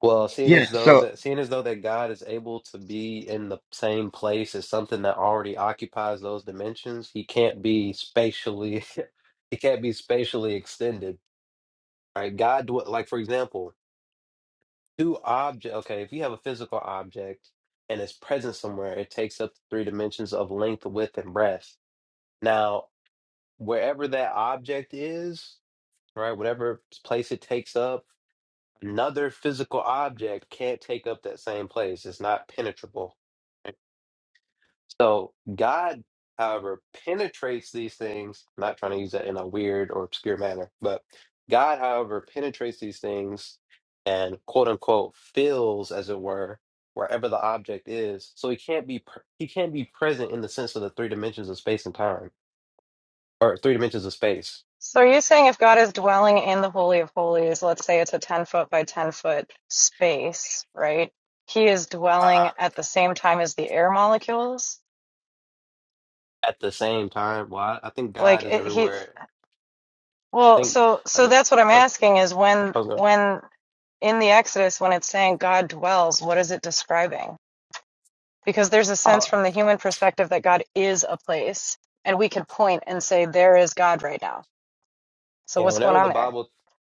Speaker 6: Well, seeing
Speaker 9: yeah.
Speaker 6: as though
Speaker 9: So
Speaker 6: that seeing as though that God is able to be in the same place as something that already occupies those dimensions, he can't be spatially he can't be spatially extended. Right? God dw- like for example, two object okay, if you have a physical object and it's present somewhere, it takes up three dimensions of length, width, and breadth. Now, wherever that object is, right, whatever place it takes up Another physical object can't take up that same place. It's not penetrable. Right? So God, however, penetrates these things. I'm not trying to use that in a weird or obscure manner, but God, however, penetrates these things and quote unquote fills, as it were, wherever the object is. So he can't be pr- he can't be present in the sense of the three dimensions of space and time, or three dimensions of space
Speaker 7: So are you saying if God is dwelling in the Holy of Holies, let's say it's a 10 foot by 10 foot space, right? He is dwelling
Speaker 6: uh
Speaker 7: at the same time as the air molecules?
Speaker 6: at the same time. Well, I, I think
Speaker 7: Like
Speaker 6: God is
Speaker 7: it, he
Speaker 6: everywhere. I
Speaker 7: well,
Speaker 6: think
Speaker 7: so
Speaker 6: I
Speaker 7: so
Speaker 6: think.
Speaker 7: that's what I'm
Speaker 6: oh,
Speaker 7: asking is when
Speaker 6: I was gonna
Speaker 7: when in the Exodus when it's saying God dwells, what is it describing? Because there's a sense from
Speaker 6: I'll,
Speaker 7: the human perspective that God is a place and we could point and say there is God right now. So
Speaker 6: yeah,
Speaker 7: what's going
Speaker 6: whenever the
Speaker 7: on there?
Speaker 6: Bible,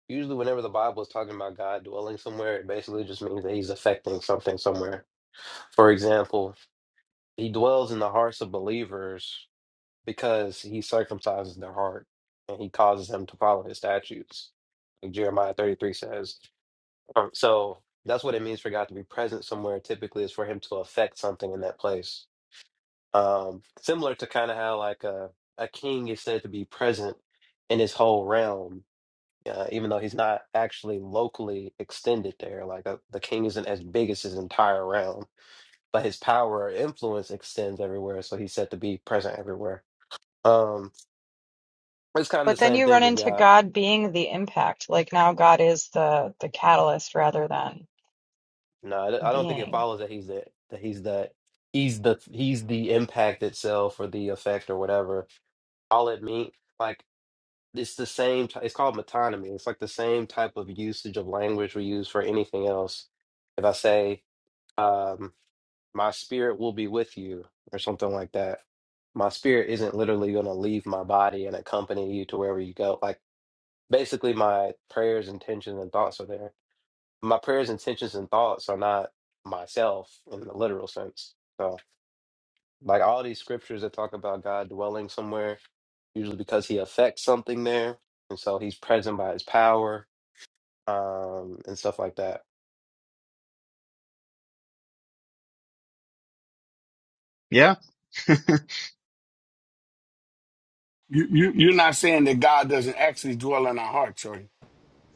Speaker 6: usually whenever the Bible is talking about God dwelling somewhere, it basically just means that He's affecting something somewhere. For example, He dwells in the hearts of believers because He circumcises their heart and He causes them to follow His statutes, like Jeremiah thirty three says. Um, so that's what it means for God to be present somewhere. Typically, is for Him to affect something in that place. Um, similar to kind of how like a a king is said to be present in his whole realm uh, even though he's not actually locally extended there. Like uh, the king isn't as big as his entire realm, but his power or influence extends everywhere. So he's said to be present everywhere. Um, it's kind of the
Speaker 7: But then
Speaker 6: same
Speaker 7: you
Speaker 6: thing
Speaker 7: run
Speaker 6: with
Speaker 7: into
Speaker 6: God.
Speaker 7: God being the impact. Like now God is the the catalyst rather than
Speaker 6: No, I don't
Speaker 7: a
Speaker 6: I don't think it
Speaker 7: being.
Speaker 6: follows that he's the that he's the he's the he's the impact itself or the effect or whatever. All it means like it's the same. T- it's called metonymy. It's like the same type of usage of language we use for anything else. If I say, um, my spirit will be with you or something like that my spirit isn't literally going to leave my body and accompany you to wherever you go like basically my prayers intentions and thoughts are there my prayers intentions and thoughts are not myself in the literal sense so like all these scriptures that talk about god dwelling somewhere usually because he affects something there and so he's present by his power um and stuff like that
Speaker 9: yeah,
Speaker 11: You, you you're not saying that God doesn't actually dwell in our hearts, are you?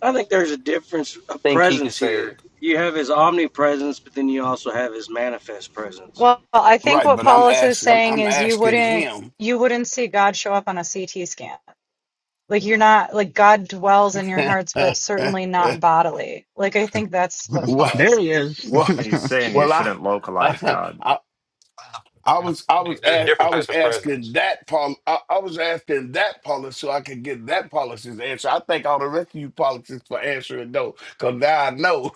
Speaker 3: I think there's a difference of
Speaker 6: think he can
Speaker 3: presence
Speaker 6: say
Speaker 3: here. You have his omnipresence, but then you also have his manifest presence.
Speaker 7: Well, I think
Speaker 11: Right,
Speaker 7: what
Speaker 11: but I'm
Speaker 7: Paulus is
Speaker 11: asking I'm,
Speaker 7: saying
Speaker 11: I'm
Speaker 7: is you
Speaker 11: asking
Speaker 7: wouldn't
Speaker 11: him.
Speaker 7: you wouldn't see God show up on a CT scan. Like you're not like God dwells in your hearts, but certainly not bodily. Like I think that's what
Speaker 11: well,
Speaker 9: there
Speaker 7: Paulus
Speaker 9: he
Speaker 7: is.
Speaker 9: is.
Speaker 11: well,
Speaker 13: He's saying you
Speaker 11: well, I,
Speaker 13: shouldn't localize
Speaker 11: I,
Speaker 13: God
Speaker 11: I, I was I was
Speaker 6: there's
Speaker 11: a,
Speaker 6: different
Speaker 11: I
Speaker 6: types
Speaker 11: was
Speaker 6: of
Speaker 11: asking
Speaker 6: presence
Speaker 11: that Paul I, I was asking that Paulus so I could get that Paulus's answer. I thank all the rest of you Pauluses for answering no, because now I know.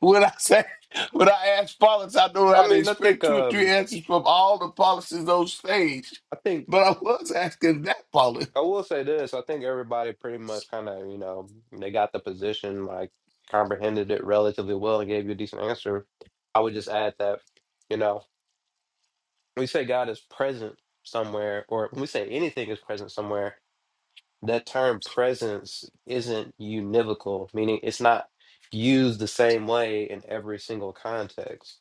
Speaker 11: When I say when I ask politics, I know
Speaker 6: i
Speaker 11: how to
Speaker 6: mean i think
Speaker 11: expect two or
Speaker 6: Um,
Speaker 11: three answers from all the politicians on stage.
Speaker 6: I think
Speaker 11: But I was asking that politics.
Speaker 6: I will say this. I think everybody pretty much kind of, you know, they got the position, like comprehended it relatively well and gave you a decent answer. I would just add that, you know, when we say God is present somewhere, or when we say anything is present somewhere, that term presence isn't univocal, meaning it's not used the same way in every single context.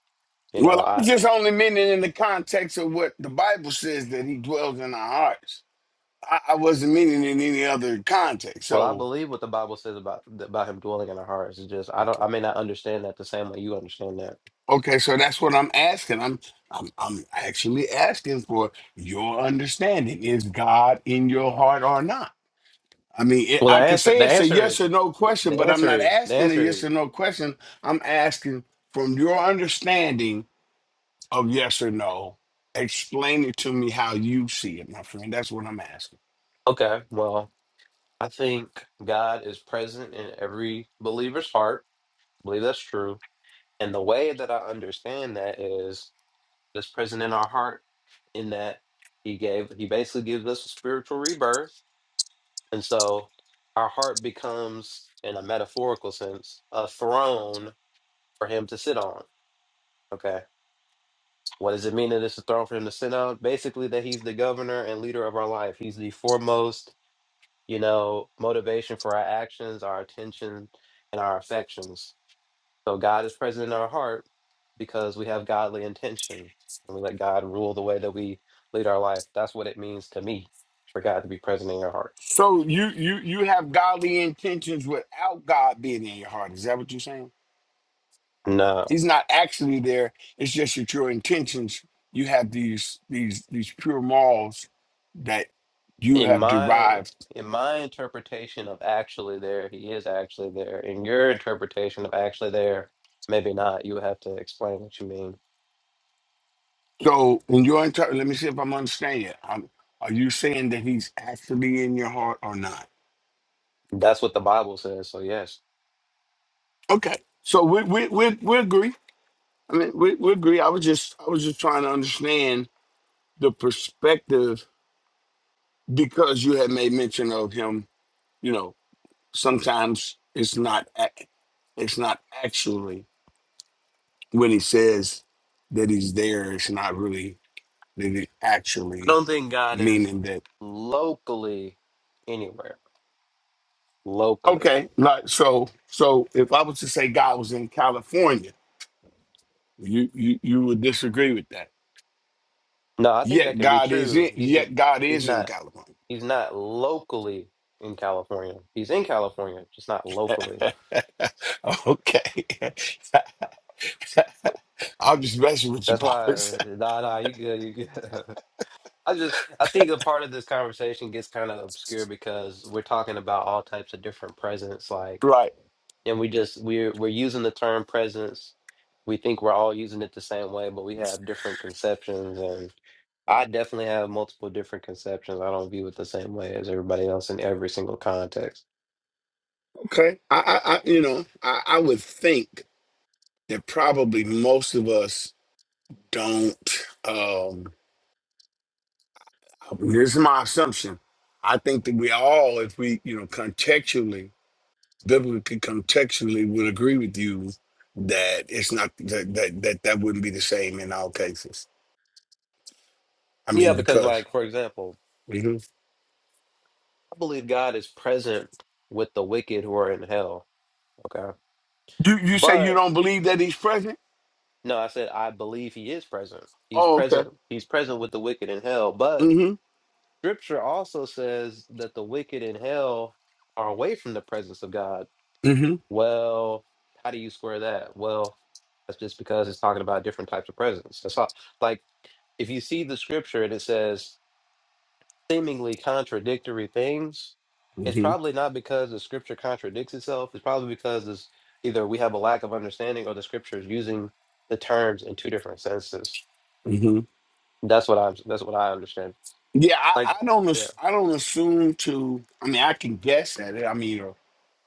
Speaker 6: You
Speaker 11: Well,
Speaker 6: know,
Speaker 11: I
Speaker 6: I
Speaker 11: was just only meaning in the context of what the Bible says that He dwells in our hearts. I, I wasn't meaning in any other context.
Speaker 6: well, I
Speaker 11: So
Speaker 6: believe what the Bible says about about him dwelling in our hearts. It's just I don't
Speaker 11: okay,
Speaker 6: I may not understand that the same way you understand that
Speaker 11: okay, so that's what I'm asking. I'm I'm I'm actually asking for your understanding. Is God in your heart or not? I mean, it,
Speaker 6: Well, the
Speaker 11: I can
Speaker 6: answer
Speaker 11: say
Speaker 6: the
Speaker 11: it's a
Speaker 6: answer
Speaker 11: yes
Speaker 6: is
Speaker 11: or no question,
Speaker 6: the
Speaker 11: but I'm
Speaker 6: answer
Speaker 11: not
Speaker 6: is the
Speaker 11: asking a
Speaker 6: answer
Speaker 11: yes
Speaker 6: is
Speaker 11: or no question. I'm asking from your understanding of yes or no, explain it to me how you see it, my friend. That's what I'm asking.
Speaker 6: okay. Well, I think God is present in every believer's heart. I believe that's true. And the way that I understand that is that's present in our heart in that he gave he basically gives us a spiritual rebirth. And so our heart becomes in a metaphorical sense a throne for him to sit on. Okay. What does it mean that it's a throne for him to sit on? Basically, that he's the governor and leader of our life. He's the foremost, you know, motivation for our actions, our attention, and our affections. So God is present in our heart because we have godly intentions and we let God rule the way that we lead our life. That's what it means to me for God to be present in your heart.
Speaker 11: So you you you have godly intentions without God being in your heart. Is that what you're saying?
Speaker 6: No.
Speaker 11: He's not actually there. It's just that your intentions, you have these these these pure morals that you
Speaker 6: in
Speaker 11: have
Speaker 6: my
Speaker 11: derived
Speaker 6: in my interpretation of actually there, he is actually there. In your interpretation of actually there, maybe not. You would have to explain what you mean.
Speaker 11: So, in your entire, let me see if I'm understanding it. I'm, are you saying that he's actually in your heart or not?
Speaker 6: That's what the Bible says. So yes,
Speaker 11: Okay. So we we we, we agree. I mean, we, we agree. I was just I was just trying to understand the perspective because you had made mention of him. You know, sometimes it's not ac- it's not actually when he says that he's there. It's not really that he
Speaker 6: I
Speaker 11: actually
Speaker 6: don't think God is
Speaker 11: meaning that
Speaker 6: locally anywhere. Locally,
Speaker 11: Okay, like so. So if I was to say God was in California, you you you would disagree with that.
Speaker 6: no, I think that
Speaker 11: Yet
Speaker 6: can be
Speaker 11: God is
Speaker 6: true.
Speaker 11: in.
Speaker 6: He's just
Speaker 11: Yet God
Speaker 6: he's
Speaker 11: is in
Speaker 6: not
Speaker 11: California.
Speaker 6: he's not locally in California. He's in California, just not locally.
Speaker 11: okay, I'm just messing with you,
Speaker 6: That's
Speaker 11: boss.
Speaker 6: why. Nah, nah, you good, you good. I just I think a part of this conversation gets kind of obscure because we're talking about all types of different presents, like,
Speaker 11: right?
Speaker 6: and we just we're we're using the term presence. We think we're all using it the same way, but we have different conceptions, and I definitely have multiple different conceptions. I don't view it the same way as everybody else in every single context.
Speaker 11: Okay. I, I, I you know, I, I would think that probably most of us don't. Um, this is my assumption. I think that we all, if we, you know, contextually biblically contextually would agree with you that it's not that that that, that wouldn't be the same in all cases. I
Speaker 6: Yeah,
Speaker 11: mean,
Speaker 6: because
Speaker 11: because
Speaker 6: like for example,
Speaker 11: Mhm.
Speaker 6: I believe God is present with the wicked who are in hell. Okay.
Speaker 11: You you say you
Speaker 6: but.
Speaker 11: don't believe that he's present?
Speaker 6: No, I said I believe he is present. He's
Speaker 11: Oh, okay.
Speaker 6: present. He's present with the wicked in hell. But
Speaker 11: Mhm.
Speaker 6: scripture also says that the wicked in hell are away from the presence of God.
Speaker 11: Mhm.
Speaker 6: Well, how do you square that? Well, that's just because it's talking about different types of presence. That's all. Like if you see the scripture and it says seemingly contradictory things, it's
Speaker 11: Mhm.
Speaker 6: probably not because the scripture contradicts itself. It's probably because this either we have a lack of understanding or the scripture is using the terms in two different senses.
Speaker 11: Mhm.
Speaker 6: That's what I that's what I understand.
Speaker 11: Yeah,
Speaker 6: Like,
Speaker 11: I, I don't
Speaker 6: yeah.
Speaker 11: ass- I don't assume to I mean I can guess at it. I mean or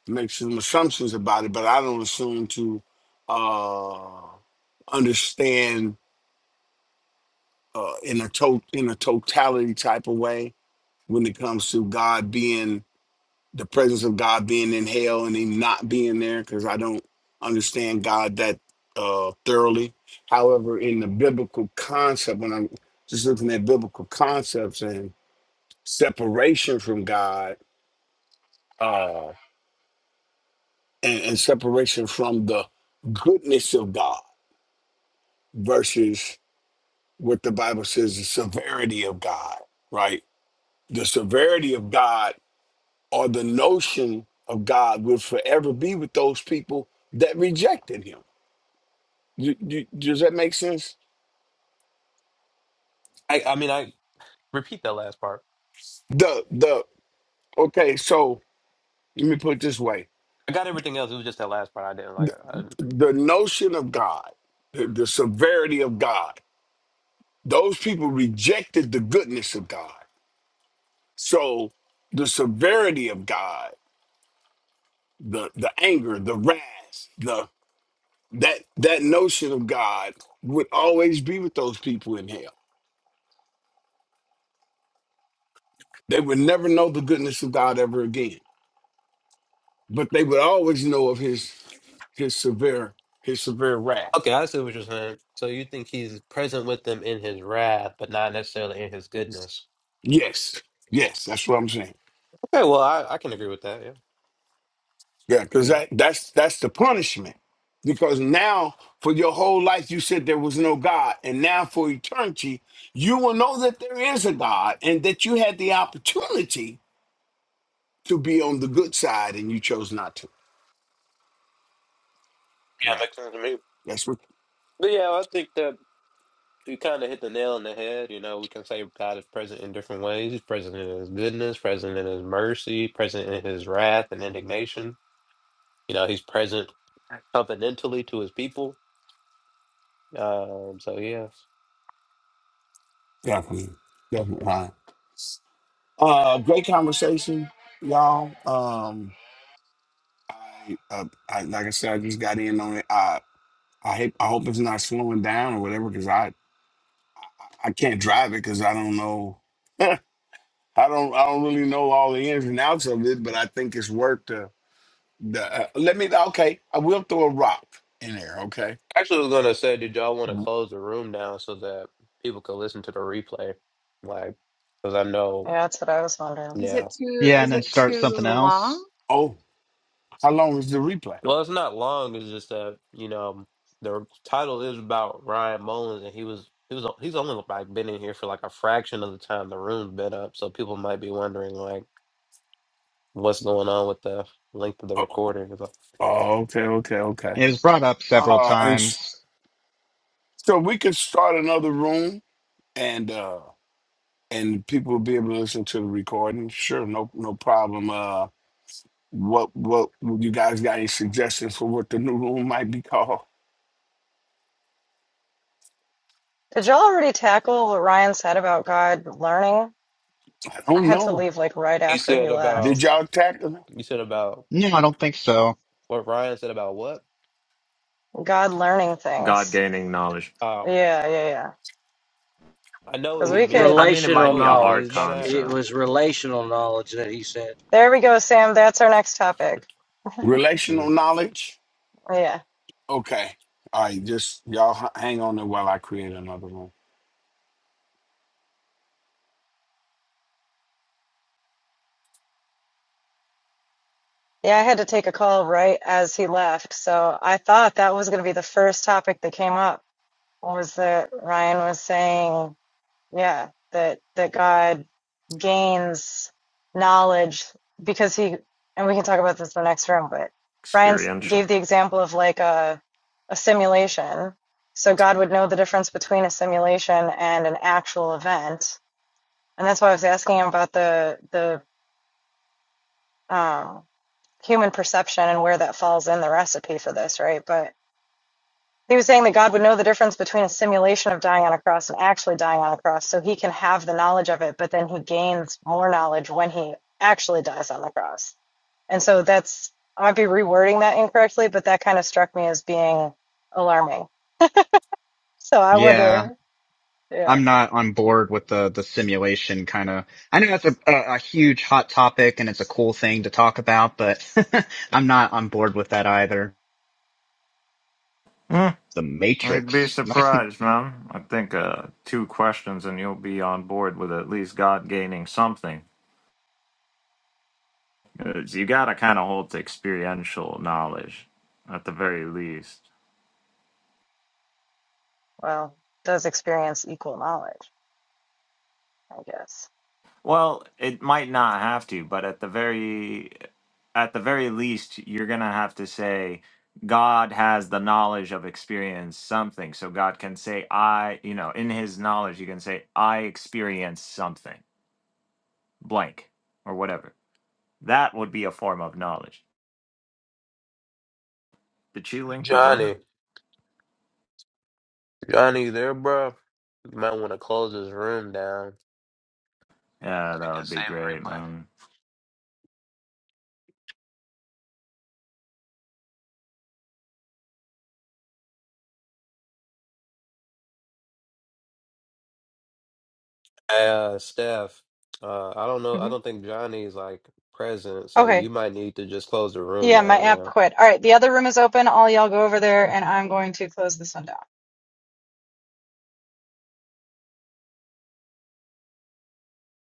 Speaker 11: make some assumptions about it, but I don't assume to uh understand uh in a to in a totality type of way when it comes to God being the presence of God being in hell and him not being there because I don't understand God that uh thoroughly. However, in the biblical concept, when I'm just looking at biblical concepts and separation from God, uh and, and separation from the goodness of God versus what the Bible says the severity of God, right? The severity of God or the notion of God will forever be with those people that rejected him. Do- do- Does that make sense?
Speaker 6: I I mean, I repeat that last part.
Speaker 11: The the okay, so let me put it this way.
Speaker 6: I got everything else. It was just that last part I didn't like. I,
Speaker 11: The notion of God, the, the severity of God, those people rejected the goodness of God. So the severity of God, the the anger, the wrath, the that that notion of God would always be with those people in hell. They would never know the goodness of God ever again but they would always know of his his severe his severe wrath.
Speaker 6: okay, I see what you're saying. So you think he's present with them in his wrath, but not necessarily in his goodness.
Speaker 11: Yes, yes, that's what I'm saying.
Speaker 6: Okay, well, I, I can agree with that. Yeah,
Speaker 11: Yeah,
Speaker 6: I
Speaker 11: because
Speaker 6: agree.
Speaker 11: that that's that's the punishment. Because now for your whole life you said there was no God, and now for eternity you will know that there is a God and that you had the opportunity to be on the good side and you chose not to.
Speaker 6: Yeah,
Speaker 11: Yeah,
Speaker 6: makes sense to me.
Speaker 11: that's what
Speaker 6: But yeah, I think that you kind of hit the nail on the head. You know, we can say God is present in different ways. He's present in his goodness, present in his mercy, present in his wrath and indignation. You know, he's present covenantally to his people Um, so yeah.
Speaker 11: definitely definitely. Ryan. Uh, great conversation, y'all. Um, I, uh, I like I said, I just got in on it. I I hope I hope it's not slowing down or whatever because I I can't drive it because I don't know. I don't I don't really know all the ins and outs of it, but I think it's worth the the. Uh, let me okay. I will throw a rock in there. Okay.
Speaker 6: Actually, I was gonna say, did y'all want to close the room down so that people could listen to the replay? Like, because I know,
Speaker 7: Yeah, that's what I was wondering.
Speaker 14: Is it
Speaker 6: yeah.
Speaker 14: too,
Speaker 9: yeah, and
Speaker 14: is
Speaker 9: then
Speaker 14: it
Speaker 9: start
Speaker 14: too
Speaker 9: something
Speaker 14: long?
Speaker 9: else.
Speaker 11: Oh, how long is the replay?
Speaker 6: Well, it's not long. It's just that you know the title is about Ryan Mullins, and he was he was he's only like been in here for like a fraction of the time the room's been up, so people might be wondering like what's going on with the length of the
Speaker 11: Oh,
Speaker 6: recording. It's like-
Speaker 11: oh okay, okay, okay.
Speaker 9: It was brought up several
Speaker 11: Uh, and s-
Speaker 9: times.
Speaker 11: so we could start another room and uh and people will be able to listen to the recording. Sure, no no problem. Uh What what you guys got any suggestions for what the new room might be called?
Speaker 7: Did y'all already tackle what Ryan said about God learning?
Speaker 11: I
Speaker 7: I
Speaker 11: don't
Speaker 7: had to
Speaker 11: know.
Speaker 7: leave like right
Speaker 6: He
Speaker 7: after
Speaker 6: said
Speaker 7: he
Speaker 6: about
Speaker 11: Did
Speaker 7: left.
Speaker 11: y'all tackle it?
Speaker 6: you said about
Speaker 9: No, I don't think so.
Speaker 6: what Ryan said about what?
Speaker 7: God learning
Speaker 13: God
Speaker 7: things.
Speaker 13: gaining knowledge.
Speaker 6: Oh,
Speaker 7: Yeah, yeah, yeah.
Speaker 6: I know what
Speaker 7: Because
Speaker 6: he
Speaker 7: we could.
Speaker 6: means.
Speaker 13: I mean, it
Speaker 6: I
Speaker 3: Relational
Speaker 13: might
Speaker 6: know
Speaker 13: be
Speaker 6: what
Speaker 13: a
Speaker 6: he
Speaker 13: hard
Speaker 6: means by
Speaker 3: knowledge.
Speaker 6: that
Speaker 3: It
Speaker 13: concept,
Speaker 3: was relational knowledge that he said.
Speaker 7: There we go, Sam. That's our next topic.
Speaker 11: relational
Speaker 6: Mm.
Speaker 11: knowledge?
Speaker 7: Yeah.
Speaker 11: Okay. All right, just y'all h- hang on there while I create another room.
Speaker 7: Yeah, I had to take a call right as he left. So I thought that was going to be the first topic that came up was that Ryan was saying, yeah, that that God gains knowledge because he and we can talk about this in the next room, but Ryan s-
Speaker 13: experiential.
Speaker 7: gave the example of like a a simulation. So God would know the difference between a simulation and an actual event. And that's why I was asking him about the the um human perception and where that falls in the recipe for this, right? But he was saying that God would know the difference between a simulation of dying on a cross and actually dying on a cross, so he can have the knowledge of it, but then he gains more knowledge when he actually dies on the cross. And so that's, I might be rewording that incorrectly, but that kind of struck me as being alarming. So I
Speaker 9: Yeah,
Speaker 7: wonder, yeah,
Speaker 9: I'm not on board with the the simulation kind of. I know that's a, a a huge hot topic and it's a cool thing to talk about, but I'm not on board with that either.
Speaker 13: Hmm.
Speaker 9: The
Speaker 13: You'd be
Speaker 9: Matrix.
Speaker 13: surprised, man. I think uh, two questions and you'll be on board with at least God gaining something. 'Cause you gotta kind of hold to experiential knowledge, at the very least.
Speaker 7: well, does experience equal knowledge? I guess.
Speaker 13: Well, it might not have to, but at the very at the very least, you're gonna have to say God has the knowledge of experience something. So God can say, I, you know, in his knowledge, you can say, I experience something, blank, or whatever. That would be a form of knowledge. Did she link the room?
Speaker 6: Johnny, Johnny, you there, bro? You might want to close this room down.
Speaker 13: Yeah,
Speaker 6: I
Speaker 13: that
Speaker 6: can
Speaker 13: would be
Speaker 6: save
Speaker 13: great,
Speaker 6: the replay.
Speaker 13: man.
Speaker 6: Hey, Uh, Steph, uh, I don't know. I
Speaker 7: hmm
Speaker 6: don't think Johnny's like present, so
Speaker 7: Okay,
Speaker 6: you might need to just close the room
Speaker 7: Yeah, my app
Speaker 6: down.
Speaker 7: quit. All right, the other room is open. All y'all go over there, and I'm going to close this one down.